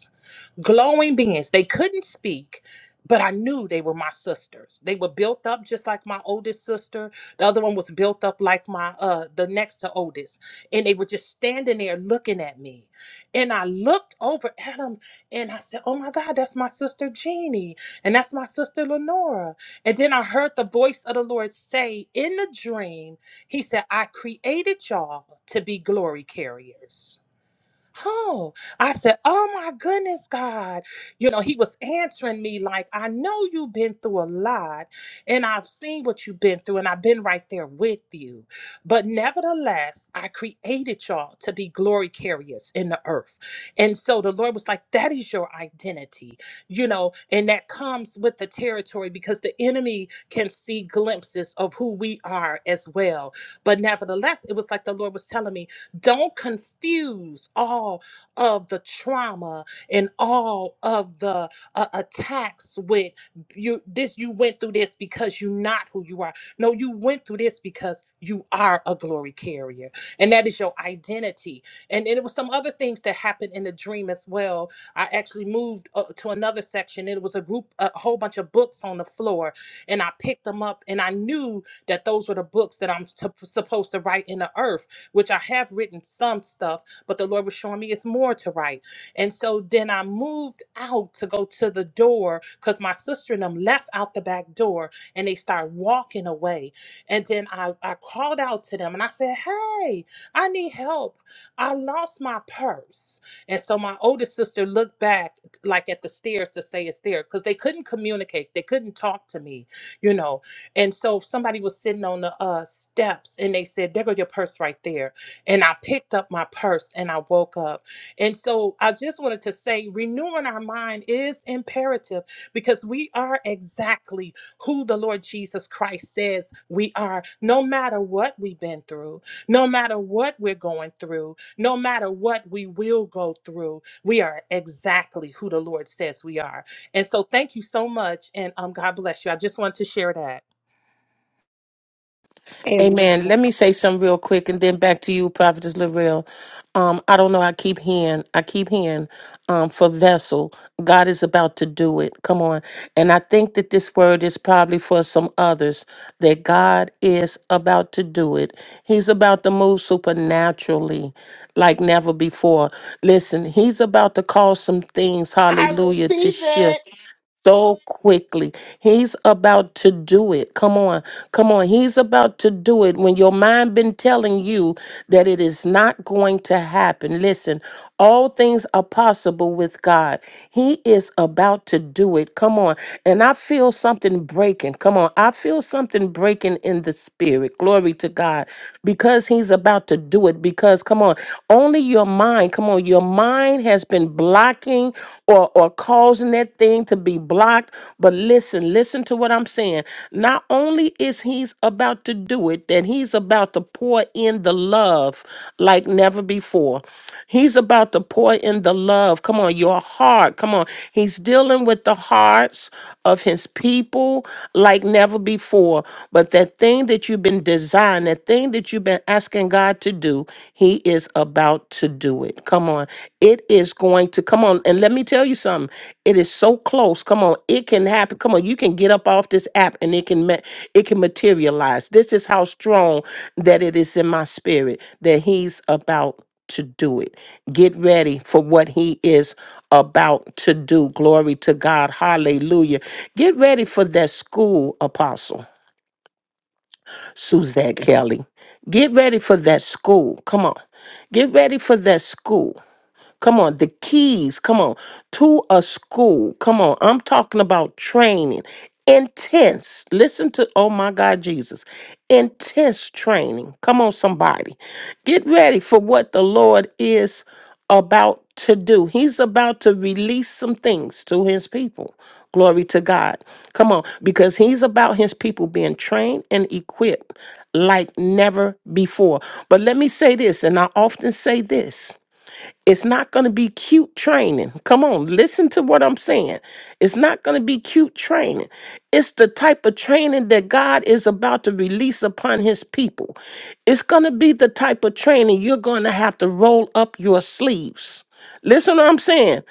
S11: glowing beings. They couldn't speak, but I knew they were my sisters. They were built up just like my oldest sister. The other one was built up like my uh the next to oldest. And they were just standing there looking at me. And I looked over at them and I said, Oh my God, that's my sister Jeannie. And that's my sister Lenora. And then I heard the voice of the Lord say in the dream, He said, I created y'all to be glory carriers. Oh, I said, Oh my goodness, God. You know, he was answering me like, I know you've been through a lot and I've seen what you've been through and I've been right there with you. But nevertheless, I created y'all to be glory carriers in the earth. And so the Lord was like, That is your identity, you know, and that comes with the territory because the enemy can see glimpses of who we are as well. But nevertheless, it was like the Lord was telling me, don't confuse all of the trauma and all of the uh, attacks with you this you went through this because you're not who you are. No, you went through this because you are a glory carrier. And that is your identity. And, then it was some other things that happened in the dream as well. I actually moved uh, to another section. It was a group, a whole bunch of books on the floor, and I picked them up, and I knew that those were the books that I'm sup- supposed to write in the earth which I have written some stuff, but the Lord was showing me it's more to write. And so then I moved out to go to the door because my sister and them left out the back door and they started walking away. And then I, I called out to them and I said, Hey, I need help. I lost my purse. And so my oldest sister looked back like at the stairs to say it's there because they couldn't communicate. They couldn't talk to me, you know. And so somebody was sitting on the uh, steps and they said, There go your purse right there. And I picked up my purse and I woke up. And so I just wanted to say, renewing our mind is imperative because we are exactly who the Lord Jesus Christ says we are, no matter what we've been through, no matter what we're going through, no matter what we will go through, we are exactly who the Lord says we are. And so thank you so much. And um, God bless you. I just wanted to share that.
S2: Amen. Let me say something real quick and then back to you, Prophetess Larell. Um, I don't know. I keep hearing, I keep hearing um, for vessel. God is about to do it. Come on. And I think that this word is probably for some others that God is about to do it. He's about to move supernaturally like never before. Listen, He's about to cause some things,
S10: I
S2: hallelujah, to
S10: receive
S2: shift
S10: it.
S2: so quickly. He's about to do it. Come on. Come on. He's about to do it when your mind been telling you that it is not going to happen. Listen, all things are possible with God. He is about to do it. Come on. And I feel something breaking. Come on. I feel something breaking in the spirit. Glory to God. Because he's about to do it because come on. Only your mind, come on. Your mind mind has been blocking or, or causing that thing to be blocked. But listen, listen to what I'm saying. Not only is he's about to do it, that he's about to pour in the love like never before. He's about to pour in the love. Come on, your heart. Come on. He's dealing with the hearts of his people like never before. But that thing that you've been designed, that thing that you've been asking God to do, he is about to do it. Come on. It is going to come on, and let me tell you something. It is so close. Come on, it can happen. Come on, you can get up off this app, and it can ma- it can materialize. This is how strong that it is in my spirit that He's about to do it. Get ready for what He is about to do. Glory to God. Hallelujah. Get ready for that school, Apostle Suzette Kelly. Get ready for that school. Come on. Get ready for that school. Come on, the keys, come on, to a school. Come on, I'm talking about training. Intense. Listen to, oh my God, Jesus. Intense training. Come on, somebody. Get ready for what the Lord is about to do. He's about to release some things to his people. Glory to God. Come on, because he's about his people being trained and equipped like never before. But let me say this, and I often say this it's not going to be cute training. Come on, listen to what I'm saying. It's not going to be cute training. It's the type of training that God is about to release upon his people. It's going to be the type of training you're going to have to roll up your sleeves. Listen to what I'm saying.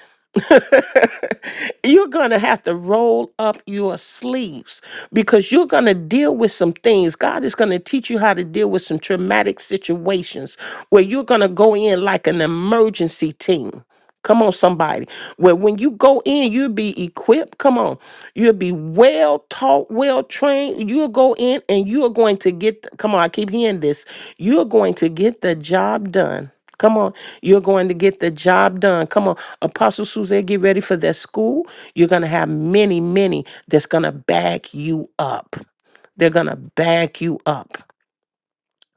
S2: You're going to have to roll up your sleeves because you're going to deal with some things. God is going to teach you how to deal with some traumatic situations where you're going to go in like an emergency team. Come on, somebody. Where when you go in, you'll be equipped. Come on. You'll be well taught, well trained. You'll go in and you're going to get, come on, I keep hearing this. You're going to get the job done. Come on, you're going to get the job done. Come on, Apostle Suzanne, get ready for that school. You're going to have many, many that's going to back you up. They're going to back you up.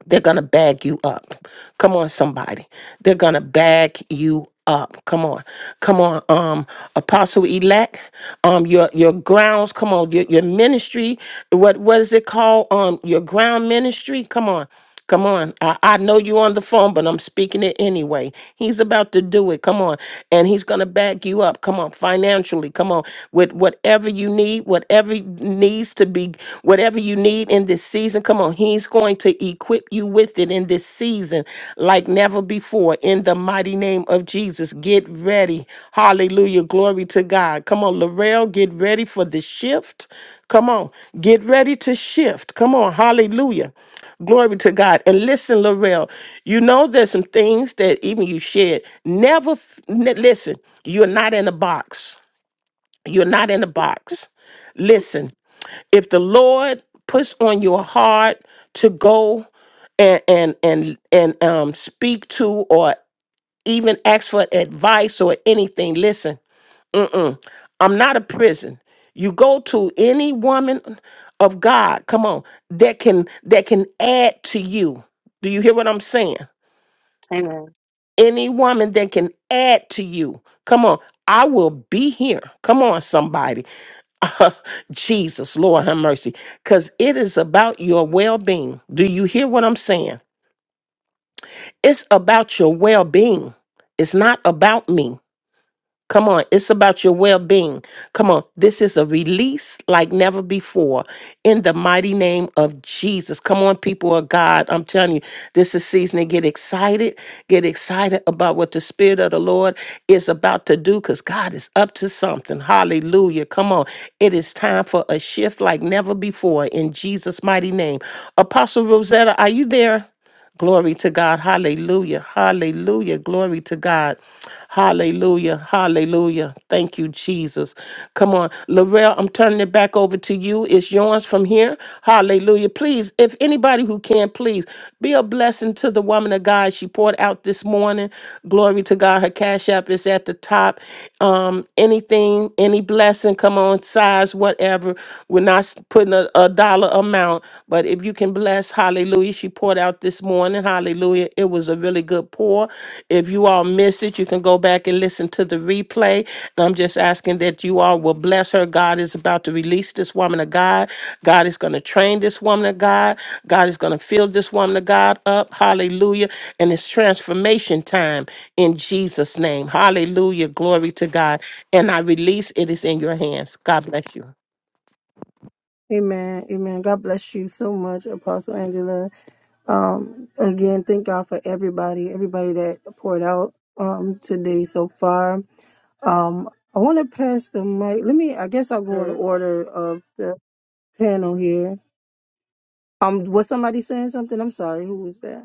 S2: They're going to bag you up. Come on, somebody. They're going to bag you up. Come on. Come on, um, apostle elect. Um, your your grounds, come on, your, your ministry. What what is it called? Um, your ground ministry. Come on. Come on. I, I know you on the phone, but I'm speaking it anyway. He's about to do it. Come on. And he's gonna back you up. Come on, financially. Come on. With whatever you need, whatever needs to be whatever you need in this season. Come on, He's going to equip you with it in this season like never before. In the mighty name of Jesus, get ready. Hallelujah. Glory to God. Come on, Laurel, get ready for the shift. Come on, get ready to shift. Come on, hallelujah. Glory to God. And listen, Laurel, you know there's some things that even you shared. Never, f- n- listen, you're not in a box. You're not in a box. Listen, if the Lord puts on your heart to go and and and and um speak to or even ask for advice or anything, listen, mm-mm, I'm not a prison. You go to any woman of God, come on, that can that can add to you. Do you hear what I'm saying? any woman that can add to you. Come on, I will be here. Come on, somebody. Uh, Jesus, Lord, have mercy. Because it is about your well being. Do you hear what I'm saying? It's about your well being. It's not about me. Come on, it's about your well being. Come on, this is a release like never before in the mighty name of Jesus. Come on, people of God, I'm telling you, this is season to get excited. Get excited about what the Spirit of the Lord is about to do because God is up to something. Hallelujah. Come on, it is time for a shift like never before in Jesus' mighty name. Apostle Rosetta, are you there? Glory to God. Hallelujah. Hallelujah. Glory to God. Hallelujah. Hallelujah. Thank you, Jesus. Come on. Laurel, I'm turning it back over to you. It's yours from here. Hallelujah. Please, if anybody who can, please be a blessing to the woman of God she poured out this morning. Glory to God. Her cash app is at the top. Um, anything, any blessing, come on, size, whatever. We're not putting a, a dollar amount. But if you can bless, hallelujah. She poured out this morning, hallelujah. It was a really good pour. If you all missed it, you can go back and listen to the replay. And I'm just asking that you all will bless her. God is about to release this woman of God. God is going to train this woman of God. God is going to fill this woman of God up, hallelujah. And it's transformation time in Jesus' name, hallelujah. Glory to God. And I release it is in your hands. God bless you.
S1: Amen. Amen. God bless you so much, Apostle Angela. Um, again, thank God for everybody, everybody that poured out um today so far. Um, I want to pass the mic. Let me. I guess I'll go in order of the panel here. Um, was somebody saying something? I'm sorry. Who was that?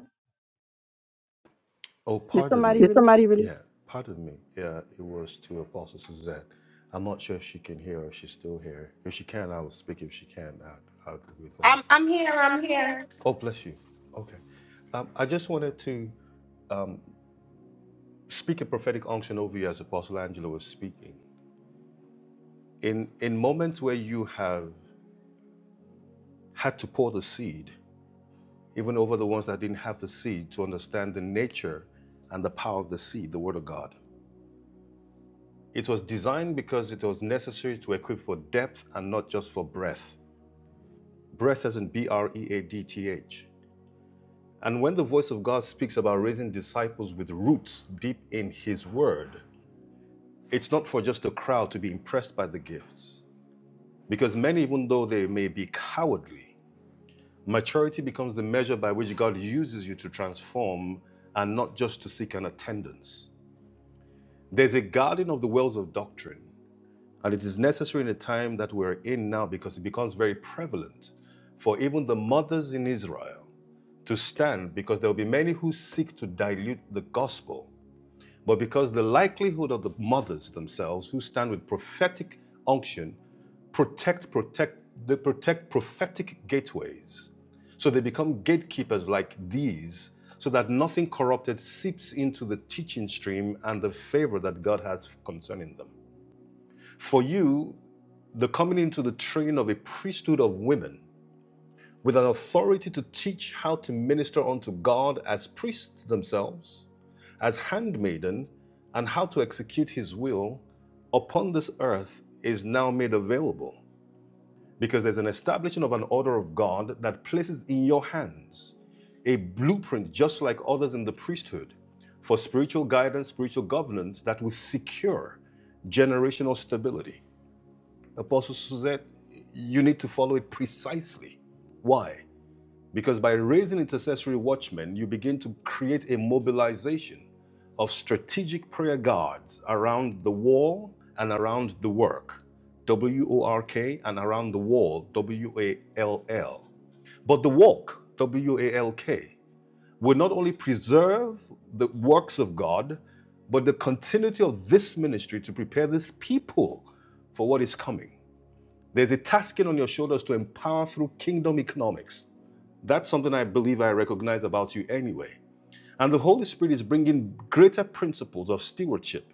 S8: Oh, Did pardon me. somebody
S1: Did
S8: release?
S1: somebody? really?
S8: Yeah, pardon me. Yeah, it was to Apostle Suzette. I'm not sure if she can hear or if she's still here. If she can, I will speak. If she can, I'd, I'd withhold. I'm
S10: I'm I'm
S8: I'm
S10: here.
S8: here.
S10: I'm
S8: I'm
S10: here.
S8: here. Oh, bless you. Okay. Um, I just wanted to um, speak a prophetic unction over you as Apostle Angela was speaking. In, in moments where you have had to pour the seed, even over the ones that didn't have the seed, to understand the nature and the power of the seed, the Word of God. It was designed because it was necessary to equip for depth and not just for breadth. Breadth as in B R E A D T H. And when the voice of God speaks about raising disciples with roots deep in His Word, it's not for just a crowd to be impressed by the gifts. Because many, even though they may be cowardly, maturity becomes the measure by which God uses you to transform and not just to seek an attendance. There's a guarding of the wells of doctrine And it is necessary in the time that we're in now because it becomes very prevalent for even the mothers in Israel to stand because there will be many who seek to dilute the gospel. But because the likelihood of the mothers themselves who stand with prophetic unction protect, protect, they protect prophetic gateways. So they become gatekeepers like these so that nothing corrupted seeps into the teaching stream and the favor that God has concerning them. For you, the coming into the train of a priesthood of women with an authority to teach how to minister unto God as priests themselves, as handmaiden, and how to execute his will upon this earth is now made available because there's an establishment of an order of God that places in your hands a blueprint, just like others in the priesthood, for spiritual guidance, spiritual governance that will secure generational stability. Apostle Suzette, you need to follow it precisely. Why? Because by raising intercessory watchmen, you begin to create a mobilization of strategic prayer guards around the wall and around the work. W O R K and around the wall, W A L L. But the walk, W A L K, will not only preserve the works of God, but the continuity of this ministry to prepare this people for what is coming. There's a tasking on your shoulders to empower through kingdom economics. That's something I believe I recognize about you anyway. And the Holy Spirit is bringing greater principles of stewardship,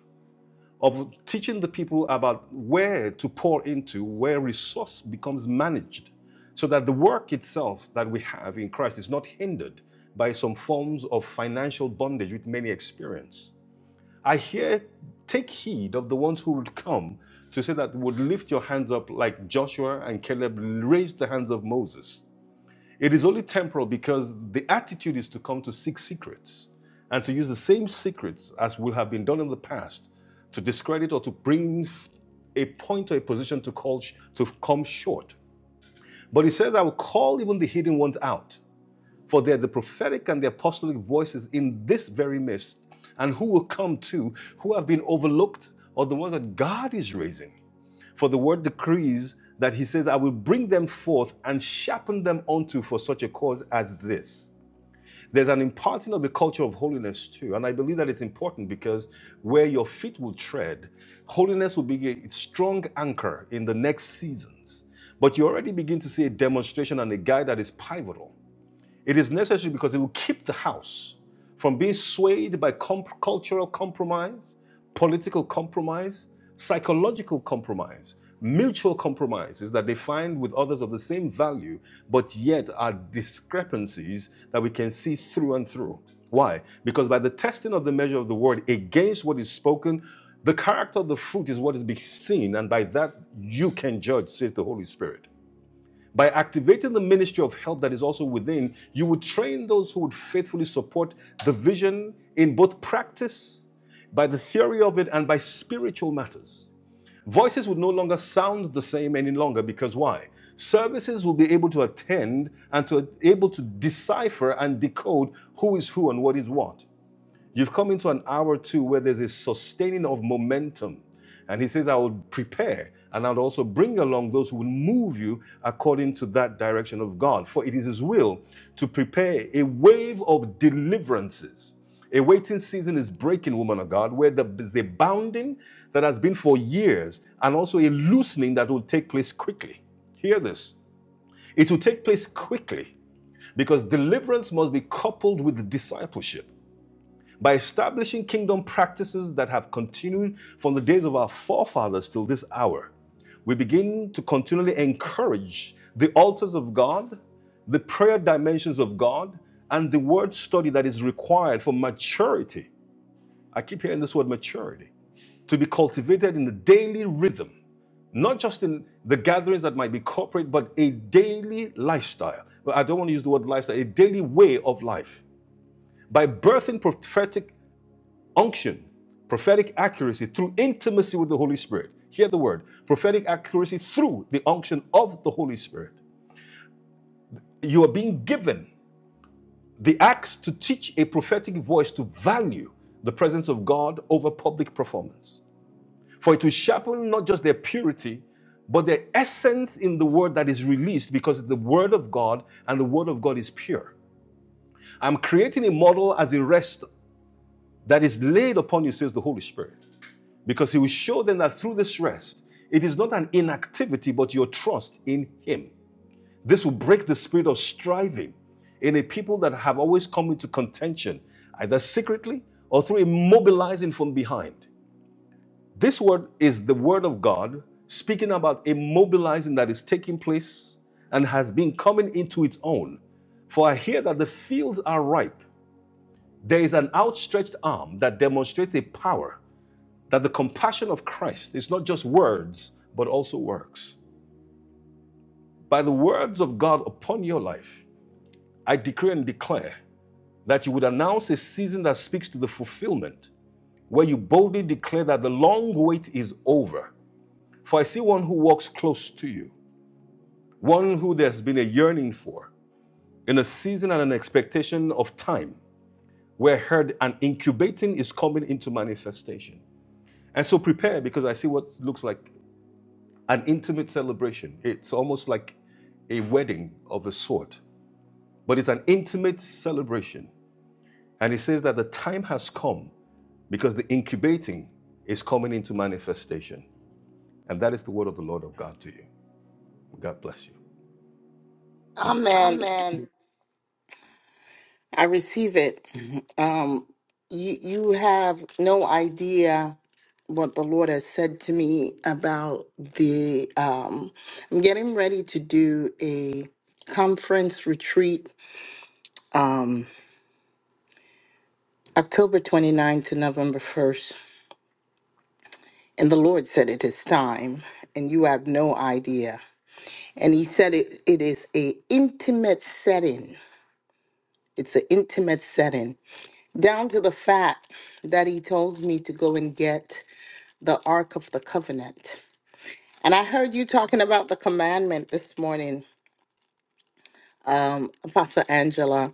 S8: of teaching the people about where to pour into, where resource becomes managed, so that the work itself that we have in Christ is not hindered by some forms of financial bondage which many experience. I hear, take heed of the ones who would come to say that would lift your hands up like Joshua and Caleb raised the hands of Moses. It is only temporal because the attitude is to come to seek secrets and to use the same secrets as will have been done in the past to discredit or to bring a point or a position to call to come short. But he says, I will call even the hidden ones out. For they are the prophetic and the apostolic voices in this very midst, and who will come too? who have been overlooked, are the ones that God is raising. For the word decrees that he says, I will bring them forth and sharpen them unto for such a cause as this. There's an imparting of a culture of holiness too, and I believe that it's important because where your feet will tread, holiness will be a strong anchor in the next seasons. But you already begin to see a demonstration and a guide that is pivotal. It is necessary because it will keep the house from being swayed by comp- cultural compromise, political compromise, psychological compromise, mutual compromises that they find with others of the same value, but yet are discrepancies that we can see through and through. Why? Because by the testing of the measure of the word against what is spoken, the character of the fruit is what is being seen, and by that you can judge, says the Holy Spirit. By activating the ministry of help that is also within, you would train those who would faithfully support the vision in both practice, by the theory of it, and by spiritual matters. Voices would no longer sound the same any longer because why? Services will be able to attend and to able to decipher and decode who is who and what is what. You've come into an hour two where there's a sustaining of momentum. And he says, I will prepare and I'll also bring along those who will move you according to that direction of God. For it is his will to prepare a wave of deliverances. A waiting season is breaking, woman of God, where there is a bounding that has been for years and also a loosening that will take place quickly. Hear this. It will take place quickly because deliverance must be coupled with discipleship by establishing kingdom practices that have continued from the days of our forefathers till this hour, we begin to continually encourage the altars of God, the prayer dimensions of God, and the word study that is required for maturity. I keep hearing this word maturity to be cultivated in the daily rhythm, not just in the gatherings that might be corporate, but a daily lifestyle. But I don't want to use the word lifestyle, a daily way of life. By birthing prophetic Unction, prophetic accuracy through intimacy with the Holy Spirit. Hear the word prophetic accuracy through the unction of the Holy Spirit. You are being given the acts to teach a prophetic voice to value the presence of God over public performance. For it will sharpen not just their purity, but their essence in the word that is released because it's the word of God and the word of God is pure. I'm creating a model as a rest that is laid upon you, says the Holy Spirit. because he will show them that through this rest, it is not an inactivity, but your trust in him. This will break the spirit of striving in a people that have always come into contention, either secretly or through immobilizing from behind. This word is the word of God speaking about immobilizing that is taking place and has been coming into its own. For I hear that the fields are ripe. There is an outstretched arm that demonstrates a power that the compassion of Christ is not just words, but also works. By the words of God upon your life, I decree and declare that you would announce a season that speaks to the fulfillment, where you boldly declare that the long wait is over. For I see one who walks close to you, one who there's been a yearning for, in a season and an expectation of time, where heard and incubating is coming into manifestation. And so prepare because I see what looks like an intimate celebration. It's almost like a wedding of a sort, but it's an intimate celebration. And he says that the time has come because the incubating is coming into manifestation. And that is the word of the Lord of God to you. God bless you. Hmm.
S10: Amen.
S8: Amen.
S10: I receive it. Um you you have no idea what the Lord has said to me about the um I'm getting ready to do a conference retreat um October 29 to November 1st And the Lord said, It is time, and you have no idea. And he said it it is a intimate setting. It's an intimate setting. Down to the fact that he told me to go and get the Ark of the Covenant. And I heard you talking about the commandment this morning, um, Pastor Angela.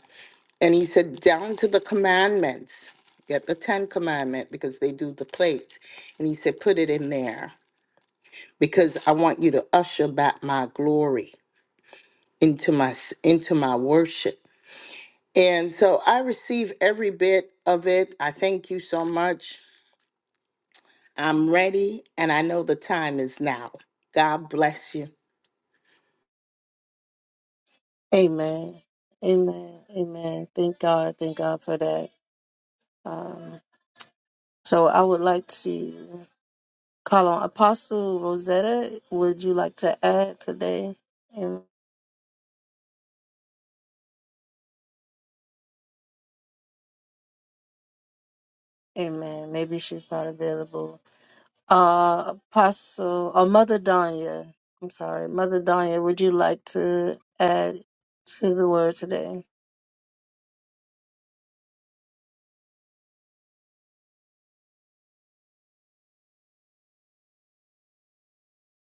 S10: And he said, down to the commandments, get the Ten Commandment because they do the plate. And he said, put it in there because I want you to usher back my glory. into my s- into my worship. And so I receive every bit of it. I thank you so much. I'm ready and I know the time is now. God bless you.
S1: Amen. Amen. Amen. Thank God. Thank God for that. Um, so I would like to call on Apostle Rosetta. Would you like to add today? Am- Amen. Maybe she's not available. Uh, Apostle or Mother Danya. I'm sorry. Mother Danya, would you like to add to the word today?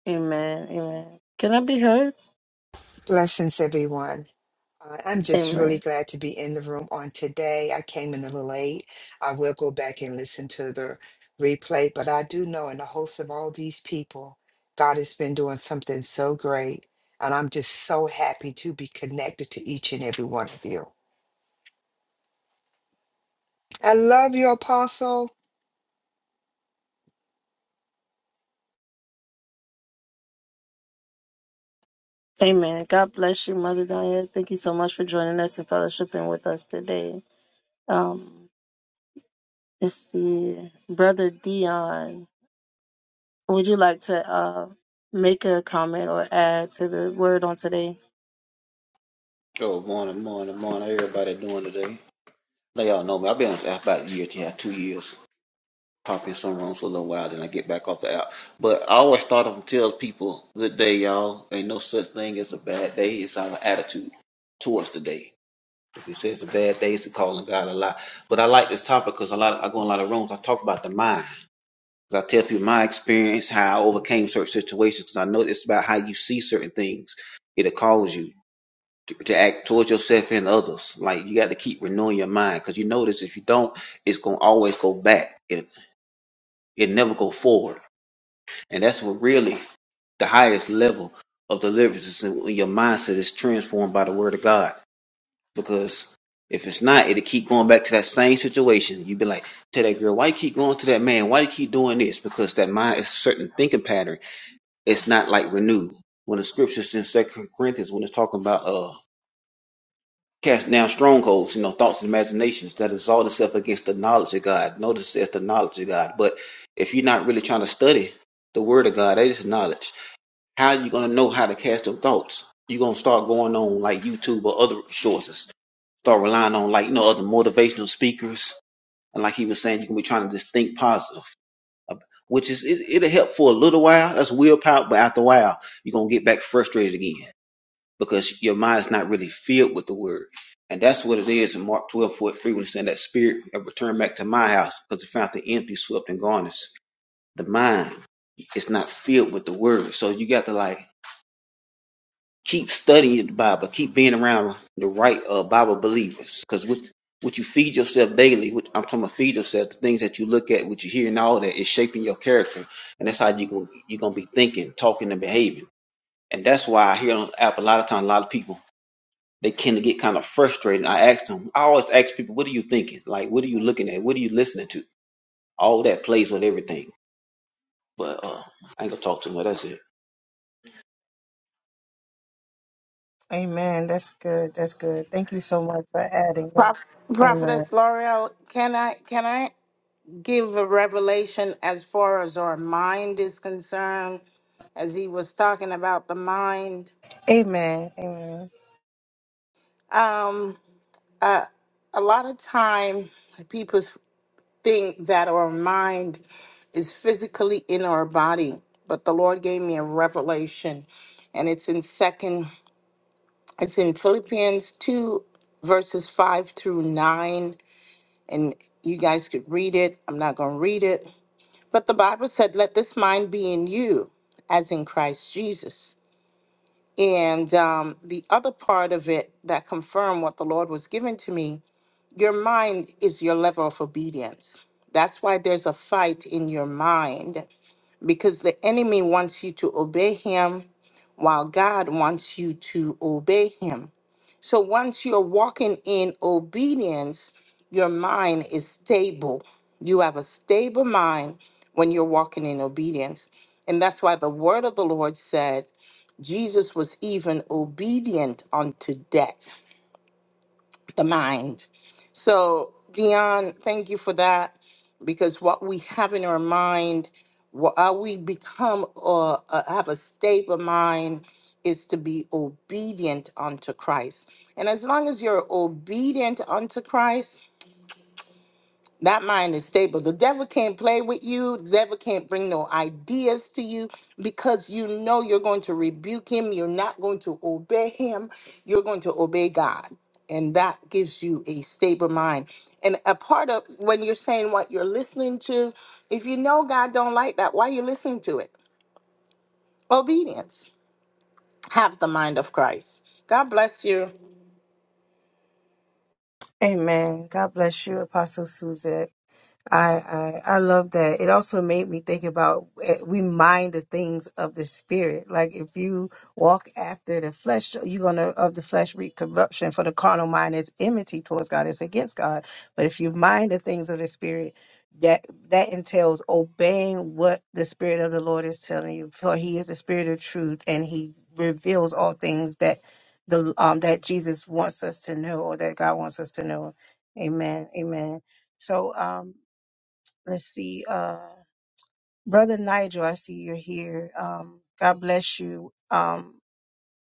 S1: Amen. Amen. Can I be heard?
S12: Blessings, everyone. Uh, I'm just really glad to be in the room on today. I came in a little late. I will go back and listen to the replay, but I do know in the host of all these people, God has been doing something so great. And I'm just so happy to be connected to each and every one of you. I love you, Apostle.
S1: Amen. God bless you, Mother Diane. Thank you so much for joining us and fellowshipping with us today. Um, it's the Brother Dion. Would you like to uh, make a comment or add to the word on today?
S13: Oh, morning, morning, morning. How Everybody doing today? Now y'all know me. I've been on this app about a year, yeah, two years. Pop in some rooms for a little while, then I get back off the app. But I always start off and tell people, "Good day, y'all. Ain't no such thing as a bad day. It's our attitude towards the day. If it says a bad day, it's a calling God a lie." But I like this topic because a lot, of, I go in a lot of rooms. I talk about the mind. 'Cause I tell people my experience, how I overcame certain situations. Because I know it's about how you see certain things. It'll cause you to, to act towards yourself and others. Like you got to keep renewing your mind because you notice if you don't, it's gonna always go back. It it never go forward, and that's what really the highest level of deliverance is when your mindset is transformed by the Word of God. Because if it's not, it'll keep going back to that same situation. You'd be like, "Tell that girl, why you keep going to that man? Why you keep doing this?" Because that mind is a certain thinking pattern. It's not like renewed. When the scriptures in Second Corinthians, when it's talking about uh Cast down strongholds, you know, thoughts and imaginations that exalt itself against the knowledge of God. Notice it's the knowledge of God. But if you're not really trying to study the word of God, that is knowledge. How are you gonna know how to cast them thoughts? You're gonna start going on like YouTube or other sources. Start relying on like you know other motivational speakers. And like he was saying, you can be trying to just think positive. uh, Which is it, it'll help for a little while. That's willpower, but after a while, you're gonna get back frustrated again because your mind is not really filled with the word. And that's what it is in Mark 12 43, when it's saying that spirit have returned back to my house because it found the empty, swept, and garnished. The mind is not filled with the word. So you got to like keep studying the Bible, keep being around the right uh, Bible believers. Because what, what you feed yourself daily, what I'm talking about feed yourself, the things that you look at, what you hear and all that is shaping your character. And that's how you going you're gonna be thinking, talking, and behaving. And that's why I hear on the app a lot of times a lot of people they tend to get kind of frustrated. And I asked them, I always ask people, what are you thinking? Like, what are you looking at? What are you listening to? All that plays with everything. But uh, I ain't gonna talk too much. That's it.
S1: Amen. That's good. That's good. Thank you so much for adding that.
S10: Proph-
S1: Amen.
S10: Prophetess L'Oreal, can I can I give a revelation as far as our mind is concerned? As he was talking about the mind,
S1: Amen. Amen.
S10: um, uh, a lot of time people thing that our mind is physically in our body but the lord gave me a revelation and it's in second it's in philippians 2 verses 5 through 9 and you guys could read it i'm not going to read it but the bible said let this mind be in you as in christ jesus and um, the other part of it that confirmed what the lord was giving to me your mind is your level of obedience. That's why there's a fight in your mind because the enemy wants you to obey him while God wants you to obey him. So once you're walking in obedience, your mind is stable. You have a stable mind when you're walking in obedience. And that's why the word of the Lord said Jesus was even obedient unto death the mind. So, Dion, thank you for that because what we have in our mind, what uh, we become or uh, have a stable mind is to be obedient unto Christ. And as long as you're obedient unto Christ, that mind is stable. The devil can't play with you. The devil can't bring no ideas to you because you know you're going to rebuke him. You're not going to obey him. You're going to obey God. And that gives you a stable mind. And a part of when you're saying what you're listening to, if you know God don't like that, why are you listening to it? Obedience. Have the mind of Christ. God bless you.
S1: Amen. God bless you, Apostle Suzette. I, I I love that. It also made me think about eh, we mind the things of the spirit. Like if you walk after the flesh, you're gonna of the flesh reap corruption. For the carnal mind is enmity towards God; it's against God. But if you mind the things of the spirit, that that entails obeying what the spirit of the Lord is telling you. For He is the spirit of truth, and He reveals all things that the um that Jesus wants us to know, or that God wants us to know. Amen. Amen. So um. Let's see. Uh, Brother Nigel, I see you're here. Um, God bless you. Um,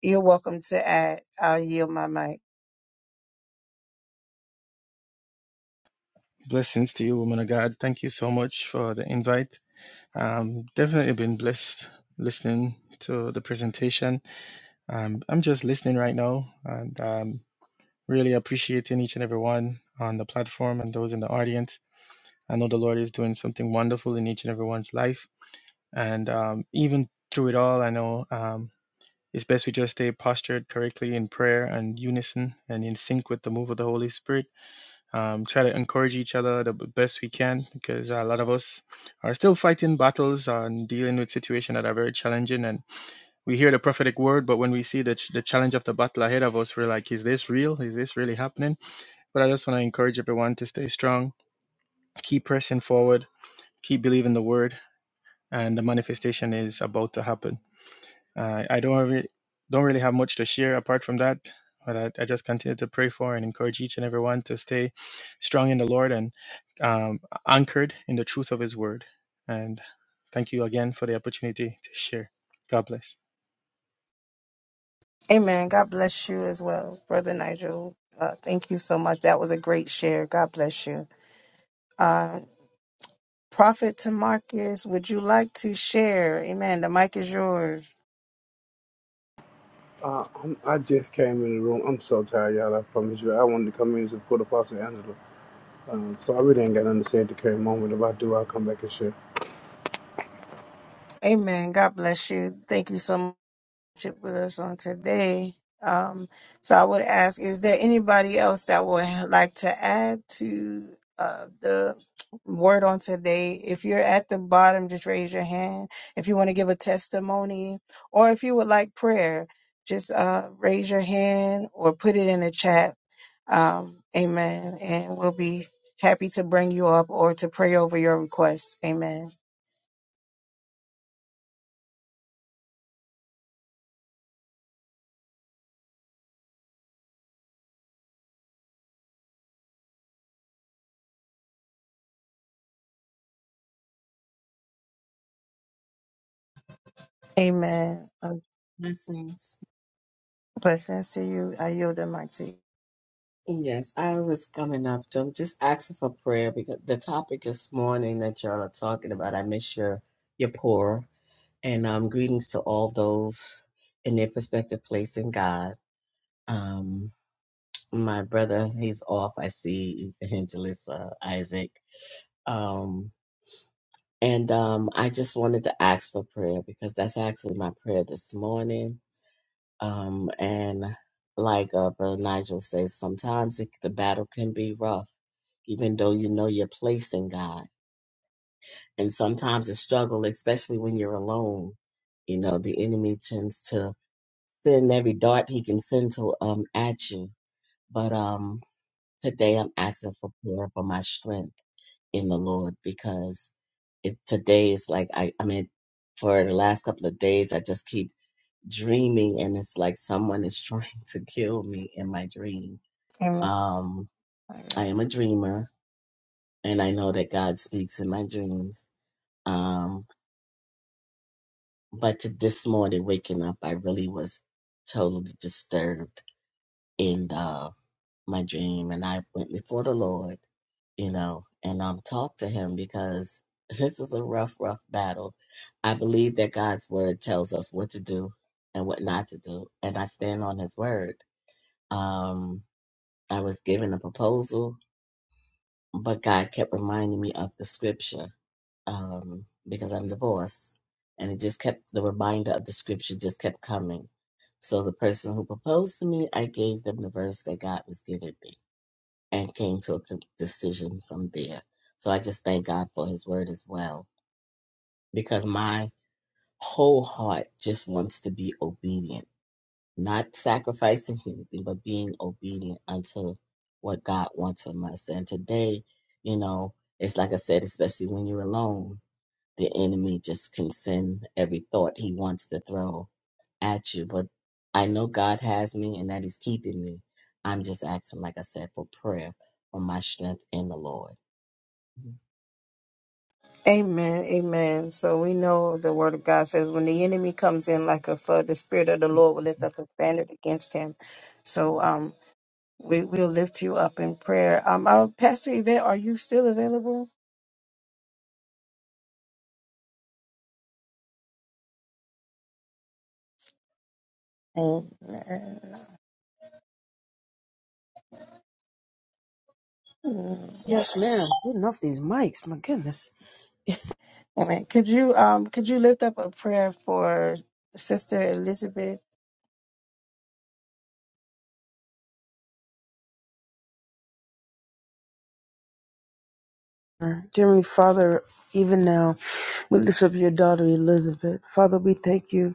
S1: you're welcome to add. I'll yield my mic.
S14: Blessings to you, woman of God. Thank you so much for the invite. Um, definitely been blessed listening to the presentation. Um, I'm just listening right now and um, really appreciating each and every one on the platform and those in the audience. I know the Lord is doing something wonderful in each and everyone's life. And um, even through it all, I know um, it's best we just stay postured correctly in prayer and unison and in sync with the move of the Holy Spirit um, try to encourage each other the b- best we can because a lot of us are still fighting battles and dealing with situations that are very challenging. And we hear the prophetic word, but when we see the, ch- the challenge of the battle ahead of us, we're like, is this real? Is this really happening? But I just want to encourage everyone to stay strong, keep pressing forward, keep believing the word, and the manifestation is about to happen. Uh, I don't really, don't really have much to share apart from that, but I, I just continue to pray for and encourage each and every one to stay strong in the Lord and um, anchored in the truth of His Word. And thank you again for the opportunity to share. God bless.
S1: Amen. God bless you as well, Brother Nigel. Uh, thank you so much. That was a great share. God bless you. Uh, Prophet Tamarcus, would you like to share? Amen. The mic is yours.
S15: Uh, I'm, I just came in the room. I'm so tired, y'all. I promise you. I wanted to come in and support Apostle Angela. Um, so I really ain't got nothing to say at the current moment. If I do, I'll come back and share.
S1: Amen. God bless you. Thank you so much. with us on today. Um, so I would ask, is there anybody else that would like to add to uh, the word on today? If you're at the bottom, just raise your hand. If you want to give a testimony or if you would like prayer, just uh, raise your hand or put it in the chat. Um, amen. And we'll be happy to bring you up or to pray over your requests. Amen. Amen. Um,
S16: Blessings.
S1: Blessings to you. I yield the mic to you.
S16: Yes, I was coming up to just asking for prayer because the topic this morning that y'all are talking about, I miss your your poor. And um greetings to all those in their prospective place in God. Um my brother, he's off, I see Evangelist uh, Isaac. Um and um I just wanted to ask for prayer because that's actually my prayer this morning. Um, and like uh, Brother Nigel says, sometimes it, the battle can be rough, even though you know your place in God. And sometimes a struggle, especially when you're alone. You know, the enemy tends to send every dart he can send to um at you. But um, today I'm asking for prayer for my strength in the Lord because it today is like I I mean, for the last couple of days I just keep dreaming and it's like someone is trying to kill me in my dream.
S1: Amen.
S16: Um,
S1: My
S16: I
S1: God.
S16: am a dreamer and I know that God speaks in my dreams. Um, but to this morning waking up, I really was totally disturbed in uh, my dream and I went before the Lord, you know, and um, talked to him because this is a rough, rough battle. I believe that God's word tells us what to do and what not to do. And I stand on his word. Um, I was given a proposal, but God kept reminding me of the scripture um, because I'm divorced. And it just kept, the reminder of the scripture just kept coming. So the person who proposed to me, I gave them the verse that God was giving me and came to a con- decision from there. So I just thank God for his word as well because my whole heart just wants to be obedient not sacrificing anything, but being obedient unto what God wants from us. And today, you know, it's like I said, especially when you're alone, the enemy just can send every thought he wants to throw at you. But I know God has me and that He's keeping me. I'm just asking, like I said, for prayer for my strength in the Lord.
S1: Amen. Amen. So we know the word of God says when the enemy comes in like a flood, the spirit of the Lord will lift up a standard against him. So um we will lift you up in prayer. Um our Pastor Yvette, are you still available? Amen.
S9: Yes, ma'am. Getting off these mics, my goodness.
S1: Amen. Could you um could you lift up a prayer for Sister Elizabeth?
S9: Dear Father, even now, we lift up your daughter Elizabeth. Father, we thank you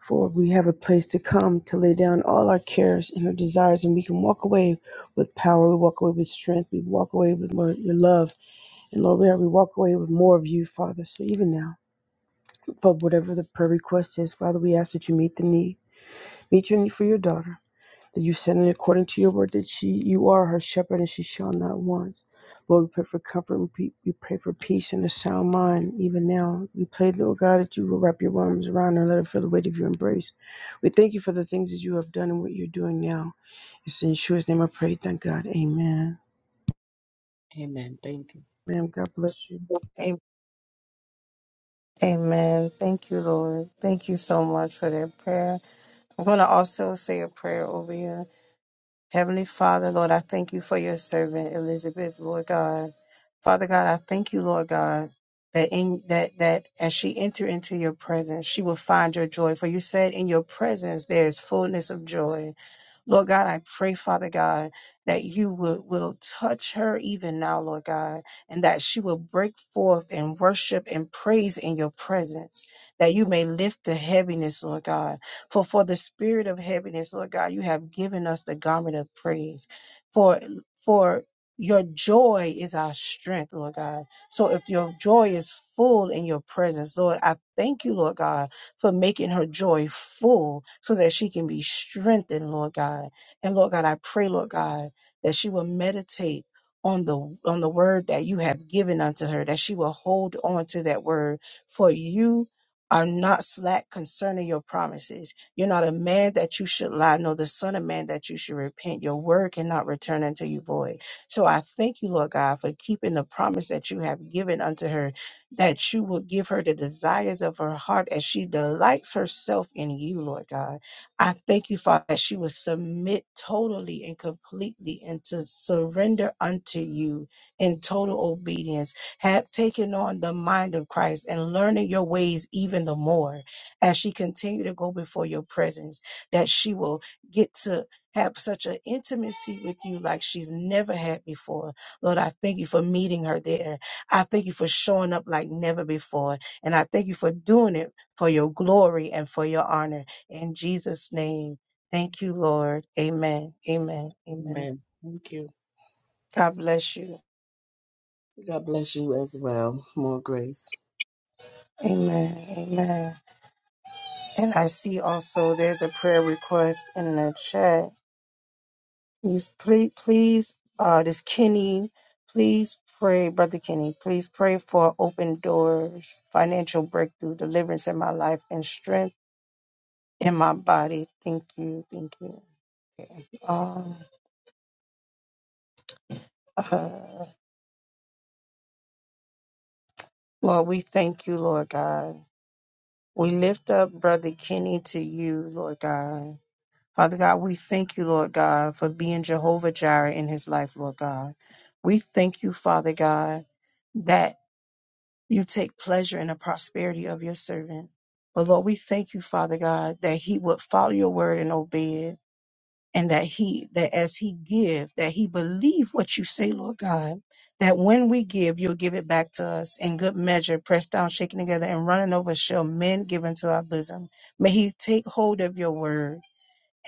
S9: for we have a place to come to lay down all our cares and our desires, and we can walk away with power. We walk away with strength. We walk away with more, your love. And Lord, we we walk away with more of you, Father. So even now, for whatever the prayer request is. Father, we ask that you meet the need, meet your need for your daughter, that you send it according to your word, that she, you are her shepherd and she shall not want. Lord, we pray for comfort and pe- we pray for peace and a sound mind even now. We pray, Lord God, that you will wrap your arms around her and let her feel the weight of your embrace. We thank you for the things that you have done and what you're doing now. It's in Yeshua's name I pray. Thank God. Amen.
S16: Amen. Thank you.
S9: Ma'am, God bless you.
S1: A- Amen. Thank you, Lord. Thank you so much for that prayer. I'm going to also say a prayer over you. Heavenly Father, Lord, I thank you for your servant Elizabeth, Lord God. Father God, I thank you, Lord God, that in that that as she enter into your presence, she will find your joy. For you said in your presence there is fullness of joy. Lord God, I pray, Father God, that you will, will touch her even now, Lord God, and that she will break forth in worship and praise in your presence, that you may lift the heaviness, Lord God. For for the spirit of heaviness, Lord God, you have given us the garment of praise. For for your joy is our strength, Lord God. So if your joy is full in your presence, Lord, I thank you, Lord God, for making her joy full so that she can be strengthened, Lord God. And Lord God, I pray, Lord God, that she will meditate on the on the word that you have given unto her, that she will hold on to that word. For you are not slack concerning your promises. You're not a man that you should lie, nor the son of man that you should repent. Your word cannot return unto you void. So I thank you, Lord God, for keeping the promise that you have given unto her that you will give her the desires of her heart as she delights herself in you, Lord God. I thank you, Father, that she will submit totally and completely and to surrender unto you in total obedience, have taken on the mind of Christ and learning your ways even the more as she continue to go before your presence, that she will get to have such an intimacy with you like she's never had before. Lord, I thank you for meeting her there I thank you for showing up like never before. And I thank you for doing it for your glory and for your honor. In Jesus' name, thank you, Lord. Amen. Amen. Amen.
S16: Amen. Thank you.
S1: God bless you.
S16: God bless you as well. More grace.
S1: Amen. Amen. And I see also there's a prayer request in the chat. Please, please, please, uh, this Kenny, please pray, Brother Kenny, please pray for open doors, financial breakthrough, deliverance in my life, and strength in my body. Thank you. Thank you. Um, uh, Lord, we thank you, Lord God. We lift up Brother Kenny to you, Lord God. Father God, we thank you, Lord God, for being Jehovah Jireh in his life, Lord God. We thank you, Father God, that you take pleasure in the prosperity of your servant. But Lord, we thank you, Father God, that he would follow your word and obey it. and that he that as he give that he believe what you say lord god that when we give you'll give it back to us in good measure pressed down shaken together and running over shall men give into our bosom may he take hold of your word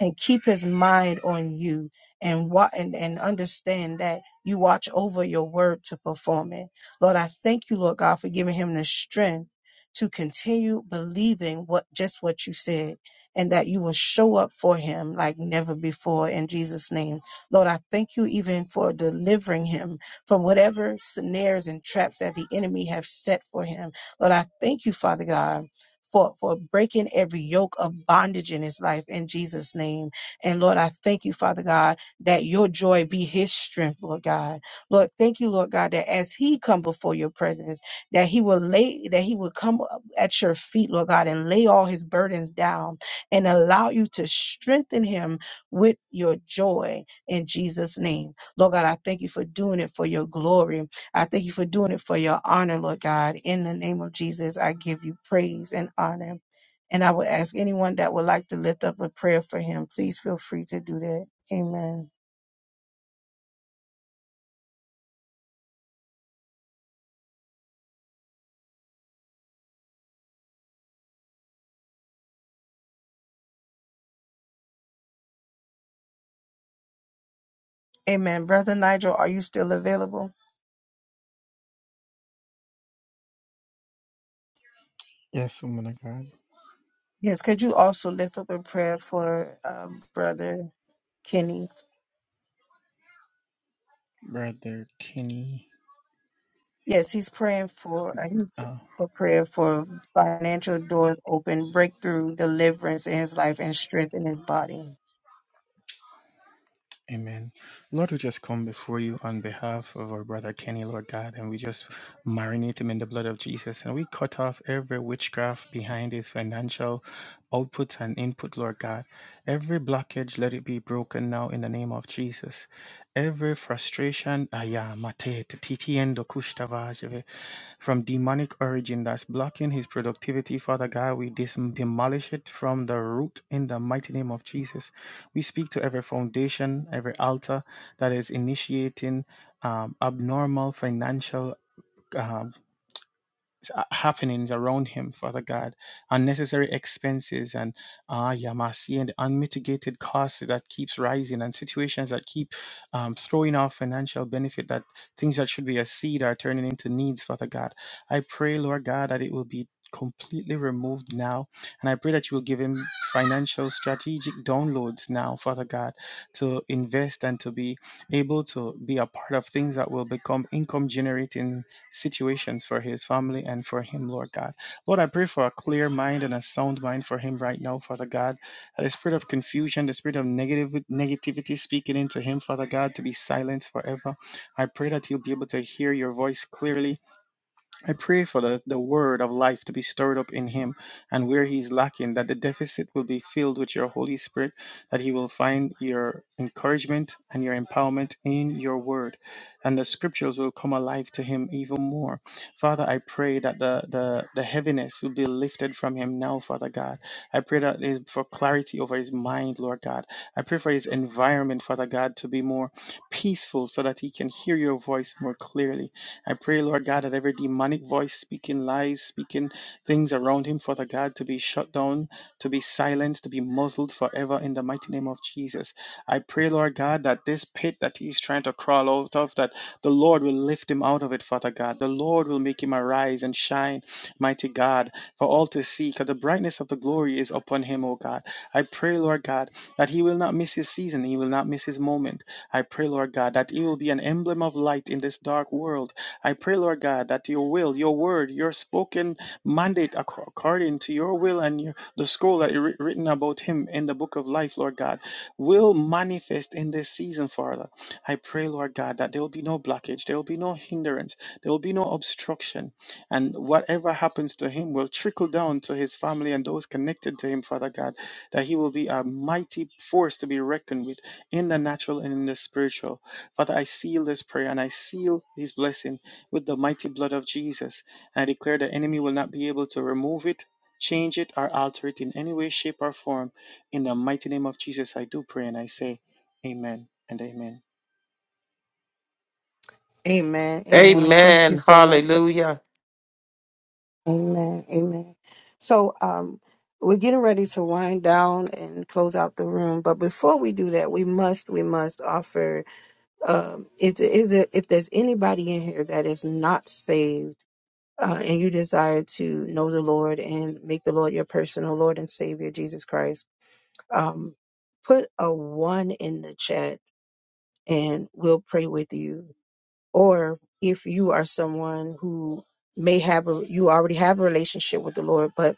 S1: and keep his mind on you and what and, and understand that you watch over your word to perform it. Lord, I thank you, Lord God, for giving him the strength to continue believing what just what you said and that you will show up for him like never before in Jesus name. Lord, I thank you even for delivering him from whatever snares and traps that the enemy have set for him. Lord, I thank you, Father God for, for breaking every yoke of bondage in his life in Jesus' name. And Lord, I thank you, Father God, that your joy be his strength, Lord God. Lord, thank you, Lord God, that as he come before your presence, that he will lay, that he will come up at your feet, Lord God, and lay all his burdens down and allow you to strengthen him with your joy in Jesus' name. Lord God, I thank you for doing it for your glory. I thank you for doing it for your honor, Lord God. In the name of Jesus, I give you praise and honor. And I will ask anyone that would like to lift up a prayer for him, please feel free to do that. Amen. Amen. Brother Nigel, are you still available?
S14: Yes, woman of God,
S1: Yes. Could you also lift up a prayer for um, Brother Kenny?
S14: Brother Kenny.
S1: Yes, he's praying for, uh, he's
S14: Um,
S1: for prayer for financial doors open, breakthrough, deliverance in his life, and strength in his body.
S14: Amen. Lord, we just come before you on behalf of our brother Kenny, Lord God, and we just marinate him in the blood of Jesus. And we cut off every witchcraft behind his financial output and input, Lord God. Every blockage, let it be broken now in the name of Jesus. Every frustration, aya, mate, titi, endo, kushtavajeve, from demonic origin that's blocking his productivity, Father God, we dis- demolish it from the root in the mighty name of Jesus. We speak to every foundation, every altar that is initiating um, abnormal financial. uh, uh, happenings around him, Father God, unnecessary expenses and ah, Yamasi, and unmitigated costs that keeps rising and situations that keep um, throwing off financial benefit that things that should be a seed are turning into needs, Father God. I pray, Lord God, that it will be completely removed now. And I pray that you will give him financial strategic downloads now, Father God, to invest and to be able to be a part of things that will become income generating situations for his family and for him, Lord God. Lord, I pray for a clear mind and a sound mind for him right now, Father God. the spirit of confusion, the spirit of negative negativity speaking into him, Father God, to be silenced forever. I pray that he'll be able to hear your voice clearly I pray for the, the word of life to be stirred up in him, and where he is lacking, that the deficit will be filled with your Holy Spirit, that he will find your encouragement and your empowerment in your word, and the scriptures will come alive to him even more. Father, I pray that the, the, the heaviness will be lifted from him now, Father God. I pray that is for clarity over his mind, Lord God. I pray for his environment, Father God, to be more peaceful so that he can hear your voice more clearly. I pray, Lord God, that every demonic voice speaking lies, speaking things around him, Father God, to be shut down, to be silenced, to be muzzled forever in the mighty name of Jesus. I pray, Lord God, that this pit that he's trying to crawl out of, that the Lord will lift him out of it, Father God. The Lord will make him arise and shine, mighty God, for all to see, because the brightness of the glory is upon him, O God. I pray, Lord God, that he will not miss his season, he will not miss his moment. I pray, Lord God, that he will be an emblem of light in this dark world I pray, Lord God, that your will, your word, your spoken mandate ac- according to your will and your, the scroll that you written about him in the book of life, Lord God, will manifest in this season, Father. I pray, Lord God, that there will be no blockage, there will be no hindrance, there will be no obstruction, and whatever happens to him will trickle down to his family and those connected to him, Father God, that he will be a mighty force to be reckoned with in the natural and in the spiritual. Father, I seal this prayer and I seal these blessings with the mighty blood of Jesus. And I declare the enemy will not be able to remove it, change it, or alter it in any way, shape, or form. In the mighty name of Jesus, I do pray and I say, Amen and Amen.
S1: Amen. Amen. Thank you
S2: Amen.
S1: so much.
S2: Hallelujah.
S1: Amen. Amen. So um we're getting ready to wind down and close out the room, but before we do that, we must we must offer um if is it if there's anybody in here that is not saved uh, and you desire to know the Lord and make the Lord your personal Lord and Savior Jesus Christ, um put a 1 in the chat and we'll pray with you. Or if you are someone who may have a, you already have a relationship with the Lord, but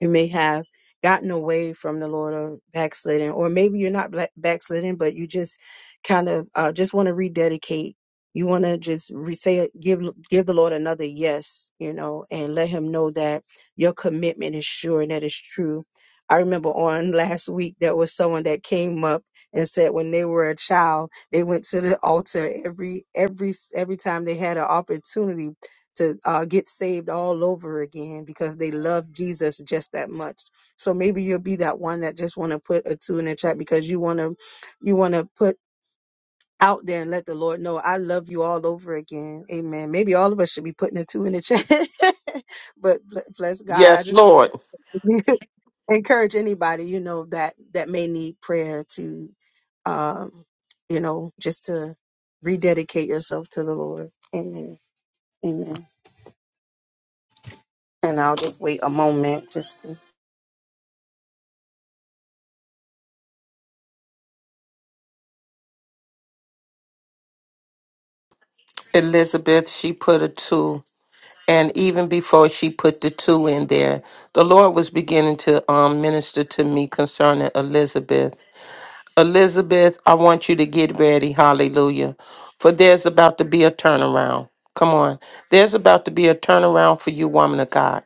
S1: you may have gotten away from the Lord or backslidden, or maybe you're not black- backslidden, but you just kind of uh, just want to rededicate. You want to just re- say, it- give give the Lord another yes, you know, and let Him know that your commitment is sure and that it's true. I remember on last week there was someone that came up and said when they were a child they went to the altar every every every time they had an opportunity to uh, get saved all over again because they love Jesus just that much. So maybe you'll be that one that just want to put a two in the chat because you want to, you want to put out there and let the Lord know I love you all over again. Amen. Maybe all of us should be putting a two in the chat, but bl- bless God. I
S2: Yes, Lord.
S1: just encourage anybody you know that that may need prayer to, um, you know, just to rededicate yourself to the Lord. Amen. Amen. And I'll just wait a moment just to
S2: Elizabeth, she put a two. And even before she put the two in there, the Lord was beginning to um, minister to me concerning Elizabeth. Elizabeth, I want you to get ready. Hallelujah. For there's about to be a turnaround. Come on. There's about to be a turnaround for you, woman of God.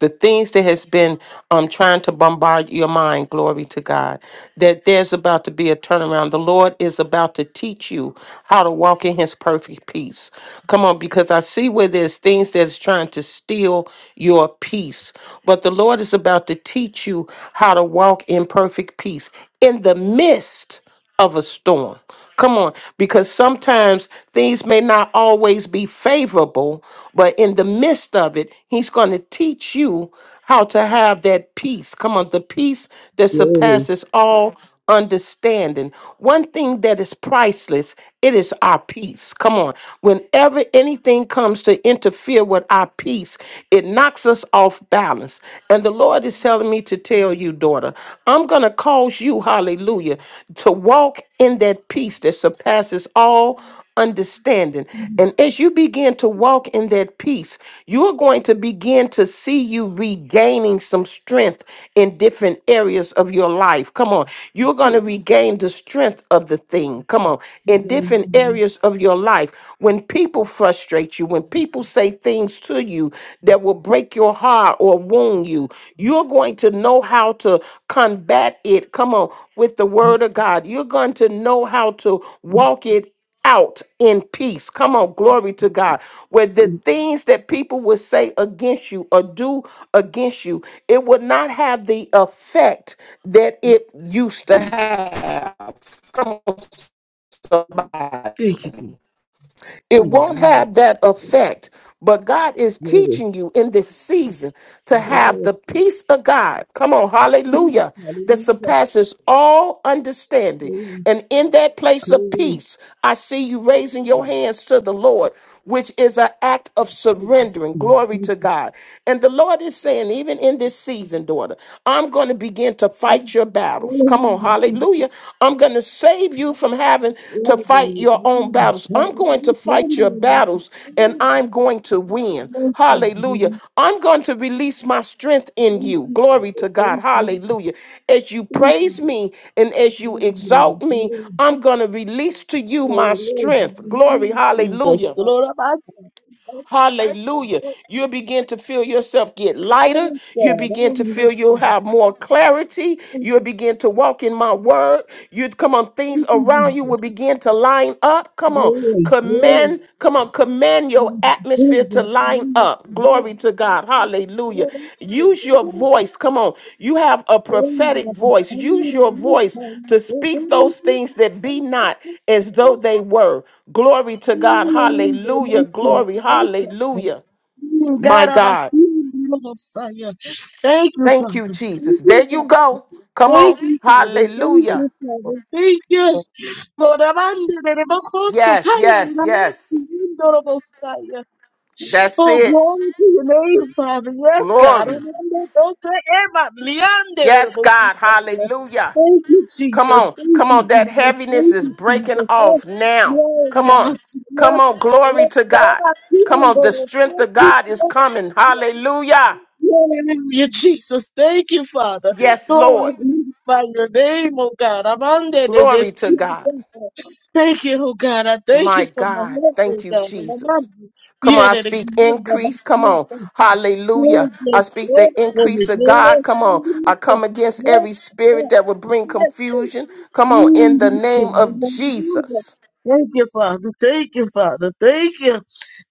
S2: The things that has been um trying to bombard your mind, glory to God. That there's about to be a turnaround. The Lord is about to teach you how to walk in his perfect peace. Come on, because I see where there's things that's trying to steal your peace. But the Lord is about to teach teach you how to walk in perfect peace in the midst of a storm. Come on, because sometimes things may not always be favorable, but in the midst of it, He's going to teach you how to have that peace. Come on, the peace that
S16: Glory.
S2: surpasses all understanding. One thing that is priceless, it is our peace. Come on. Whenever anything comes to interfere with our peace, it knocks us off balance. And the Lord is telling me to tell you, daughter, I'm going to cause you, hallelujah, to walk in that peace that surpasses all understanding. And as you begin to walk in that peace, you're going to begin to see you regaining some strength in different areas of your life. Come on. You're going to regain the strength of the thing. Come on. In different areas of your life, when people frustrate you, when people say things to you that will break your heart or wound you, you're going to know how to combat it. Come on. With the word of God, you're going to know how to walk it out in peace. Come on, glory to God. Where the things that people would say against you or do against you, it would not have the effect that it used to
S16: Thank
S2: have. Come on,
S16: you, Jesus.
S2: It won't
S16: Hallelujah.
S2: have that effect. But God is
S16: Glory.
S2: teaching you in this season to have
S16: Glory.
S2: the peace of God. Come on, hallelujah, that
S16: Hallelujah.
S2: surpasses all understanding.
S16: Glory.
S2: And in that place of peace, I see you raising your
S16: Glory.
S2: hands to the Lord, which is an act of surrendering. Glory to God. And the Lord is saying, even in this season, daughter, I'm going to begin begin to fight your battles. Come on, hallelujah. I'm going to save you from having to fight your own battles. I'm going to fight your battles and I'm going to win. Hallelujah. I'm going to release my strength in you. Glory to God. Hallelujah. As you praise me and as you exalt me, I'm going to release to you my strength. Glory.
S16: Jesus,
S2: Hallelujah.
S16: Lord, I'm asking.
S2: Hallelujah. you begin to feel yourself get lighter. You begin to feel you'll have more clarity.
S16: Thank you,
S2: You'll begin to walk in my word. you come on, things
S16: Thank you,
S2: around you will
S16: Jesus.
S2: begin to line up. Come on,
S16: Glory, glory.
S2: command, come on, command your atmosphere to line up. Glory to God. Hallelujah. Use your voice. Come on. You have a prophetic voice. Use your voice to speak those things that be not as though they were. Glory to God. Hallelujah. Glory. Hallelujah. My
S16: God, I'm a
S2: God.
S16: human Messiah. Thank you,
S2: Thank you,
S16: Father.
S2: Jesus.
S16: Thank you,
S2: There
S16: Father.
S2: you go. Come
S16: Thank
S2: on.
S16: you, Father. Thank
S2: Hallelujah.
S1: people
S16: you, Father. Thank you. For the man, the Rebacosa,
S2: Yes, yes, yes.
S16: I am a
S2: That's
S16: Oh,
S2: it.
S16: glory to your name, Father. Yes, God.
S2: Glory.
S16: Oh, no, no, don't say it, but liande de la
S2: Yes,
S16: boca,
S2: God.
S16: Father.
S2: Hallelujah.
S16: Thank you, Jesus.
S2: Come on,
S16: Thank
S2: come
S16: you,
S2: on. That
S16: Jesus.
S2: heaviness
S16: Thank
S2: is
S16: you,
S2: breaking
S16: Jesus. Yes,
S2: off now. Come
S16: yes,
S2: on,
S16: yes. Yes,
S2: come
S16: yes.
S2: on. Glory
S16: Yes,
S2: to God.
S16: yes.
S2: Come on. The
S16: Yes,
S2: strength
S16: yes.
S2: of
S16: Yes,
S2: God is coming.
S16: yes.
S2: Hallelujah.
S16: Hallelujah, Jesus. Thank you, Father.
S2: Yes, Lord.
S16: Lord, I magnify your name, oh God. I'm under the the
S2: Glory to
S16: spirit
S2: God.
S16: of God. Thank you, oh God. I thank
S2: My
S16: you for my
S2: God.
S16: health, oh
S2: Thank you,
S16: God. And I'm under
S2: Jesus.
S16: the-
S2: Come on,
S16: yeah,
S2: I
S16: that
S2: speak
S16: again, but I
S2: increase. Come
S16: feel
S2: on.
S16: so good. Glory,
S2: Hallelujah. I speak
S16: glory,
S2: the increase
S16: glory,
S2: of God.
S16: glory,
S2: Come on. I
S16: glory,
S2: come against
S16: glory,
S2: every
S16: glory,
S2: spirit that would bring
S16: glory.
S2: confusion. Come
S16: Thank
S2: on, in the name of Jesus.
S16: you, Father. Thank you, Father. Thank you.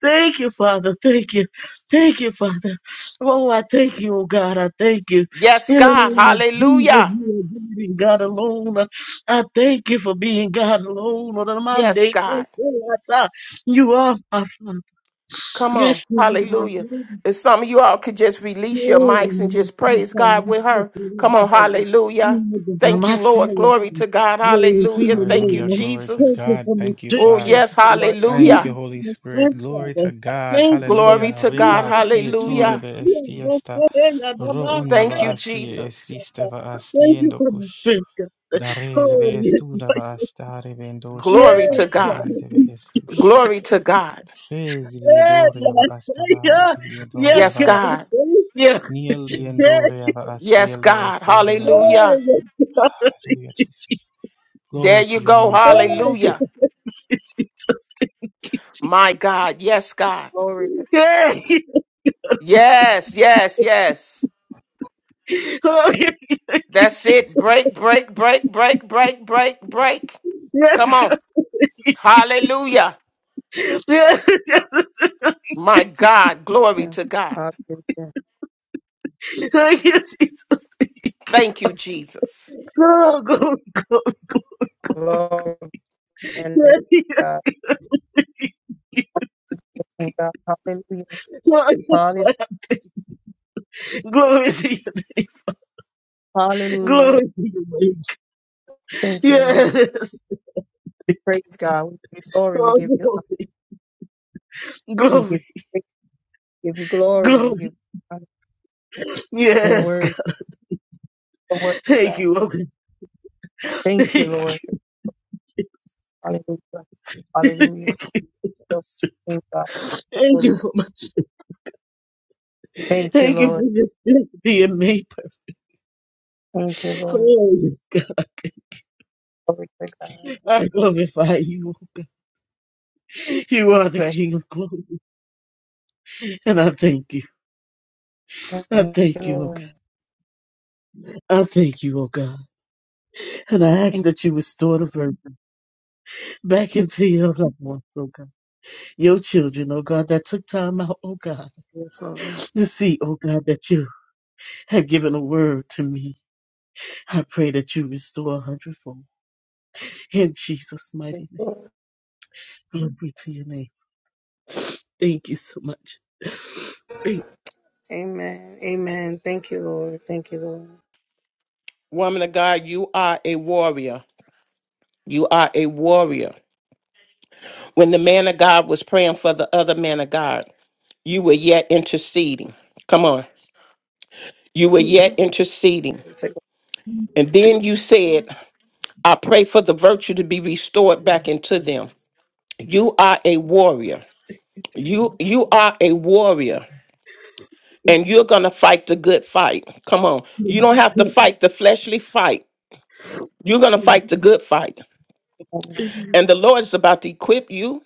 S16: Thank you, Father. Thank you. Thank you, Father. Oh, I thank you, oh God. I thank you.
S2: Yes,
S16: In the
S2: God.
S16: name of Jesus,
S2: Hallelujah.
S16: you are God and God alone. I thank you for being God alone. On the
S2: Yes,
S16: Monday,
S2: God.
S16: you are my Father.
S2: Come on.
S16: Yes, you are my
S2: Hallelujah.
S16: Father.
S2: If some of you all could just release your mics and
S16: Glory
S2: just
S16: to
S2: praise
S16: God.
S2: God
S16: Glory
S2: with her.
S16: to
S2: Come on. Hallelujah.
S16: your
S2: Thank you, Lord. Glory to God. Hallelujah. Thank you,
S14: Hallelujah. Glory to
S16: Thank
S2: Jesus.
S16: you
S14: God.
S16: for my
S14: Thank you,
S16: strength,
S2: Oh,
S16: Lord.
S14: Father.
S2: yes.
S16: God. Thank
S14: Thank
S2: Hallelujah.
S14: you,
S16: you for
S14: Holy
S16: my
S14: Spirit.
S16: strength,
S14: Glory
S16: Father.
S14: to God.
S16: Thank you for my
S2: Glory
S14: Hallelujah.
S2: to
S16: strength,
S2: God.
S14: Reba
S16: Lord. God.
S14: sie
S16: I don't know
S14: torre
S16: if
S2: Hallelujah.
S14: de
S16: you are the
S14: estiesta.
S16: same, I don't
S14: Ro
S16: know.
S14: una
S2: Thank
S14: ba
S2: you,
S14: asie
S2: Jesus.
S14: estiste va
S16: Thank you
S14: haciendo
S16: for my
S14: kush.
S16: strength. God.
S14: Dare
S16: Oh,
S14: leve
S16: yes.
S14: estuda
S16: Lord.
S14: va astare vendosia
S2: Glory
S16: Yes,
S2: to
S14: hasta
S2: God.
S16: God.
S14: vande ve estush.
S2: Glory to God.
S16: Yes,
S14: Resviedore
S16: God. I
S14: avast
S16: say, yeah.
S14: avas,
S16: Yes,
S14: viedore
S2: Yes,
S16: God. I
S14: avas,
S2: God.
S14: nil
S16: Thank you. Thank
S14: diendore
S16: you.
S14: avas,
S2: Yes,
S14: dielde
S2: God.
S14: estore avas.
S16: Oh,
S2: Hallelujah.
S16: yes, God. I Thank
S14: Hallelujah,
S16: you,
S14: Jesus.
S2: There
S14: Glory to
S2: you
S14: your
S2: go.
S14: name, Father.
S16: Jesus.
S2: Hallelujah.
S16: Jesus. Thank you, Jesus.
S2: My God. Yes, God.
S1: glory to
S16: Yay!
S2: Yes, yes, yes.
S16: Oh, yeah, thank you,
S2: That's
S16: Jesus.
S2: it. Break, break, break, break, break, break, break.
S16: Yes,
S2: Come on. Hallelujah.
S16: yes, yes. yes.
S2: My God. Glory
S1: yeah.
S2: to God.
S1: Hallelujah.
S16: Thank you, Jesus.
S2: Thank you, Jesus.
S16: Oh, glory, glory.
S1: Glory to the
S16: Yes, yes. yes.
S1: God. Thank you, God. Hallelujah.
S16: Oh, yes.
S1: Hallelujah.
S16: Lord. Glory to you.
S1: Hallelujah.
S16: Glory to you, Lord.
S1: Thank you, Lord.
S16: Yes.
S1: We praise God. We give you glory. We
S16: Oh,
S1: give you
S16: glory,
S1: we give you,
S16: glory,
S1: we give you glory. We give
S16: glory.
S1: you honor. your
S16: Yes, God.
S1: word. The word of
S16: Thank
S1: God.
S16: you, Lord.
S1: Thank you,
S16: Thank
S1: Lord. Hallelujah.
S16: you.
S1: Hallelujah. So, Thank God.
S16: Thank you for much.
S1: Thank you,
S16: Thank you for
S1: Lord.
S16: this being made. perfect.
S1: Thank you, Lord.
S16: Oh, yes, God.
S1: Glory to God.
S16: I glorify you, O God. You are the
S1: Bless
S16: King of glory. And I thank you.
S1: Thank
S16: I
S1: you,
S16: thank you, O God.
S1: Lord.
S16: I thank you, O God. And I ask that you restore the virgin back into your loved ones, O God. Your children, O God, that took time out, O God,
S1: Yes, Lord.
S16: to see, O God, that you have given a word to me. I pray that you restore a hundredfold. In Jesus' mighty name. Glory to your name. Thank you so much. Thank
S1: Amen. Amen. Thank you, Lord. Thank you, Lord.
S2: Woman of God, you are a warrior. You are a warrior. When the man of God was praying for the other man of God, you were yet interceding. Come on. You were
S16: you.
S2: yet interceding. And then you said, I pray for the virtue to be restored back into them. You are a warrior. You you are a warrior and you're going to fight the good fight. Come on. You don't have to fight the fleshly fight. You're going to fight the good fight. And the Lord is about to equip you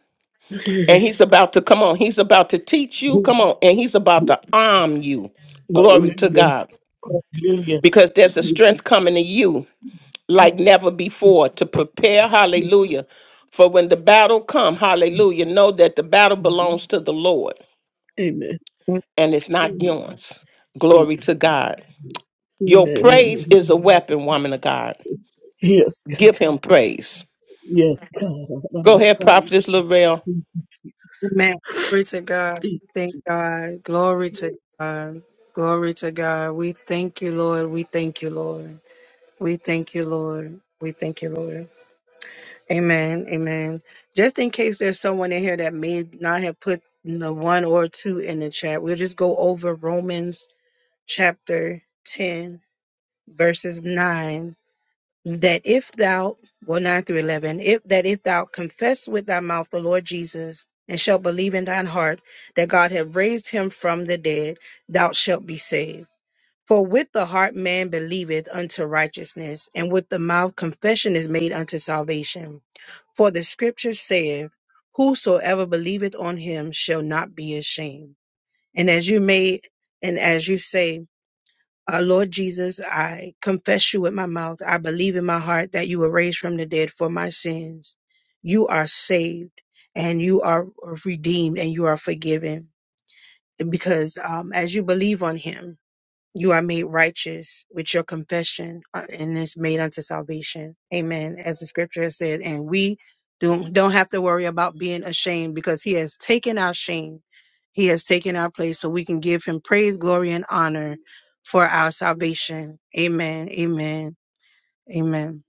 S2: and he's about to come on. He's about to teach you. Come
S16: Yes.
S2: on. And he's about to arm you. Glory to
S16: Hallelujah.
S2: God.
S16: Hallelujah.
S2: Because there's a strength coming to you
S16: Yeah.
S2: like never before to prepare. Hallelujah. For when the battle come, hallelujah, know that the battle belongs to the Lord
S16: Amen.
S2: and it's not yours.
S16: Thank
S2: Glory
S16: you.
S2: to God.
S16: Amen.
S2: Your praise is a
S16: Amen.
S2: weapon, woman of God.
S16: Yes, God.
S2: Give him praise.
S16: Yes, God. I'm
S2: Go
S16: a
S2: ahead,
S16: son.
S2: Prophetess Lorel.
S16: Thank you,
S1: Amen. Glory to God.
S16: Jesus.
S1: Thank God. Glory to God. Glory to God. We thank you, Lord. We thank you, Lord. We thank you, Lord. We thank you, Lord. Amen. Amen. Just in case there's someone in here that may not have put the one or two in the chat, we'll just go over Romans chapter 10, verses 9 that if thou, well, 9 through 11, if, that if thou confess with thy mouth the Lord Jesus and shalt believe in thine heart that God hath raised him from the dead, thou shalt be saved. For with the heart man believeth unto righteousness, and with the mouth confession is made unto salvation. For the scripture saith, Whosoever believeth on him shall not be ashamed. And as you may, and as you say, uh, Lord Jesus, I confess you with my mouth. I believe in my heart that you were raised from the dead for my sins. You are saved and you are redeemed and you are forgiven because um, as you believe on him, you are made righteous with your confession uh, and it's made unto salvation. Amen. As the scripture has said, and we don't don't have to worry about being ashamed because he has taken our shame. He has taken our place so we can give him praise, glory, and honor for our salvation. Amen. Amen. Amen.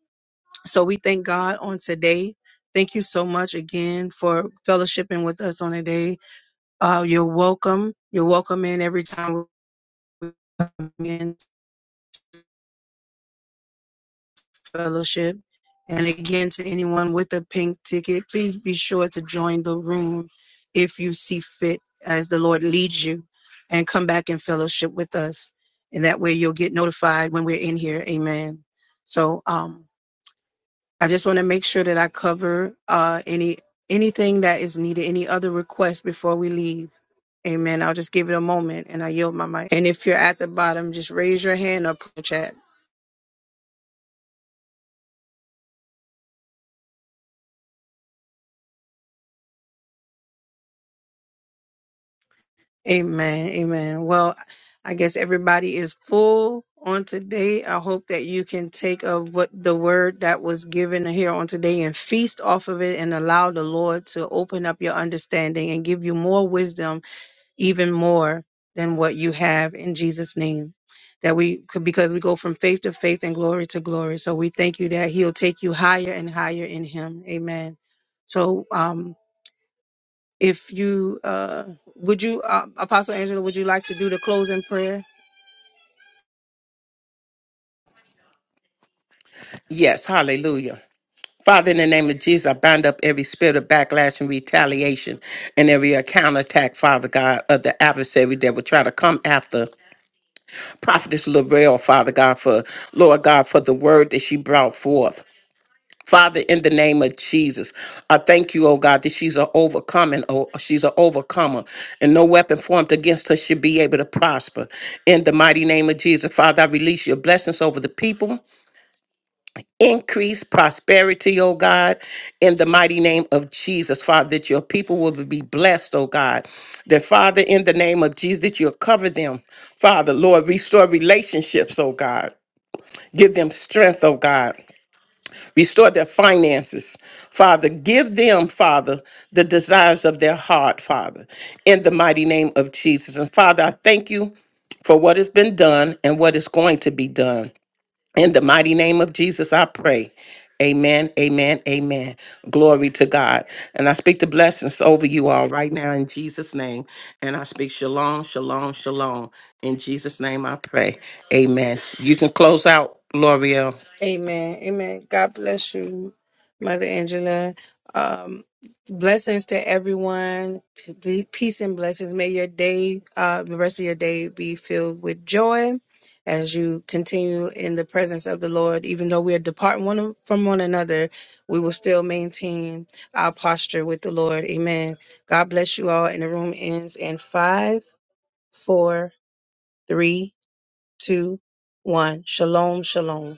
S1: So we thank God on today. Thank you so much again for fellowshipping with us on today. Uh, you're welcome. You're welcome in every time we come in. Fellowship. And again, to anyone with a pink ticket, please be sure to join the room if you see fit as the Lord leads you and come back in fellowship with us. And that way you'll get notified when we're in here. Amen. So um, I just want to make sure that I cover uh, any anything that is needed, any other requests before we leave. Amen. I'll just give it a moment and I yield my mic. And if you're at the bottom, just raise your hand up in the chat. Amen. Amen. Well, I guess everybody is full on today. I hope that you can take of what the word that was given here on today and feast off of it and allow the Lord to open up your understanding and give you more wisdom, even more than what you have in Jesus' name. That we could, because we go from faith to faith and glory to glory. So we thank you that He'll take you higher and higher in Him. Amen. So, um. If you uh, would you, uh, Apostle Angela, would you like to do the closing prayer?
S2: Yes, hallelujah. Father, in the name of Jesus, I bind up every spirit of backlash and retaliation and every counterattack, Father God, of the adversary that would try to come after Prophetess Lorel, Father God, for Lord God, for the word that she brought forth. Father, in the name of Jesus, I thank you, oh God, that she's an overcoming, oh, she's an overcomer, and no weapon formed against her should be able to prosper. In the mighty name of Jesus, Father, I release your blessings over the people. Increase prosperity, oh God, in the mighty name of Jesus, Father, that your people will be blessed, oh God. That, Father, in the name of Jesus, that you'll cover them. Father, Lord, restore relationships, oh God. Give them strength, oh God. Restore their finances, Father. Give them, Father, the desires of their heart, Father, in the mighty name of Jesus. And Father, I thank you for what has been done and what is going to be done. In the mighty name of Jesus, I pray. Amen, amen, amen. Glory to God. And I speak the blessings over you all right now in Jesus' name. And I speak shalom, shalom, shalom. In Jesus' name I pray. Amen. You can close out, L'Oreal.
S1: Amen. Amen. God bless you, Mother Angela. Um, blessings to everyone. P- Peace and blessings. May your day, uh, the rest of your day, be filled with joy as you continue in the presence of the Lord. Even though we are departing one from one another, we will still maintain our posture with the Lord. Amen. God bless you all. And the room ends in five, four. Three, two, one. Shalom, shalom.